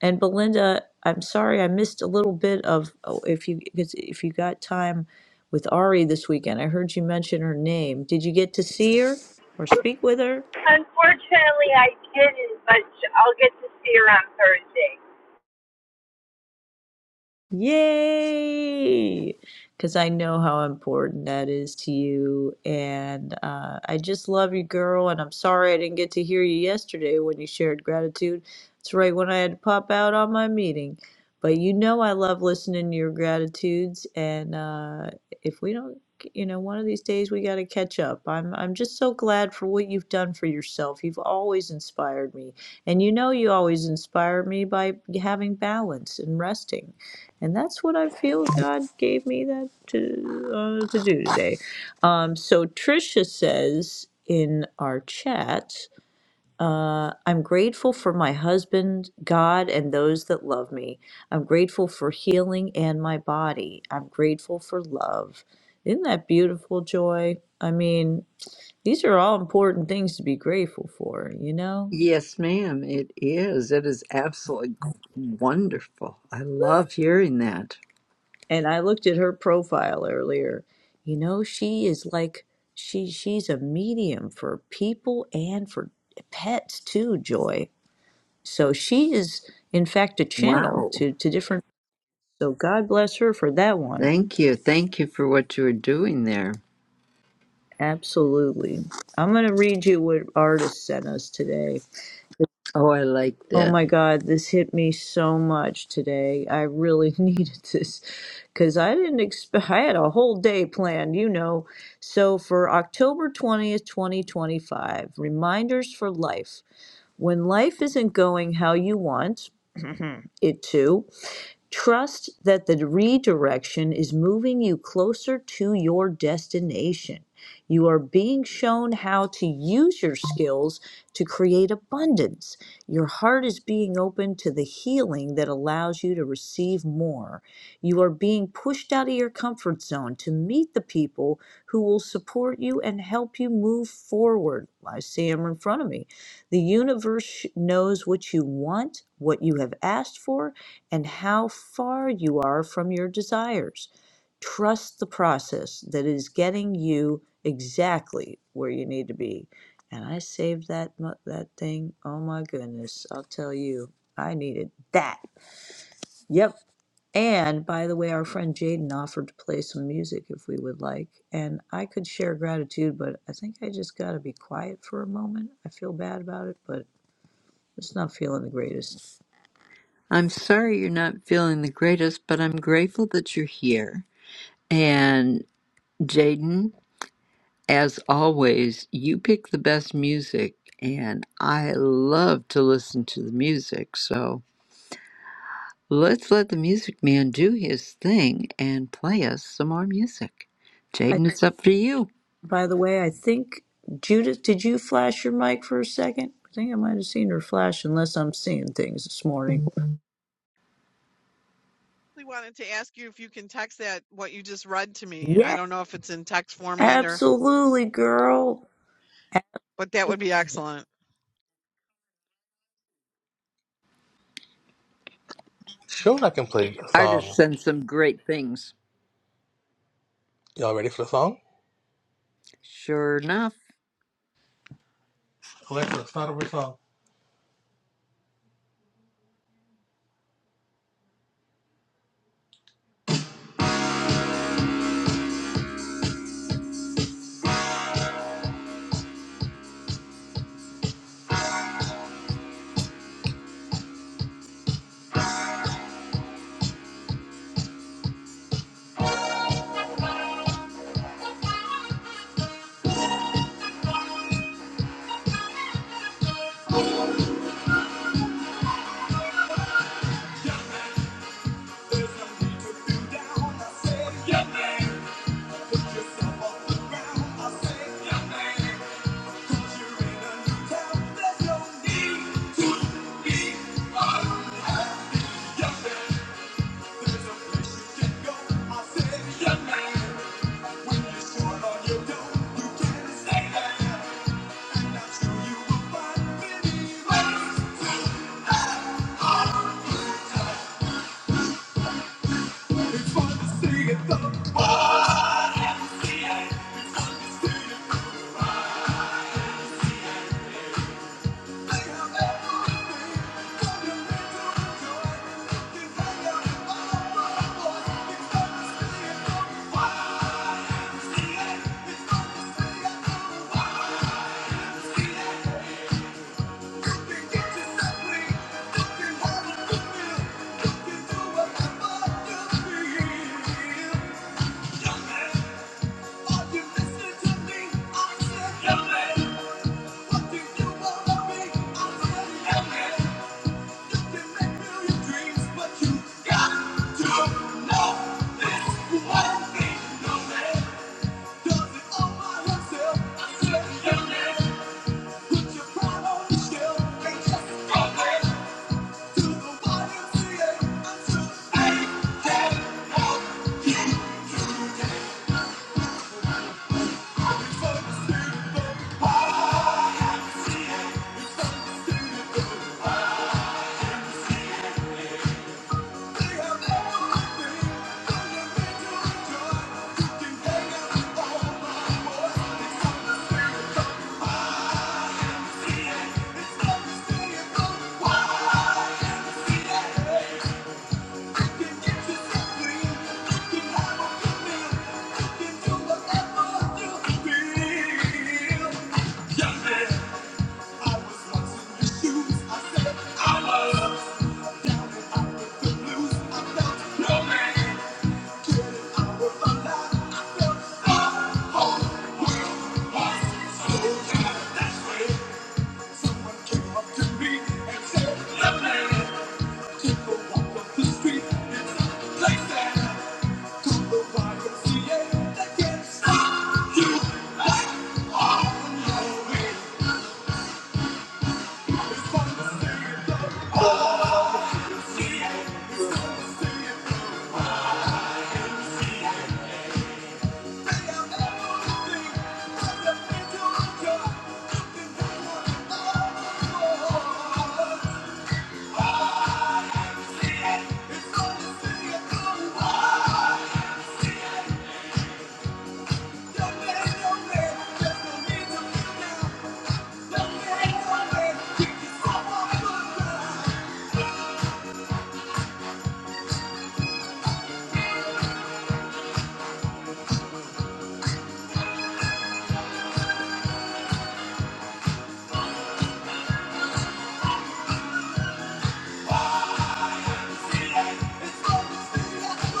and Belinda, I'm sorry I missed a little bit of oh, if you because if you got time with Ari this weekend. I heard you mention her name. Did you get to see her or speak with her? Unfortunately, I didn't, but I'll get to see her on Thursday. Yay! Because I know how important that is to you. And uh, I just love you, girl. And I'm sorry I didn't get to hear you yesterday when you shared gratitude. It's right when I had to pop out on my meeting. But you know, I love listening to your gratitudes. And uh, if we don't, you know, one of these days we got to catch up. I'm, I'm just so glad for what you've done for yourself. You've always inspired me. And you know, you always inspire me by having balance and resting and that's what I feel God gave me that to uh, to do today. Um, so Tricia says in our chat, uh, "I'm grateful for my husband, God, and those that love me. I'm grateful for healing and my body. I'm grateful for love. Isn't that beautiful, Joy? I mean." These are all important things to be grateful for, you know? Yes, ma'am, it is. It is absolutely wonderful. I love hearing that. and I looked at her profile earlier. You know, she is like she she's a medium for people and for pets too, Joy. So she is in fact a channel Wow. to to different so God bless her for that one. Thank you. Thank you for what you are doing there. Absolutely. I'm going to read you what artist sent us today. Oh, I like Oh that. my God, this hit me so much today. I really (laughs) needed this because I didn't expect, I had a whole day planned, you know. So for October 20th, 2025, reminders for life. When life isn't going how you want it to, Trust that the redirection is moving you closer to your destination. You are being shown how to use your skills to create abundance. Your heart is being open to the healing that allows you to receive more. You are being pushed out of your comfort zone to meet the people who will support you and help you move forward. I see them in front of me. The universe knows what you want, what you have asked for, and how far you are from your desires. Trust the process that is getting you exactly where you need to be. And I saved that mo- that thing. Oh my goodness, I'll tell you. I needed that. Yep. And by the way, our friend Jaden offered to play some music if we would like. And I could share gratitude, but I think I just got to be quiet for a moment. I feel bad about it, but it's not feeling the greatest. I'm sorry you're not feeling the greatest, but I'm grateful that you're here. And Jaden, as always, you pick the best music, and I love to listen to the music. So let's let the music man do his thing and play us some more music. Jaden, it's up to you. By the way, I think Judith, did you flash your mic for a second? I think I might have seen her flash, unless I'm seeing things this morning. I wanted to ask you if you can text that what you just read to me. I Yeah, don't know if it's in text format or absolutely, girl. But that would be Absolutely. excellent. Sure, I can play a Artists song. send some great things. Y'all ready for the song? Sure enough. Alexa, start over a song. It's fun to see it the ball and see Yeah. Yeah. Yeah. I was once in your shoes. I said I was down and out with the blues. I felt no man getting out of I felt the whole world so tired. That's when someone came up to me and said, "Young man, take a walk up the street. It's a place that called the YMCA that can stop you like all your way." It's Don't make no Yeah.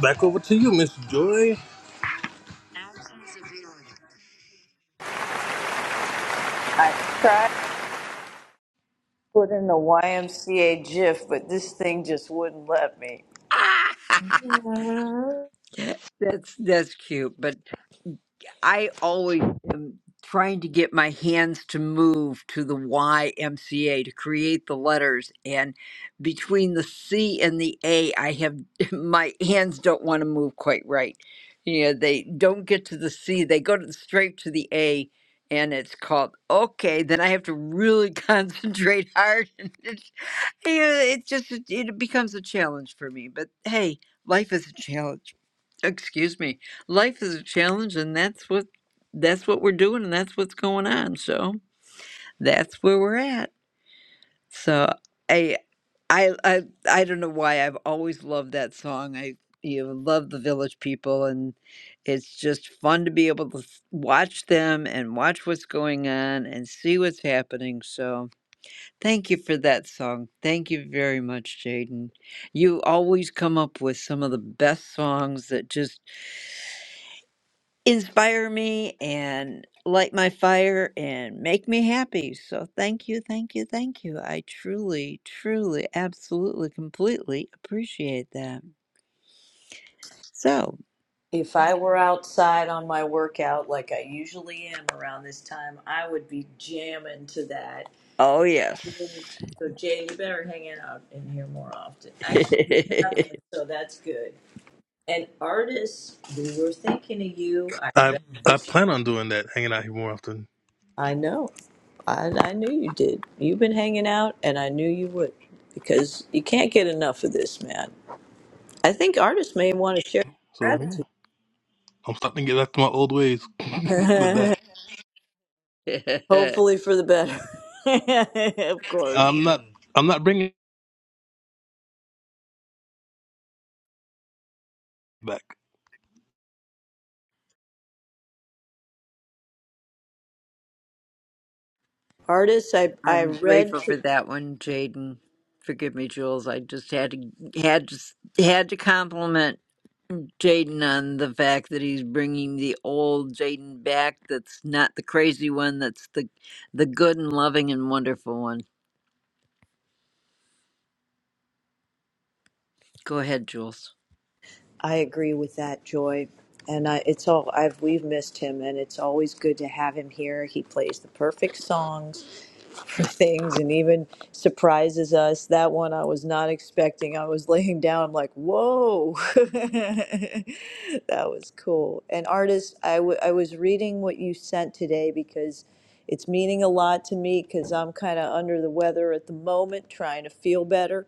Back over to you, Miss Joy. I tried to put in the Y M C a YMCA GIF, but this thing just wouldn't let me. (laughs) that's that's cute, but I always am trying to get my hands to move to the YMCA to create the letters. And between the C and the A, I have (laughs) my hands don't want to move quite right. You know, they don't get to the C, they go to straight to the A. And it's called okay. Then I have to really (laughs) concentrate hard. (laughs) Yeah, it just it it becomes a challenge for me. But hey, life is a challenge. Excuse me. Life is a challenge and that's what that's what we're doing and that's what's going on. So that's where we're at. So I I I, I don't know why I've always loved that song. I you know, love the village people and it's just fun to be able to s- watch them and watch what's going on and see what's happening. So Thank you for that song. Thank you very much, Jaden. You always come up with some of the best songs that just inspire me and light my fire and make me happy. So thank you, thank you, thank you. I truly, truly, absolutely, completely appreciate that. So, If I were outside on my workout like I usually am around this time, I would be jamming to that. oh yes. So Jay, you better hang out in here more often. Actually, you have been, so that's good. And artists, we were thinking of you. I I read I what you plan on doing that, hanging out here more often. I know. I, I knew you did. You've been hanging out, and I knew you would because you can't get enough of this, man. I think artists may want to share So yeah, gratitude. I'm starting to get back to my old ways (laughs) with that. (laughs) (laughs) Hopefully for the better. (laughs) of course. I'm not I'm not bringing it back. Artists, I, I I'm grateful read. for that one, Jaden. Forgive me, Jules. I just had to had to had to compliment Jaden on the fact that he's bringing the old Jaden back. That's not the crazy one. That's the the good and loving and wonderful one. Go ahead, Jules. I agree with that, Joy. And I, it's all I've we've missed him, and it's always good to have him here. He plays the perfect songs for (laughs) things, and even surprises us. That one I was not expecting. I was (laughs) laying down, I'm like, whoa, (laughs) that was cool. And artist, I w- I was reading what you sent today because it's meaning a lot to me because I'm kind of under the weather at the moment, trying to feel better.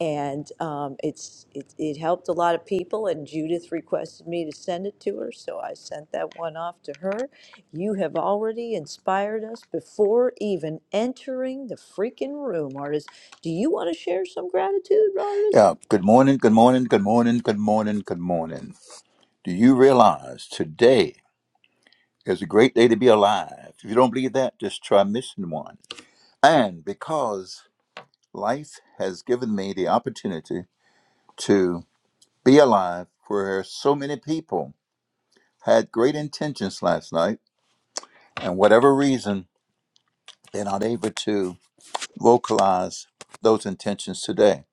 And um, it's it, it helped a lot of people. And Judith requested me to send it to her, so I sent that one off to her. You have already inspired us before even entering the freaking room, artist. Do you want to share some gratitude, artist? Yeah, good morning, good morning, good morning, good morning, good morning. Do you realize today is a great day to be alive? If you don't believe that, just try missing one. And because life has given me the opportunity to be alive where so many people had great intentions last night, and whatever reason, they're not able to vocalize those intentions today.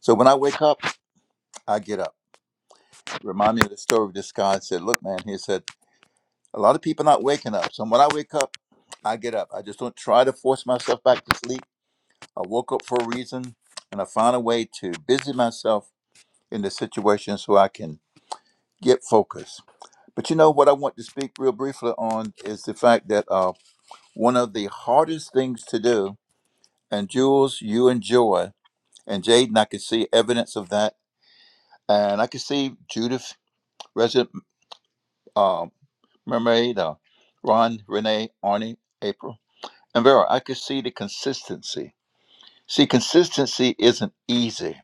So when I wake up, I get up. Remind me of the story of this guy said, Look, man, he said, A lot of people not waking up. So when I wake up, I get up. I just don't try to force myself back to sleep. I woke up for a reason and I find a way to busy myself in the situation so I can get focused. But you know what I want to speak real briefly on is the fact that uh, one of the hardest things to do, and Jules, you enjoy, and Jaden, I can see evidence of that. And I can see Judith, resident uh, mermaid, uh, Ron, Renee, Arnie, April. And Vera, I could see the consistency. See, consistency isn't easy.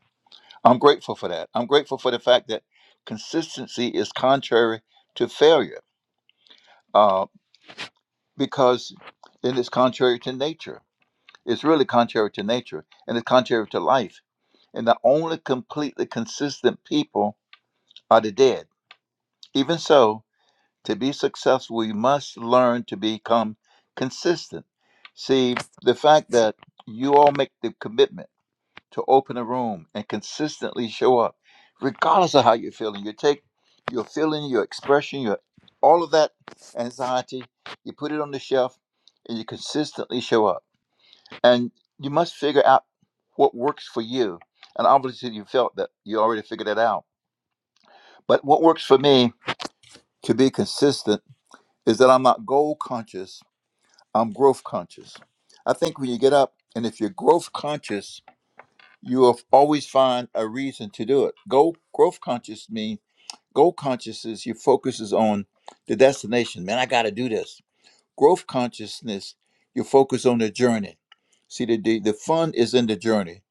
I'm grateful for that. I'm grateful for the fact that consistency is contrary to failure uh, because then it's contrary to nature. It's really contrary to nature and it's contrary to life. And the only completely consistent people are the dead. Even so, to be successful, we must learn to become consistent. See, the fact that you all make the commitment to open a room and consistently show up, regardless of how you're feeling. You take your feeling, your expression, your all of that anxiety, you put it on the shelf, and you consistently show up. And you must figure out what works for you. And obviously, you felt that you already figured that out. But what works for me to be consistent is that I'm not goal conscious, I'm growth conscious. I think when you get up and if you're growth conscious, you will always find a reason to do it. Goal growth conscious means goal consciousness. Your focus is on the destination. Man, I got to do this. Growth consciousness. You focus on the journey. See, the, the the fun is in the journey.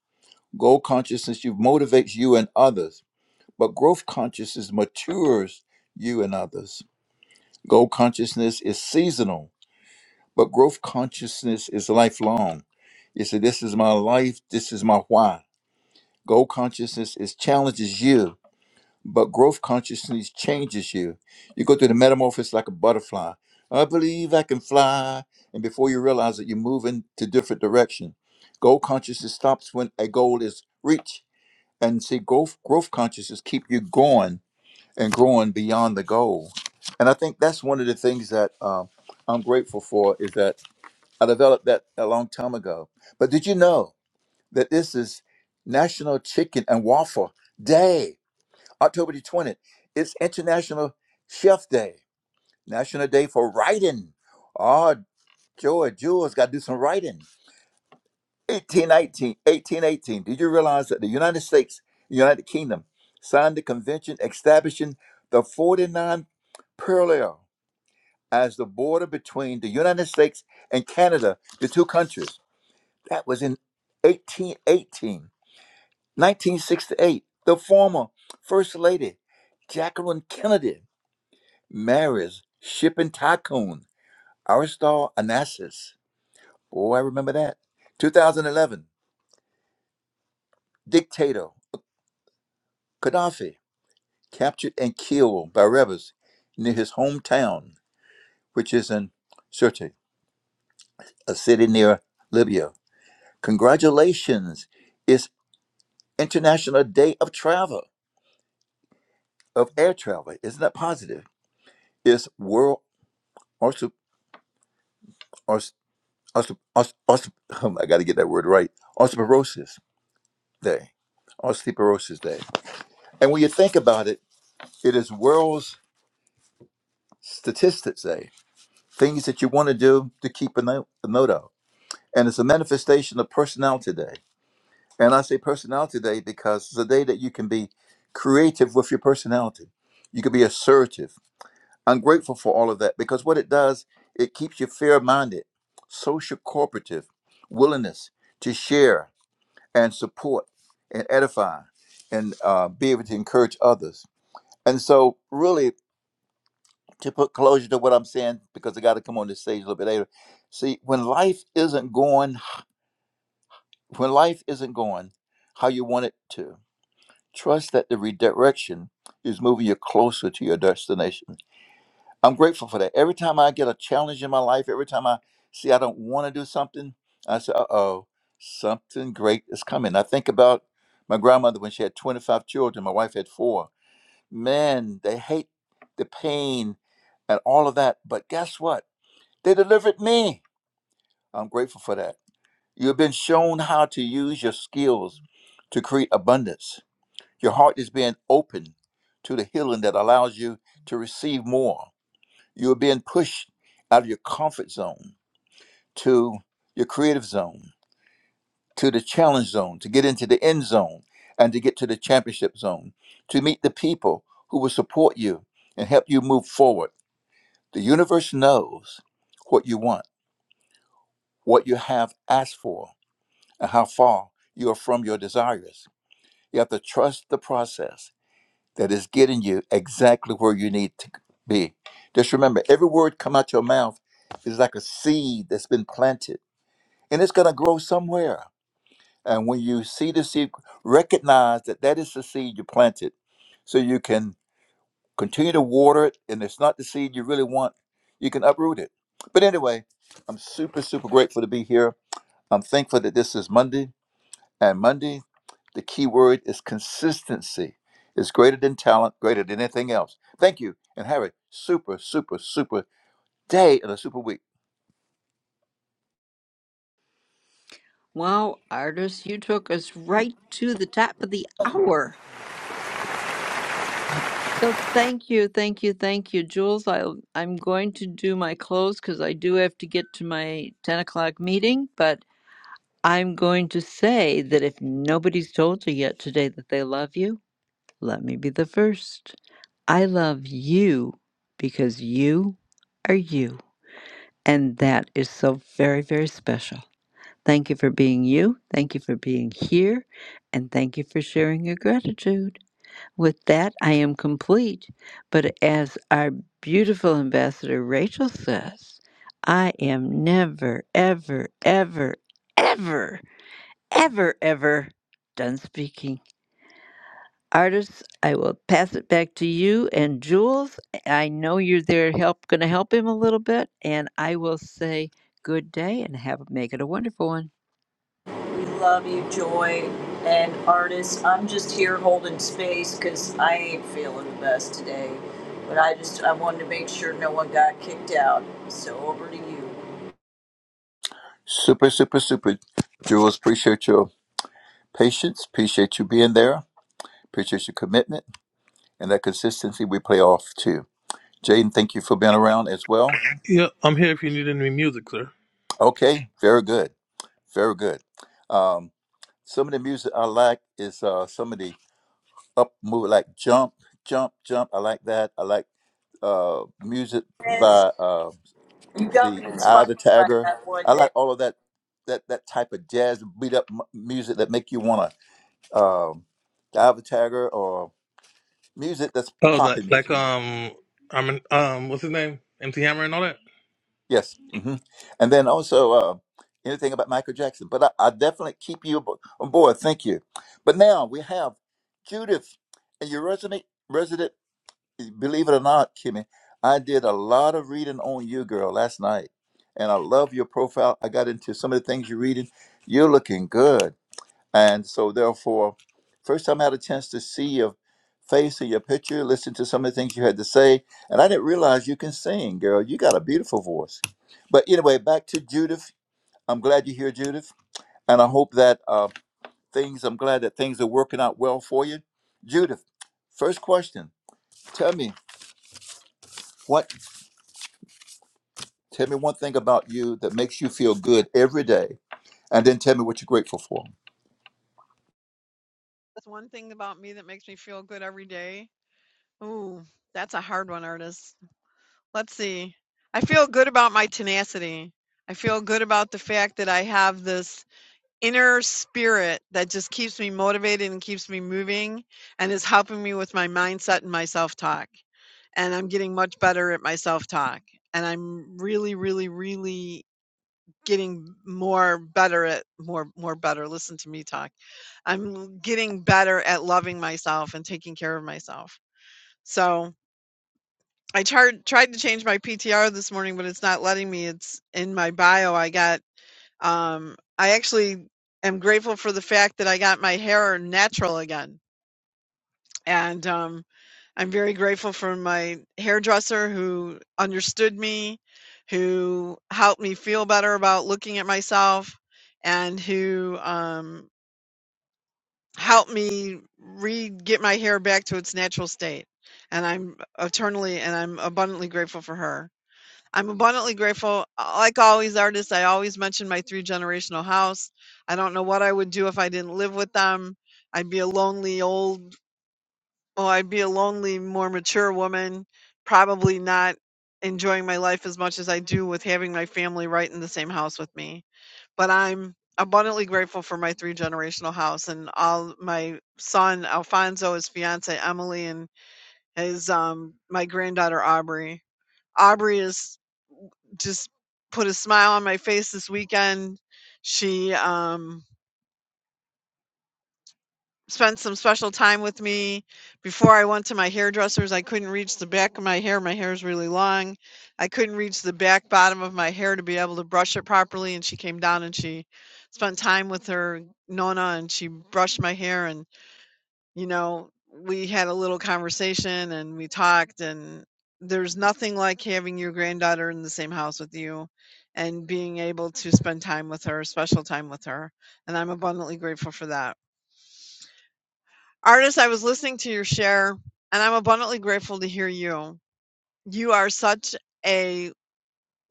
Goal consciousness you motivates you and others, but growth consciousness matures you and others. Goal consciousness is seasonal, but growth consciousness is lifelong. You say, "This is my life. This is my why." Goal consciousness is challenges you, but growth consciousness changes you. You go through the metamorphosis like a butterfly. I believe I can fly. And before you realize it, you're moving to different direction. Goal consciousness stops when a goal is reached. And see, growth, growth consciousness keep you going and growing beyond the goal. And I think that's one of the things that um, I'm grateful for is that I developed that a long time ago. But did you know? that this is National Chicken and Waffle Day, October the 20th. It's International Chef Day, National Day for Writing. Oh, Joy, Jules got to do some writing. 1819, Did you realize that the United States, United Kingdom, signed the convention establishing the 49th parallel as the border between the United States and Canada, the two countries? That was in 1818. 1968, the former First Lady Jacqueline Kennedy marries shipping tycoon Aristotle Onassis. Oh, I remember that. 2011, dictator Gaddafi captured and killed by rebels near his hometown, which is in Sirte, a city near Libya. Congratulations! It's International Day of Travel, of Air Travel. Isn't that positive? It's World Marsup- or Osteo- os- os- um, I got (laughs) to get that word right. Osteoporosis Day, Osteoporosis Day, and when you think about it, it is World's Statistics Day. Things that you want to do to keep a note, a note of, and it's a manifestation of Personality Day. And I say Personality Day because it's a day that you can be creative with your personality. You can be assertive. I'm grateful for all of that because what it does, it keeps you fair-minded, social cooperative, willingness to share and support and edify and uh, be able to encourage others. And so, really, to put closure to what I'm saying, because I got to come on this stage a little bit later. See, when life isn't going, when life isn't going how you want it to, trust that the redirection is moving you closer to your destination I'm grateful for that. Every time I get a challenge in my life, every time I see I don't want to do something, I say, uh oh, something great is coming. I think about my grandmother when she had 25 children, my wife had four. Man, they hate the pain and all of that. But guess what? They delivered me. I'm grateful for that. You've been shown how to use your skills to create abundance. Your heart is being open to the healing that allows you to receive more. You are being pushed out of your comfort zone to your creative zone, to the challenge zone, to get into the end zone and to get to the championship zone, to meet the people who will support you and help you move forward. The universe knows what you want, what you have asked for, and how far you are from your desires. You have to trust the process that is getting you exactly where you need to be. Just remember, every word come out your mouth is like a seed that's been planted and it's going to grow somewhere. And when you see the seed, recognize that that is the seed you planted. So you can continue to water it, and if it's not the seed you really want, you can uproot it. But anyway, I'm super, super grateful to be here. I'm thankful that this is Monday, and Monday, the key word is consistency. It's greater than talent, greater than anything else. Thank you, and have a super, super, super day and a super week. Wow, artist, you took us right to the top of the hour. So thank you, thank you, thank you, Jules. I I'm going to do my close because I do have to get to my ten o'clock meeting, but. I'm going to say that if nobody's told you yet today that they love you, let me be the first. I love you because you are you. And that is so very, very special. Thank you for being you. Thank you for being here. And thank you for sharing your gratitude. With that, I am complete. But as our beautiful ambassador Rachel says, I am never, ever, ever, ever ever, ever done speaking. Artists, I will pass it back to you and Jules. I know you're there help going to help him a little bit and I will say good day and have make it a wonderful one. We love you, Joy and artists. I'm just here holding space because I ain't feeling the best today. But I just I wanted to make sure no one got kicked out. So over to you. Super, super, super. Jules, appreciate your patience. Appreciate you being there Appreciate your commitment and that consistency we play off too. Jaden, thank you for being around as well. Yeah, I'm here if you need any music, sir. Okay, very good. Very good. Um, some of the music I like is uh, some of the up move like jump, jump, jump. I like that. I like uh, music by uh, the Eye of the Tiger. I like all of that that that type of jazz beat up m- music that make you wanna um, the Eye of the Tiger or music that's Oh, like popping like music. um, I'm um, what's his name? MC Hammer and all that. Yes. hmm And then also uh, anything about Michael Jackson. But I, I definitely keep you abo- on board. Thank you. But now we have Judith, and your resident resident. Believe it or not, Kimmy, I did a lot of reading on you, girl, last night, and I love your profile. I got into some of the things you're reading. You're looking good. And so, therefore, first time I had a chance to see your face or your picture, listen to some of the things you had to say, and I didn't realize you can sing, girl. You got a beautiful voice. But anyway, back to Judith. I'm glad you're here, Judith, and I hope that uh, things. I'm glad that things are working out well for you, Judith. First question: Tell me what. Tell me one thing about you that makes you feel good every day, and then tell me what you're grateful for. That's one thing about me that makes me feel good every day. Ooh, that's a hard one, artist. Let's see. I feel good about my tenacity. I feel good about the fact that I have this inner spirit that just keeps me motivated and keeps me moving and is helping me with my mindset and my self talk. And I'm getting much better at my self talk. And I'm really, really, really getting more better at more, more better. Listen to me talk. I'm getting better at loving myself and taking care of myself. So I tried tried to change my PTR this morning, but it's not letting me. It's in my bio. I got um, I actually am grateful for the fact that I got my hair natural again. And um, I'm very grateful for my hairdresser who understood me, who helped me feel better about looking at myself, and who um, helped me re get my hair back to its natural state. And I'm eternally and I'm abundantly grateful for her. I'm abundantly grateful. Uh, Like always, artists, I always mention my three generational house. I don't know what I would do if I didn't live with them. I'd be a lonely old, oh, I'd be a lonely, more mature woman, probably not enjoying my life as much as I do with having my family right in the same house with me. But I'm abundantly grateful for my three generational house and all my son Alfonso, his fiance Emily, and his um my granddaughter Aubrey. Aubrey is just put a smile on my face this weekend. She um, spent some special time with me. Before I went to my hairdresser's, I couldn't reach the back of my hair. My hair is really long. I couldn't reach the back bottom of my hair to be able to brush it properly. And she came down and she spent time with her Nona and she brushed my hair. and. you know, we had a little conversation and we talked and there's nothing like having your granddaughter in the same house with you and being able to spend time with her, special time with her. And I'm abundantly grateful for that. Artist, I was listening to your share and I'm abundantly grateful to hear you. You are such a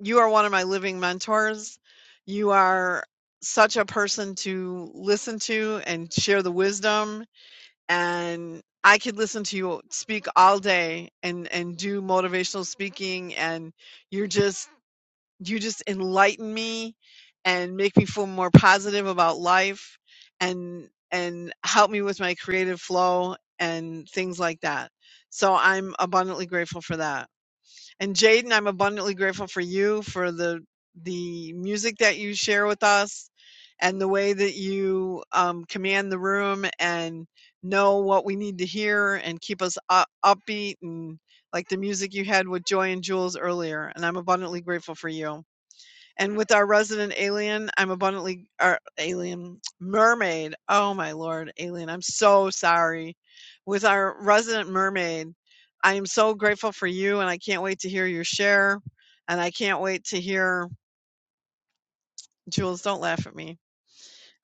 you are one of my living mentors. You are such a person to listen to and share the wisdom and I could listen to you speak all day and and do motivational speaking and you're just you just enlighten me and make me feel more positive about life and and help me with my creative flow and things like that. So I'm abundantly grateful for that. And Jaden, I'm abundantly grateful for you for the the music that you share with us and the way that you um, command the room and know what we need to hear and keep us up, upbeat and like the music you had with Joy and Jules earlier. And I'm abundantly grateful for you. And with our resident alien, I'm abundantly our alien mermaid. Oh my lord, alien. I'm so sorry. With our resident mermaid, I am so grateful for you and I can't wait to hear your share. And I can't wait to hear Jules, don't laugh at me.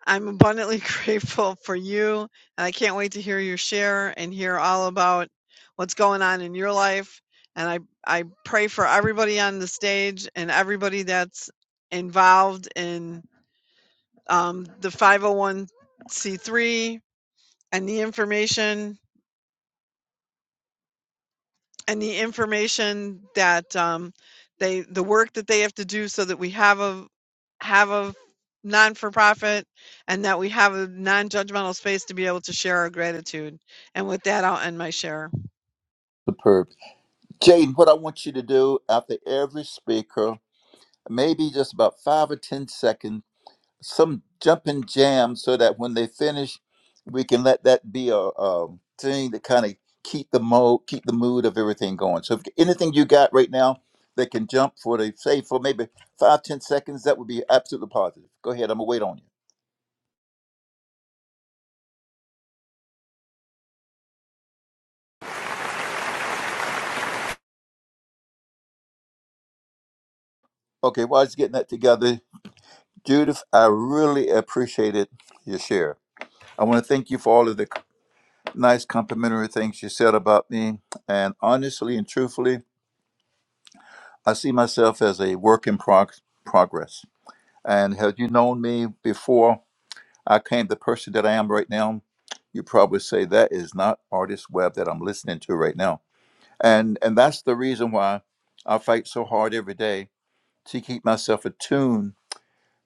I'm abundantly (laughs) grateful for you and I can't wait to hear your share and hear all about what's going on in your life. And I I pray for everybody on the stage and everybody that's involved in um, the 501c3 and the information and the information that um, they the work that they have to do so that we have a have a non for profit and that we have a non judgmental space to be able to share our gratitude. And with that, I'll end my share. Superb, Jaden. What I want you to do after every speaker maybe just about five or ten seconds, some jumping jam, so that when they finish, we can let that be a, um thing that kind of keep the mode, keep the mood of everything going. So, if anything you got right now that can jump for the say for maybe five ten seconds, that would be absolutely positive. Go ahead, I'm gonna wait on you. Okay, while I was getting that together, Judith, I really appreciated your share. I want to thank you for all of the nice complimentary things you said about me. And honestly and truthfully, I see myself as a work in prog- progress. And had you known me before I came the person that I am right now, you probably say that is not artist web that I'm listening to right now. And and that's the reason why I fight so hard every day to keep myself attuned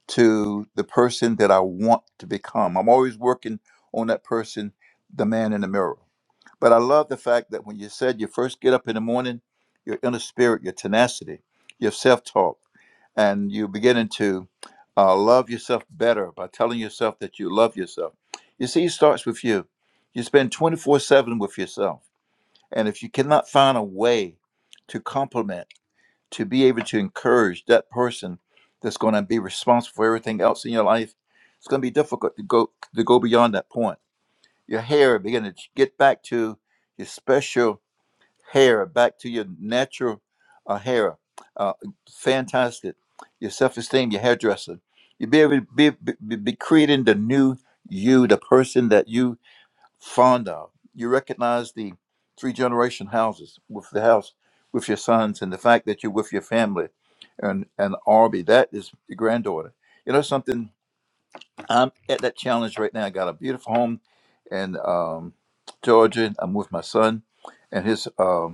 to the person that I want to become. I'm always working on that person, the man in the mirror. But I love the fact that when you said you first get up in the morning, your inner spirit, your tenacity, your self-talk and you beginning to uh, love yourself better by telling yourself that you love yourself. You see, it starts with you. You spend 24 7 with yourself. And if you cannot find a way to compliment, to be able to encourage that person that's going to be responsible for everything else in your life, it's going to be difficult to go to go beyond that point. Your hair beginning to get back to your special hair back to your natural uh, hair. Uh, fantastic. Your self esteem, your hairdresser. You be able to be, be, be creating the new you, the person that you fond of. You recognize the three generation houses with the house with your sons and the fact that you're with your family and and Arby. That is your granddaughter. You know something? I'm at that challenge right now. I got a beautiful home in um, Georgia. I'm with my son and his. um,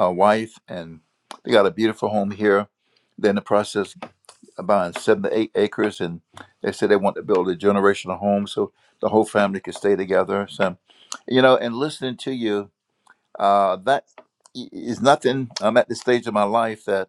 uh, wife, and they got a beautiful home here. They're in the process of buying seven to eight acres, and they said they want to build a generational home so the whole family could stay together. So, you know, and listening to you, uh, that i- is nothing. I'm at the stage of my life that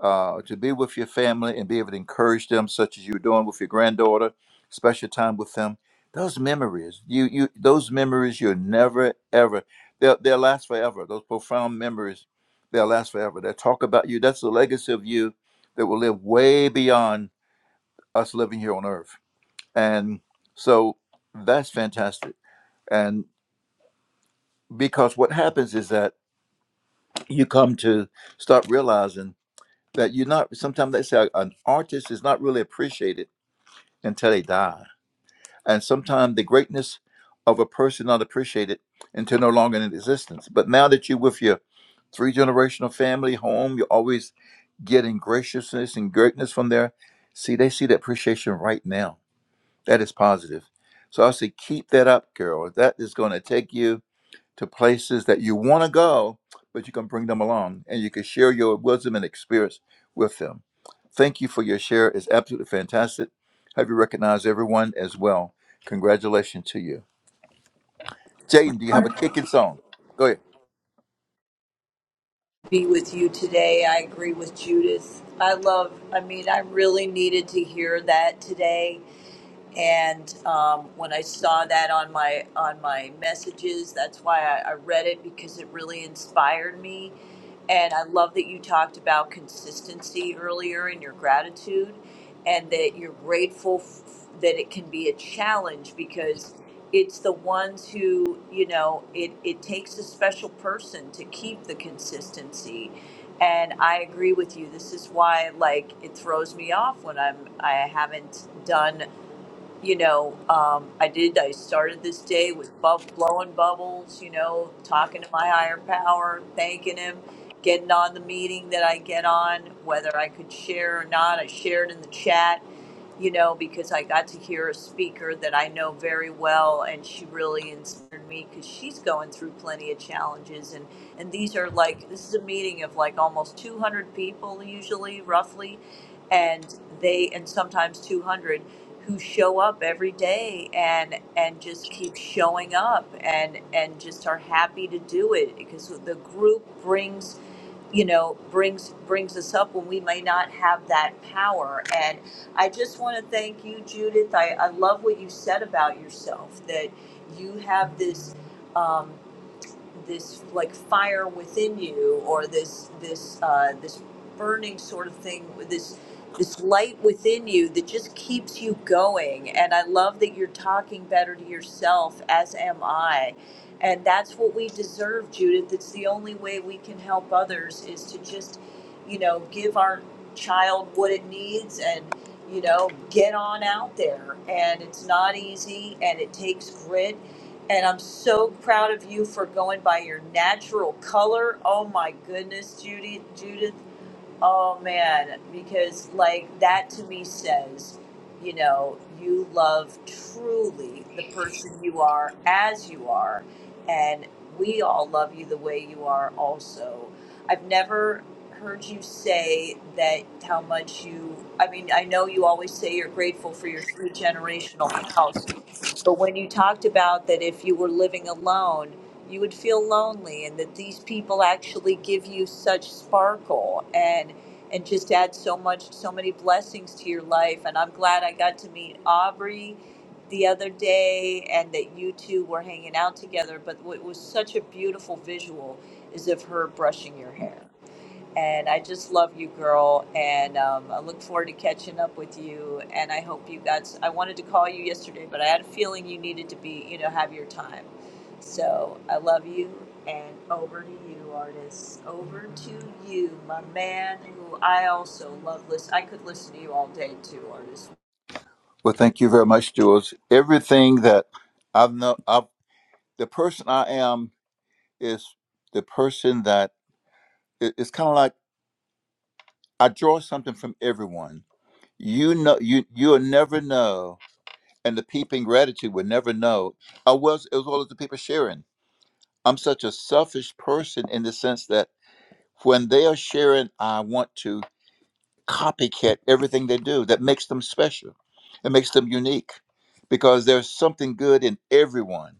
uh, to be with your family and be able to encourage them, such as you're doing with your granddaughter, special time with them. Those memories, you you those memories you'll never ever they'll they'll last forever. Those profound memories, they'll last forever. They'll talk about you. That's the legacy of you that will live way beyond us living here on earth. And so that's fantastic. And because what happens is that you come to start realizing that you're not sometimes they say an artist is not really appreciated until they die. And sometimes the greatness of a person not appreciated until no longer in existence. But now that you're with your three generational family home, you're always getting graciousness and greatness from there. See, they see the appreciation right now. That is positive. So I say, keep that up, girl. That is going to take you to places that you want to go, but you can bring them along and you can share your wisdom and experience with them. Thank you for your share. It's absolutely fantastic. Have you recognized everyone as well? Congratulations to you. Jaden, do you have a Wonderful kicking song? Go ahead. to Be with you today. I agree with Judith. I love. I mean, I really needed to hear that today. And um, when I saw that on my on my messages, that's why I, I read it because it really inspired me And I love that you talked about consistency earlier in your gratitude and that you're grateful f- that it can be a challenge because it's the ones who, you know, it, it takes a special person to keep the consistency. And I agree with you. This is why, like, it throws me off when I'm I haven't done you know, um, I did. I started this day with bub- blowing bubbles, you know, talking to my higher power, thanking him, getting on the meeting that I get on, whether I could share or not. I shared in the chat, you know, because I got to hear a speaker that I know very well, and she really inspired me because she's going through plenty of challenges. And, and these are like, this is a meeting of like almost 200 people, usually, roughly and they and sometimes 200 who show up every day and and just keep showing up and and just are happy to do it because the group brings you know brings brings us up when we may not have that power and i just want to thank you judith i, I love what you said about yourself that you have this um, this like fire within you or this this uh, this burning sort of thing this this light within you that just keeps you going and i love that you're talking better to yourself as am i and that's what we deserve judith it's the only way we can help others is to just you know give our child what it needs and you know get on out there and it's not easy and it takes grit and I'm so proud of you for going by your natural color. Oh my goodness, Judy, Judith. Oh man, because like that to me says, you know, you love truly the person you are as you are, and we all love you the way you are also. I've never heard you say that how much you I mean, I know you always say you're grateful for your three generational house, but when you talked about that if you were living alone you would feel lonely and that these people actually give you such sparkle and and just add so much so many blessings to your life and i'm glad i got to meet aubrey the other day and that you two were hanging out together but what was such a beautiful visual is of her brushing your hair and I just love you, girl. And um, I look forward to catching up with you. And I hope you got. I wanted to call you yesterday, but I had a feeling you needed to be, you know, have your time. So I love you. And over to you, artists. Over to you, my man, who I also love. Listen, I could listen to you all day too, artist. Well, thank you very much, Jules. Everything that I've known, I've, the person I am is the person that it- it's kind of like I draw something from everyone. You know, you you'll never know and the people in gratitude would never know. I was as well as the people sharing. I'm such a selfish person in the sense that when they are sharing, I want to copycat everything they do. That makes them special. It makes them unique because there's something good in everyone.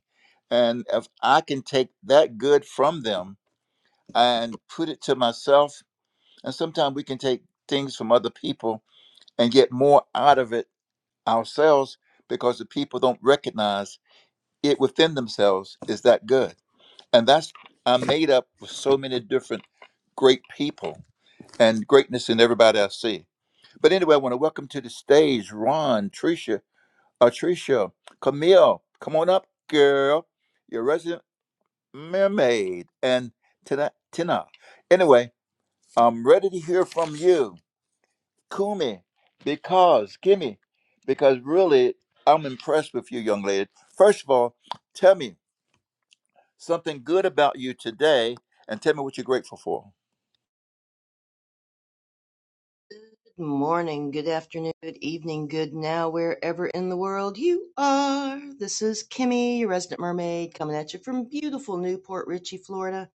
And if I can take that good from them and put it to myself, and sometimes we can take things from other people and get more out of it ourselves because the people don't recognize it within themselves is that good. And that's I'm made up with so many different great people and greatness in everybody I see. But anyway, I want to welcome to the stage Ron, Tricia, uh, Tricia, Camille. Come on up, girl. Your resident mermaid and Tina. Tina. Anyway, I'm ready to hear from you, Kumi, because Kimmy, because really I'm impressed with you, young lady. First of all, tell me something good about you today and tell me what you're grateful for. Good morning, good afternoon, good evening, good now, wherever in the world you are. This is Kimmy, your resident mermaid, coming at you from beautiful Newport Richey, Florida.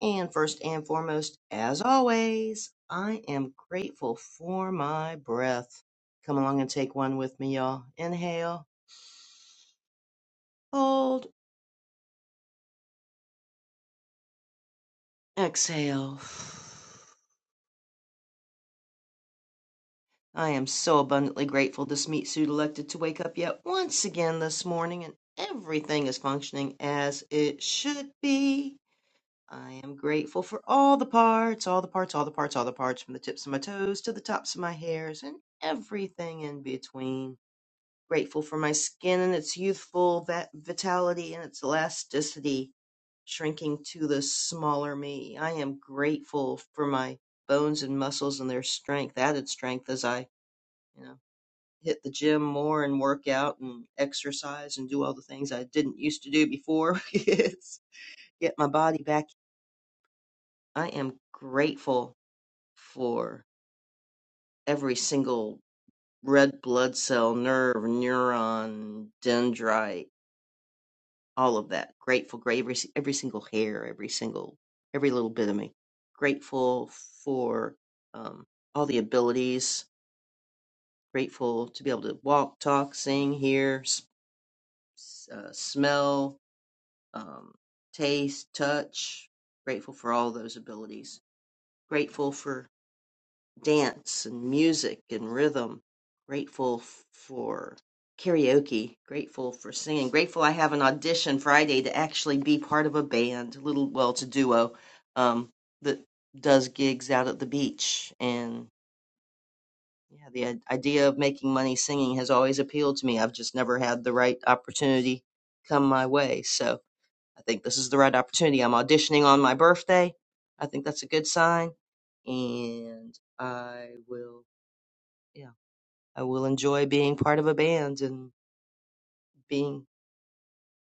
And first and foremost, as always, I am grateful for my breath. Come along and take one with me, y'all. Inhale, hold, exhale. I am so abundantly grateful this meat suit elected to wake up yet once again this morning and everything is functioning as it should be. I am grateful for all the parts, all the parts, all the parts, all the parts, from the tips of my toes to the tops of my hairs and everything in between. Grateful for my skin and its youthful va- vitality and its elasticity, shrinking to the smaller me. I am grateful for my bones and muscles and their strength, added strength as I, you know hit the gym more and work out and exercise and do all the things I didn't used to do before. (laughs) It's get my body back. I am grateful for every single red blood cell, nerve, neuron, dendrite, all of that. Grateful, great every si, every single hair, every single every little bit of me. Grateful for um, all the abilities. Grateful to be able to walk, talk, sing, hear, s- s- uh, smell, um, taste, touch. Grateful for all those abilities. Grateful for dance and music and rhythm. Grateful for karaoke. Grateful for singing. Grateful I have an audition Friday to actually be part of a band, a little, well, it's a duo um, that does gigs out at the beach. And yeah, the i- idea of making money singing has always appealed to me. I've just never had the right opportunity come my way. So, I think this is the right opportunity. I'm auditioning on my birthday. I think that's a good sign. And I will, yeah, I will enjoy being part of a band and being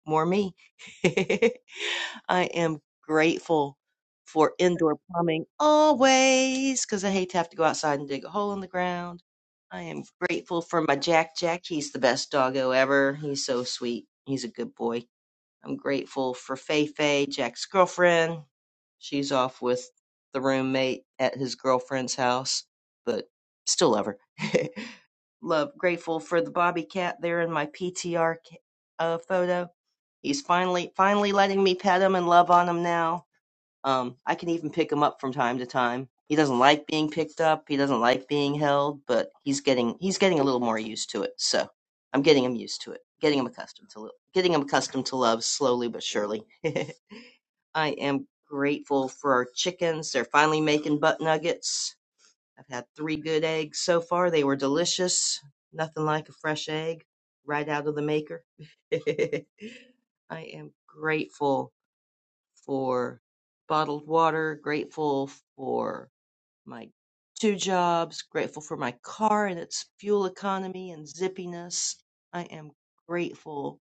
more me. (laughs) I am grateful for indoor plumbing always because I hate to have to go outside and dig a hole in the ground. I am grateful for my Jack Jack. He's the best doggo ever. He's so sweet. He's a good boy I'm grateful for Fei Fei, Jack's girlfriend. She's off with the roommate at his girlfriend's house, but still love her. (laughs) love, grateful for the Bobby Cat there in my PTR ca- uh, photo. He's finally, finally letting me pet him and love on him now um, I can even pick him up from time to time. He doesn't like being picked up. He doesn't like being held, but he's getting he's getting a little more used to it. So I'm getting him used to it, getting him accustomed to lo- getting him accustomed to love slowly but surely. (laughs) I am grateful for our chickens. They're finally making butt nuggets. I've had three good eggs so far. They were delicious. Nothing like a fresh egg right out of the maker. (laughs) I am grateful for bottled water, grateful for my two jobs, grateful for my car and its fuel economy and zippiness. I am grateful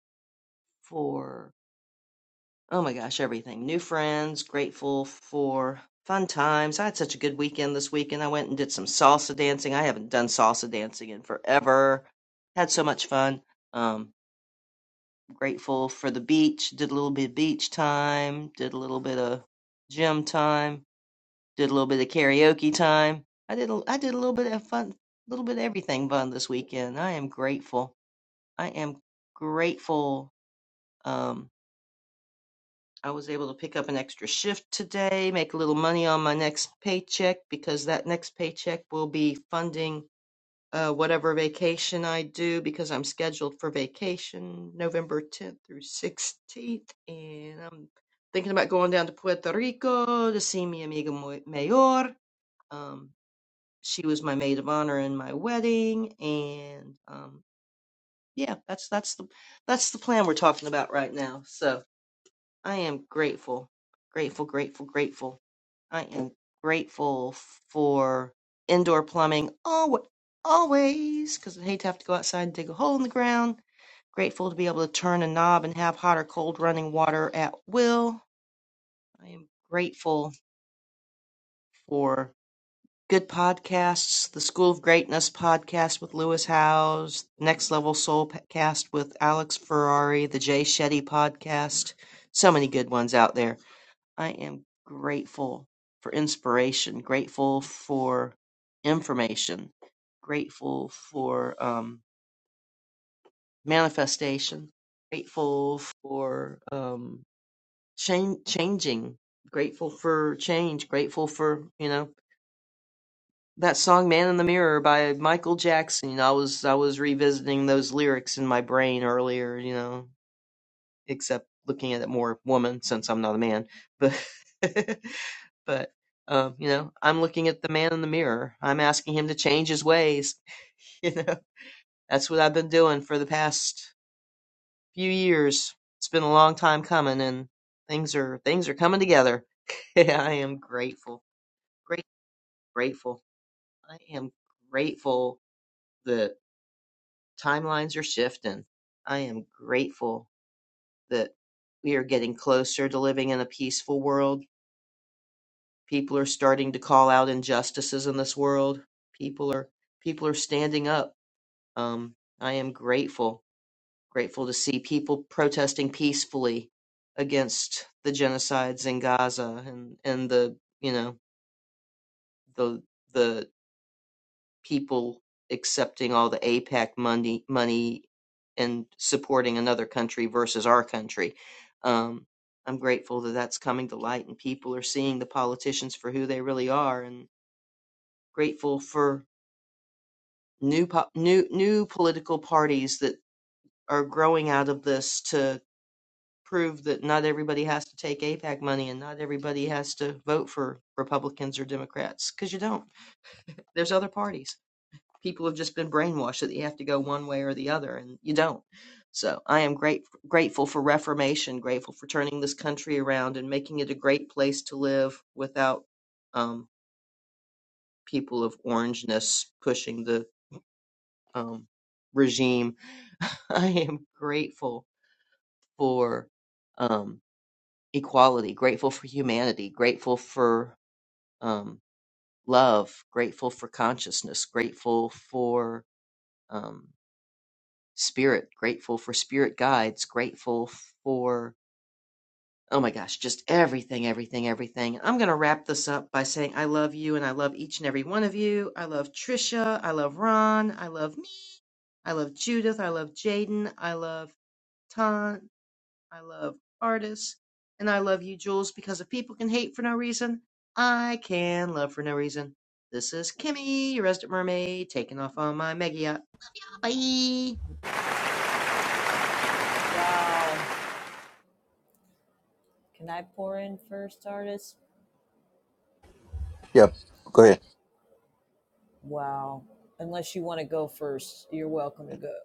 for, oh my gosh, everything. New friends, grateful for fun times. I had such a good weekend this weekend. I went and did some salsa dancing. I haven't done salsa dancing in forever. Had so much fun. Um, grateful for the beach. Did a little bit of beach time, did a little bit of gym time Did a little bit of karaoke time. I did a, I did a little bit of fun, a little bit of everything fun this weekend. I am grateful. I am grateful. Um, I was able to pick up an extra shift today, make a little money on my next paycheck because that next paycheck will be funding uh, whatever vacation I do because I'm scheduled for vacation November 10th through 16th. And I'm thinking about going down to Puerto Rico to see mi amigo mayor. Um, she was my maid of honor in my wedding and um yeah that's that's the that's the plan we're talking about right now so i am grateful grateful grateful grateful i am grateful for indoor plumbing always always because i hate to have to go outside and dig a hole in the ground grateful to be able to turn a knob and have hot or cold running water at will i am grateful for. good podcasts. The School of Greatness podcast with Lewis Howes, Next Level Soul cast with Alex Ferrari, the Jay Shetty podcast. So many good ones out there. I am grateful for inspiration, grateful for information, grateful for um, manifestation, grateful for um, chan- changing, grateful for change, grateful for, you know, that song "Man in the Mirror" by Michael Jackson. I was I was revisiting those lyrics in my brain earlier, you know, except looking at it more woman since I'm not a man. But (laughs) but um, you know, I'm looking at the man in the mirror. I'm asking him to change his ways. (laughs) You know, that's what I've been doing for the past few years. It's been a long time coming, and things are things are coming together. (laughs) I am grateful, great grateful. I am grateful timelines are shifting. I am grateful that we are getting closer to living in a peaceful world. People are starting to call out injustices in this world. People are people are standing up. Um, I am grateful, grateful to see people protesting peacefully against the genocides in Gaza and and the you know the the people accepting all the APAC money money and supporting another country versus our country. Um, I'm grateful that that's coming to light and people are seeing the politicians for who they really are, and grateful for new po- new new political parties that are growing out of this to prove that not everybody has to take APAC money and not everybody has to vote for Republicans or Democrats because you don't. There's other parties. people have just been brainwashed that you have to go one way or the other, and you don't. So I am great, grateful for reformation, grateful for turning this country around and making it a great place to live without um, people of orangeness pushing the um, regime. (laughs) I am grateful for um, equality, grateful for humanity, grateful for um, love, grateful for consciousness, grateful for. Um, spirit grateful for spirit guides grateful for oh my gosh just everything everything everything i'm going to wrap this up by saying i love you and i love each and every one of you i love trisha i love ron i love me i love judith i love jaden i love ton i love artis and i love you jules because if people can hate for no reason i can love for no reason this is kimmy your resident mermaid taking off on my mega yacht. bye Wow. Can I pour in first, artist? Yep. Go ahead. Wow. Unless you want to go first, you're welcome to go.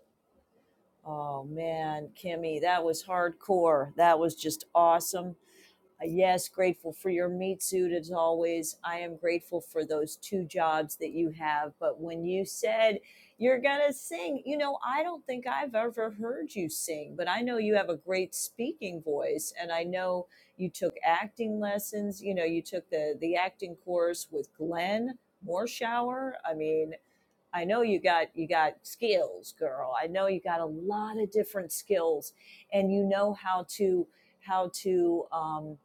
Oh man, Kimmy, that was hardcore. That was just awesome. Uh, yes, grateful for your meat suit as always. I am grateful for those two jobs that you have. But when you said you're going to sing, you know, I don't think I've ever heard you sing, but I know you have a great speaking voice. And I know you took acting lessons. You know, you took the, the acting course with Glenn Morshower. I mean, I know you got you got skills, girl. I know you got a lot of different skills, and you know how to how to um,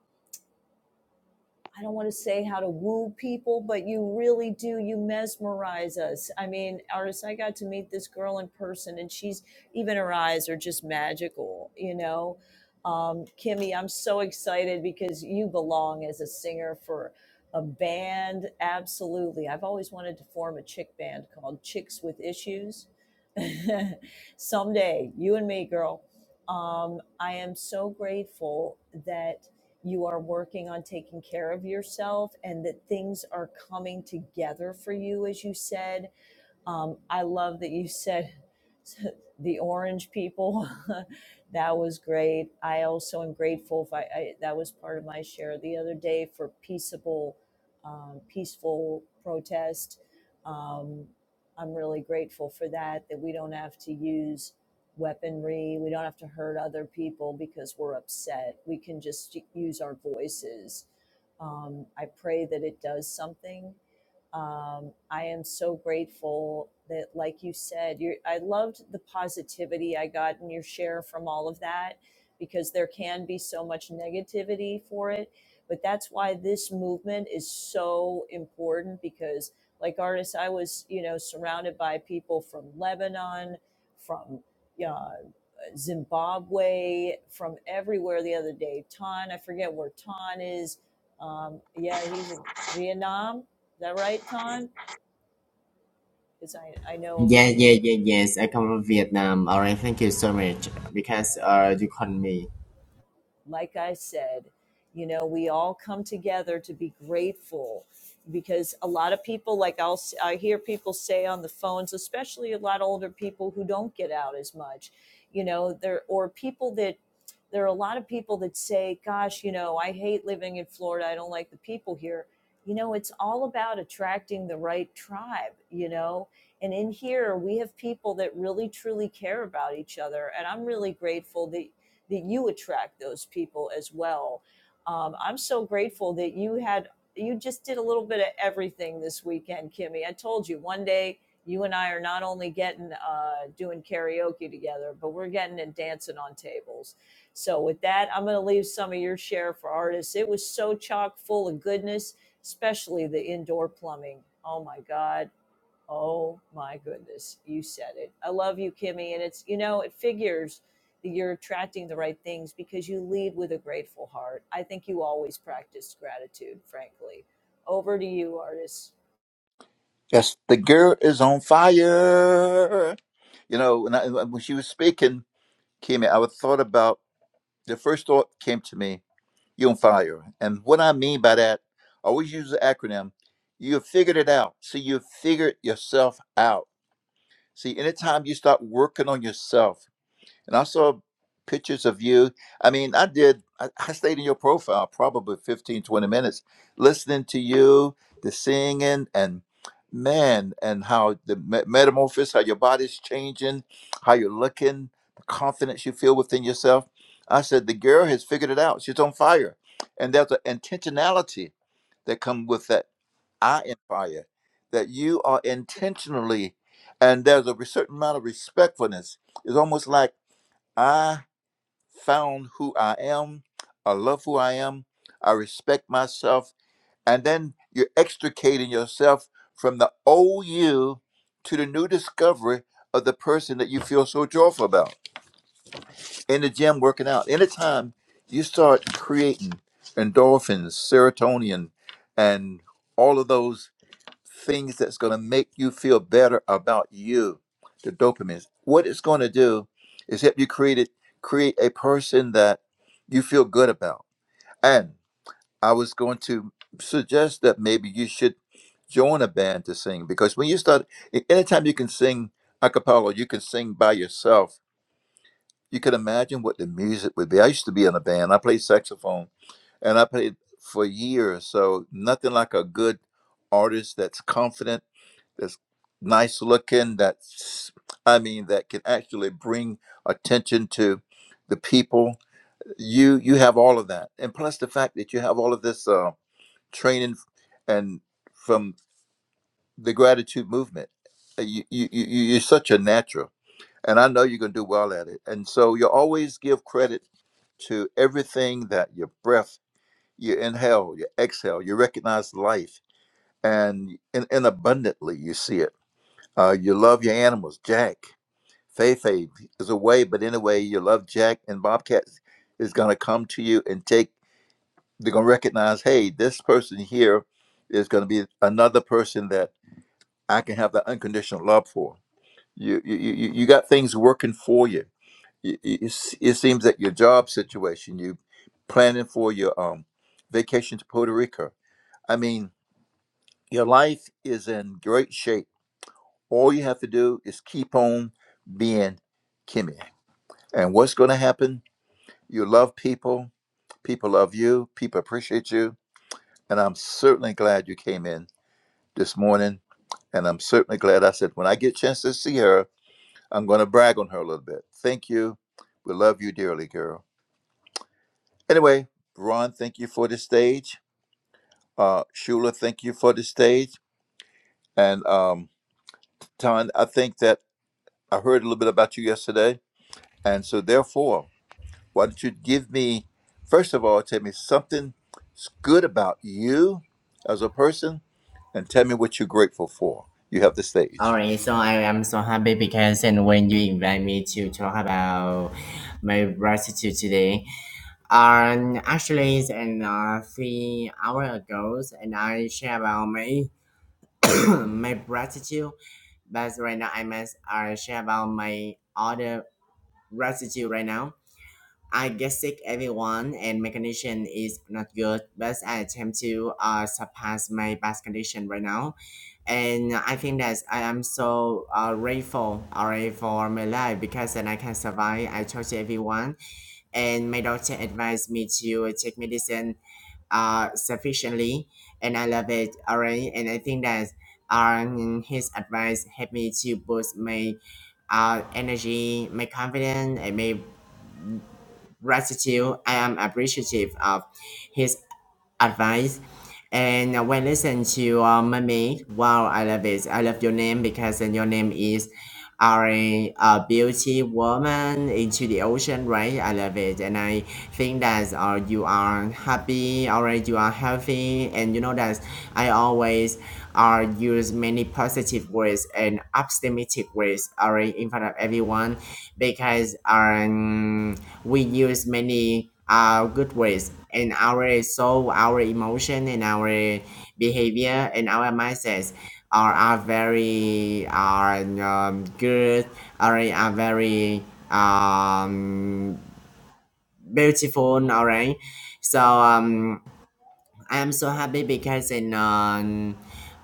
I don't want to say how to woo people, but you really do. You mesmerize us. I mean, artists, I got to meet this girl in person, and she's even her eyes are just magical, you know. Um, Kimmy, I'm so excited because you belong as a singer for a band. Absolutely. I've always wanted to form a chick band called Chicks with Issues. (laughs) Someday, you and me, girl. Um, I am so grateful that you are working on taking care of yourself and that things are coming together for you, as you said um, I love that you said (laughs) the orange people. (laughs) that was great. I also am grateful. If I, I that was part of my share the other day for peaceable, um, peaceful protest. Um, I'm really grateful for that. That we don't have to use weaponry. We don't have to hurt other people because we're upset. We can just use our voices. Um, I pray that it does something um, I am so grateful that, like you said, you I loved the positivity I got in your share from all of that because there can be so much negativity for it. But that's why this movement is so important because, like artists, I was, you know, surrounded by people from Lebanon, from uh, Zimbabwe, from everywhere the other day. Ton, I forget where Ton is. Um, yeah, he's in Vietnam. Is that right, Ton? Because I, I know originally. Yeah, yeah, yeah, yes. I come from Vietnam. All right, thank you so much because uh, you called me. like I said, you know, we all come together to be grateful because a lot of people, like I'll, s- i will I hear people say on the phones, especially a lot of older people who don't get out as much, you know, there, or people that, there are a lot of people that say, gosh, you know, I hate living in Florida. I don't like the people here. You know, it's all about attracting the right tribe, you know, and in here we have people that really truly care about each other. And I'm really grateful that that you attract those people as well. Um, I'm so grateful that you had you just did a little bit of everything this weekend, Kimmy. I told you one day you and I are not only getting uh, doing karaoke together, but we're getting and dancing on tables. So with that, I'm going to leave some of your share for artists. It was so chock full of goodness, especially the indoor plumbing. Oh my God Oh my goodness, you said it. I love you, Kimmy. And it's, you know, it figures that you're attracting the right things because you lead with a grateful heart. I think you always practice gratitude, frankly. Over to you, artist. Yes, the girl is on fire. You know, when, I, when she was speaking, Kimmy, I was thought about the first thought came to me, you are on fire. And what I mean by that, I always use the acronym, you figured it out. See, you figured yourself out. See, anytime you start working on yourself, And I saw pictures of you. I mean, I did, I, I stayed in your profile probably 15, 20 minutes listening to you, the singing, and man, and how the me- metamorphosis, how your body's changing, how you're looking, the confidence you feel within yourself. I said, the girl has figured it out. She's on fire. And there's an intentionality that come with that I am fire, that you are intentionally, and there's a certain amount of respectfulness. It's almost like, I found who I am. I love who I am. I respect myself. And then you're extricating yourself from the old you to the new discovery of the person that you feel so joyful about. In the gym, working out. Anytime you start creating endorphins, serotonin, and all of those things that's going to make you feel better about you the dopamine what it's going to do is help you create it, create a person that you feel good about and i was going to suggest that maybe you should join a band to sing because when you start a- anytime you can sing a cappella you can sing by yourself you can imagine what the music would be i used to be in a band i played saxophone and i played for years so nothing like a good artist that's confident that's nice looking that's i mean that can actually bring attention to the people you you have all of that and plus the fact that you have all of this uh, training and from the gratitude movement Uh, you, you you you- you're such a natural and i know you're going to do well at it and so you always give credit to everything that your breath you inhale you exhale you recognize life and and, and abundantly you see it uh, you love your animals jack Fei is away, but anyway, your love Jack and Bobcat is going to come to you and take, they're going to recognize, hey, this person here is going to be another person that I can have the unconditional love for. You, you, you, you got things working for you. You- you- you s- It seems that your job situation, you planning for your um, vacation to Puerto Rico. I mean, your life is in great shape. All you have to do is keep on being Kimmy. And what's going to happen? You love people, people love you, people appreciate you. And I'm certainly glad you came in this morning. And I'm certainly glad I said, when I get a chance to see her, I'm going to brag on her a little bit. Thank you. We love you dearly, girl. Anyway, Ron, thank you for the stage. Uh, Shula, thank you for the stage. And um, Ton, I think that I heard a little bit about you yesterday. And so, therefore, Why don't you give me, first of all, tell me something good about you as a person and tell me what you're grateful for. You have the All stage. right, so I am so happy because and when you invite me to talk about my gratitude today, Um, actually, it's in uh, three hours ago, and I share about my (coughs) my gratitude. But right now, I must uh, share about my other gratitude right now. I get sick, everyone, and my condition is not good. But I attempt to uh, surpass my past condition right now, and I think that I am so uh, grateful, alright, for my life because then I can survive. I told everyone and my doctor advised me to take medicine uh, sufficiently and i love it already and i think that um, his advice helped me to boost my uh, energy my confidence and my gratitude i am appreciative of his advice and uh, when I listen to uh, Mummy, wow, I love it. I love your name because then your name is are a, a beauty woman into the ocean, right? I love it. And I think that uh, you are happy, or you are healthy. And you know that I always uh, use many positive words and optimistic words are in front of everyone because um, we use many uh, good words in our soul, our emotion, and our behavior, and our mindsets are, are very are um, good are, are very um, beautiful alright so um, I am so happy because in um,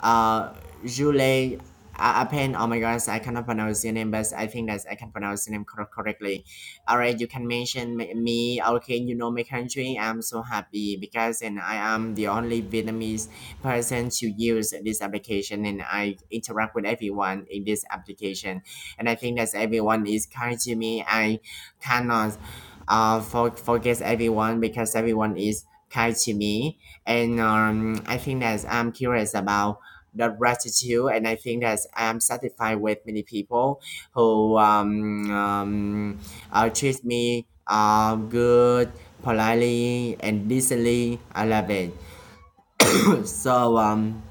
uh, Julie uh, Appen, oh my gosh, I cannot pronounce your name, but I think that I can pronounce your name cor- correctly. All right, you can mention me, me, okay, you know my country. I'm so happy because and I am the only Vietnamese person to use this application and I interact with everyone in this application. And I think that everyone is kind to me. I cannot uh, for, forget everyone because everyone is kind to me and um, I think that I'm curious about the gratitude, and I think that I'm satisfied with many people who um, um, uh, treat me um, good, politely, and decently. I love it. (laughs) (clears throat) so um,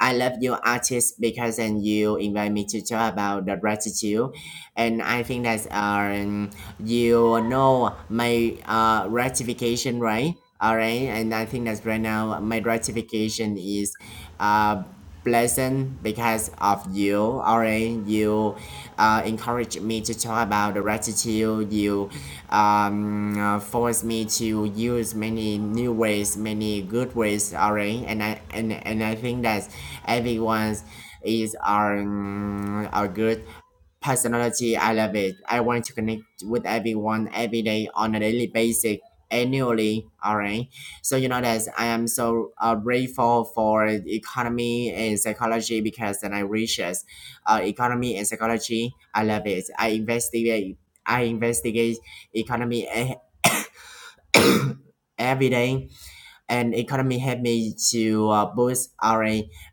I love you, artist, because then you invite me to talk about the gratitude, and I think that's um you know my uh ratification right all right and I think that's right now my ratification is uh pleasant because of you all right you uh, encouraged me to talk about the gratitude you um, uh, forced me to use many new ways many good ways all right and I and, and I think that everyone's is are um, are good personality. I love it. I want to connect with everyone every day on a daily basis, annually. All right. So you know that I am so uh, grateful for economy and psychology because then I research uh, economy and psychology. I love it. I investigate. I investigate economy e- (coughs) every day and economy helped me to uh, boost our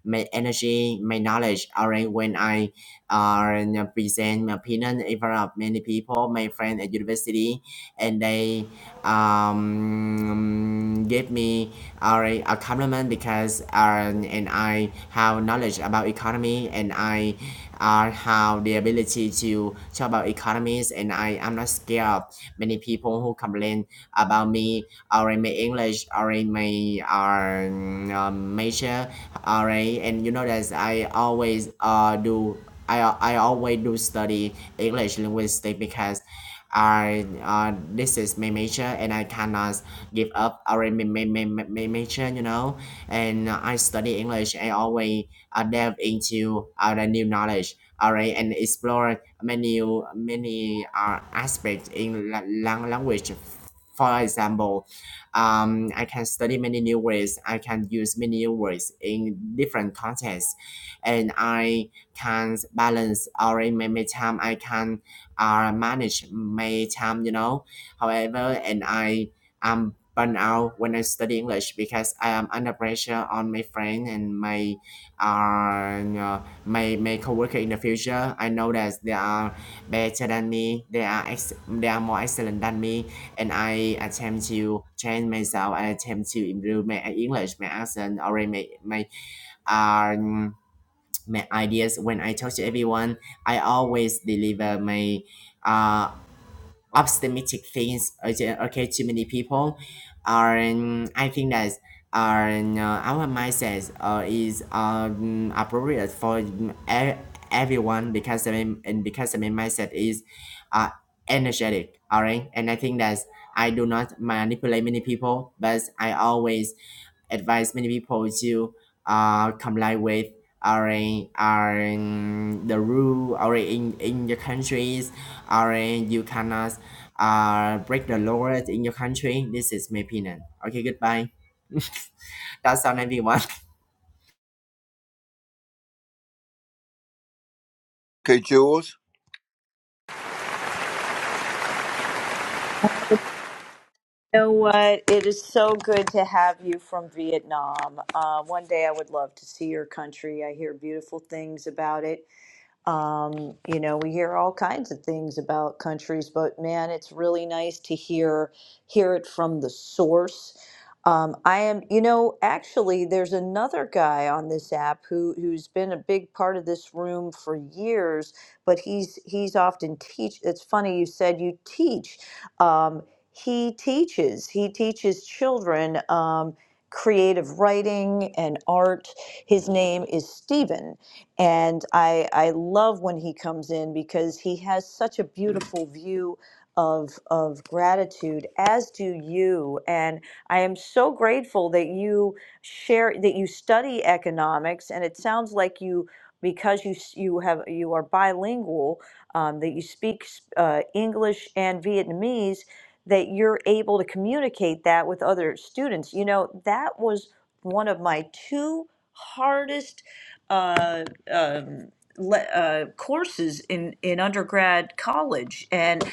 my energy, my knowledge. Alright, when I uh, present my opinion in front of many people, my friend at university, and they um, give me alright a compliment because uh, and I have knowledge about economy and I uh, have the ability to talk about economies and I am not scared of many people who complain about me RMA English, RMA um, um, major, RA, and you know that I always uh do I I always do study English linguistics because I uh, this is my major and I cannot give up our my, my, my, my major you know and uh, I study English I always uh, delve into uh the new knowledge alright and explore many many uh, aspects in la- lang- language for example um, I can study many new words. I can use many new words in different contexts, and I can balance or in my my time. I can uh, manage my time. You know, however, and I am burn out when I study English because I am under pressure on my friend and my uh, you know, my my coworker in the future. I know that they are better than me. They are ex- they are more excellent than me and I attempt to change myself. I attempt to improve my English, my accent, or my my um my ideas. When I talk to everyone, I always deliver my uh optimistic things uh, okay too many people and i think that are uh, our mindset uh, is um, appropriate for mm, e- everyone because the main, and because the main mindset is uh, energetic all right and i think that i do not manipulate many people but i always advice many people to uh, comply with are in, are in the rule or in, in your countries or in you cannot uh, break the laws in your country. This is my opinion. Okay, goodbye. (laughs) That's all everyone. Okay, Jules. You know what? It is so good to have you from Vietnam. Uh, one day I would love to see your country. I hear beautiful things about it. Um, you know, we hear all kinds of things about countries, but man, it's really nice to hear hear it from the source. Um, I am, you know, actually, there's another guy on this app who who's been a big part of this room for years, but he's he's often teach. It's funny you said you teach. Um, he teaches. He teaches children um, creative writing and art. His name is Stephen, and I I love when he comes in because he has such a beautiful view of of gratitude as do you and I am so grateful that you share that you study economics and it sounds like you because you s- you have you are bilingual um, that you speak uh, English and Vietnamese that you're able to communicate that with other students you know that was one of my two hardest uh, um, le- uh, courses in, in undergrad college. And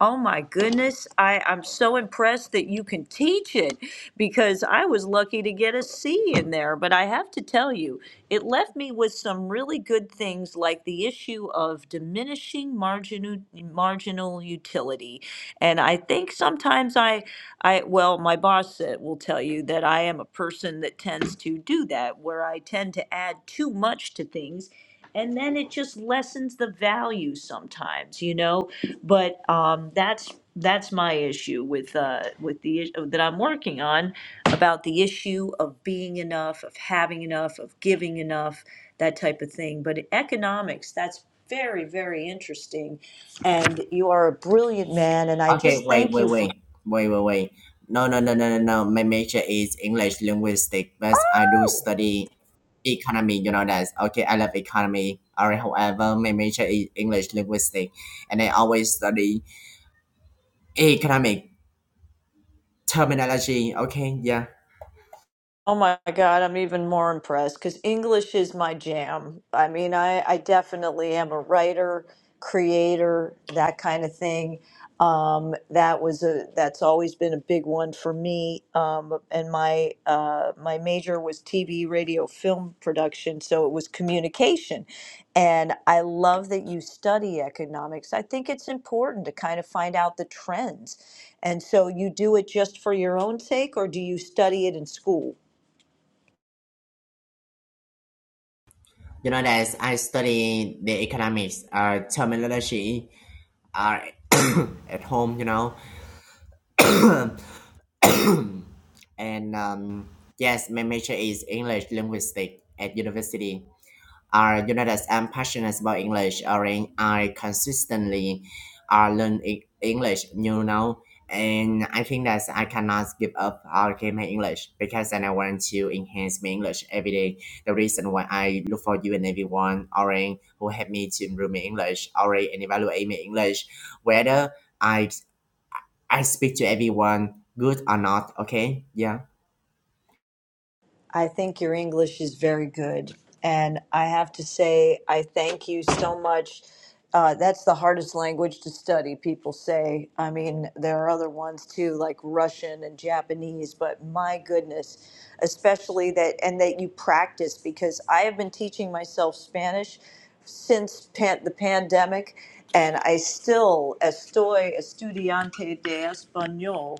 oh my goodness, I, I'm so impressed that you can teach it because I was lucky to get a C in there. But I have to tell you, it left me with some really good things like the issue of diminishing marginal, marginal utility. And I think sometimes I I, well, my boss uh, will tell you that I am a person that tends to do that, where I tend to add too much to things, and then it just lessens the value sometimes, you know. But um, that's that's my issue with uh, with the is- that I'm working on about the issue of being enough, of having enough, of giving enough, that type of thing. But in economics, that's very very interesting, and you are a brilliant man, and I Okay, just wait, thank wait, you for. wait, wait, wait, wait. No, no, no, no, no, no. My major is English linguistic, but I do study economy. You know that. Okay, I love economy. All right. However, my major is English linguistic, and I always study economic terminology. Okay, yeah. Oh my God, I'm even more impressed because English is my jam. I mean, I, I definitely am a writer, creator, that kind of thing. Um, that was a that's always been a big one for me. Um, and my uh, my major was TV, radio, film production, so it was communication. And I love that you study economics. I think it's important to kind of find out the trends. And so you do it just for your own sake, or do you study it in school? You know that I study the economics uh, terminology uh, (coughs) at home. You know, (coughs) and um, yes, my major is English linguistic at university. are you know that I'm passionate about English or in- I consistently uh, learn E- English you know and I think that I cannot give up or okay, my English because then I want to enhance my English every day. The reason why I look for you and everyone or in who help me to improve my English or in and evaluate my English whether I I speak to everyone good or not okay yeah I think your English is very good. And I have to say, I thank you so much. Uh, that's the hardest language to study, people say. I mean, there are other ones too, like Russian and Japanese, but my goodness, especially that, and that you practice because I have been teaching myself Spanish since pan- the pandemic, and I still estoy estudiante de español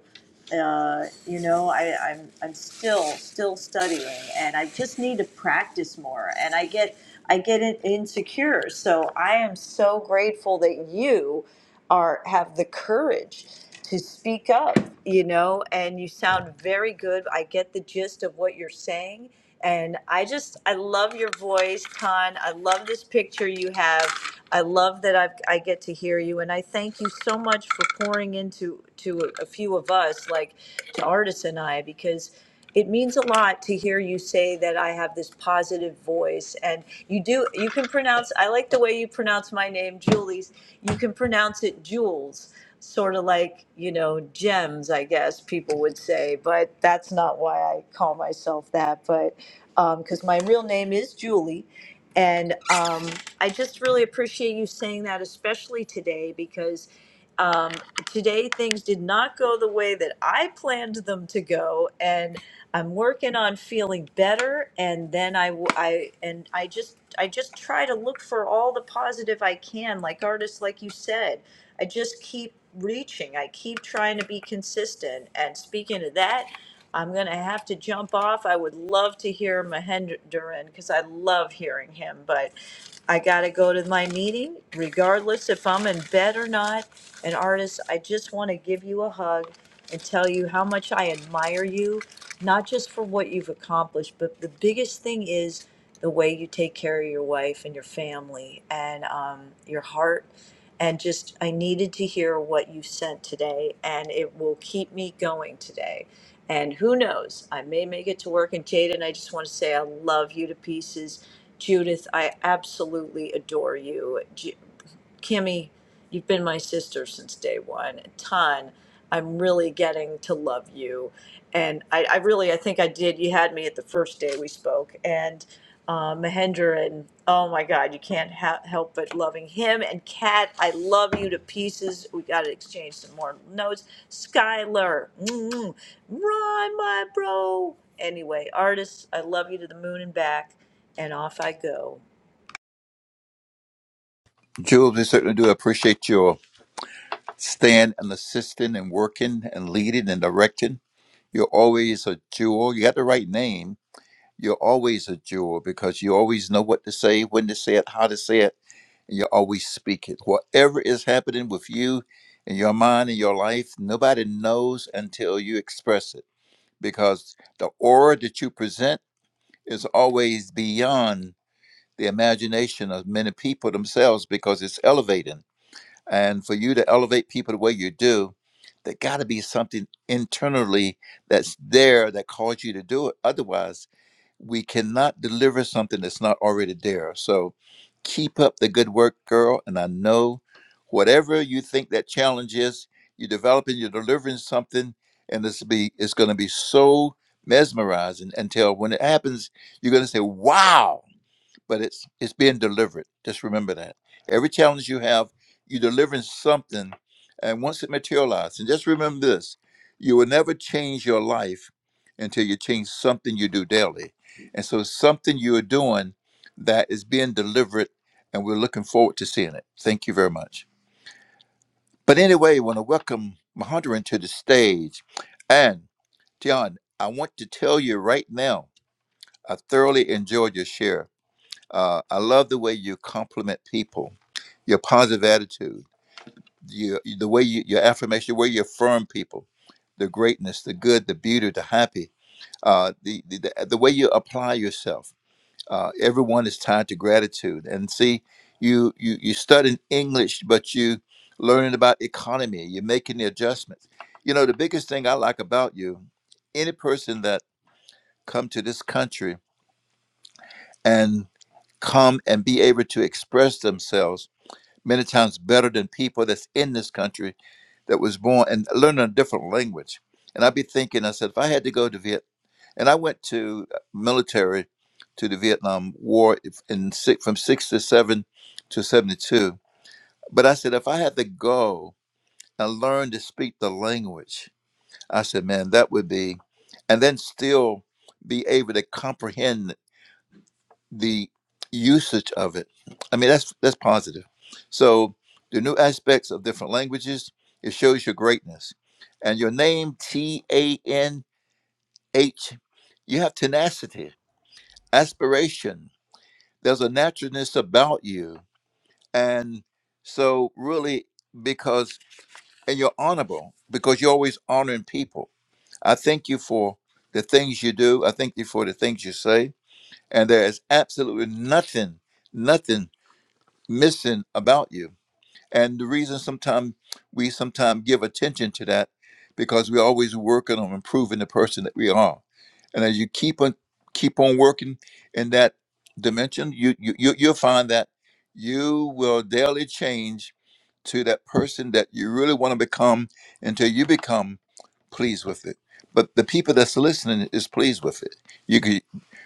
uh, you know, I, I'm I'm still still studying, and I just need to practice more. And I get I get in, insecure, so I am so grateful that you are have the courage to speak up. You know, and you sound very good. I get the gist of what you're saying, and I just, I love your voice, Ton. I love this picture you have. I love that I've, I get to hear you. And I thank you so much for pouring into to a few of us, like to Artis and I, because it means a lot to hear you say that I have this positive voice. And you do, you can pronounce, I like the way you pronounce my name, Julie's. You can pronounce it Jules, sort of like, you know, gems, I guess people would say. But that's not why I call myself that. But because my real name is Julie. And um, I just really appreciate you saying that, especially today, because um, today things did not go the way that I planned them to go. And I'm working on feeling better. And then I, w- I- and I just, I just try to look for all the positive I can, like artists, like you said. I just keep reaching. I keep trying to be consistent. And speaking of that, I'm going to have to jump off. I would love to hear Mahendran because I love hearing him, but I got to go to my meeting regardless if I'm in bed or not. And artist, I just want to give you a hug and tell you how much I admire you, not just for what you've accomplished, but the biggest thing is the way you take care of your wife and your family and um, your heart. And just, I needed to hear what you sent today, and it will keep me going today. And who knows? I may make it to work. And Jaden, I just want to say I love you to pieces. Judith, I absolutely adore you. J- Kimmy, you've been my sister since day one a ton. I'm really getting to love you. And I, I really, I think I did. You had me at the first day we spoke. And uh, Mahender, and oh my God, you can't ha- help but loving him. And Kat, I love you to pieces. We got to exchange some more notes. Skylar, mm run, my bro. Anyway, artists, I love you to the moon and back. And off I go. Jules, we certainly do appreciate your stand and assisting and working and leading and directing. You're always a jewel. You got the right name You're always a jewel because you always know what to say, when to say it, how to say it, and you always speak it. Whatever is happening with you in your mind and your life, nobody knows until you express it because the aura that you present is always beyond the imagination of many people themselves because it's elevating and for you to elevate people the way you do, there got to be something internally that's there that calls you to do it. Otherwise, we cannot deliver something that's not already there. So keep up the good work, girl. And I know whatever you think that challenge is, you're developing, you're delivering something, and this will be it's gonna be so mesmerizing until when it happens, you're gonna say, Wow, but it's it's being delivered. Just remember that every challenge you have, you're delivering something, and once it materializes, and just remember this: you will never change your life until you change something you do daily. And so, something you are doing that is being delivered, and we're looking forward to seeing it. Thank you very much. But anyway, I want to welcome Mahondran to the stage, and John. I want to tell you right now, I thoroughly enjoyed your share uh, I love the way you compliment people, your positive attitude, your, the way you, your affirmation, the way you affirm people, the greatness, the good, the beauty, the happy, uh, the, the, the the way you apply yourself. Uh, everyone is tied to gratitude. And see, you, you, you studying English, but you learning about economy, you're making the adjustments. You know, the biggest thing I like about you, any person that come to this country and come and be able to express themselves many times better than people that's in this country that was born and learning a different language. And I'd be thinking, I said, if I had to go to Viet, and I went to uh, military to the Vietnam War in six, from six to seven to seventy two. But I said, if I had to go and learn to speak the language, I said, man, that would be, and then still be able to comprehend the usage of it. I mean, that's that's positive. So the new aspects of different languages it shows your greatness, and your name T A N H. You have tenacity, aspiration. There's a naturalness about you, and so really because and you're honorable because you're always honoring people. I thank you for the things you do. I thank you for the things you say. And there is absolutely nothing, nothing missing about you. And the reason sometimes we sometimes give attention to that because we're always working on improving the person that we are. And as you keep on keep on working in that dimension, you you you- you'll find that you will daily change to that person that you really want to become until you become pleased with it. But the people that's listening is pleased with it. You can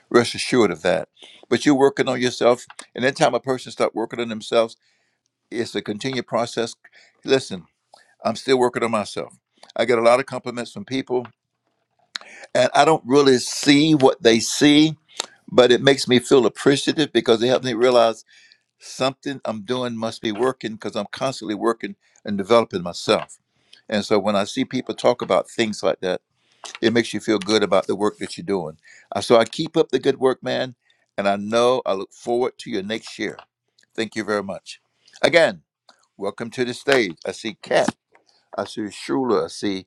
rest assured of that. But you're working on yourself, and then time a person start working on themselves it's a continued process. Listen, I'm still working on myself. I get a lot of compliments from people, and I don't really see what they see, but it makes me feel appreciative because it helps me realize something I'm doing must be working because I'm constantly working and developing myself. And so when I see people talk about things like that, it makes you feel good about the work that you're doing. Uh, So I keep up the good work, man. And I know I look forward to your next year. Thank you very much. Again, Welcome to the stage. I see Kat. I see Shula. I see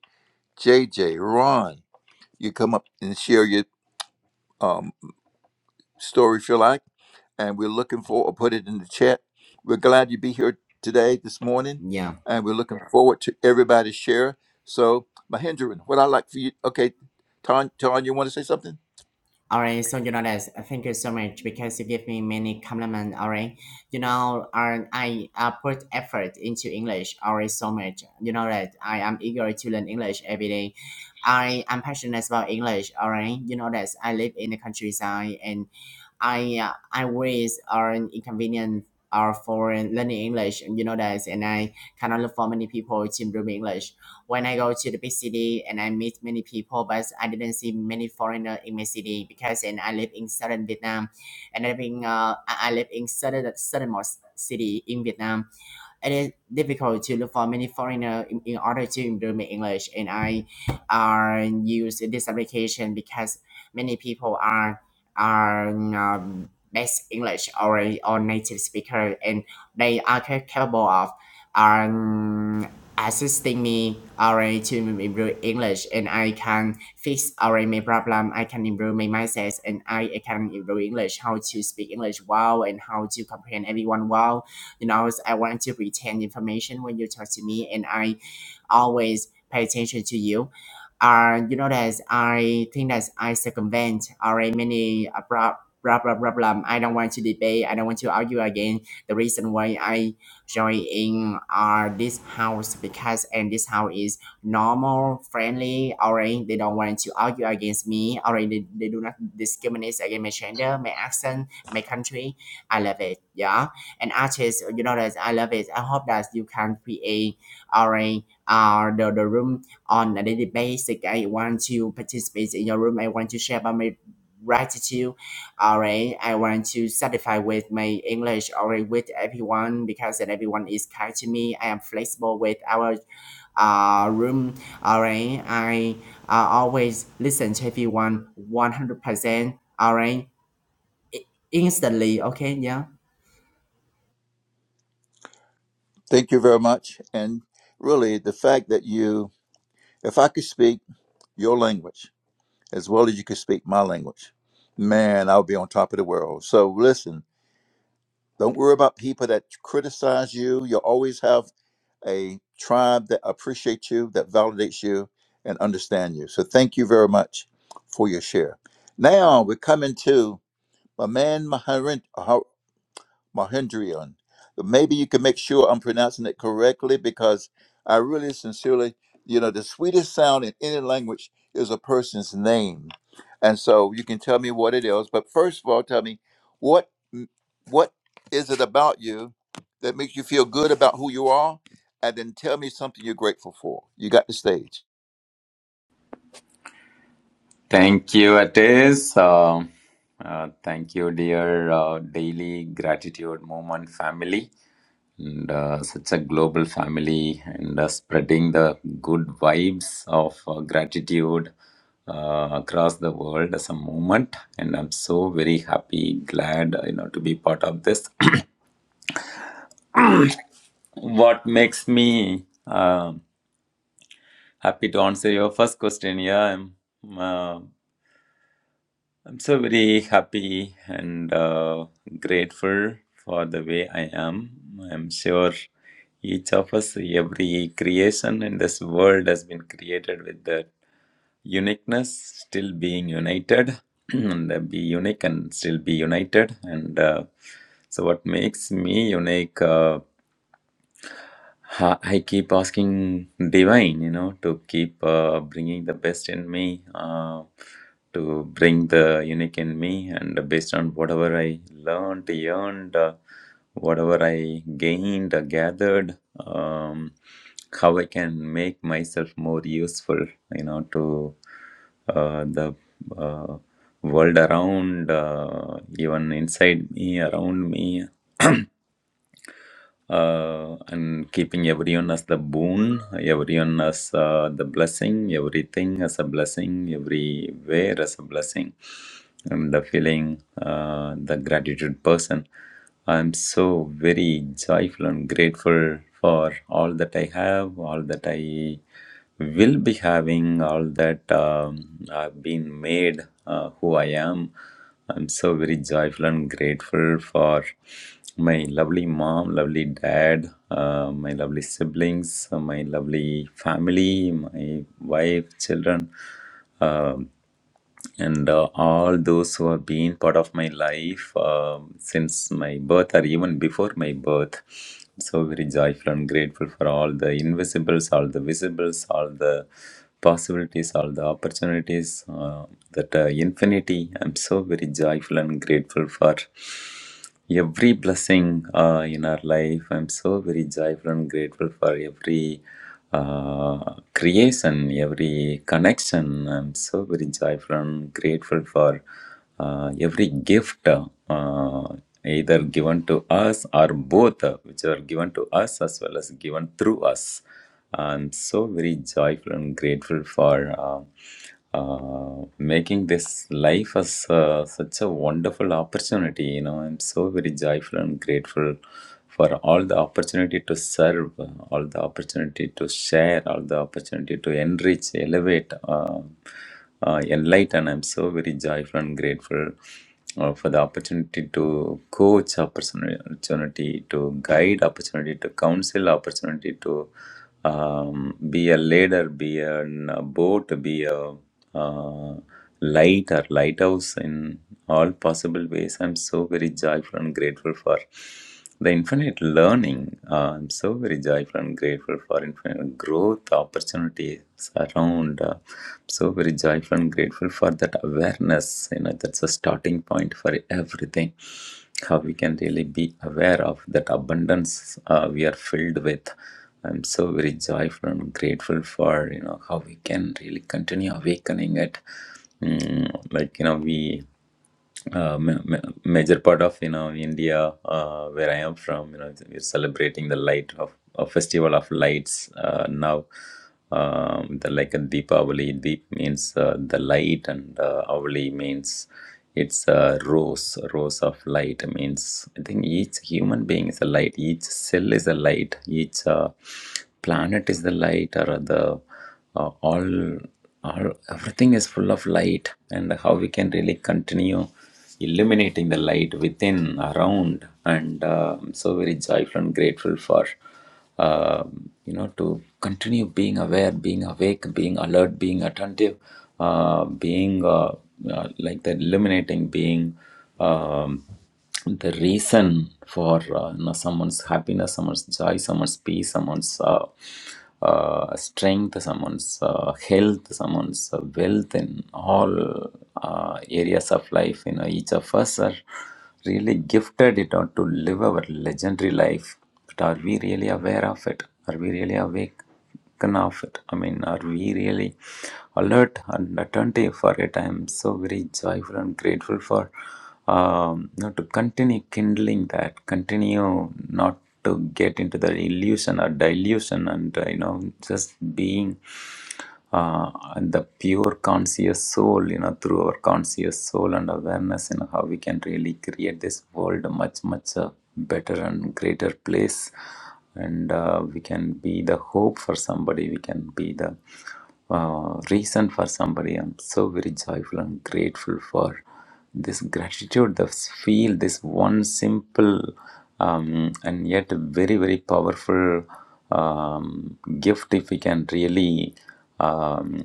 JJ, Ron. You come up and share your um, story if you like. And we're looking for, or put it in the chat. We're glad you be here today, this morning. yeah And we're looking forward to everybody share. So, Mahendran, what I like for you, okay, Ton, Ton, you want to say something? All right, so you know that. Thank you so much because you give me many compliments. All right, you know, and I uh, put effort into English. All right, so much. You know that I am eager to learn English every day. I am passionate about English. All right, you know that I live in the countryside and I uh, I ways are an inconvenience are foreign learning English. You know that, and I cannot look for many people to improve English. When I go to the big city and I meet many people, but I didn't see many foreigner in my city because and I live in southern Vietnam, and I live in uh, I I live in southern southernmost city in Vietnam it is difficult to look for many foreigner in, in order to improve my English. And I uh, use this application because many people are are um, best English or or native speaker, and they are ca- capable of um, assisting me already to improve English and I can fix already my problem. I can improve my mindset and I, I can improve English, how to speak English well and how to comprehend everyone well you know, I want to retain information when you talk to me, and I always pay attention to you. Uh, you know that I think that I circumvent already many uh, prob- problem problem. I don't want to debate. I don't want to argue again. The reason why I join in uh, this house because and this house is normal, friendly. Already they don't want to argue against me. Already they, they do not discriminate against my gender, my accent, my country. I love it. Yeah, and artists, you know that I love it. I hope that you can create already uh, the, the room on a daily basis. I want to participate in your room. I want to share about my gratitude. All right. I want to satisfy with my English Alright, with everyone because that everyone is kind to me. I am flexible with our uh, room. All right. I uh, always listen to everyone 100%. All right. Instantly. Okay. Yeah. Thank you very much. And really, the fact that you, if I could speak your language, as well as you can speak my language, man, I'll be on top of the world. So listen, don't worry about people that criticize you. You'll always have a tribe that appreciates you, that validates you, and understand you. So thank you very much for your share. Now we're coming to my man Maharaj. Mahendrian. Maybe you can make sure I'm pronouncing it correctly because I really sincerely, you know, the sweetest sound in any language is a person's name. And so you can tell me what it is. But first of all, tell me what mm, what is it about you that makes you feel good about who you are? And then tell me something you're grateful for. You got the stage. Thank you, Atis. Uh, uh, thank you, dear uh, Daily Gratitude Movement family, and uh, such a global family, and uh, spreading the good vibes of uh, gratitude uh, across the world as a movement. And I'm so very happy, glad uh, you know to be part of this. (coughs) (clears throat) what makes me uh, happy to answer your first question? Yeah, I'm. uh, I'm so very happy and uh, grateful for the way I am. I'm sure each of us, every creation in this world has been created with that uniqueness, still being united, (clears throat) and uh, be unique and still be united. And uh, so, what makes me unique? Uh, Ha- I keep asking divine, you know, to keep uh, bringing the best in me, uh, to bring the unique in me, and based on whatever I learned, yearned, uh, whatever I gained, uh, gathered, um, how I can make myself more useful, you know, to uh, the uh, world around, uh, even inside me, around me. (coughs) uh, and keeping everyone as the boon, everyone as uh, the blessing, everything as a blessing, everywhere as a blessing. I'm the feeling, uh, the gratitude person. I'm so very joyful and grateful for all that I have, all that I will be having, all that um, I've been made uh, who I am. I'm so very joyful and grateful for my lovely mom, lovely dad, uh, my lovely siblings, uh, my lovely family, my wife, children. Um and uh, all those who have been part of my life um since my birth or even before my birth. So very joyful and grateful for all the invisibles, all the visibles, all the possibilities, all the opportunities, uh, that uh, infinity. I'm so very joyful and grateful for every blessing uh, in our life. I'm so very joyful and grateful for every uh, creation, every connection. I'm so very joyful and grateful for uh, every gift, uh, either given to us or both, uh, which are given to us as well as given through us. I'm so very joyful and grateful for. Uh, uh, making this life as uh, such a wonderful opportunity. You know, I'm so very joyful and grateful for all the opportunity to serve, uh, all the opportunity to share, all the opportunity to enrich, elevate, uh, uh, enlighten. I'm so very joyful and grateful. Uh, for the opportunity to coach opportunity opportunity to guide opportunity to counsel opportunity to um, be a ladder, be a boat, be a uh, light or lighthouse in all possible ways. I'm so very joyful and grateful for the infinite learning. Uh, I'm so very joyful and grateful for infinite growth opportunities around. Uh, so very joyful and grateful for that awareness. You know, that's a starting point for everything. How we can really be aware of that abundance uh, we are filled with I'm so very joyful and grateful for you know how we can really continue awakening it. Mm, like you know we uh, ma- ma- major part of you know India uh, where I am from you know we're celebrating the light of a festival of lights uh, now um, the like a Deepavali. Deep means uh, the light, and uh, Avali means it's a rose, rose of light. Means I think each human being is a light. Each cell is a light. Each uh, planet is the light, or the uh, all, all everything is full of light. And how we can really continue illuminating the light within, around, and um so very joyful and grateful for um, you know to continue being aware being awake being alert being attentive uh, being uh, uh, like that eliminating being um, the reason for uh, you know, someone's happiness someone's joy someone's peace someone's uh, uh, strength someone's uh, health someone's uh, wealth in all uh, areas of life you know each of us are really gifted you know to live our legendary life but are we really aware of it? Are we really awake of it? I mean, are we really alert and attentive for it? I am so very joyful and grateful for um, you know, to continue kindling that, continue not to get into the illusion or delusion and uh, you know just being uh, and the pure conscious soul, you know, through our conscious soul and awareness, you know, how we can really create this world a much, much uh, better and greater place. And uh, we can be the hope for somebody, we can be the uh, reason for somebody. I'm so very joyful and grateful for this gratitude the feel this one simple um, and yet very very powerful um, gift if we can really um,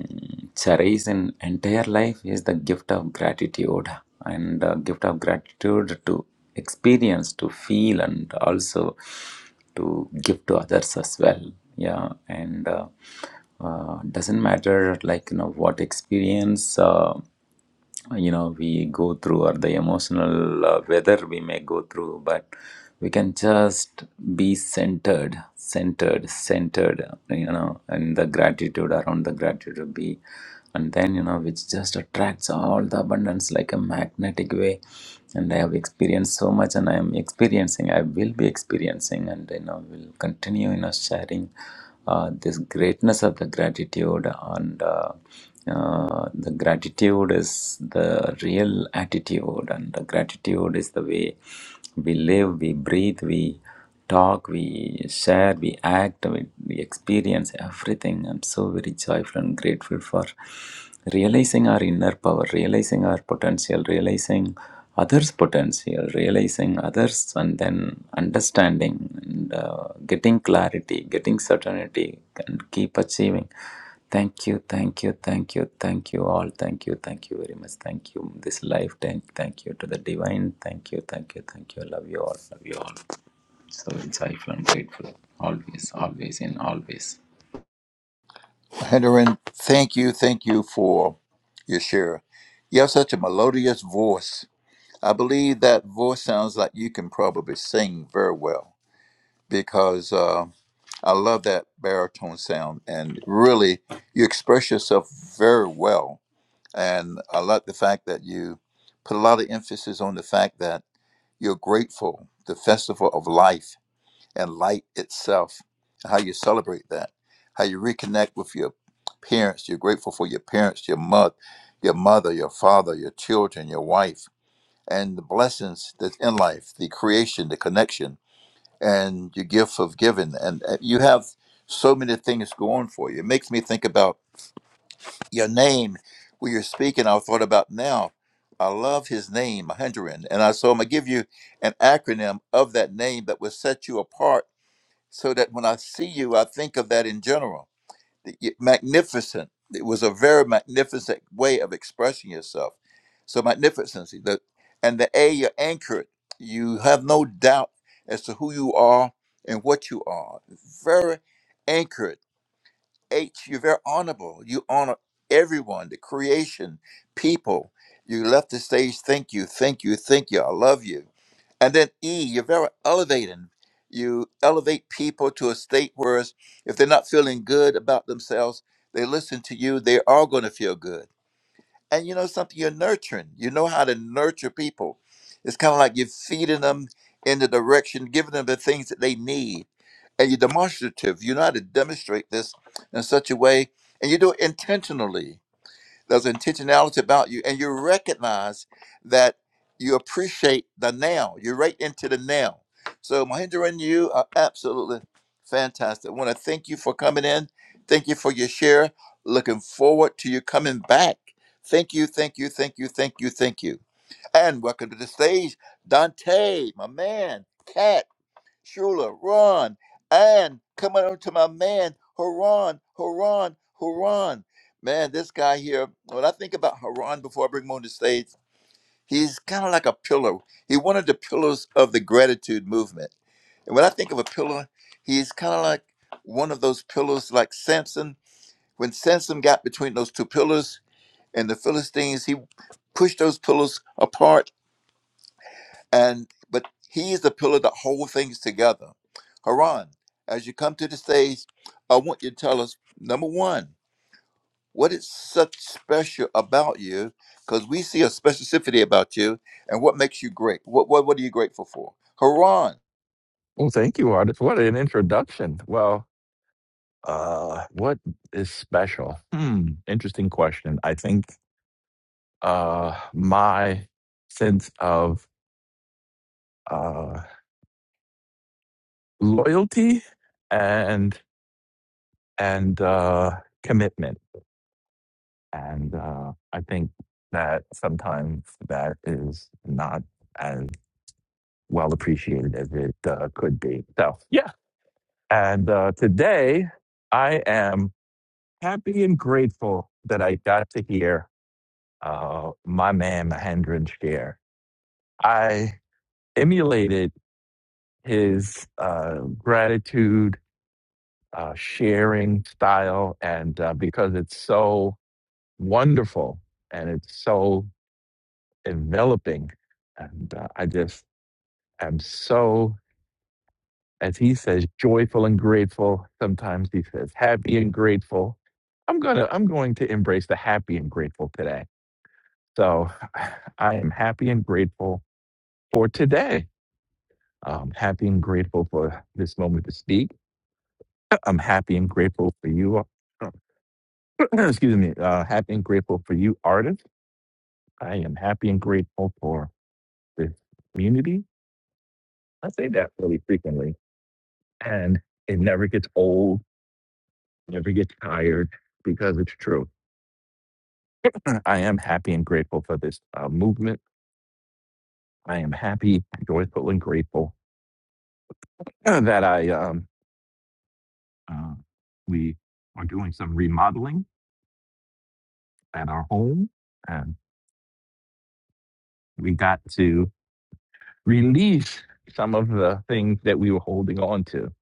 cherish in entire life is the gift of gratitude and uh, gift of gratitude to experience to feel and also to give to others as well yeah and uh, uh, doesn't matter like you know what experience uh, uh, you know we go through or the emotional uh, weather we may go through but we can just be centered centered centered you know and the gratitude around the gratitude be and then you know which just attracts all the abundance like a magnetic way and i have experienced so much and i am experiencing i will be experiencing and you know will continue you know sharing uh, this greatness of the gratitude and uh, uh, the gratitude is the real attitude and the gratitude is the way we live we breathe we talk we share we act we, we experience everything i'm so very joyful and grateful for realizing our inner power realizing our potential realizing others' potential, realizing others, and then understanding and uh, getting clarity, getting certainty, and keep achieving. Thank you, thank you, thank you, thank you all. Thank you, thank you very much. Thank you, this life. Thank, thank you to the divine. Thank you, thank you, thank you. Love you all, love you all. So insightful and grateful. Always, always, and always. Mahendrian, thank you, thank you for your share. You have such a melodious voice I believe that voice sounds like you can probably sing very well because uh, I love that baritone sound and really you express yourself very well. And I like the fact that you put a lot of emphasis on the fact that you're grateful, the festival of life and light itself, how you celebrate that, how you reconnect with your parents. You're grateful for your parents, your mother, your mother, your father, your children, your wife and the blessings that's in life, the creation, the connection, and your gift of giving. And uh, you have so many things going for you. It makes me think about your name. When you're speaking, I thought about now. I love his name, Mahendran. And I so I'm gonna give you an acronym of that name that will set you apart so that when I see you, I think of that in general magnificent. It was a very magnificent way of expressing yourself. So magnificency, the and the A you're anchored. You have no doubt as to who you are and what you are. Very anchored. H, you're very honorable. You honor everyone, the creation, people. You left the stage, thank you, thank you, thank you. I love you. And then E, you're very elevating. You elevate people to a state where it's- if they're not feeling good about themselves, they listen to you, they are going to feel good. And you know something, you're nurturing. You know how to nurture people. It's kind of like you're feeding them in the direction, giving them the things that they need. And you're demonstrative. You know how to demonstrate this in such a way, and you do it intentionally there's intentionality about you, and you recognize that you appreciate the now. You're right into the now. So, Mahendra and you are absolutely fantastic. I want to thank you for coming in. Thank you for your share. Looking forward to you coming back. Thank you, thank you, thank you, thank you, thank you. And welcome to the stage, Dante, my man, Cat. Shula, Ron, and coming on to my man, Haran, Haran, Haran. Man, this guy here, when I think about Haran before I bring him on the stage, he's kind of like a pillar. He's one of the pillars of the gratitude movement. And when I think of a pillar, he's kind of like one of those pillars like Samson. When Samson got between those two pillars and the Philistines, he pushed those pillars apart and but he is the pillar that holds things together. Haran, as you come to the stage, I want you to tell us number one, what is such special about you? Because we see a specificity about you, and what makes you great? What what what are you grateful for? Haran, Well, thank you, artist. What an introduction. Well, uh, what is special? Hmm, interesting question. I think uh, my sense of uh, loyalty and and uh, commitment, and uh, I think that sometimes that is not as well appreciated as it uh, could be. So, yeah. And uh, today, I am happy and grateful that I got to hear uh, my man Mahendran Share. I emulated his uh, gratitude uh, sharing style, and uh, because it's so wonderful and it's so enveloping, and uh, I just am so, as he says, joyful and grateful. Sometimes he says happy and grateful. I'm gonna, I'm going to embrace the happy and grateful today. So (laughs) (sighs) I am happy and grateful for today I'm happy and grateful for this moment to speak. (clears throat) I'm happy and grateful for you. (clears throat) Excuse me. Uh, happy and grateful for you, artist. I am happy and grateful for this community. I say that really frequently, and it never gets old, never gets tired because it's true. (clears throat) I am happy and grateful for this uh, movement. I am happy, joyful, and grateful (clears throat) that I um, uh, we are doing some remodeling at our home, and we got to release some of the things that we were holding on to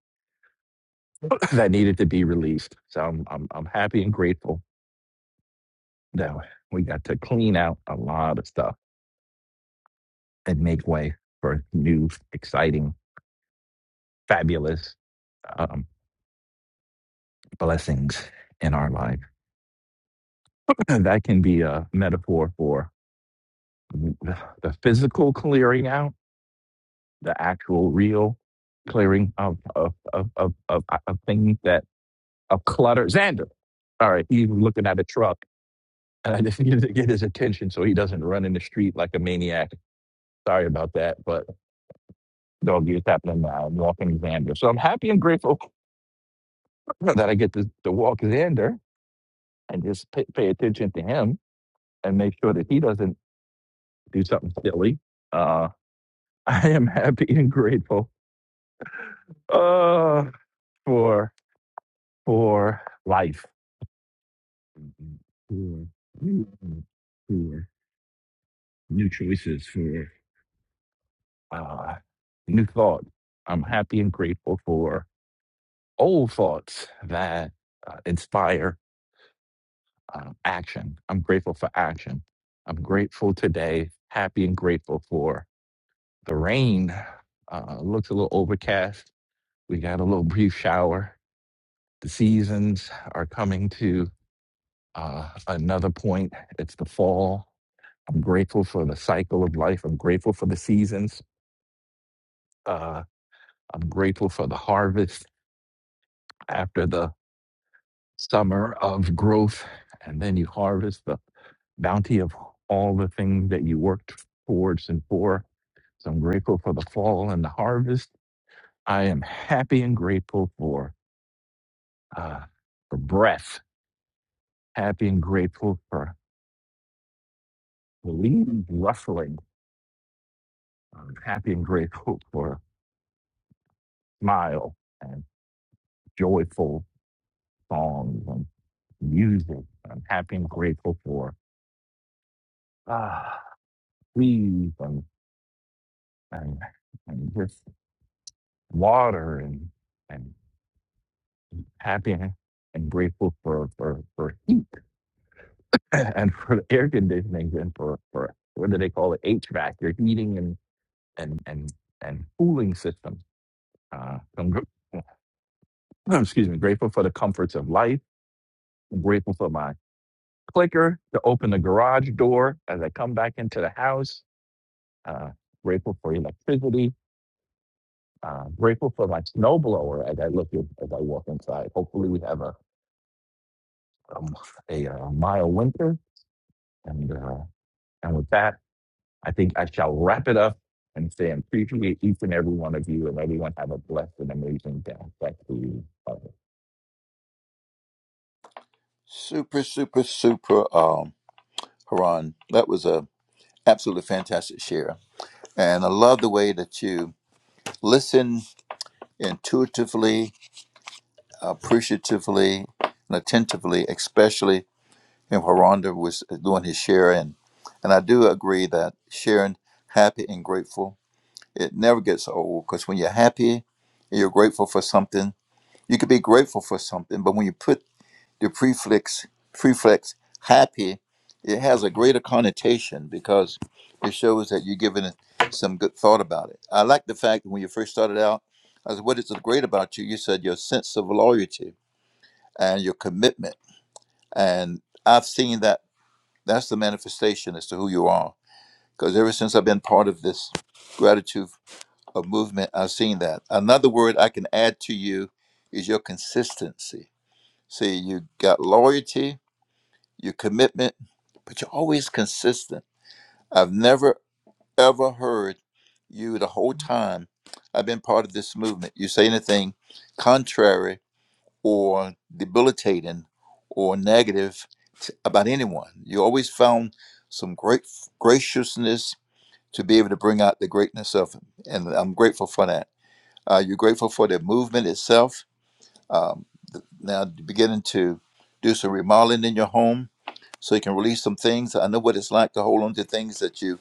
(coughs) that needed to be released. So I'm I'm I'm happy and grateful that we got to clean out a lot of stuff and make way for new, exciting, fabulous um, blessings in our life. (clears throat) that can be a metaphor for the physical clearing out, the actual real clearing of of of of of, of things that of clutter. Xander, all right, you looking at a truck. and I just (laughs) needed to get his attention so he doesn't run in the street like a maniac. Sorry about that, but doggy, it's happening now. I'm walking Xander. So I'm happy and grateful (laughs) that I get to, to walk Xander and just pay, pay attention to him and make sure that he doesn't do something silly. Uh, (laughs) I am happy and grateful uh, for for life, for new, for new choices, for uh, new thoughts. I'm happy and grateful for old thoughts that uh, inspire uh, action. I'm grateful for action. I'm grateful today, happy and grateful for the rain. Uh, looks a little overcast. We got a little brief shower. The seasons are coming to uh, another point. It's the fall. I'm grateful for the cycle of life. I'm grateful for the seasons. Uh, I'm grateful for the harvest after the summer of growth, and then you harvest the bounty of all the things that you worked towards and for. So I'm grateful for the fall and the harvest. I am happy and grateful for uh, for breath. Happy and grateful for the leaves rustling. I'm happy and grateful for smile and joyful songs and music. I'm happy and grateful for ah, trees and and, and just. water and and happy and grateful for for for heat (laughs) and for air conditioning and for for what do they call it HVAC your heating and and and and cooling system. Uh, I'm gr- (clears throat) excuse me, grateful for the comforts of life. I'm grateful for my clicker to open the garage door as I come back into the house. Uh, grateful for electricity. Uh, grateful for my snowblower as I look in, as I walk inside. Hopefully, we have a um, a uh, mild winter And uh, and with that, I think I shall wrap it up and say I appreciate each and every one of you, and everyone have a blessed and amazing day. Thank you. Bye. super super super. Um, Haran, that was a absolutely fantastic share, and I love the way that you listen intuitively, appreciatively, and attentively, especially and Haronda was doing his share. And, and I do agree that sharing happy and grateful, it never gets old because when you're happy and you're grateful for something, you could be grateful for something, but when you put the prefix, prefix happy, it has a greater connotation because it shows that you're giving it some good thought about it. I like the fact that when you first started out, I said, What is so great about you? You said your sense of loyalty and your commitment. And I've seen that that's the manifestation as to who you are. Because ever since I've been part of this gratitude of movement, I've seen that. Another word I can add to you is your consistency. See, you got loyalty, your commitment, but you're always consistent. I've never ever heard you the whole time I've been part of this movement. You say anything contrary or debilitating or negative about anyone. You always found some great graciousness to be able to bring out the greatness of him. And I'm grateful for that. Uh, you're grateful for the movement itself. Um, now, beginning to do some remodeling in your home so you can release some things. I know what it's like to hold on to things that you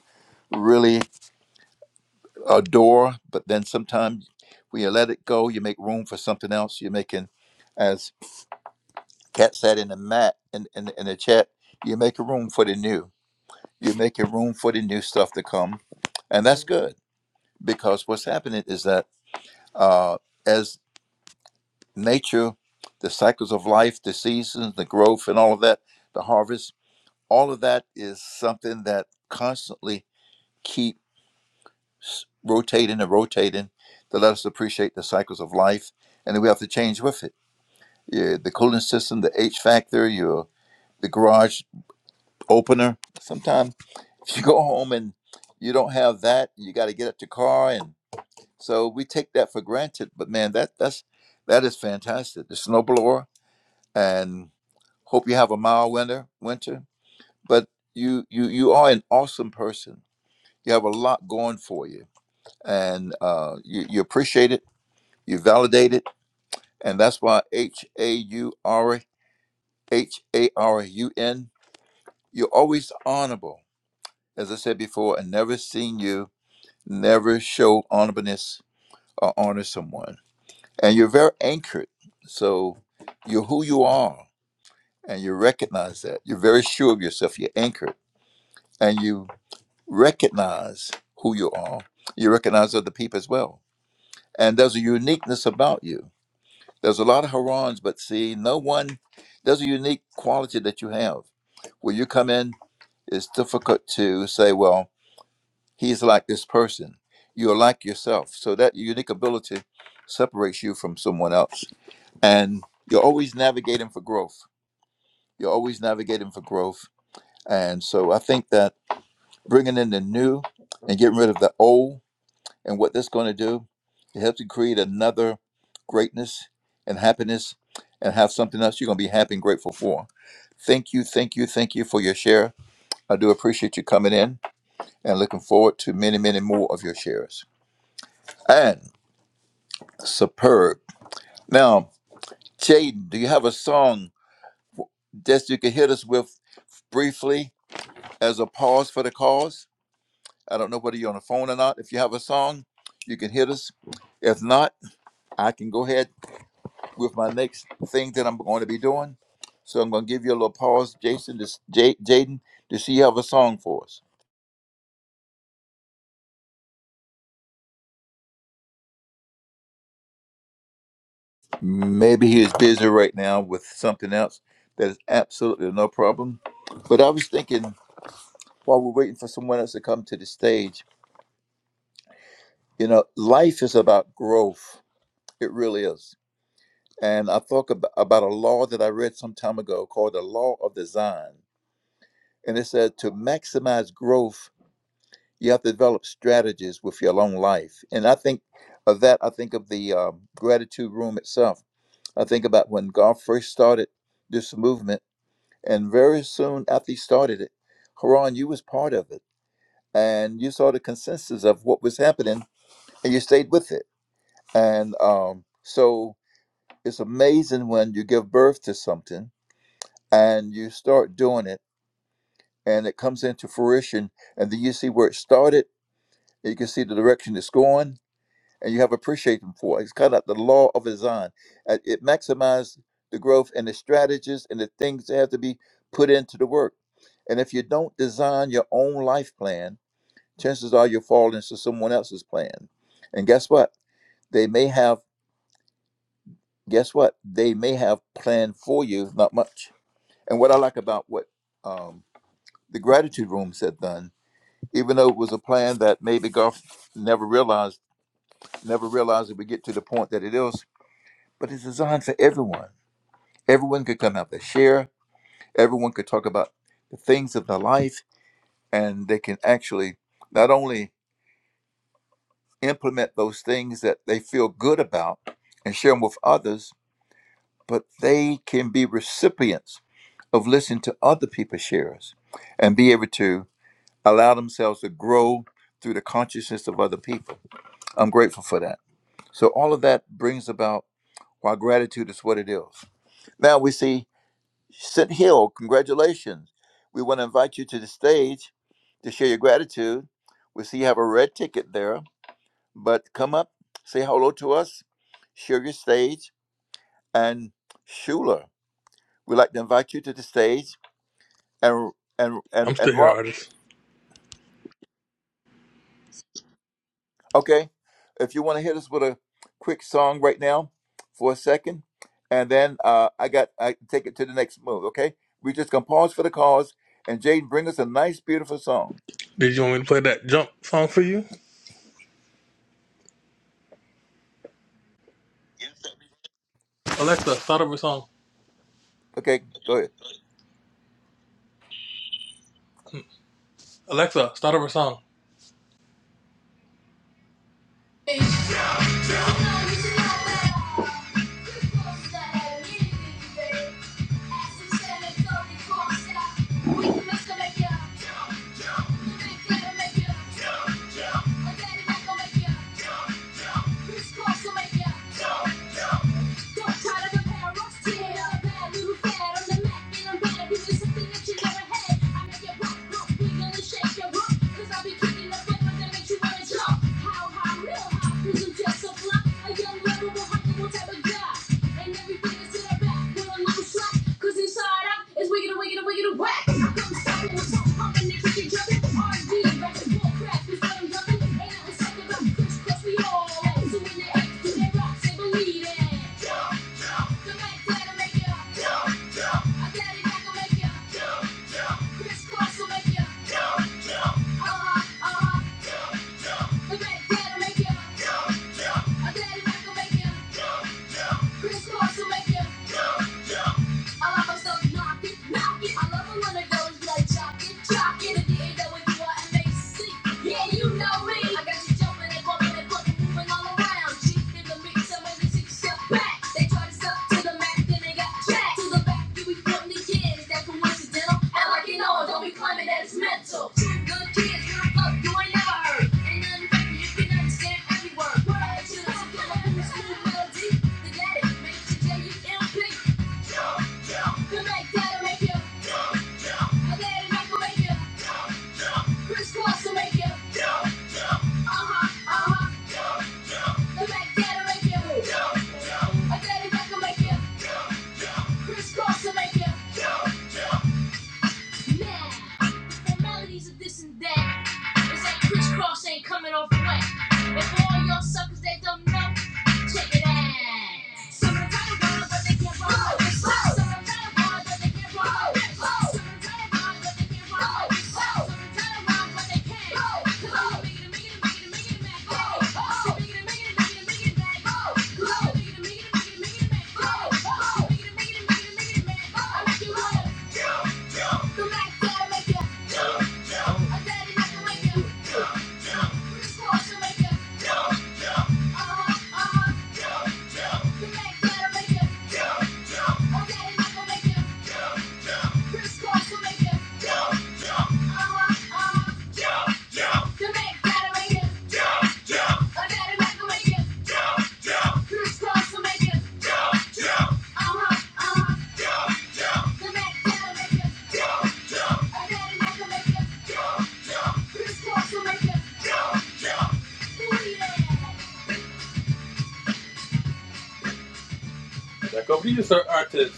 really adore, but then sometimes when you let it go, you make room for something else. You're making, as Kat said in the mat in, in, in the chat, you're making room for the new. You're making room for the new stuff to come. And that's good because what's happening is that uh, as nature, the cycles of life, the seasons, the growth, and all of that, the harvest, all of that is something that constantly keeps rotating and rotating to let us appreciate the cycles of life. And then we have to change with it. Yeah, the cooling system, the H factor, your the garage opener. Sometimes (laughs) if you go home and you don't have that, you got to get up the car, and so we take that for granted. But man, that that's that is fantastic. The snowblower, and hope you have a mild winter winter but you you you are an awesome person you have a lot going for you and uh you, you appreciate it you validate it and that's why h-a-u-r h-a-r-u-n you're always honorable as i said before and never seen you never show honorableness or honor someone and you're very anchored so you're who you are and you recognize that you're very sure of yourself you're anchored and you recognize who you are. You recognize other people as well. And there's a uniqueness about you. There's a lot of harons, but see, no one, there's a unique quality that you have. When you come in, it's difficult to say, well, he's like this person. You're like yourself. So that unique ability separates you from someone else. And you're always navigating for growth. You're always navigating for growth. And so I think that bringing in the new and getting rid of the old And what that's going to do, it helps you create another greatness and happiness and have something else you're going to be happy and grateful for. Thank you, thank you, thank you for your share. I do appreciate you coming in and looking forward to many, many more of your shares. And superb. Now, Jaden, do you have a song that you can hit us with briefly as a pause for the cause? I don't know whether you're on the phone or not. If you have a song, you can hit us. If not, I can go ahead with my next thing that I'm going to be doing. So I'm going to give you a little pause, Jason, to, s- J- Jaden, to see you have a song for us. Maybe he is busy right now with something else. That is absolutely no problem. But I was thinking while we're waiting for someone else to come to the stage, you know, life is about growth. It really is. And I thought about, about a law that I read some time ago called the law of design. And it said to maximize growth you have to develop strategies with your own life. And I think of that, I think of the um, gratitude room itself. I think about when God first started this movement, and very soon after he started it, Haran, you was part of it, and you saw the consensus of what was happening, and you stayed with it. And um, so it's amazing when you give birth to something and you start doing it, and it comes into fruition, and then you see where it started, and you can see the direction it's going, and you have appreciation for. it. It's called out the law of design. Uh, It maximizes the growth and the strategies and the things that have to be put into the work. And if you don't design your own life plan, chances are you'll fall into someone else's plan. And guess what? They may have, guess what? They may have planned for you, not much. And what I like about what um, the gratitude rooms had done, even though it was a plan that maybe Golf never realized, never realized it would get to the point that it is, but it's designed for everyone. Everyone could come out there, share. Everyone could talk about the things of their life, and they can actually not only implement those things that they feel good about and share them with others, but they can be recipients of listening to other people's shares and be able to allow themselves to grow through the consciousness of other people. I'm grateful for that. So all of that brings about why gratitude is what it is. Now we see Sit Hill, congratulations. We want to invite you to the stage to share your gratitude. We see you have a red ticket there, but come up, say hello to us, share your stage. And Schuler, we'd like to invite you to the stage. And and and I'm and still here, Rob, artist. okay, if you want to hit us with a quick song right now for a second, and then uh, I got I take it to the next move. Okay, we're just gonna pause for the cause, and Jaden, bring us a nice, beautiful song. Did you want me to play that jump song for you? Alexa, start over a song. Okay, go ahead. Alexa, start over a song. (laughs) Don't try to compare us to the other bad little fad. i the Mac and I'm gonna give something that you never had. I make your pop, pop, wiggle and shake your rump. i I'll be kicking the butt that makes you wanna jump. How high, real high, i I'm just a flop. A young, lovable, huggable type of guy. And everything is the back with a little slack. inside out is wiggity, wiggity, wiggity, whack. I come stomping with some pumping and kicking, jumping. R&B, ratchet, bull crap, is what I'm dumping. Ain't nothing second about Chris we all. Doing it, do they rock, say believe it make Chris Cross will Yeah. I lock myself and knock I love it when the girl like jockey, jockey. If you Yeah, you know me. I got you jumping and bumping and fucking moving all around. Cheap in the mix, I'm in back. They tried to suck to the max, then they got jacked. To the back, you be frontin' again. Is that coincidental? And like you know, don't be claiming that mental. Two good kids, you the fuck you ain't never heard. Ain't nothing fake, you can understand every word. Word to the school, melody. The daddy makes you J-U-M-P. Good night, dad'll you. I let it make you. Crisscross will wake you. Uh-huh, uh-huh. Good night, dad'll you. I let it make you. Crisscross will wake you. Now, the formalities of this and that. It's like crisscross ain't coming off wet. And for all y'all suckers that don't know, check it out. Some are trying to run, but they can't run. my wrist. Some are trying to run, but they can't run. my wrist. Some are trying to run, but they can't run. my wrist. Some are trying to run, but they can't. not 'Cause I'm the biggest, biggest, biggest, it, Mac. I'm the biggest, biggest, biggest, biggest Mac. 'Cause I'm the biggest, biggest, biggest, biggest Mac. I'm making it, biggest, it, biggest, it Mac. I make you wanna come back there, make you Back over to artist.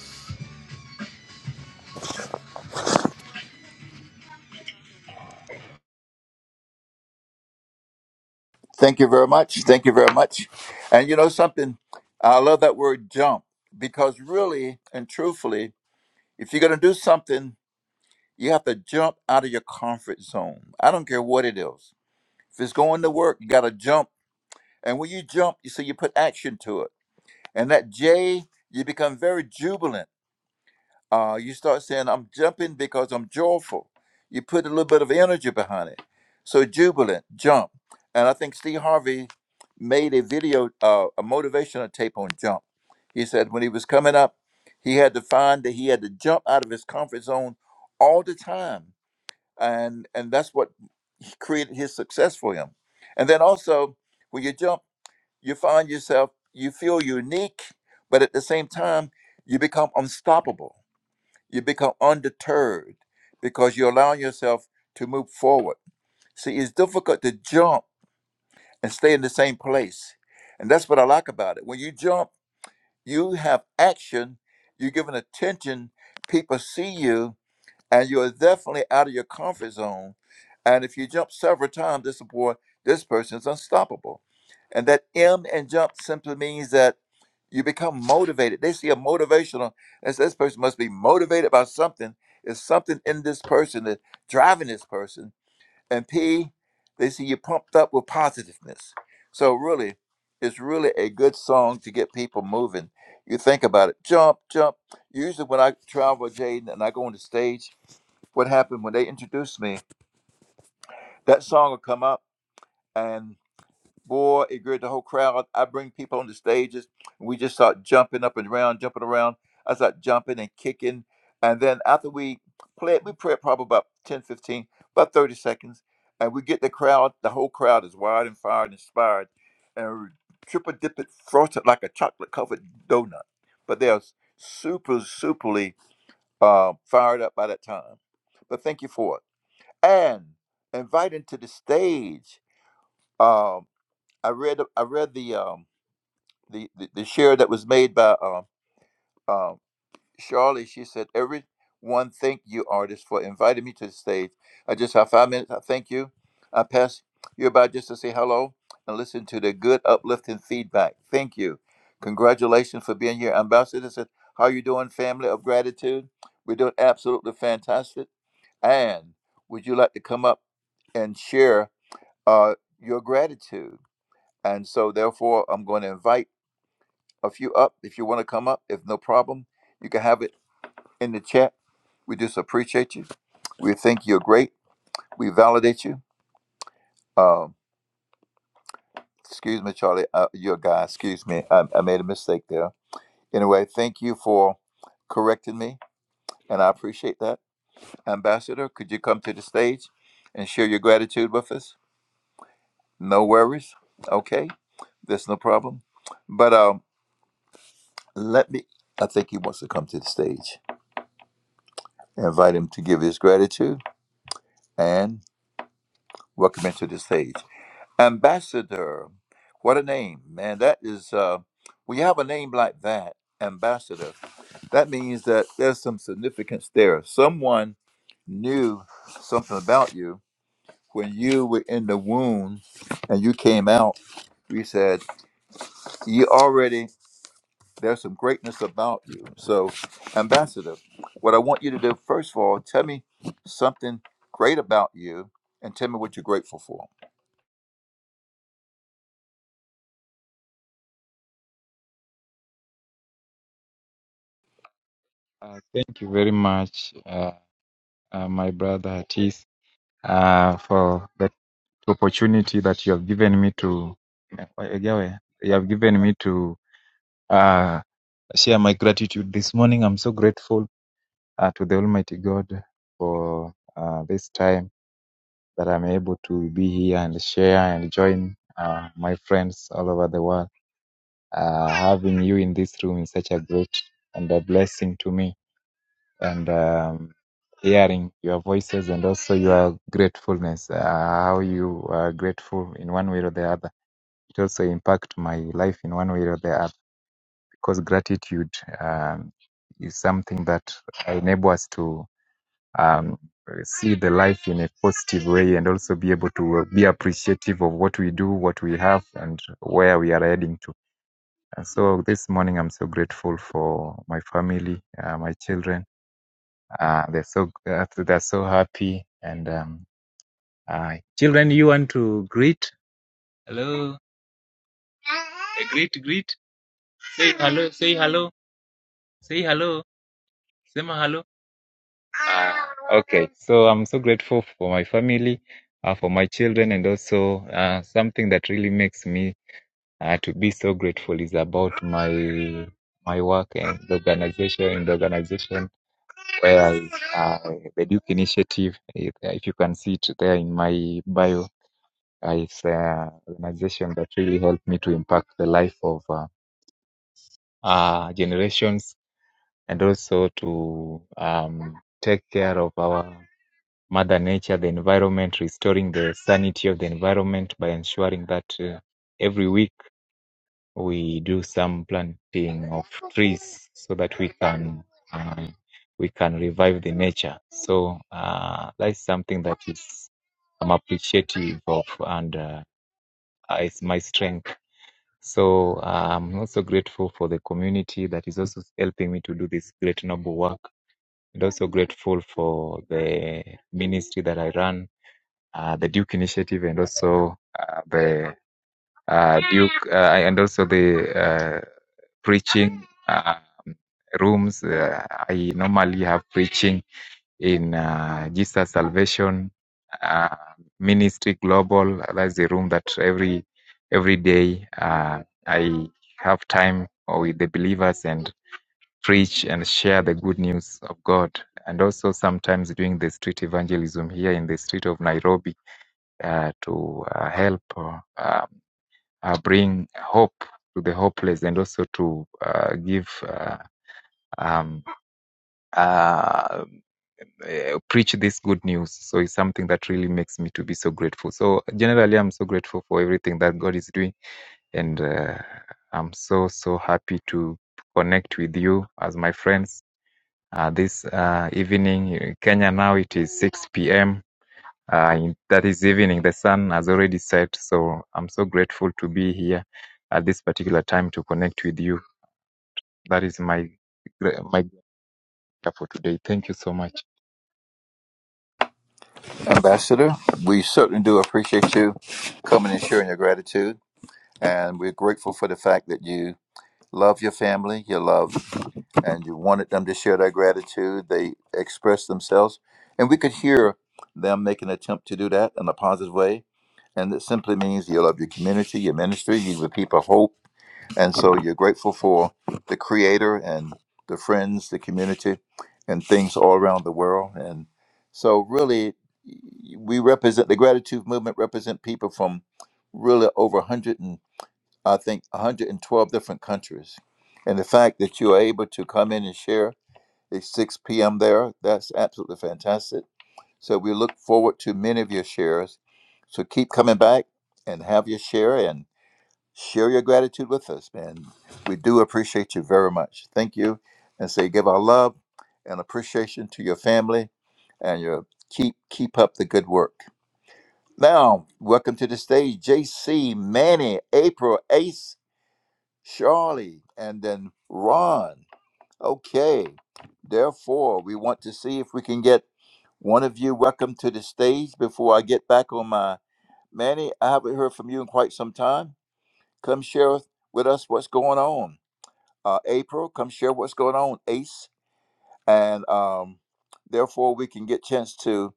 Thank you very much. Thank you very much. And you know something? I love that word jump because really and truthfully, if you're going to do something, you have to jump out of your comfort zone. I don't care what it is. If it's going to work, you got to jump. And when you jump, you see, you put action to it. And that J, you become very jubilant. Uh, you start saying, I'm jumping because I'm joyful. You put a little bit of energy behind it. So jubilant, jump. And I think Steve Harvey made a video, uh, a motivational tape on jump. He said when he was coming up, he had to find that he had to jump out of his comfort zone all the time. And and that's what he created his success for him. And then also when you jump, you find yourself, you feel unique, but at the same time, you become unstoppable you become undeterred because you allow yourself to move forward. See, it's difficult to jump and stay in the same place. And that's what I like about it. When you jump, you have action, you're giving attention, people see you, and you are definitely out of your comfort zone. And if you jump several times, this boy, this person's unstoppable. And that M and jump simply means that you become motivated. They see a motivational, and say, this person must be motivated by something. It's something in this person that's driving this person. And P, they see you pumped up with positiveness. So really, it's really a good song to get people moving. You think about it, jump, jump. Usually when I travel, with Jaden, and I go on the stage, what happened when they introduced me. That song will come up, and boy, it grew the whole crowd. I bring people on the stages, and we just start jumping up and around, jumping around. I start jumping and kicking. And then after we play it, we play it probably about 10, 15, about 30 seconds. And we get the crowd, the whole crowd is wired and fired and inspired. And triple dip it, frosted like a chocolate covered donut. But they are super, superly uh, fired up by that time. But thank you for it and inviting to the stage. Um, I read I read the um, the, the the share that was made by um, um, Charlie. She said, "Everyone, thank you, artist, for inviting me to the stage. I just have five minutes. I thank you. I pass you by just to say hello and listen to the good, uplifting feedback. Thank you. Congratulations for being here, Ambassador." Said, "How you doing, family of gratitude? We're doing absolutely fantastic. And would you like to come up and share?" uh, your gratitude. And so, therefore, I'm going to invite a few up. If you want to come up, if no problem, you can have it in the chat. We just appreciate you. We think you're great. We validate you. Um, excuse me, Charlie. Uh, you're a guy. Excuse me. I, I made a mistake there. Anyway, thank you for correcting me, and I appreciate that. Ambassador, could you come to the stage and share your gratitude with us? No worries. Okay, that's no problem. But um, Let me, I think he wants to come to the stage. Invite him to give his gratitude and welcome him to the stage. Ambassador, what a name, man. That is, uh, when you have a name like that, Ambassador, that means that there's some significance there. Someone knew something about you when you were in the womb and you came out. We said, You already There's some greatness about you. So, Ambassador, what I want you to do, first of all, tell me something great about you and tell me what you're grateful for. Uh, thank you very much, uh, uh, my brother Atis, uh, for the opportunity that you have given me to Egawe, you have given me to uh, share my gratitude this morning. I'm so grateful uh, to the Almighty God for uh, this time that I'm able to be here and share and join uh, my friends all over the world. Uh, having you in this room is such a great and a blessing to me and um, hearing your voices and also your gratefulness, uh, how you are grateful in one way or the other. It also impact my life in one way or the other because gratitude um, is something that enable us to um, see the life in a positive way and also be able to be appreciative of what we do, what we have, and where we are heading to. And so this morning, I'm so grateful for my family, uh, my children uh, they're so uh, they're so happy. And um, uh, children, you want to greet? Hello. Eh, greet, greet. Say hello. Say hello. Hello. Sema hello. Ah, okay. So I'm so grateful for my family, uh, for my children, and also uh, something that really makes me uh, to be so grateful is about my my work and the organization and the organization where I, uh, the Duke Initiative. If if you can see it there in my bio, Uh, it's an organization that really helped me to impact the life of uh, uh, generations and also to um, take care of our mother nature, the environment, restoring the sanity of the environment by ensuring that uh, every week we do some planting of trees so that we can um, we can revive the nature. So uh, that's something that is I'm appreciative of and uh, is my strength. So uh, I'm also grateful for the community that is also helping me to do this great noble work, and also grateful for the ministry that I run, uh, the Duke Initiative, and also uh, the uh, Duke, uh, and also the uh, preaching uh, rooms. Uh, I normally have preaching in uh, Jesus Salvation uh, Ministry Global. That's the room that every every day uh, I have time with the believers and preach and share the good news of God. And also sometimes doing the street evangelism here in the street of Nairobi uh, to uh, help uh, uh, uh, bring hope to the hopeless and also to uh, give uh, um, uh, uh, preach this good news. So it's something that really makes me to be so grateful. So generally, I'm so grateful for everything that God is doing, and uh, I'm so so happy to connect with you as my friends. Uh, this uh, evening, in Kenya now it is 6 p.m. Uh, in, that is evening. The sun has already set, so I'm so grateful to be here at this particular time to connect with you. That is my my for today. Thank you so much. Ambassador, we certainly do appreciate you coming and sharing your gratitude. And we're grateful for the fact that you love your family, you love, and you wanted them to share their gratitude. They expressed themselves. And we could hear them make an attempt to do that in a positive way. And it simply means you love your community, your ministry, you give people hope And so you're grateful for the creator and the friends, the community, and things all around the world. And so, really, we represent the gratitude movement, represent people from really over 100 and I think 112 different countries. And the fact that you are able to come in and share at 6 p.m. there, that's absolutely fantastic. So, we look forward to many of your shares. So, keep coming back and have your share. and. Share your gratitude with us, man. We do appreciate you very much. Thank you. And say give our love and appreciation to your family and your keep keep up the good work. Now, welcome to the stage, JC, Manny, April, Ace, Charlie, and then Ron. Okay. Therefore, we want to see if we can get one of you welcome to the stage before I get back on my Manny. I haven't heard from you in quite some time. Come share with us what's going on. Uh, April, come share what's going on, Ace, and um, therefore we can get chance to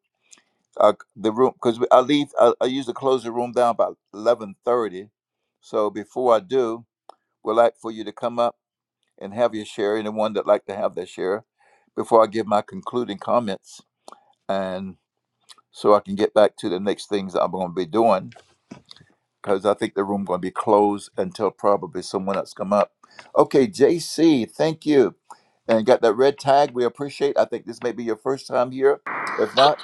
uh, the room because I leave. I, I usually close the room down by eleven thirty. So before I do, we'd like for you to come up and have your share. Anyone that would like to have their share before I give my concluding comments, and so I can get back to the next things I'm going to be doing. because I think the room going to be closed until probably someone else come up. Okay, JC, thank you, and got that red tag. We appreciate. I think this may be your first time here. If not,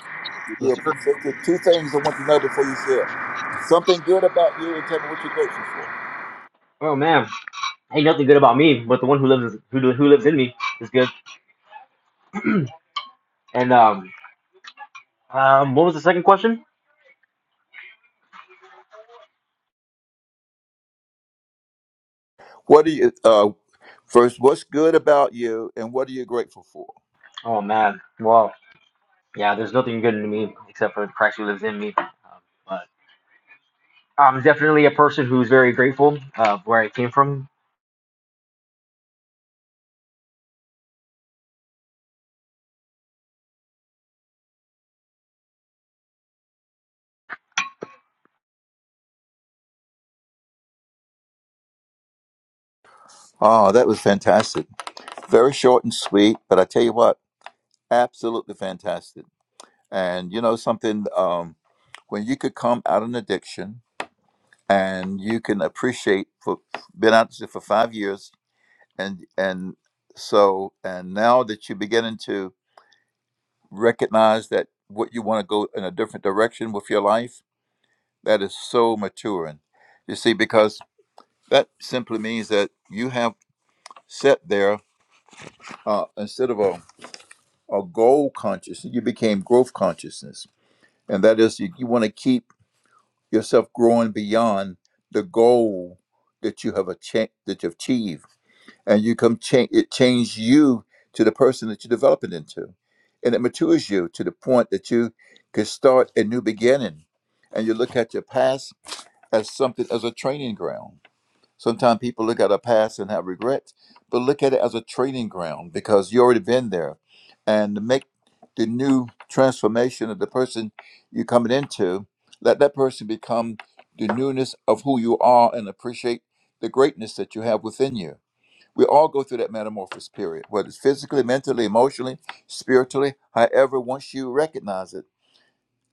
we do Yes, sir. appreciate it. Two things I want to know before you share: something good about you, and tell me what you're grateful for. Oh man, ain't nothing good about me, but the one who lives who who lives in me is good. And um, um, what was the second question? What are you? Uh, first, what's good about you, and what are you grateful for? Oh man, well, yeah, there's nothing good in me except for Christ who lives in me. Um, but I'm definitely a person who's very grateful uh, where I came from Oh, that was fantastic. Very short and sweet, but I tell you what, absolutely fantastic. And you know something? Um. when you could come out of an addiction and you can appreciate for been out there for five years and and so and now that you're beginning to recognize that what you want to go in a different direction with your life that is so maturing you see because that simply means that you have set there uh, instead of a, a goal consciousness you became growth consciousness and that is you, you want to keep yourself growing beyond the goal that you have achieved that you've achieved and you come change it changes you to the person that you're developing into and it matures you to the point that you can start a new beginning and you look at your past as something as a training ground Sometimes people look at a past and have regrets, but look at it as a training ground because you already been there. And to make the new transformation of the person you're coming into, let that person become the newness of who you are and appreciate the greatness that you have within you. We all go through that metamorphosis period, whether it's physically, mentally, emotionally, spiritually, however, once you recognize it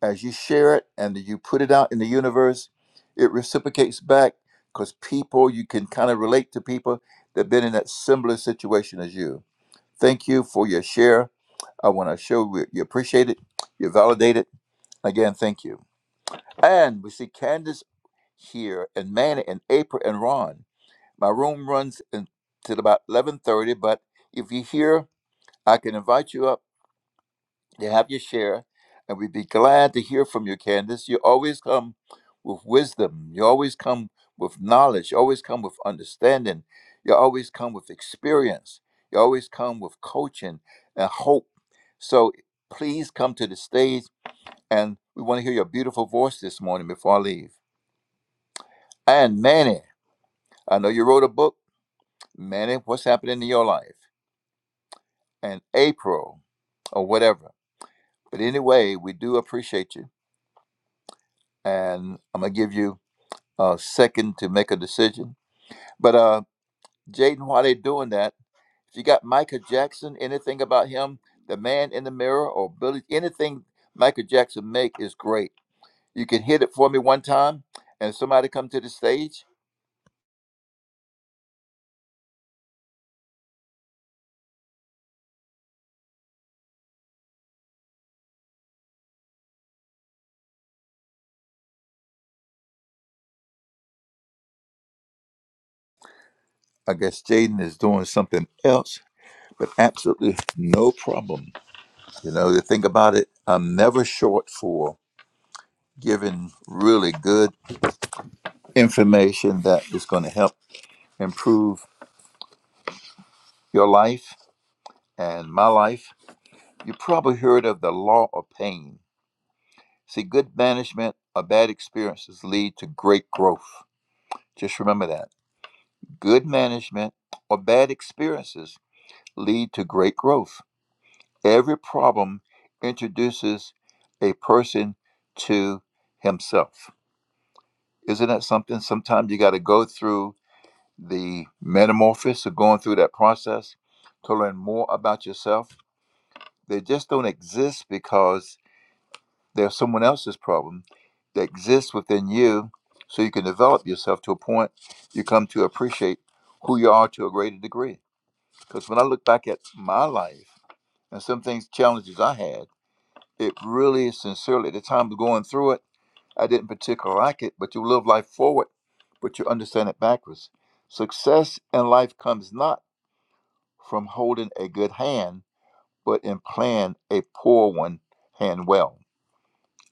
as you share it and you put it out in the universe, it reciprocates back because people, you can kind of relate to people that have been in that similar situation as you. Thank you for your share. I want to show you you appreciate it, you validate it. Again, thank you. And we see Candace here and Manny and April and Ron. My room runs until about 11.30, but if you're here, I can invite you up to have your share, and we'd be glad to hear from you, Candace. You always come with wisdom. You always come with knowledge. You always come with understanding. You always come with experience. You always come with coaching and hope. So please come to the stage, and we want to hear your beautiful voice this morning before I leave. And Manny, I know you wrote a book. Manny, what's happening in your life? And April, or whatever. But anyway, we do appreciate you, and I'm gonna give you uh, second to make a decision. But uh, Jaden, while they're doing that, if you got Michael Jackson, anything about him, the man in the mirror, or Billy, anything Michael Jackson make is great. You can hit it for me one time, and somebody come to the stage. I guess Jaden is doing something else, but absolutely no problem. You know, the thing about it, I'm never short for giving really good information that is going to help improve your life and my life You probably heard of the law of pain. See, good management or bad experiences lead to great growth. Just remember that. Good management or bad experiences lead to great growth. Every problem introduces a person to himself. Isn't that something? Sometimes you got to go through the metamorphosis of going through that process to learn more about yourself. They just don't exist because There's someone else's problem that exists within you so you can develop yourself to a point you come to appreciate who you are to a greater degree. Because when I look back at my life and some things, challenges I had, it really sincerely, at the time of going through it, I didn't particularly like it, but you live life forward, but you understand it backwards. Success in life comes not from holding a good hand, but in playing a poor one hand well.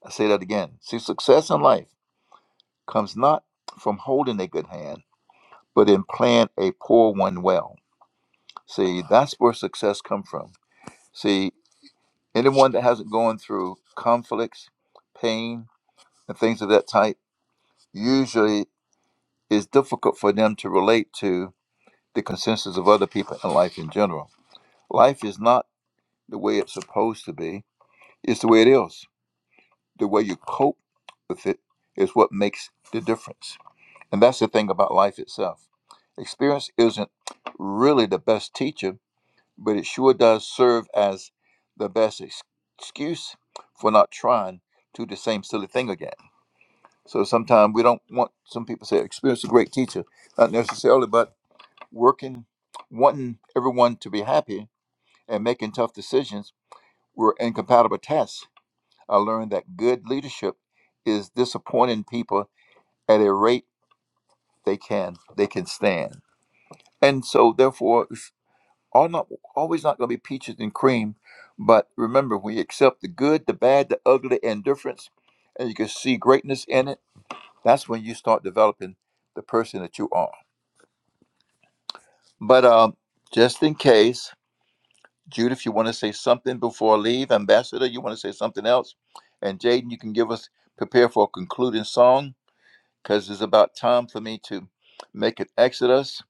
I say that again. See, success in life comes not from holding a good hand, but in playing a poor one well. See, that's where success comes from. See, anyone that hasn't gone through conflicts, pain, and things of that type, usually is difficult for them to relate to the consensus of other people in life in general. Life is not the way it's supposed to be, it's the way it is. The way you cope with it is what makes the difference. And that's the thing about life itself. Experience isn't really the best teacher, but it sure does serve as the best ex- excuse for not trying to do the same silly thing again. So sometimes we don't want some people say experience is a great teacher, not necessarily, but working, wanting everyone to be happy and making tough decisions were incompatible tasks. I learned that good leadership is disappointing people at a rate they can they can stand. And so, therefore, it's all not always not going to be peaches and cream. But remember, we accept the good, the bad, the ugly, and difference, and you can see greatness in it. That's when you start developing the person that you are. But um, just in case, Jude, if you want to say something before I leave, Ambassador, you want to say something else, and Jaden, you can give us prepare for a concluding song because it's about time for me to make an exodus.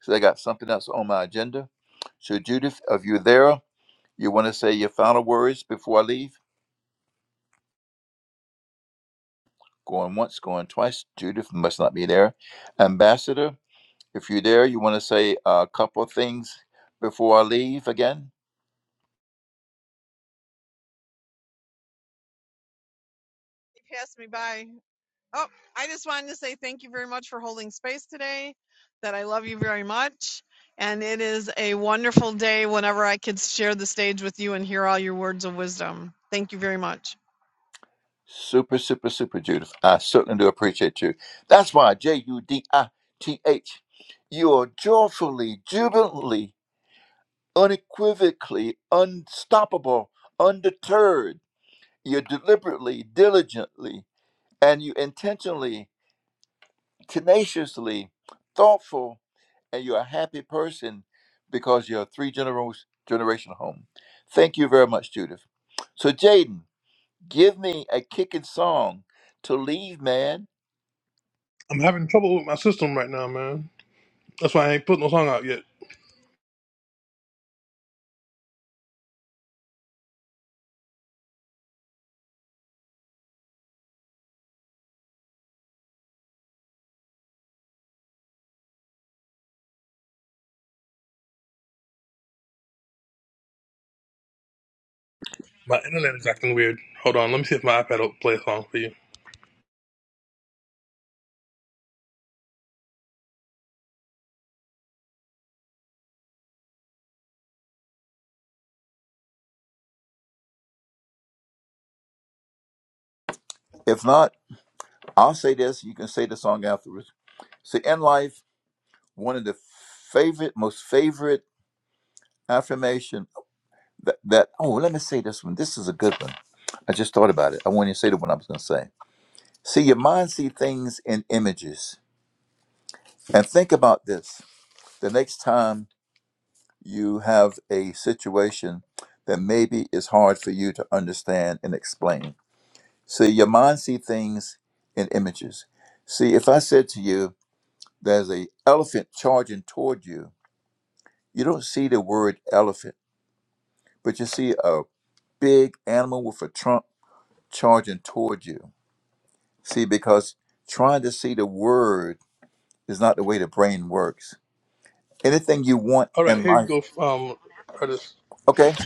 So I got something else on my agenda. So Judith, are you there, You want to say your final words before I leave? Going once, going twice. Judith must not be there. Ambassador, if you're there, you want to say a couple of things before I leave again? Pass me by. Oh, I just wanted to say thank you very much for holding space today, that I love you very much. And it is a wonderful day whenever I could share the stage with you and hear all your words of wisdom. Thank you very much. Super, super, super, Judith. I certainly do appreciate you. That's why J U D I T H. You are joyfully, jubilantly, unequivocally, unstoppable, undeterred. You're deliberately, diligently, and you intentionally, tenaciously, thoughtful, and you're a happy person because you're a three generation generation home. Thank you very much, Judith. So Jaden, give me a kicking song to leave, man. I'm having trouble with my system right now, man. That's why I ain't put no song out yet. My internet is acting weird. Hold on, let me see if my iPad will play a song for you. If not, I'll say this. You can say the song afterwards. So in life, one of the favorite, most favorite affirmation that, that oh, let me say this one. This is a good one. I just thought about it. I wanted to say the one I was going to say. See, your mind see things in images, and think about this. The next time you have a situation that maybe is hard for you to understand and explain. See, your mind see things in images. See, if I said to you, there's a elephant charging toward you, you don't see the word elephant, but you see a big animal with a trunk charging toward you. See, because trying to see the word is not the way the brain works. Anything you want All right, in here you life, go, um, artist. okay?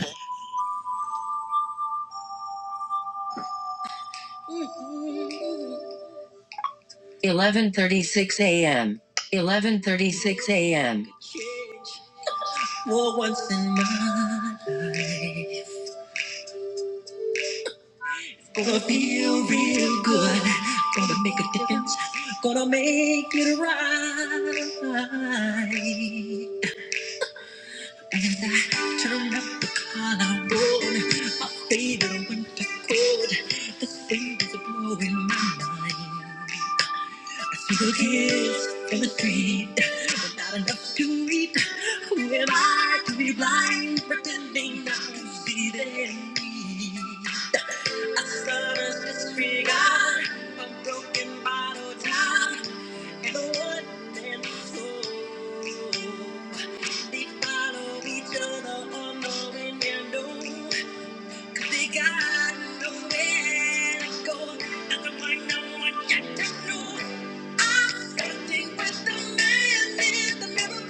11:36 a.m. 11:36 a.m. Gonna feel real good. Gonna make a difference. Gonna make it right. And I turn up the collar on my favorite winter coat. The wind is blowing my mind. I see the kids in the street, but not enough to eat. Who am I to be blind, pretending not to see their need? A summer's disregard, a broken bottle top, and a one-man show. They follow each other, unknowing and know they got nowhere to go. Nothing like no one yet to know. I'm starting with the man in the middle.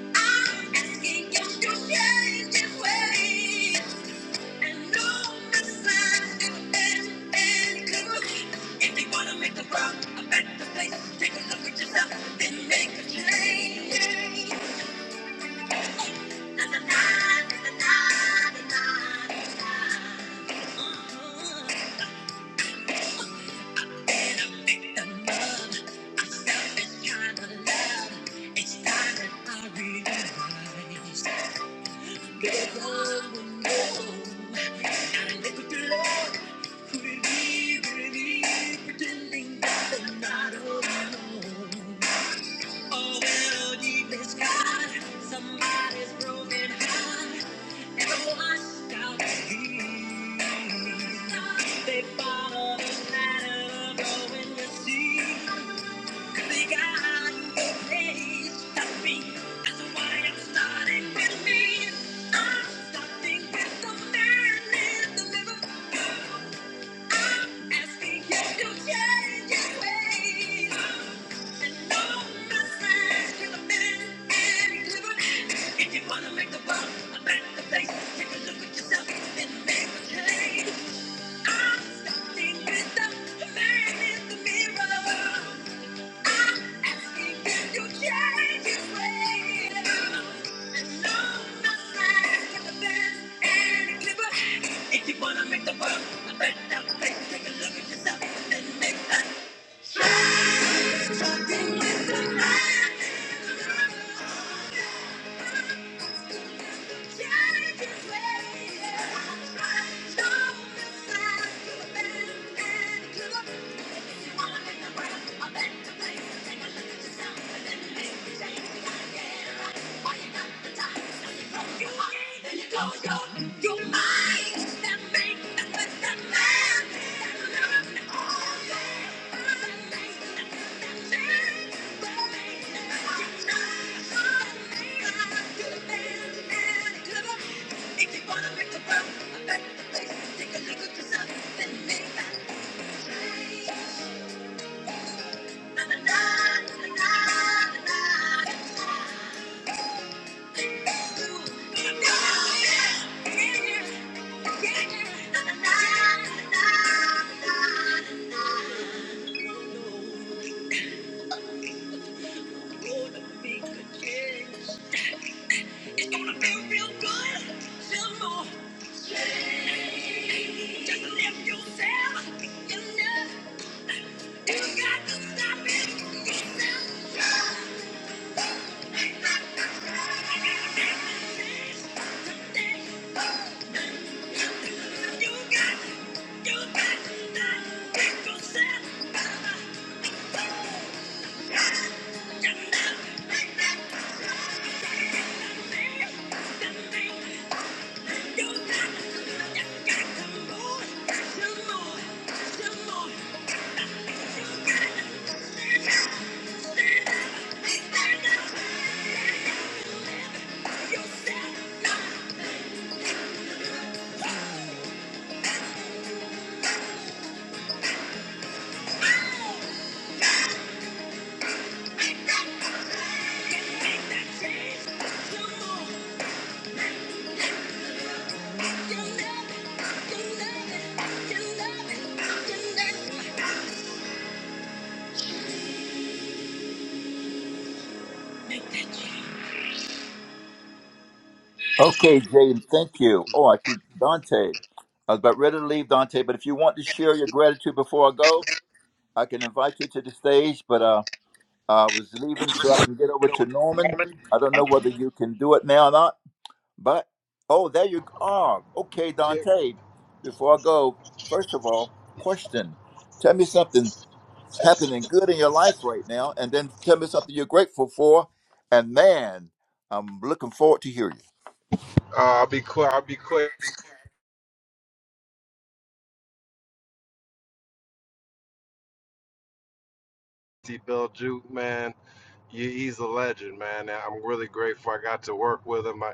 I'm asking you to change your ways. And no message is in any clue. If you wanna make the world a better place, take a look at yourself, then make a change. Na, na, na, na, na, na, na, na. Uh-huh. Pick the love, now it's time to love. It's time that I realize the love will know. Now I live with the Lord, be, did he be pretending that I'm not alone? Oh well, deep is God, somebody's broken heart. And washed out the heat. They follow the pattern of going to sea. If you wanna make the world a better place, take a look at yourself and make a change. I'm starting with the man in the mirror. If you wanna make the world a better place, take a look at yourself and make that Thank you. got the time? If you wanna make the world a better place, take a look at yourself and make that change. Na, na, na, na, na, na, na. It's gonna feel real good. Just lift yourself. You know, got to stop it. yourself. Thank you. You Thank you. love it, you love it. Okay, Jaden, thank you. Oh, I see Dante. I was about ready to leave Dante, but if you want to share your gratitude before I go, I can invite you to the stage. But uh, I was leaving so I can get over to Norman. I don't know whether you can do it now or not, but oh, there you are. Okay, Uh, Dante. Before I go, first of all, question: Tell me something that's happening good in your life right now, and then tell me something you're grateful for. And man, I'm looking forward to hearing. I'll be quick. I'll be quick. See Bill Juke, man. Yeah, he's a legend, man. and I'm really grateful I got to work with him. I,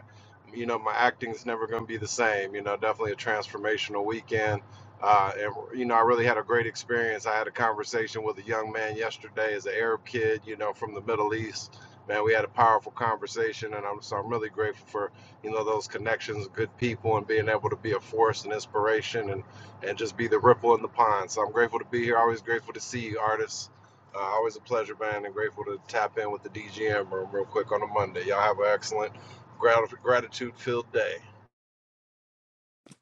you know, my acting's never going to be the same. You know, definitely a transformational weekend. Uh, and you know, I really had a great experience. I had a conversation with a young man yesterday, as an Arab kid, you know, from the Middle East. Man, we had a powerful conversation, and I'm so I'm really grateful for you know those connections, good people, and being able to be a force and inspiration, and and just be the ripple in the pond. So I'm grateful to be here. Always grateful to see you, artists. Uh, always a pleasure, man, and grateful to tap in with the DGM room real quick on a Monday. Y'all have an excellent, grat- gratitude-filled day.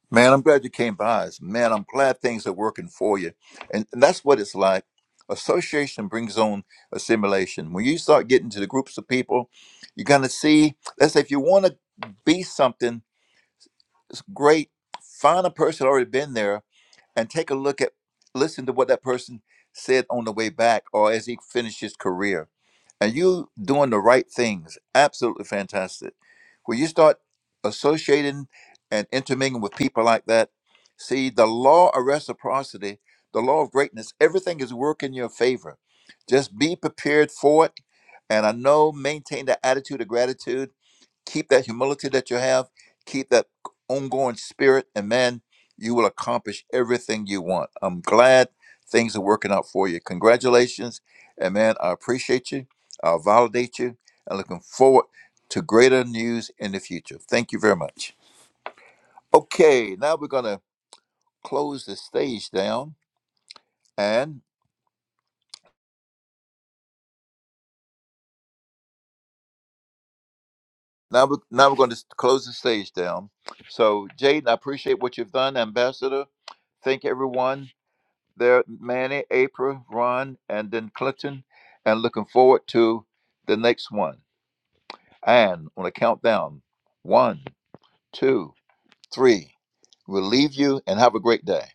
Man, I'm glad you came by. us. Man, I'm glad things are working for you. And, and that's what it's like. Association brings on assimilation. When you start getting to the groups of people, you're going to see, let's say, if you want to be something, it's great. Find a person already been there and take a look at, listen to what that person said on the way back or as he finished his career. And you doing the right things. Absolutely fantastic. When you start associating and intermingling with people like that, see the law of reciprocity, the law of greatness, everything is working in your favor. Just be prepared for it. And I know maintain the attitude of gratitude keep that humility that you have, keep that ongoing spirit, and man, you will accomplish everything you want. I'm glad things are working out for you. Congratulations, and man, I appreciate you. I'll validate you, and looking forward to greater news in the future. Thank you very much. Okay, now we're gonna close the stage down, and now we're now we're going to close the stage down. So, Jaden, I appreciate what you've done, Ambassador. Thank everyone there, Manny, April, Ron, and then Clinton, and looking forward to the next one. And on a countdown, one, two, three, we'll leave you and have a great day.